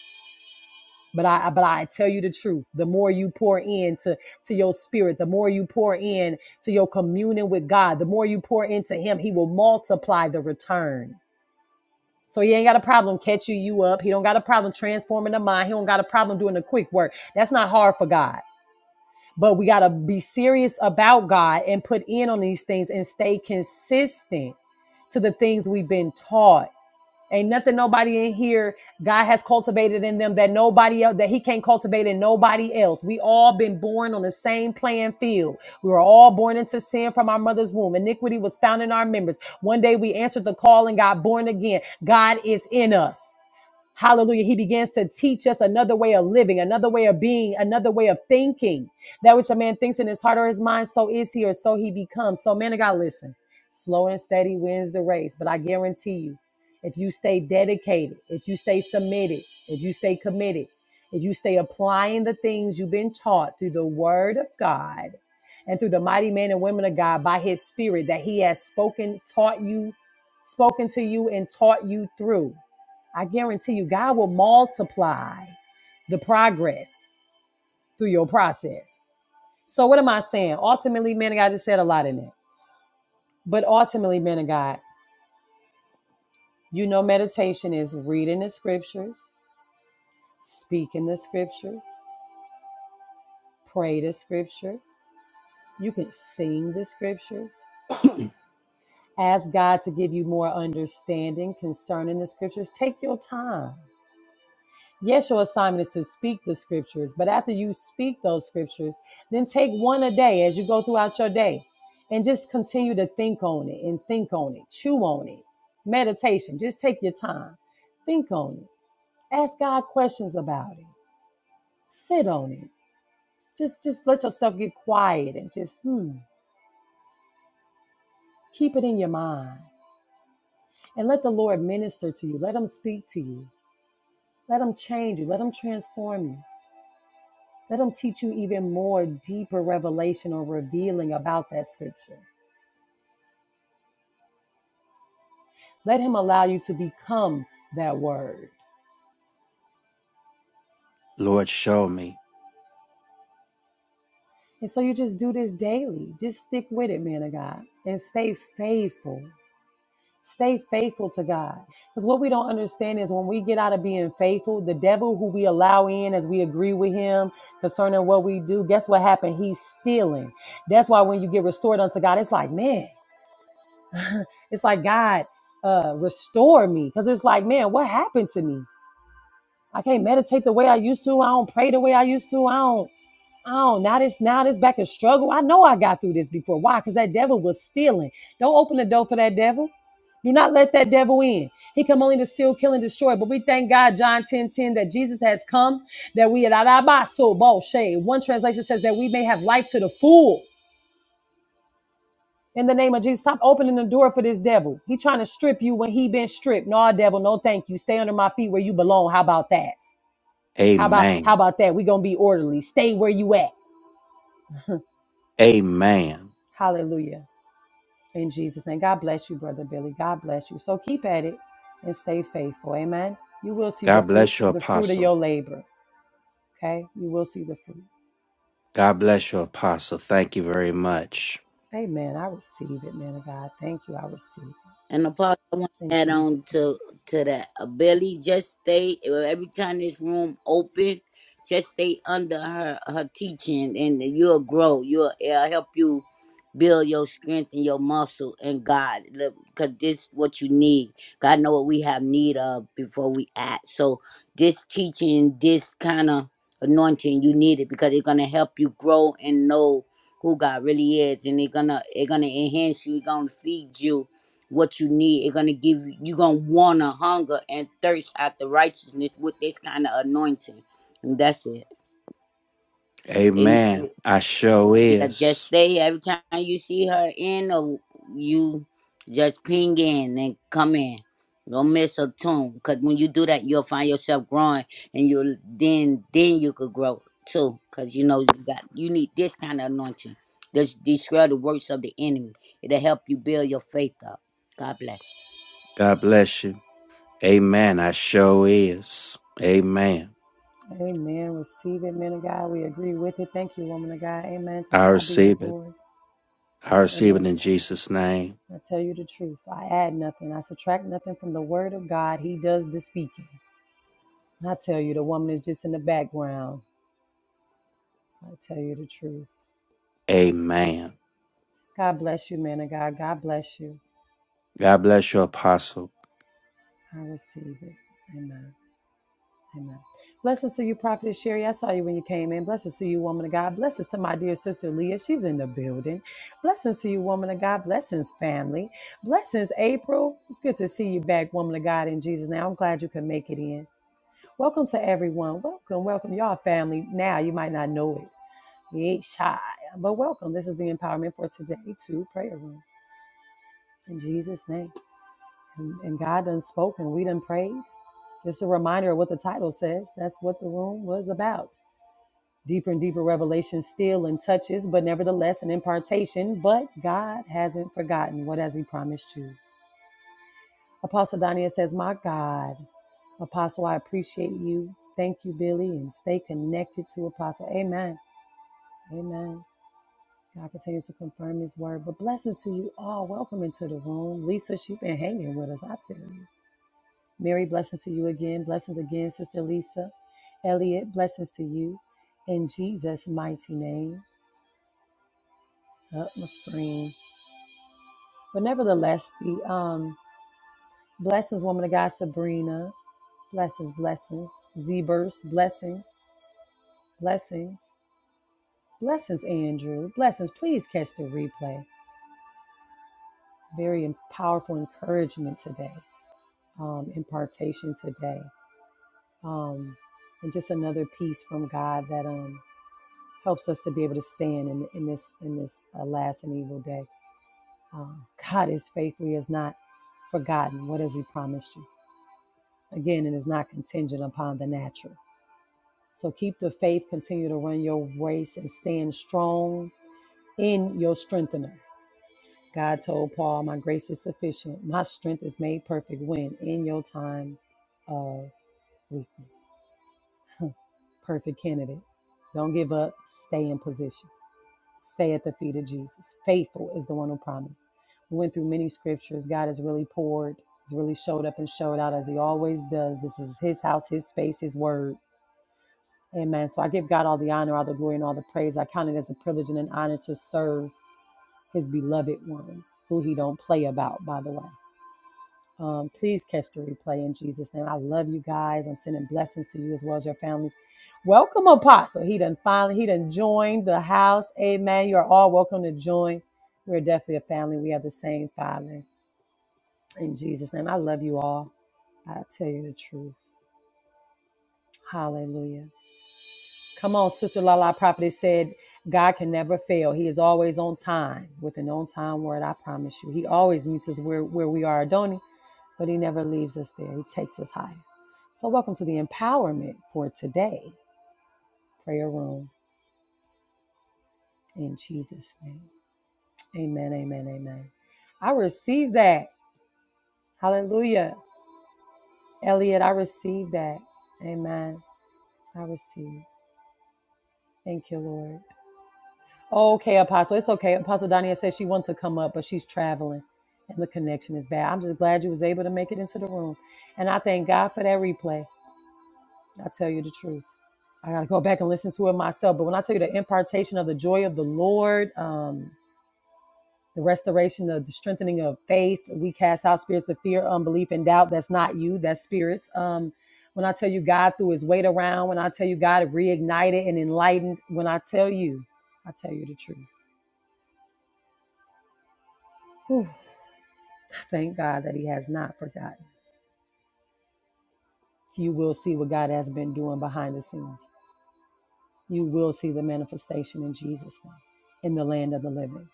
But I, but I tell you the truth. The more you pour in to, to your spirit, the more you pour in to your communion with God, the more you pour into Him, He will multiply the return. So He ain't got a problem catching you up. He don't got a problem transforming the mind. He don't got a problem doing the quick work. That's not hard for God but we got to be serious about God and put in on these things and stay consistent to the things we've been taught. Ain't nothing nobody in here God has cultivated in them that nobody else that He can't cultivate in nobody else. We all been born on the same playing field. We were all born into sin from our mother's womb. Iniquity was found in our members. One day we answered the call and got born again. God is in us. Hallelujah. He begins to teach us another way of living, another way of being, another way of thinking. That which a man thinks in his heart or his mind, so is he or so he becomes. So, man of God, listen, slow and steady wins the race. But I guarantee you, if you stay dedicated, if you stay submitted, if you stay committed, if you stay applying the things you've been taught through the word of God and through the mighty men and women of God by his spirit that he has spoken, taught you, spoken to you, and taught you through. I guarantee you, God will multiply the progress through your process. So, what am I saying? Ultimately, man of God I just said a lot in it. But ultimately, man of God, you know, meditation is reading the scriptures, speaking the scriptures, pray the scripture. You can sing the scriptures. Ask God to give you more understanding concerning the scriptures. Take your time. Yes, your assignment is to speak the scriptures, but after you speak those scriptures, then take one a day as you go throughout your day and just continue to think on it and think on it, chew on it. Meditation, just take your time. Think on it. Ask God questions about it. Sit on it. Just just let yourself get quiet and just hmm, keep it in your mind and let the Lord minister to you. Let him speak to you. Let him change you. Let him transform you. Let him teach you even more deeper revelation or revealing about that scripture. Let him allow you to become that word. Lord, show me. And so you just do this daily. Just stick with it, man of God, and stay faithful. Stay faithful to God. Because what we don't understand is when we get out of being faithful, the devil who we allow in as we agree with him concerning what we do, guess what happened? He's stealing. That's why when you get restored unto God, it's like, man. It's like God uh, restore me because it's like, man, what happened to me? I can't meditate the way I used to. I don't pray the way I used to. I don't. I don't. Now this, now this back in struggle. I know I got through this before. Why? Because that devil was stealing. Don't open the door for that devil. Do not let that devil in. He come only to steal, kill, and destroy. But we thank God, John 10 10, that Jesus has come, that we, one translation says that we may have life to the full. In the name of Jesus, stop opening the door for this devil. He trying to strip you when he been stripped. No, devil, no thank you. Stay under my feet where you belong. How about that? How about how Amen. about that? We gonna be orderly. Stay where you at. Amen. Hallelujah. In Jesus' name. God bless you, brother Billy. God bless you. So keep at it and stay faithful. Amen. You will see the God fruit, bless you, the fruit of Apostle. your labor. Okay? You will see the fruit. God bless you, Apostle. Thank you very much. Amen. I receive it, man of God. Thank you. I receive it. And Apostle, I want In to add on Jesus' name. to to that. Uh, Billy, just stay well, every time this room open, just stay under her her teaching, and you'll grow. You'll it'll help you build your strength and your muscle and God, because this what you need. God know what we have need of before we act. So this teaching, this kind of anointing, you need it because it's gonna help you grow and know who God really is, and it's gonna it's gonna enhance you. It's gonna feed you what you need. It's gonna give you you're gonna wanna hunger and thirst after righteousness with this kind of anointing. And that's it. And Amen. I show yeah, just is. stay every time you see her in or you just ping in and come in. Don't miss a tune. Cause when you do that you'll find yourself growing and you'll then then you could grow too. Cause you know you got you need this kind of anointing. This destroy the works of the enemy. It'll help you build your faith up. God bless. God bless you. Amen. I show is. Amen. Amen. Receive it, men of God. We agree with it. Thank you, woman of God. Amen. To I God be the receive it. glory. I receive it Amen. in Jesus' name. I tell you the truth. I add nothing. I subtract nothing from the word of God. He does the speaking. I tell you, the woman is just in the background. I tell you the truth. Amen. God bless you, man of God. God bless you. God bless you, Apostle. I receive it. Amen. Amen. Blessings to you, Prophetess Sherry. I saw you when you came in. Blessings to you, woman of God. Blessings to my dear sister Leah. She's in the building. Blessings to you, woman of God. Blessings, family. Blessings, April. It's good to see you back, woman of God, in Jesus' name. I'm glad you could make it in. Welcome to everyone. Welcome, welcome. Y'all family now. You might not know it. You ain't shy, but welcome. This is the empowerment for today to prayer room in Jesus' name. And, and God done spoken. We done prayed. Just a reminder of what the title says. That's what the room was about deeper and deeper revelation still in touches, but nevertheless an impartation. But God hasn't forgotten what has He promised you. Apostle Dania says, My God, Apostle, I appreciate you. Thank you, Billy, and stay connected to Apostle. Amen. Amen. God continues to confirm his word. But blessings to you all. Welcome into the room. Lisa, she has been hanging with us, I tell you. Mary, blessings to you again. Blessings again, Sister Lisa. Elliot, blessings to you. In Jesus' mighty name. Up my screen. But nevertheless, the um, blessings, woman of God, Sabrina, blessings, blessings, Zebers, blessings, blessings, blessings, Andrew, blessings. Please catch the replay. Very em- powerful encouragement today, um, impartation today, um, and just another piece from God that um, helps us to be able to stand in, in this in this uh, last and evil day. Um, God is faithful; He has not forgotten. What has He promised you? Again, it is not contingent upon the natural So keep the faith, continue to run your race, and stand strong in your strengthener. God told Paul, My grace is sufficient. My strength is made perfect when in your time of weakness. Perfect candidate. Don't give up. Stay in position. Stay at the feet of Jesus. Faithful is the one who promised. We went through many scriptures. God has really poured, has really showed up and showed out as he always does. This is his house, his space, his word. Amen. So I give God all the honor, all the glory, and all the praise. I count it as a privilege and an honor to serve his beloved ones, who he don't play about, by the way. Um, please catch the replay in Jesus' name. I love you guys. I'm sending blessings to you as well as your families. Welcome, Apostle. He done finally he done joined the house. Amen. You are all welcome to join. We're definitely a family. We have the same father. In Jesus' name. I love you all. I tell you the truth. Hallelujah. Come on, Sister Lala Prophetess said, God can never fail. He is always on time with an on time word, I promise you. He always meets us where, where we are, don't he? But he never leaves us there. He takes us higher. So, welcome to the empowerment for today, prayer room in Jesus' name. Amen, amen, amen. I receive that. Hallelujah. Elliot, I receive that. Amen. I receive. Thank you, Lord. Okay, Apostle. It's okay. Apostle Dania says she wants to come up, but she's traveling and the connection is bad. I'm just glad you was able to make it into the room. And I thank God for that replay. I tell you the truth. I gotta go back and listen to it myself. But when I tell you the impartation of the joy of the Lord, um, the restoration, the, the strengthening of faith, we cast out spirits of fear, unbelief, and doubt. That's not you, that's spirits. Um, when I tell you God threw his weight around, when I tell you God reignited and enlightened, when I tell you, I tell you the truth. Thank God that He has not forgotten. You will see what God has been doing behind the scenes. You will see the manifestation in Jesus' name in the land of the living.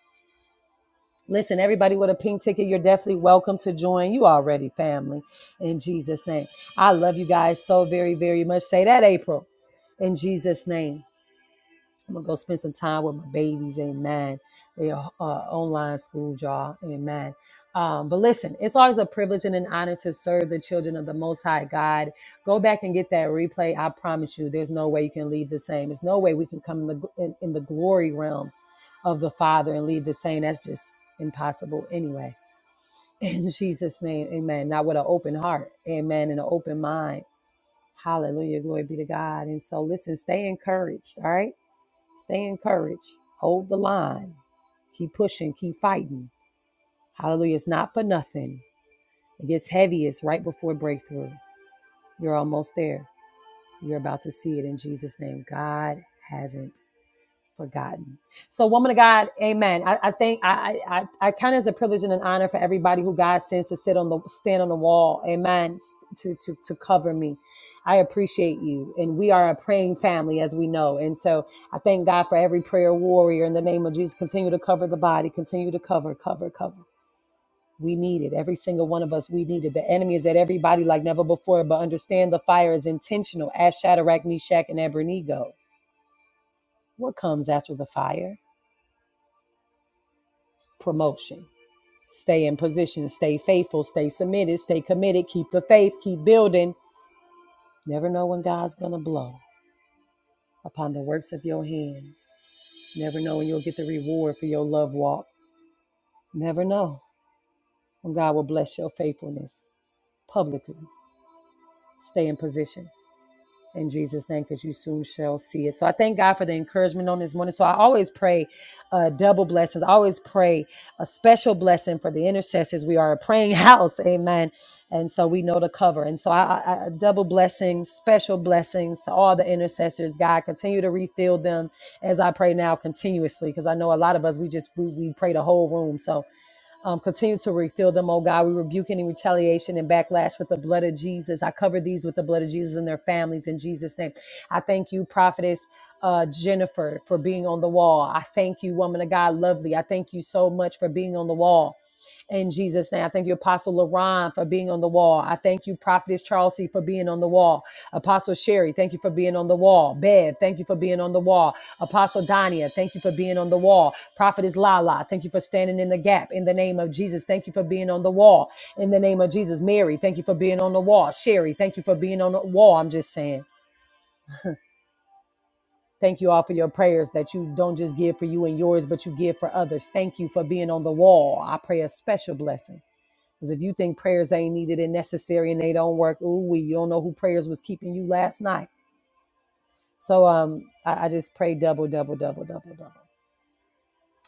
Listen, everybody with a pink ticket, you're definitely welcome to join. You already family in Jesus' name. I love you guys so very, very much. Say that, April, in Jesus' name. I'm gonna go spend some time with my babies. Amen. They are uh, online school, y'all. Amen. Um, but listen, it's always a privilege and an honor to serve the children of the Most High God. Go back and get that replay. I promise you, there's no way you can leave the same. There's no way we can come in the in, in the glory realm of the Father and leave the same. That's just impossible, anyway. In Jesus' name, Amen. Not with an open heart, Amen, and an open mind. Hallelujah, glory be to God. And so, listen, stay encouraged. All right Stay encouraged. Hold the line. Keep pushing. Keep fighting. Hallelujah. It's not for nothing. It gets heavy. It's right before breakthrough. You're almost there. You're about to see it in Jesus' name. God hasn't forgotten. So, woman of God, Amen. I, I think I I, I kind of is a privilege and an honor for everybody who God sends to sit on the stand on the wall, Amen, to to to cover me. I appreciate you, and we are a praying family, as we know. And so, I thank God for every prayer warrior in the name of Jesus. Continue to cover the body. Continue to cover, cover, cover. We need it. Every single one of us, we need it. The enemy is at everybody like never before, but understand the fire is intentional. As Shadrach, Meshach, and Abednego, what comes after the fire? promotion. Stay in position, stay faithful, stay submitted, stay committed, keep the faith, keep building. Never know when God's going to blow upon the works of your hands. Never know when you'll get the reward for your love walk. Never know when God will bless your faithfulness publicly. Stay in position. in Jesus' name, because you soon shall see it. So I thank God for the encouragement on this morning. So I always pray uh, double blessings. I always pray a special blessing for the intercessors. We are a praying house, amen. And so we know the cover. And so I, I I- double blessings, special blessings to all the intercessors. God, continue to refill them as I pray now continuously, because I know a lot of us we just we, we pray the whole room. So um, continue to refill them, oh God. We rebuke any retaliation and backlash with the blood of Jesus. I cover these with the blood of Jesus and their families in Jesus' name. I thank you, prophetess uh, Jennifer, for being on the wall. I thank you, woman of God, lovely. I thank you so much for being on the wall. In Jesus' name, I thank you, Apostle LaRon, for being on the wall. I thank you, Prophetess Charles C., for being on the wall. Apostle Sherry, thank you for being on the wall. Bev, thank you for being on the wall. Apostle Dania, thank you for being on the wall. Prophetess Lala, thank you for standing in the gap. In the name of Jesus, thank you for being on the wall. In the name of Jesus, Mary, thank you for being on the wall. Sherry, thank you for being on the wall. I'm just saying. Thank you all for your prayers that you don't just give for you and yours, but you give for others. Thank you for being on the wall. I pray a special blessing. Because if you think prayers ain't needed and necessary and they don't work, ooh, we you don't know who prayers was keeping you last night. So um, I, I just pray double, double, double, double, double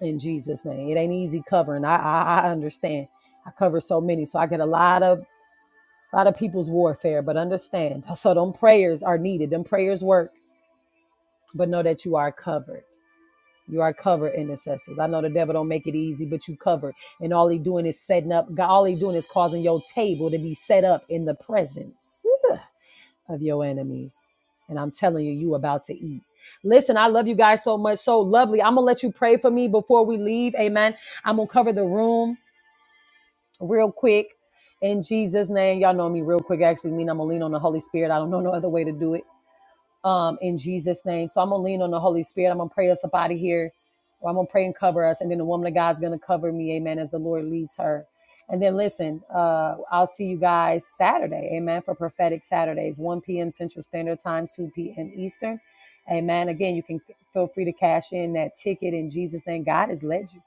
in Jesus' name. It ain't easy covering. I, I I understand. I cover so many, so I get a lot of lot of people's warfare. But understand, so them prayers are needed. Them prayers work. But know that you are covered. You are covered, intercessors. I know the devil don't make it easy, but you covered. And all he doing is setting up. God, all he doing is causing your table to be set up in the presence. of your enemies. And I'm telling you, you about to eat. Listen, I love you guys so much. So lovely. I'm gonna let you pray for me before we leave. Amen. I'm gonna cover the room real quick. In Jesus' name, y'all know me real quick. Actually, mean I'm gonna lean on the Holy Spirit. I don't know no other way to do it um, in Jesus' name. So I'm gonna lean on the Holy Spirit. I'm gonna pray us up out of here. Or I'm gonna pray and cover us, and then the woman of God's gonna cover me, amen, as the Lord leads her. And then listen, uh, I'll see you guys Saturday, amen, for prophetic Saturdays, 1 p.m. Central Standard Time, 2 p.m. Eastern. Amen. Again, you can feel free to cash in that ticket in Jesus' name. God has led you.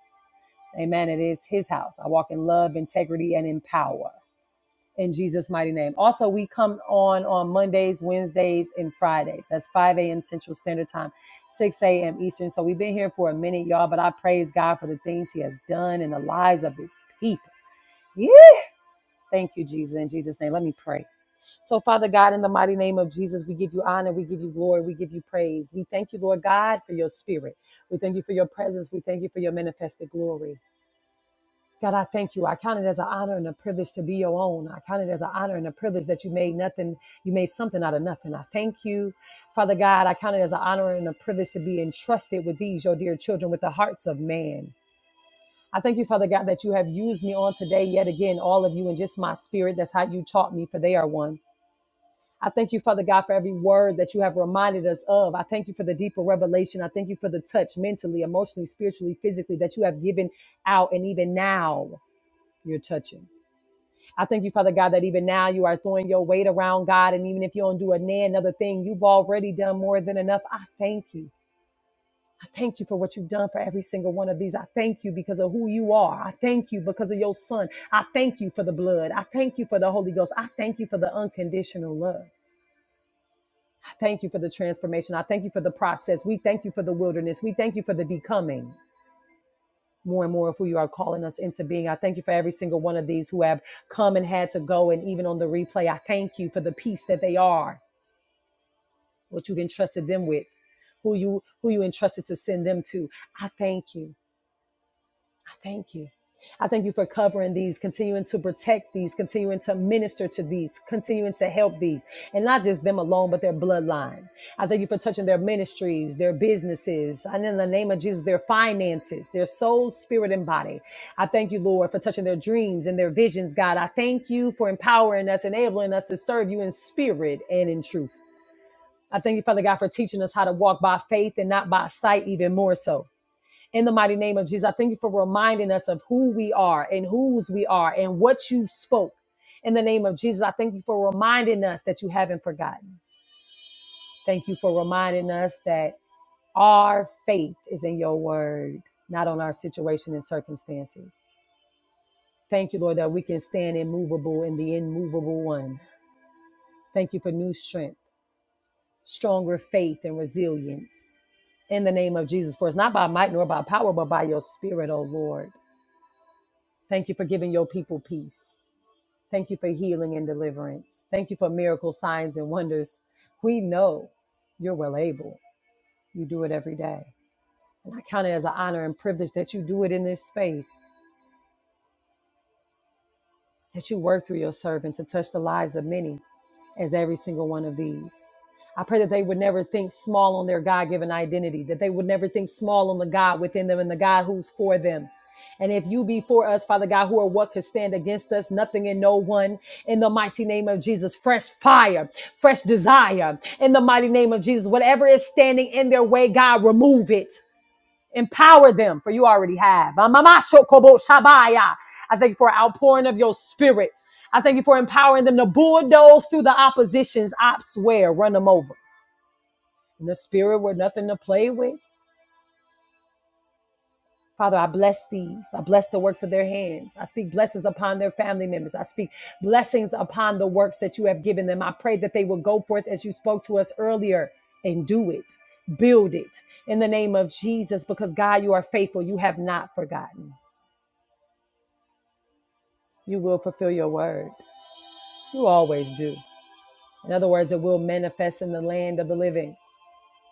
Amen. It is his house. I walk in love, integrity, and in power in Jesus' mighty name. Also, we come on on Mondays, Wednesdays, and Fridays. That's 5 a.m. Central Standard Time, 6 a.m. Eastern. So we've been here for a minute, y'all, but I praise God for the things He has done in the lives of His people. Yeah. Thank you, Jesus. In Jesus' name, let me pray. So, Father God, in the mighty name of Jesus, we give you honor, we give you glory, we give you praise. We thank you, Lord God, for your spirit. We thank you for your presence. We thank you for your manifested glory. God, I thank you. I count it as an honor and a privilege to be your own. I count it as an honor and a privilege that you made nothing, you made something out of nothing. I thank you, Father God. I count it as an honor and a privilege to be entrusted with these, your dear children, with the hearts of man. I thank you, Father God, that you have used me on today, yet again, all of you, and just my spirit. That's how you taught me, for they are one. I thank you, Father God, for every word that you have reminded us of. I thank you for the deeper revelation. I thank you for the touch mentally, emotionally, spiritually, physically that you have given out, and even now you're touching. I thank you, Father God, that even now you are throwing your weight around, God. And even if you don't do a nay another thing, you've already done more than enough. I thank you. I thank you for what you've done for every single one of these. I thank you because of who you are. I thank you because of your son. I thank you for the blood. I thank you for the Holy Ghost. I thank you for the unconditional love. I thank you for the transformation. I thank you for the process. We thank you for the wilderness. We thank you for the becoming. more and more of who you are calling us into being. I thank you for every single one of these who have come and had to go. And even on the replay, I thank you for the peace that they are, what you've entrusted them with, who you who you entrusted to send them to. I thank you. Thank you. I thank you for covering these, continuing to protect these, continuing to minister to these, continuing to help these, and not just them alone, but their bloodline. I thank you for touching their ministries, their businesses, and in the name of Jesus, their finances, their soul, spirit, and body. I thank you, Lord, for touching their dreams and their visions, God. I thank you for empowering us, enabling us to serve you in spirit and in truth. I thank you, Father God, for teaching us how to walk by faith and not by sight, even more so. In the mighty name of Jesus, I thank you for reminding us of who we are and whose we are and what you spoke. In the name of Jesus, I thank you for reminding us that you haven't forgotten. Thank you for reminding us that our faith is in your word, not on our situation and circumstances. Thank you, Lord, that we can stand immovable in the immovable one. Thank you for new strength, stronger faith, and resilience. In the name of Jesus, for it's not by might nor by power, but by your spirit, O Lord. Thank you for giving your people peace. Thank you for healing and deliverance. Thank you for miracles, signs, and wonders. We know you're well able. You do it every day. And I count it as an honor and privilege that you do it in this space, that you work through your servant to touch the lives of many as every single one of these. I pray that they would never think small on their God given identity, that they would never think small on the God within them and the God who's for them. And if you be for us, Father God, who are what could stand against us, nothing and no one, in the mighty name of Jesus, fresh fire, fresh desire, in the mighty name of Jesus, whatever is standing in their way, God, remove it. Empower them, for you already have. I thank you for an outpouring of your spirit. I thank you for empowering them to bulldoze through the oppositions. I swear, run them over. In the spirit, We're nothing to play with. Father, I bless these. I bless the works of their hands. I speak blessings upon their family members. I speak blessings upon the works that you have given them. I pray that they will go forth as you spoke to us earlier and do it, build it in the name of Jesus, because God, you are faithful. You have not forgotten. You will fulfill your word. You always do. In other words, it will manifest in the land of the living.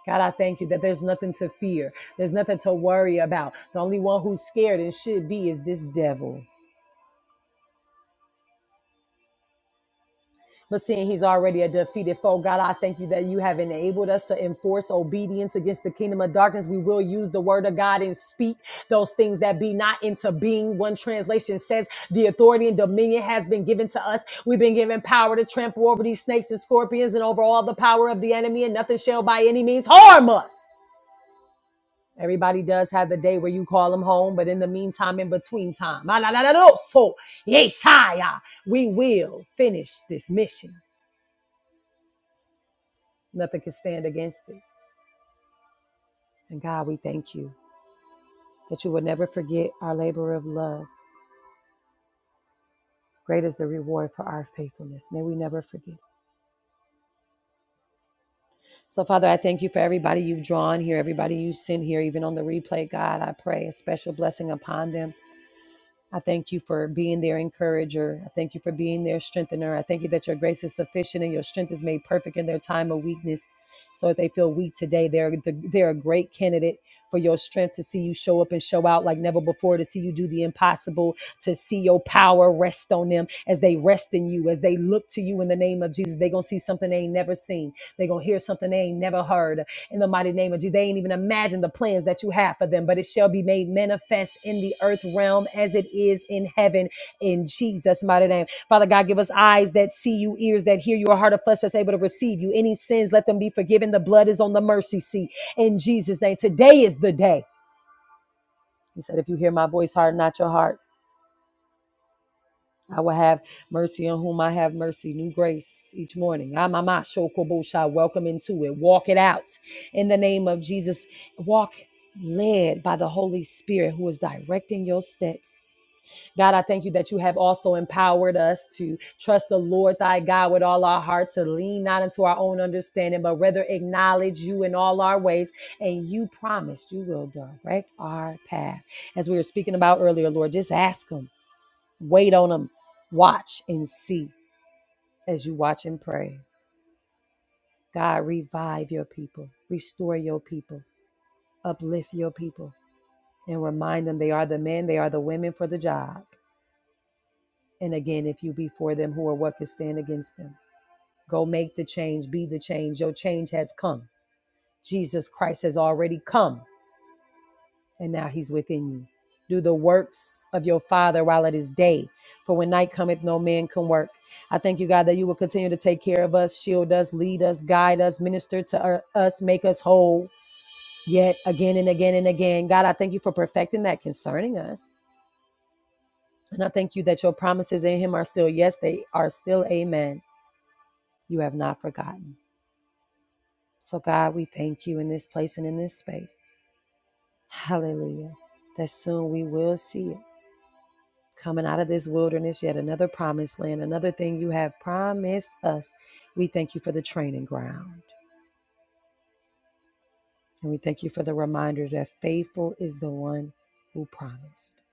God, I thank you that there's nothing to fear. There's nothing to worry about. The only one who's scared and should be is this devil. But seeing he's already a defeated foe, God, I thank you that you have enabled us to enforce obedience against the kingdom of darkness. We will use the word of God and speak those things that be not into being. One translation says the authority and dominion has been given to us. We've been given power to trample over these snakes and scorpions and over all the power of the enemy, and nothing shall by any means harm us. Everybody does have the day where you call them home, but in the meantime, in between time, ma la la la lo, so, yeshaya, we will finish this mission Nothing can stand against it. And God, we thank you that you will never forget our labor of love. Great is the reward for our faithfulness. May we never forget. So, Father, I thank you for everybody you've drawn here, everybody you sent here, even on the replay. God, I pray a special blessing upon them. I thank you for being their encourager. I thank you for being their strengthener. I thank you that your grace is sufficient and your strength is made perfect in their time of weakness. So if they feel weak today, they're they're a great candidate for your strength to see you show up and show out like never before, to see you do the impossible, to see your power rest on them as they rest in you, as they look to you in the name of Jesus. They're gonna see something they ain't never seen. They're gonna hear something they ain't never heard in the mighty name of Jesus. They ain't even imagine the plans that you have for them, but it shall be made manifest in the earth realm as it is in heaven in Jesus' mighty name. Father God, give us eyes that see you, ears that hear you, a heart of flesh that's able to receive you. Any sins, let them be forgiven. The blood is on the mercy seat in Jesus' name. Today is the day. He said, if you hear my voice, harden not your hearts. I will have mercy on whom I have mercy. New grace each morning. I'm Amama Shokobosha. Welcome into it. Walk it out in the name of Jesus. Walk led by the Holy Spirit who is directing your steps. God, I thank you that you have also empowered us to trust the Lord thy God with all our heart, to lean not into our own understanding, but rather acknowledge you in all our ways. And you promised you will direct our path. As we were speaking about earlier, Lord, just ask him. Wait on them. Watch and see as you watch and pray. God, revive your people, restore your people, uplift your people, and remind them they are the men, they are the women for the job. And again, if you be for them, who are what could stand against them? Go make the change, be the change. Your change has come. Jesus Christ has already come. and now he's within you. Do the works of your Father while it is day, for when night cometh, no man can work. I thank you, God, that you will continue to take care of us, shield us, lead us, guide us, minister to our- us, make us whole yet again and again and again. God, I thank you for perfecting that concerning us. And I thank you that your promises in him are still yes, they are still amen. You have not forgotten. So, God, we thank you in this place and in this space. Hallelujah. That soon we will see it coming out of this wilderness, yet another promised land, another thing you have promised us. We thank you for the training ground. And we thank you for the reminder that faithful is the one who promised.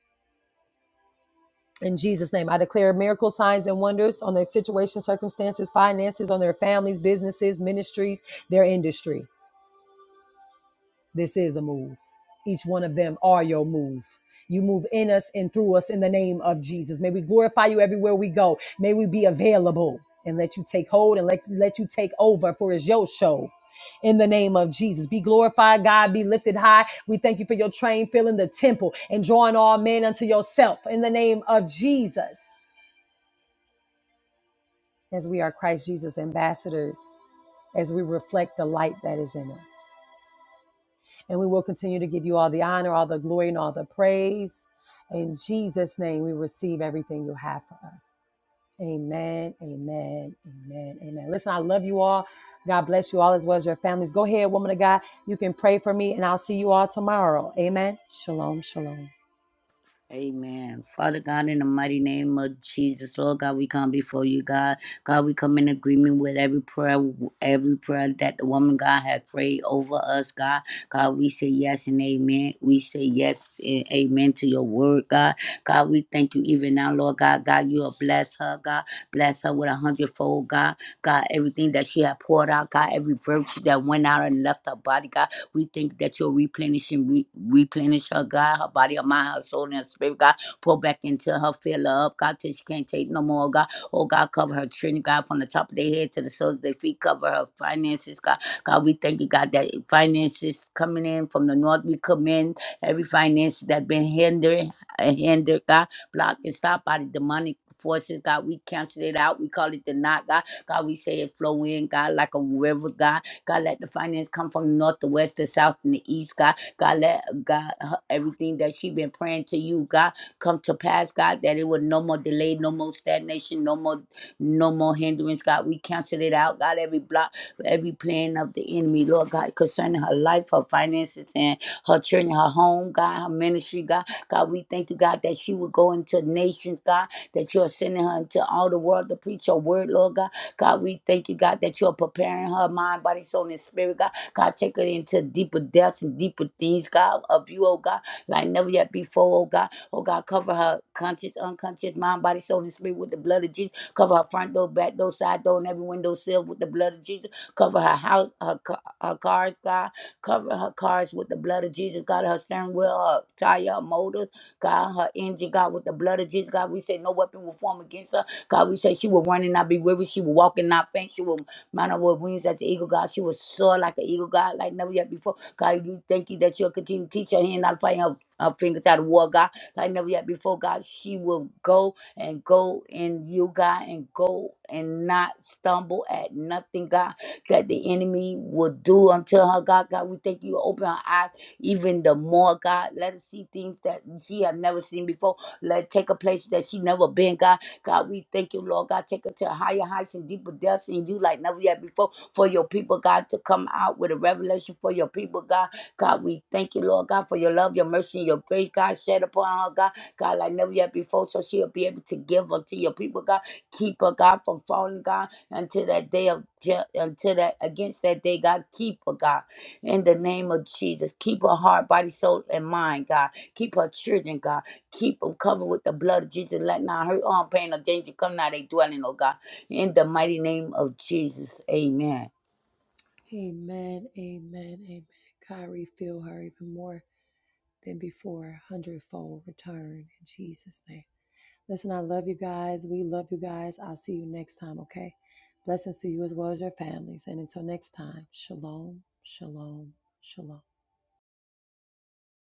In Jesus' name, I declare miracle signs and wonders on their situation, circumstances, finances, on their families, businesses, ministries, their industry. This is a move. Each one of them are your move. You move in us and through us in the name of Jesus. May we glorify you everywhere we go. May we be available and let you take hold and let, let you take over for it's your show. In the name of Jesus, be glorified, God, be lifted high. We thank you for your train filling the temple and drawing all men unto yourself. In the name of Jesus, as we are Christ Jesus ambassadors, as we reflect the light that is in us. And we will continue to give you all the honor, all the glory, and all the praise. In Jesus' name, we receive everything you have for us. Amen, amen, amen, amen. Listen, I love you all. God bless you all as well as your families. Go ahead, woman of God. You can pray for me, and I'll see you all tomorrow. Amen. Shalom, shalom. Amen. Father God, in the mighty name of Jesus, Lord God, we come before you, God. God, we come in agreement with every prayer, every prayer that the woman God had prayed over us, God. God, we say yes and amen. We say yes and amen to your word, God. God, we thank you even now, Lord God. God, you will bless her, God. Bless her with a hundredfold, God. God, everything that she had poured out, God, every virtue that went out and left her body, God. We think that you're replenishing, re- replenish her, God, her body, her mind, her soul, and her spirit, God. Pour back into her, fill her up, God, till she can't take no more, God. Oh, God, cover her children, God, from the top of their head to the soles of their feet. Cover her finances, God. God, we thank you, God, that finances coming in from the north. We commend every finance that been hindering, hindered, God. Blocked and stopped by the demonic forces, God. We cancel it out. We call it the knot. God. God, we say it flow in, God, like a river, God. God, let the finance come from the north, the west, the south, and the east, God. God, let God her- everything that she been praying to you, God, come to pass, God, that it would no more delay, no more stagnation, no more, no more hindrance, God. We cancel it out, God, every block, every plan of the enemy, Lord God, concerning her life, her finances, and her children, her home, God, her ministry, God. God, we thank you, God, that she would go into nations, God, that you are sending her into all the world to preach your word, Lord God. God, we thank you, God, that you're preparing her mind, body, soul, and spirit, God. God, take her into deeper depths and deeper things, God, of you, oh God, like never yet before, oh God. Oh God, cover her conscious, unconscious mind, body, soul, and spirit with the blood of Jesus. Cover her front door, back door, side door, and every window sill with the blood of Jesus. Cover her house, her, her cars, God. Cover her cars with the blood of Jesus, God. Her steering wheel, her tire, her motor, God. Her engine, God, with the blood of Jesus, God. We say no weapon will form against her God, we say she will run and not be weary. She will walk and not faint. She will mount up with wings like the eagle, God. She will soar like an eagle, God, like never yet before. God, you thank you that you'll continue to teach her hand not fighting her, her fingers out of war, God, like never yet before, God. She will go and go in you, God, and go and not stumble at nothing, God, that the enemy will do unto her, God. God, we thank you. Open her eyes even the more, God. Let her see things that she have never seen before. Let her take a place that she never been, God. God, we thank you, Lord God. Take it to higher heights and deeper depths in you like never yet before for your people, God, to come out with a revelation for your people, God. God, we thank you, Lord God, for your love, your mercy, and your grace, God, shed upon her, God. God, like never yet before, so she'll be able to give unto your people, God. Keep her, God, from falling, God, until that day of ju- until that against that day, God. Keep her, God, in the name of Jesus. Keep her heart, body, soul, and mind, God. Keep her children, God. Keep them covered with the blood of Jesus. Let not hurt, harm, pain, or danger come now. They dwelling, oh God. In the mighty name of Jesus. Amen. Amen. Amen. Amen. God, refill her even more than before, hundredfold return in Jesus' name. Listen, I love you guys. We love you guys. I'll see you next time, okay? Blessings to you as well as your families. And until next time, shalom, shalom, shalom.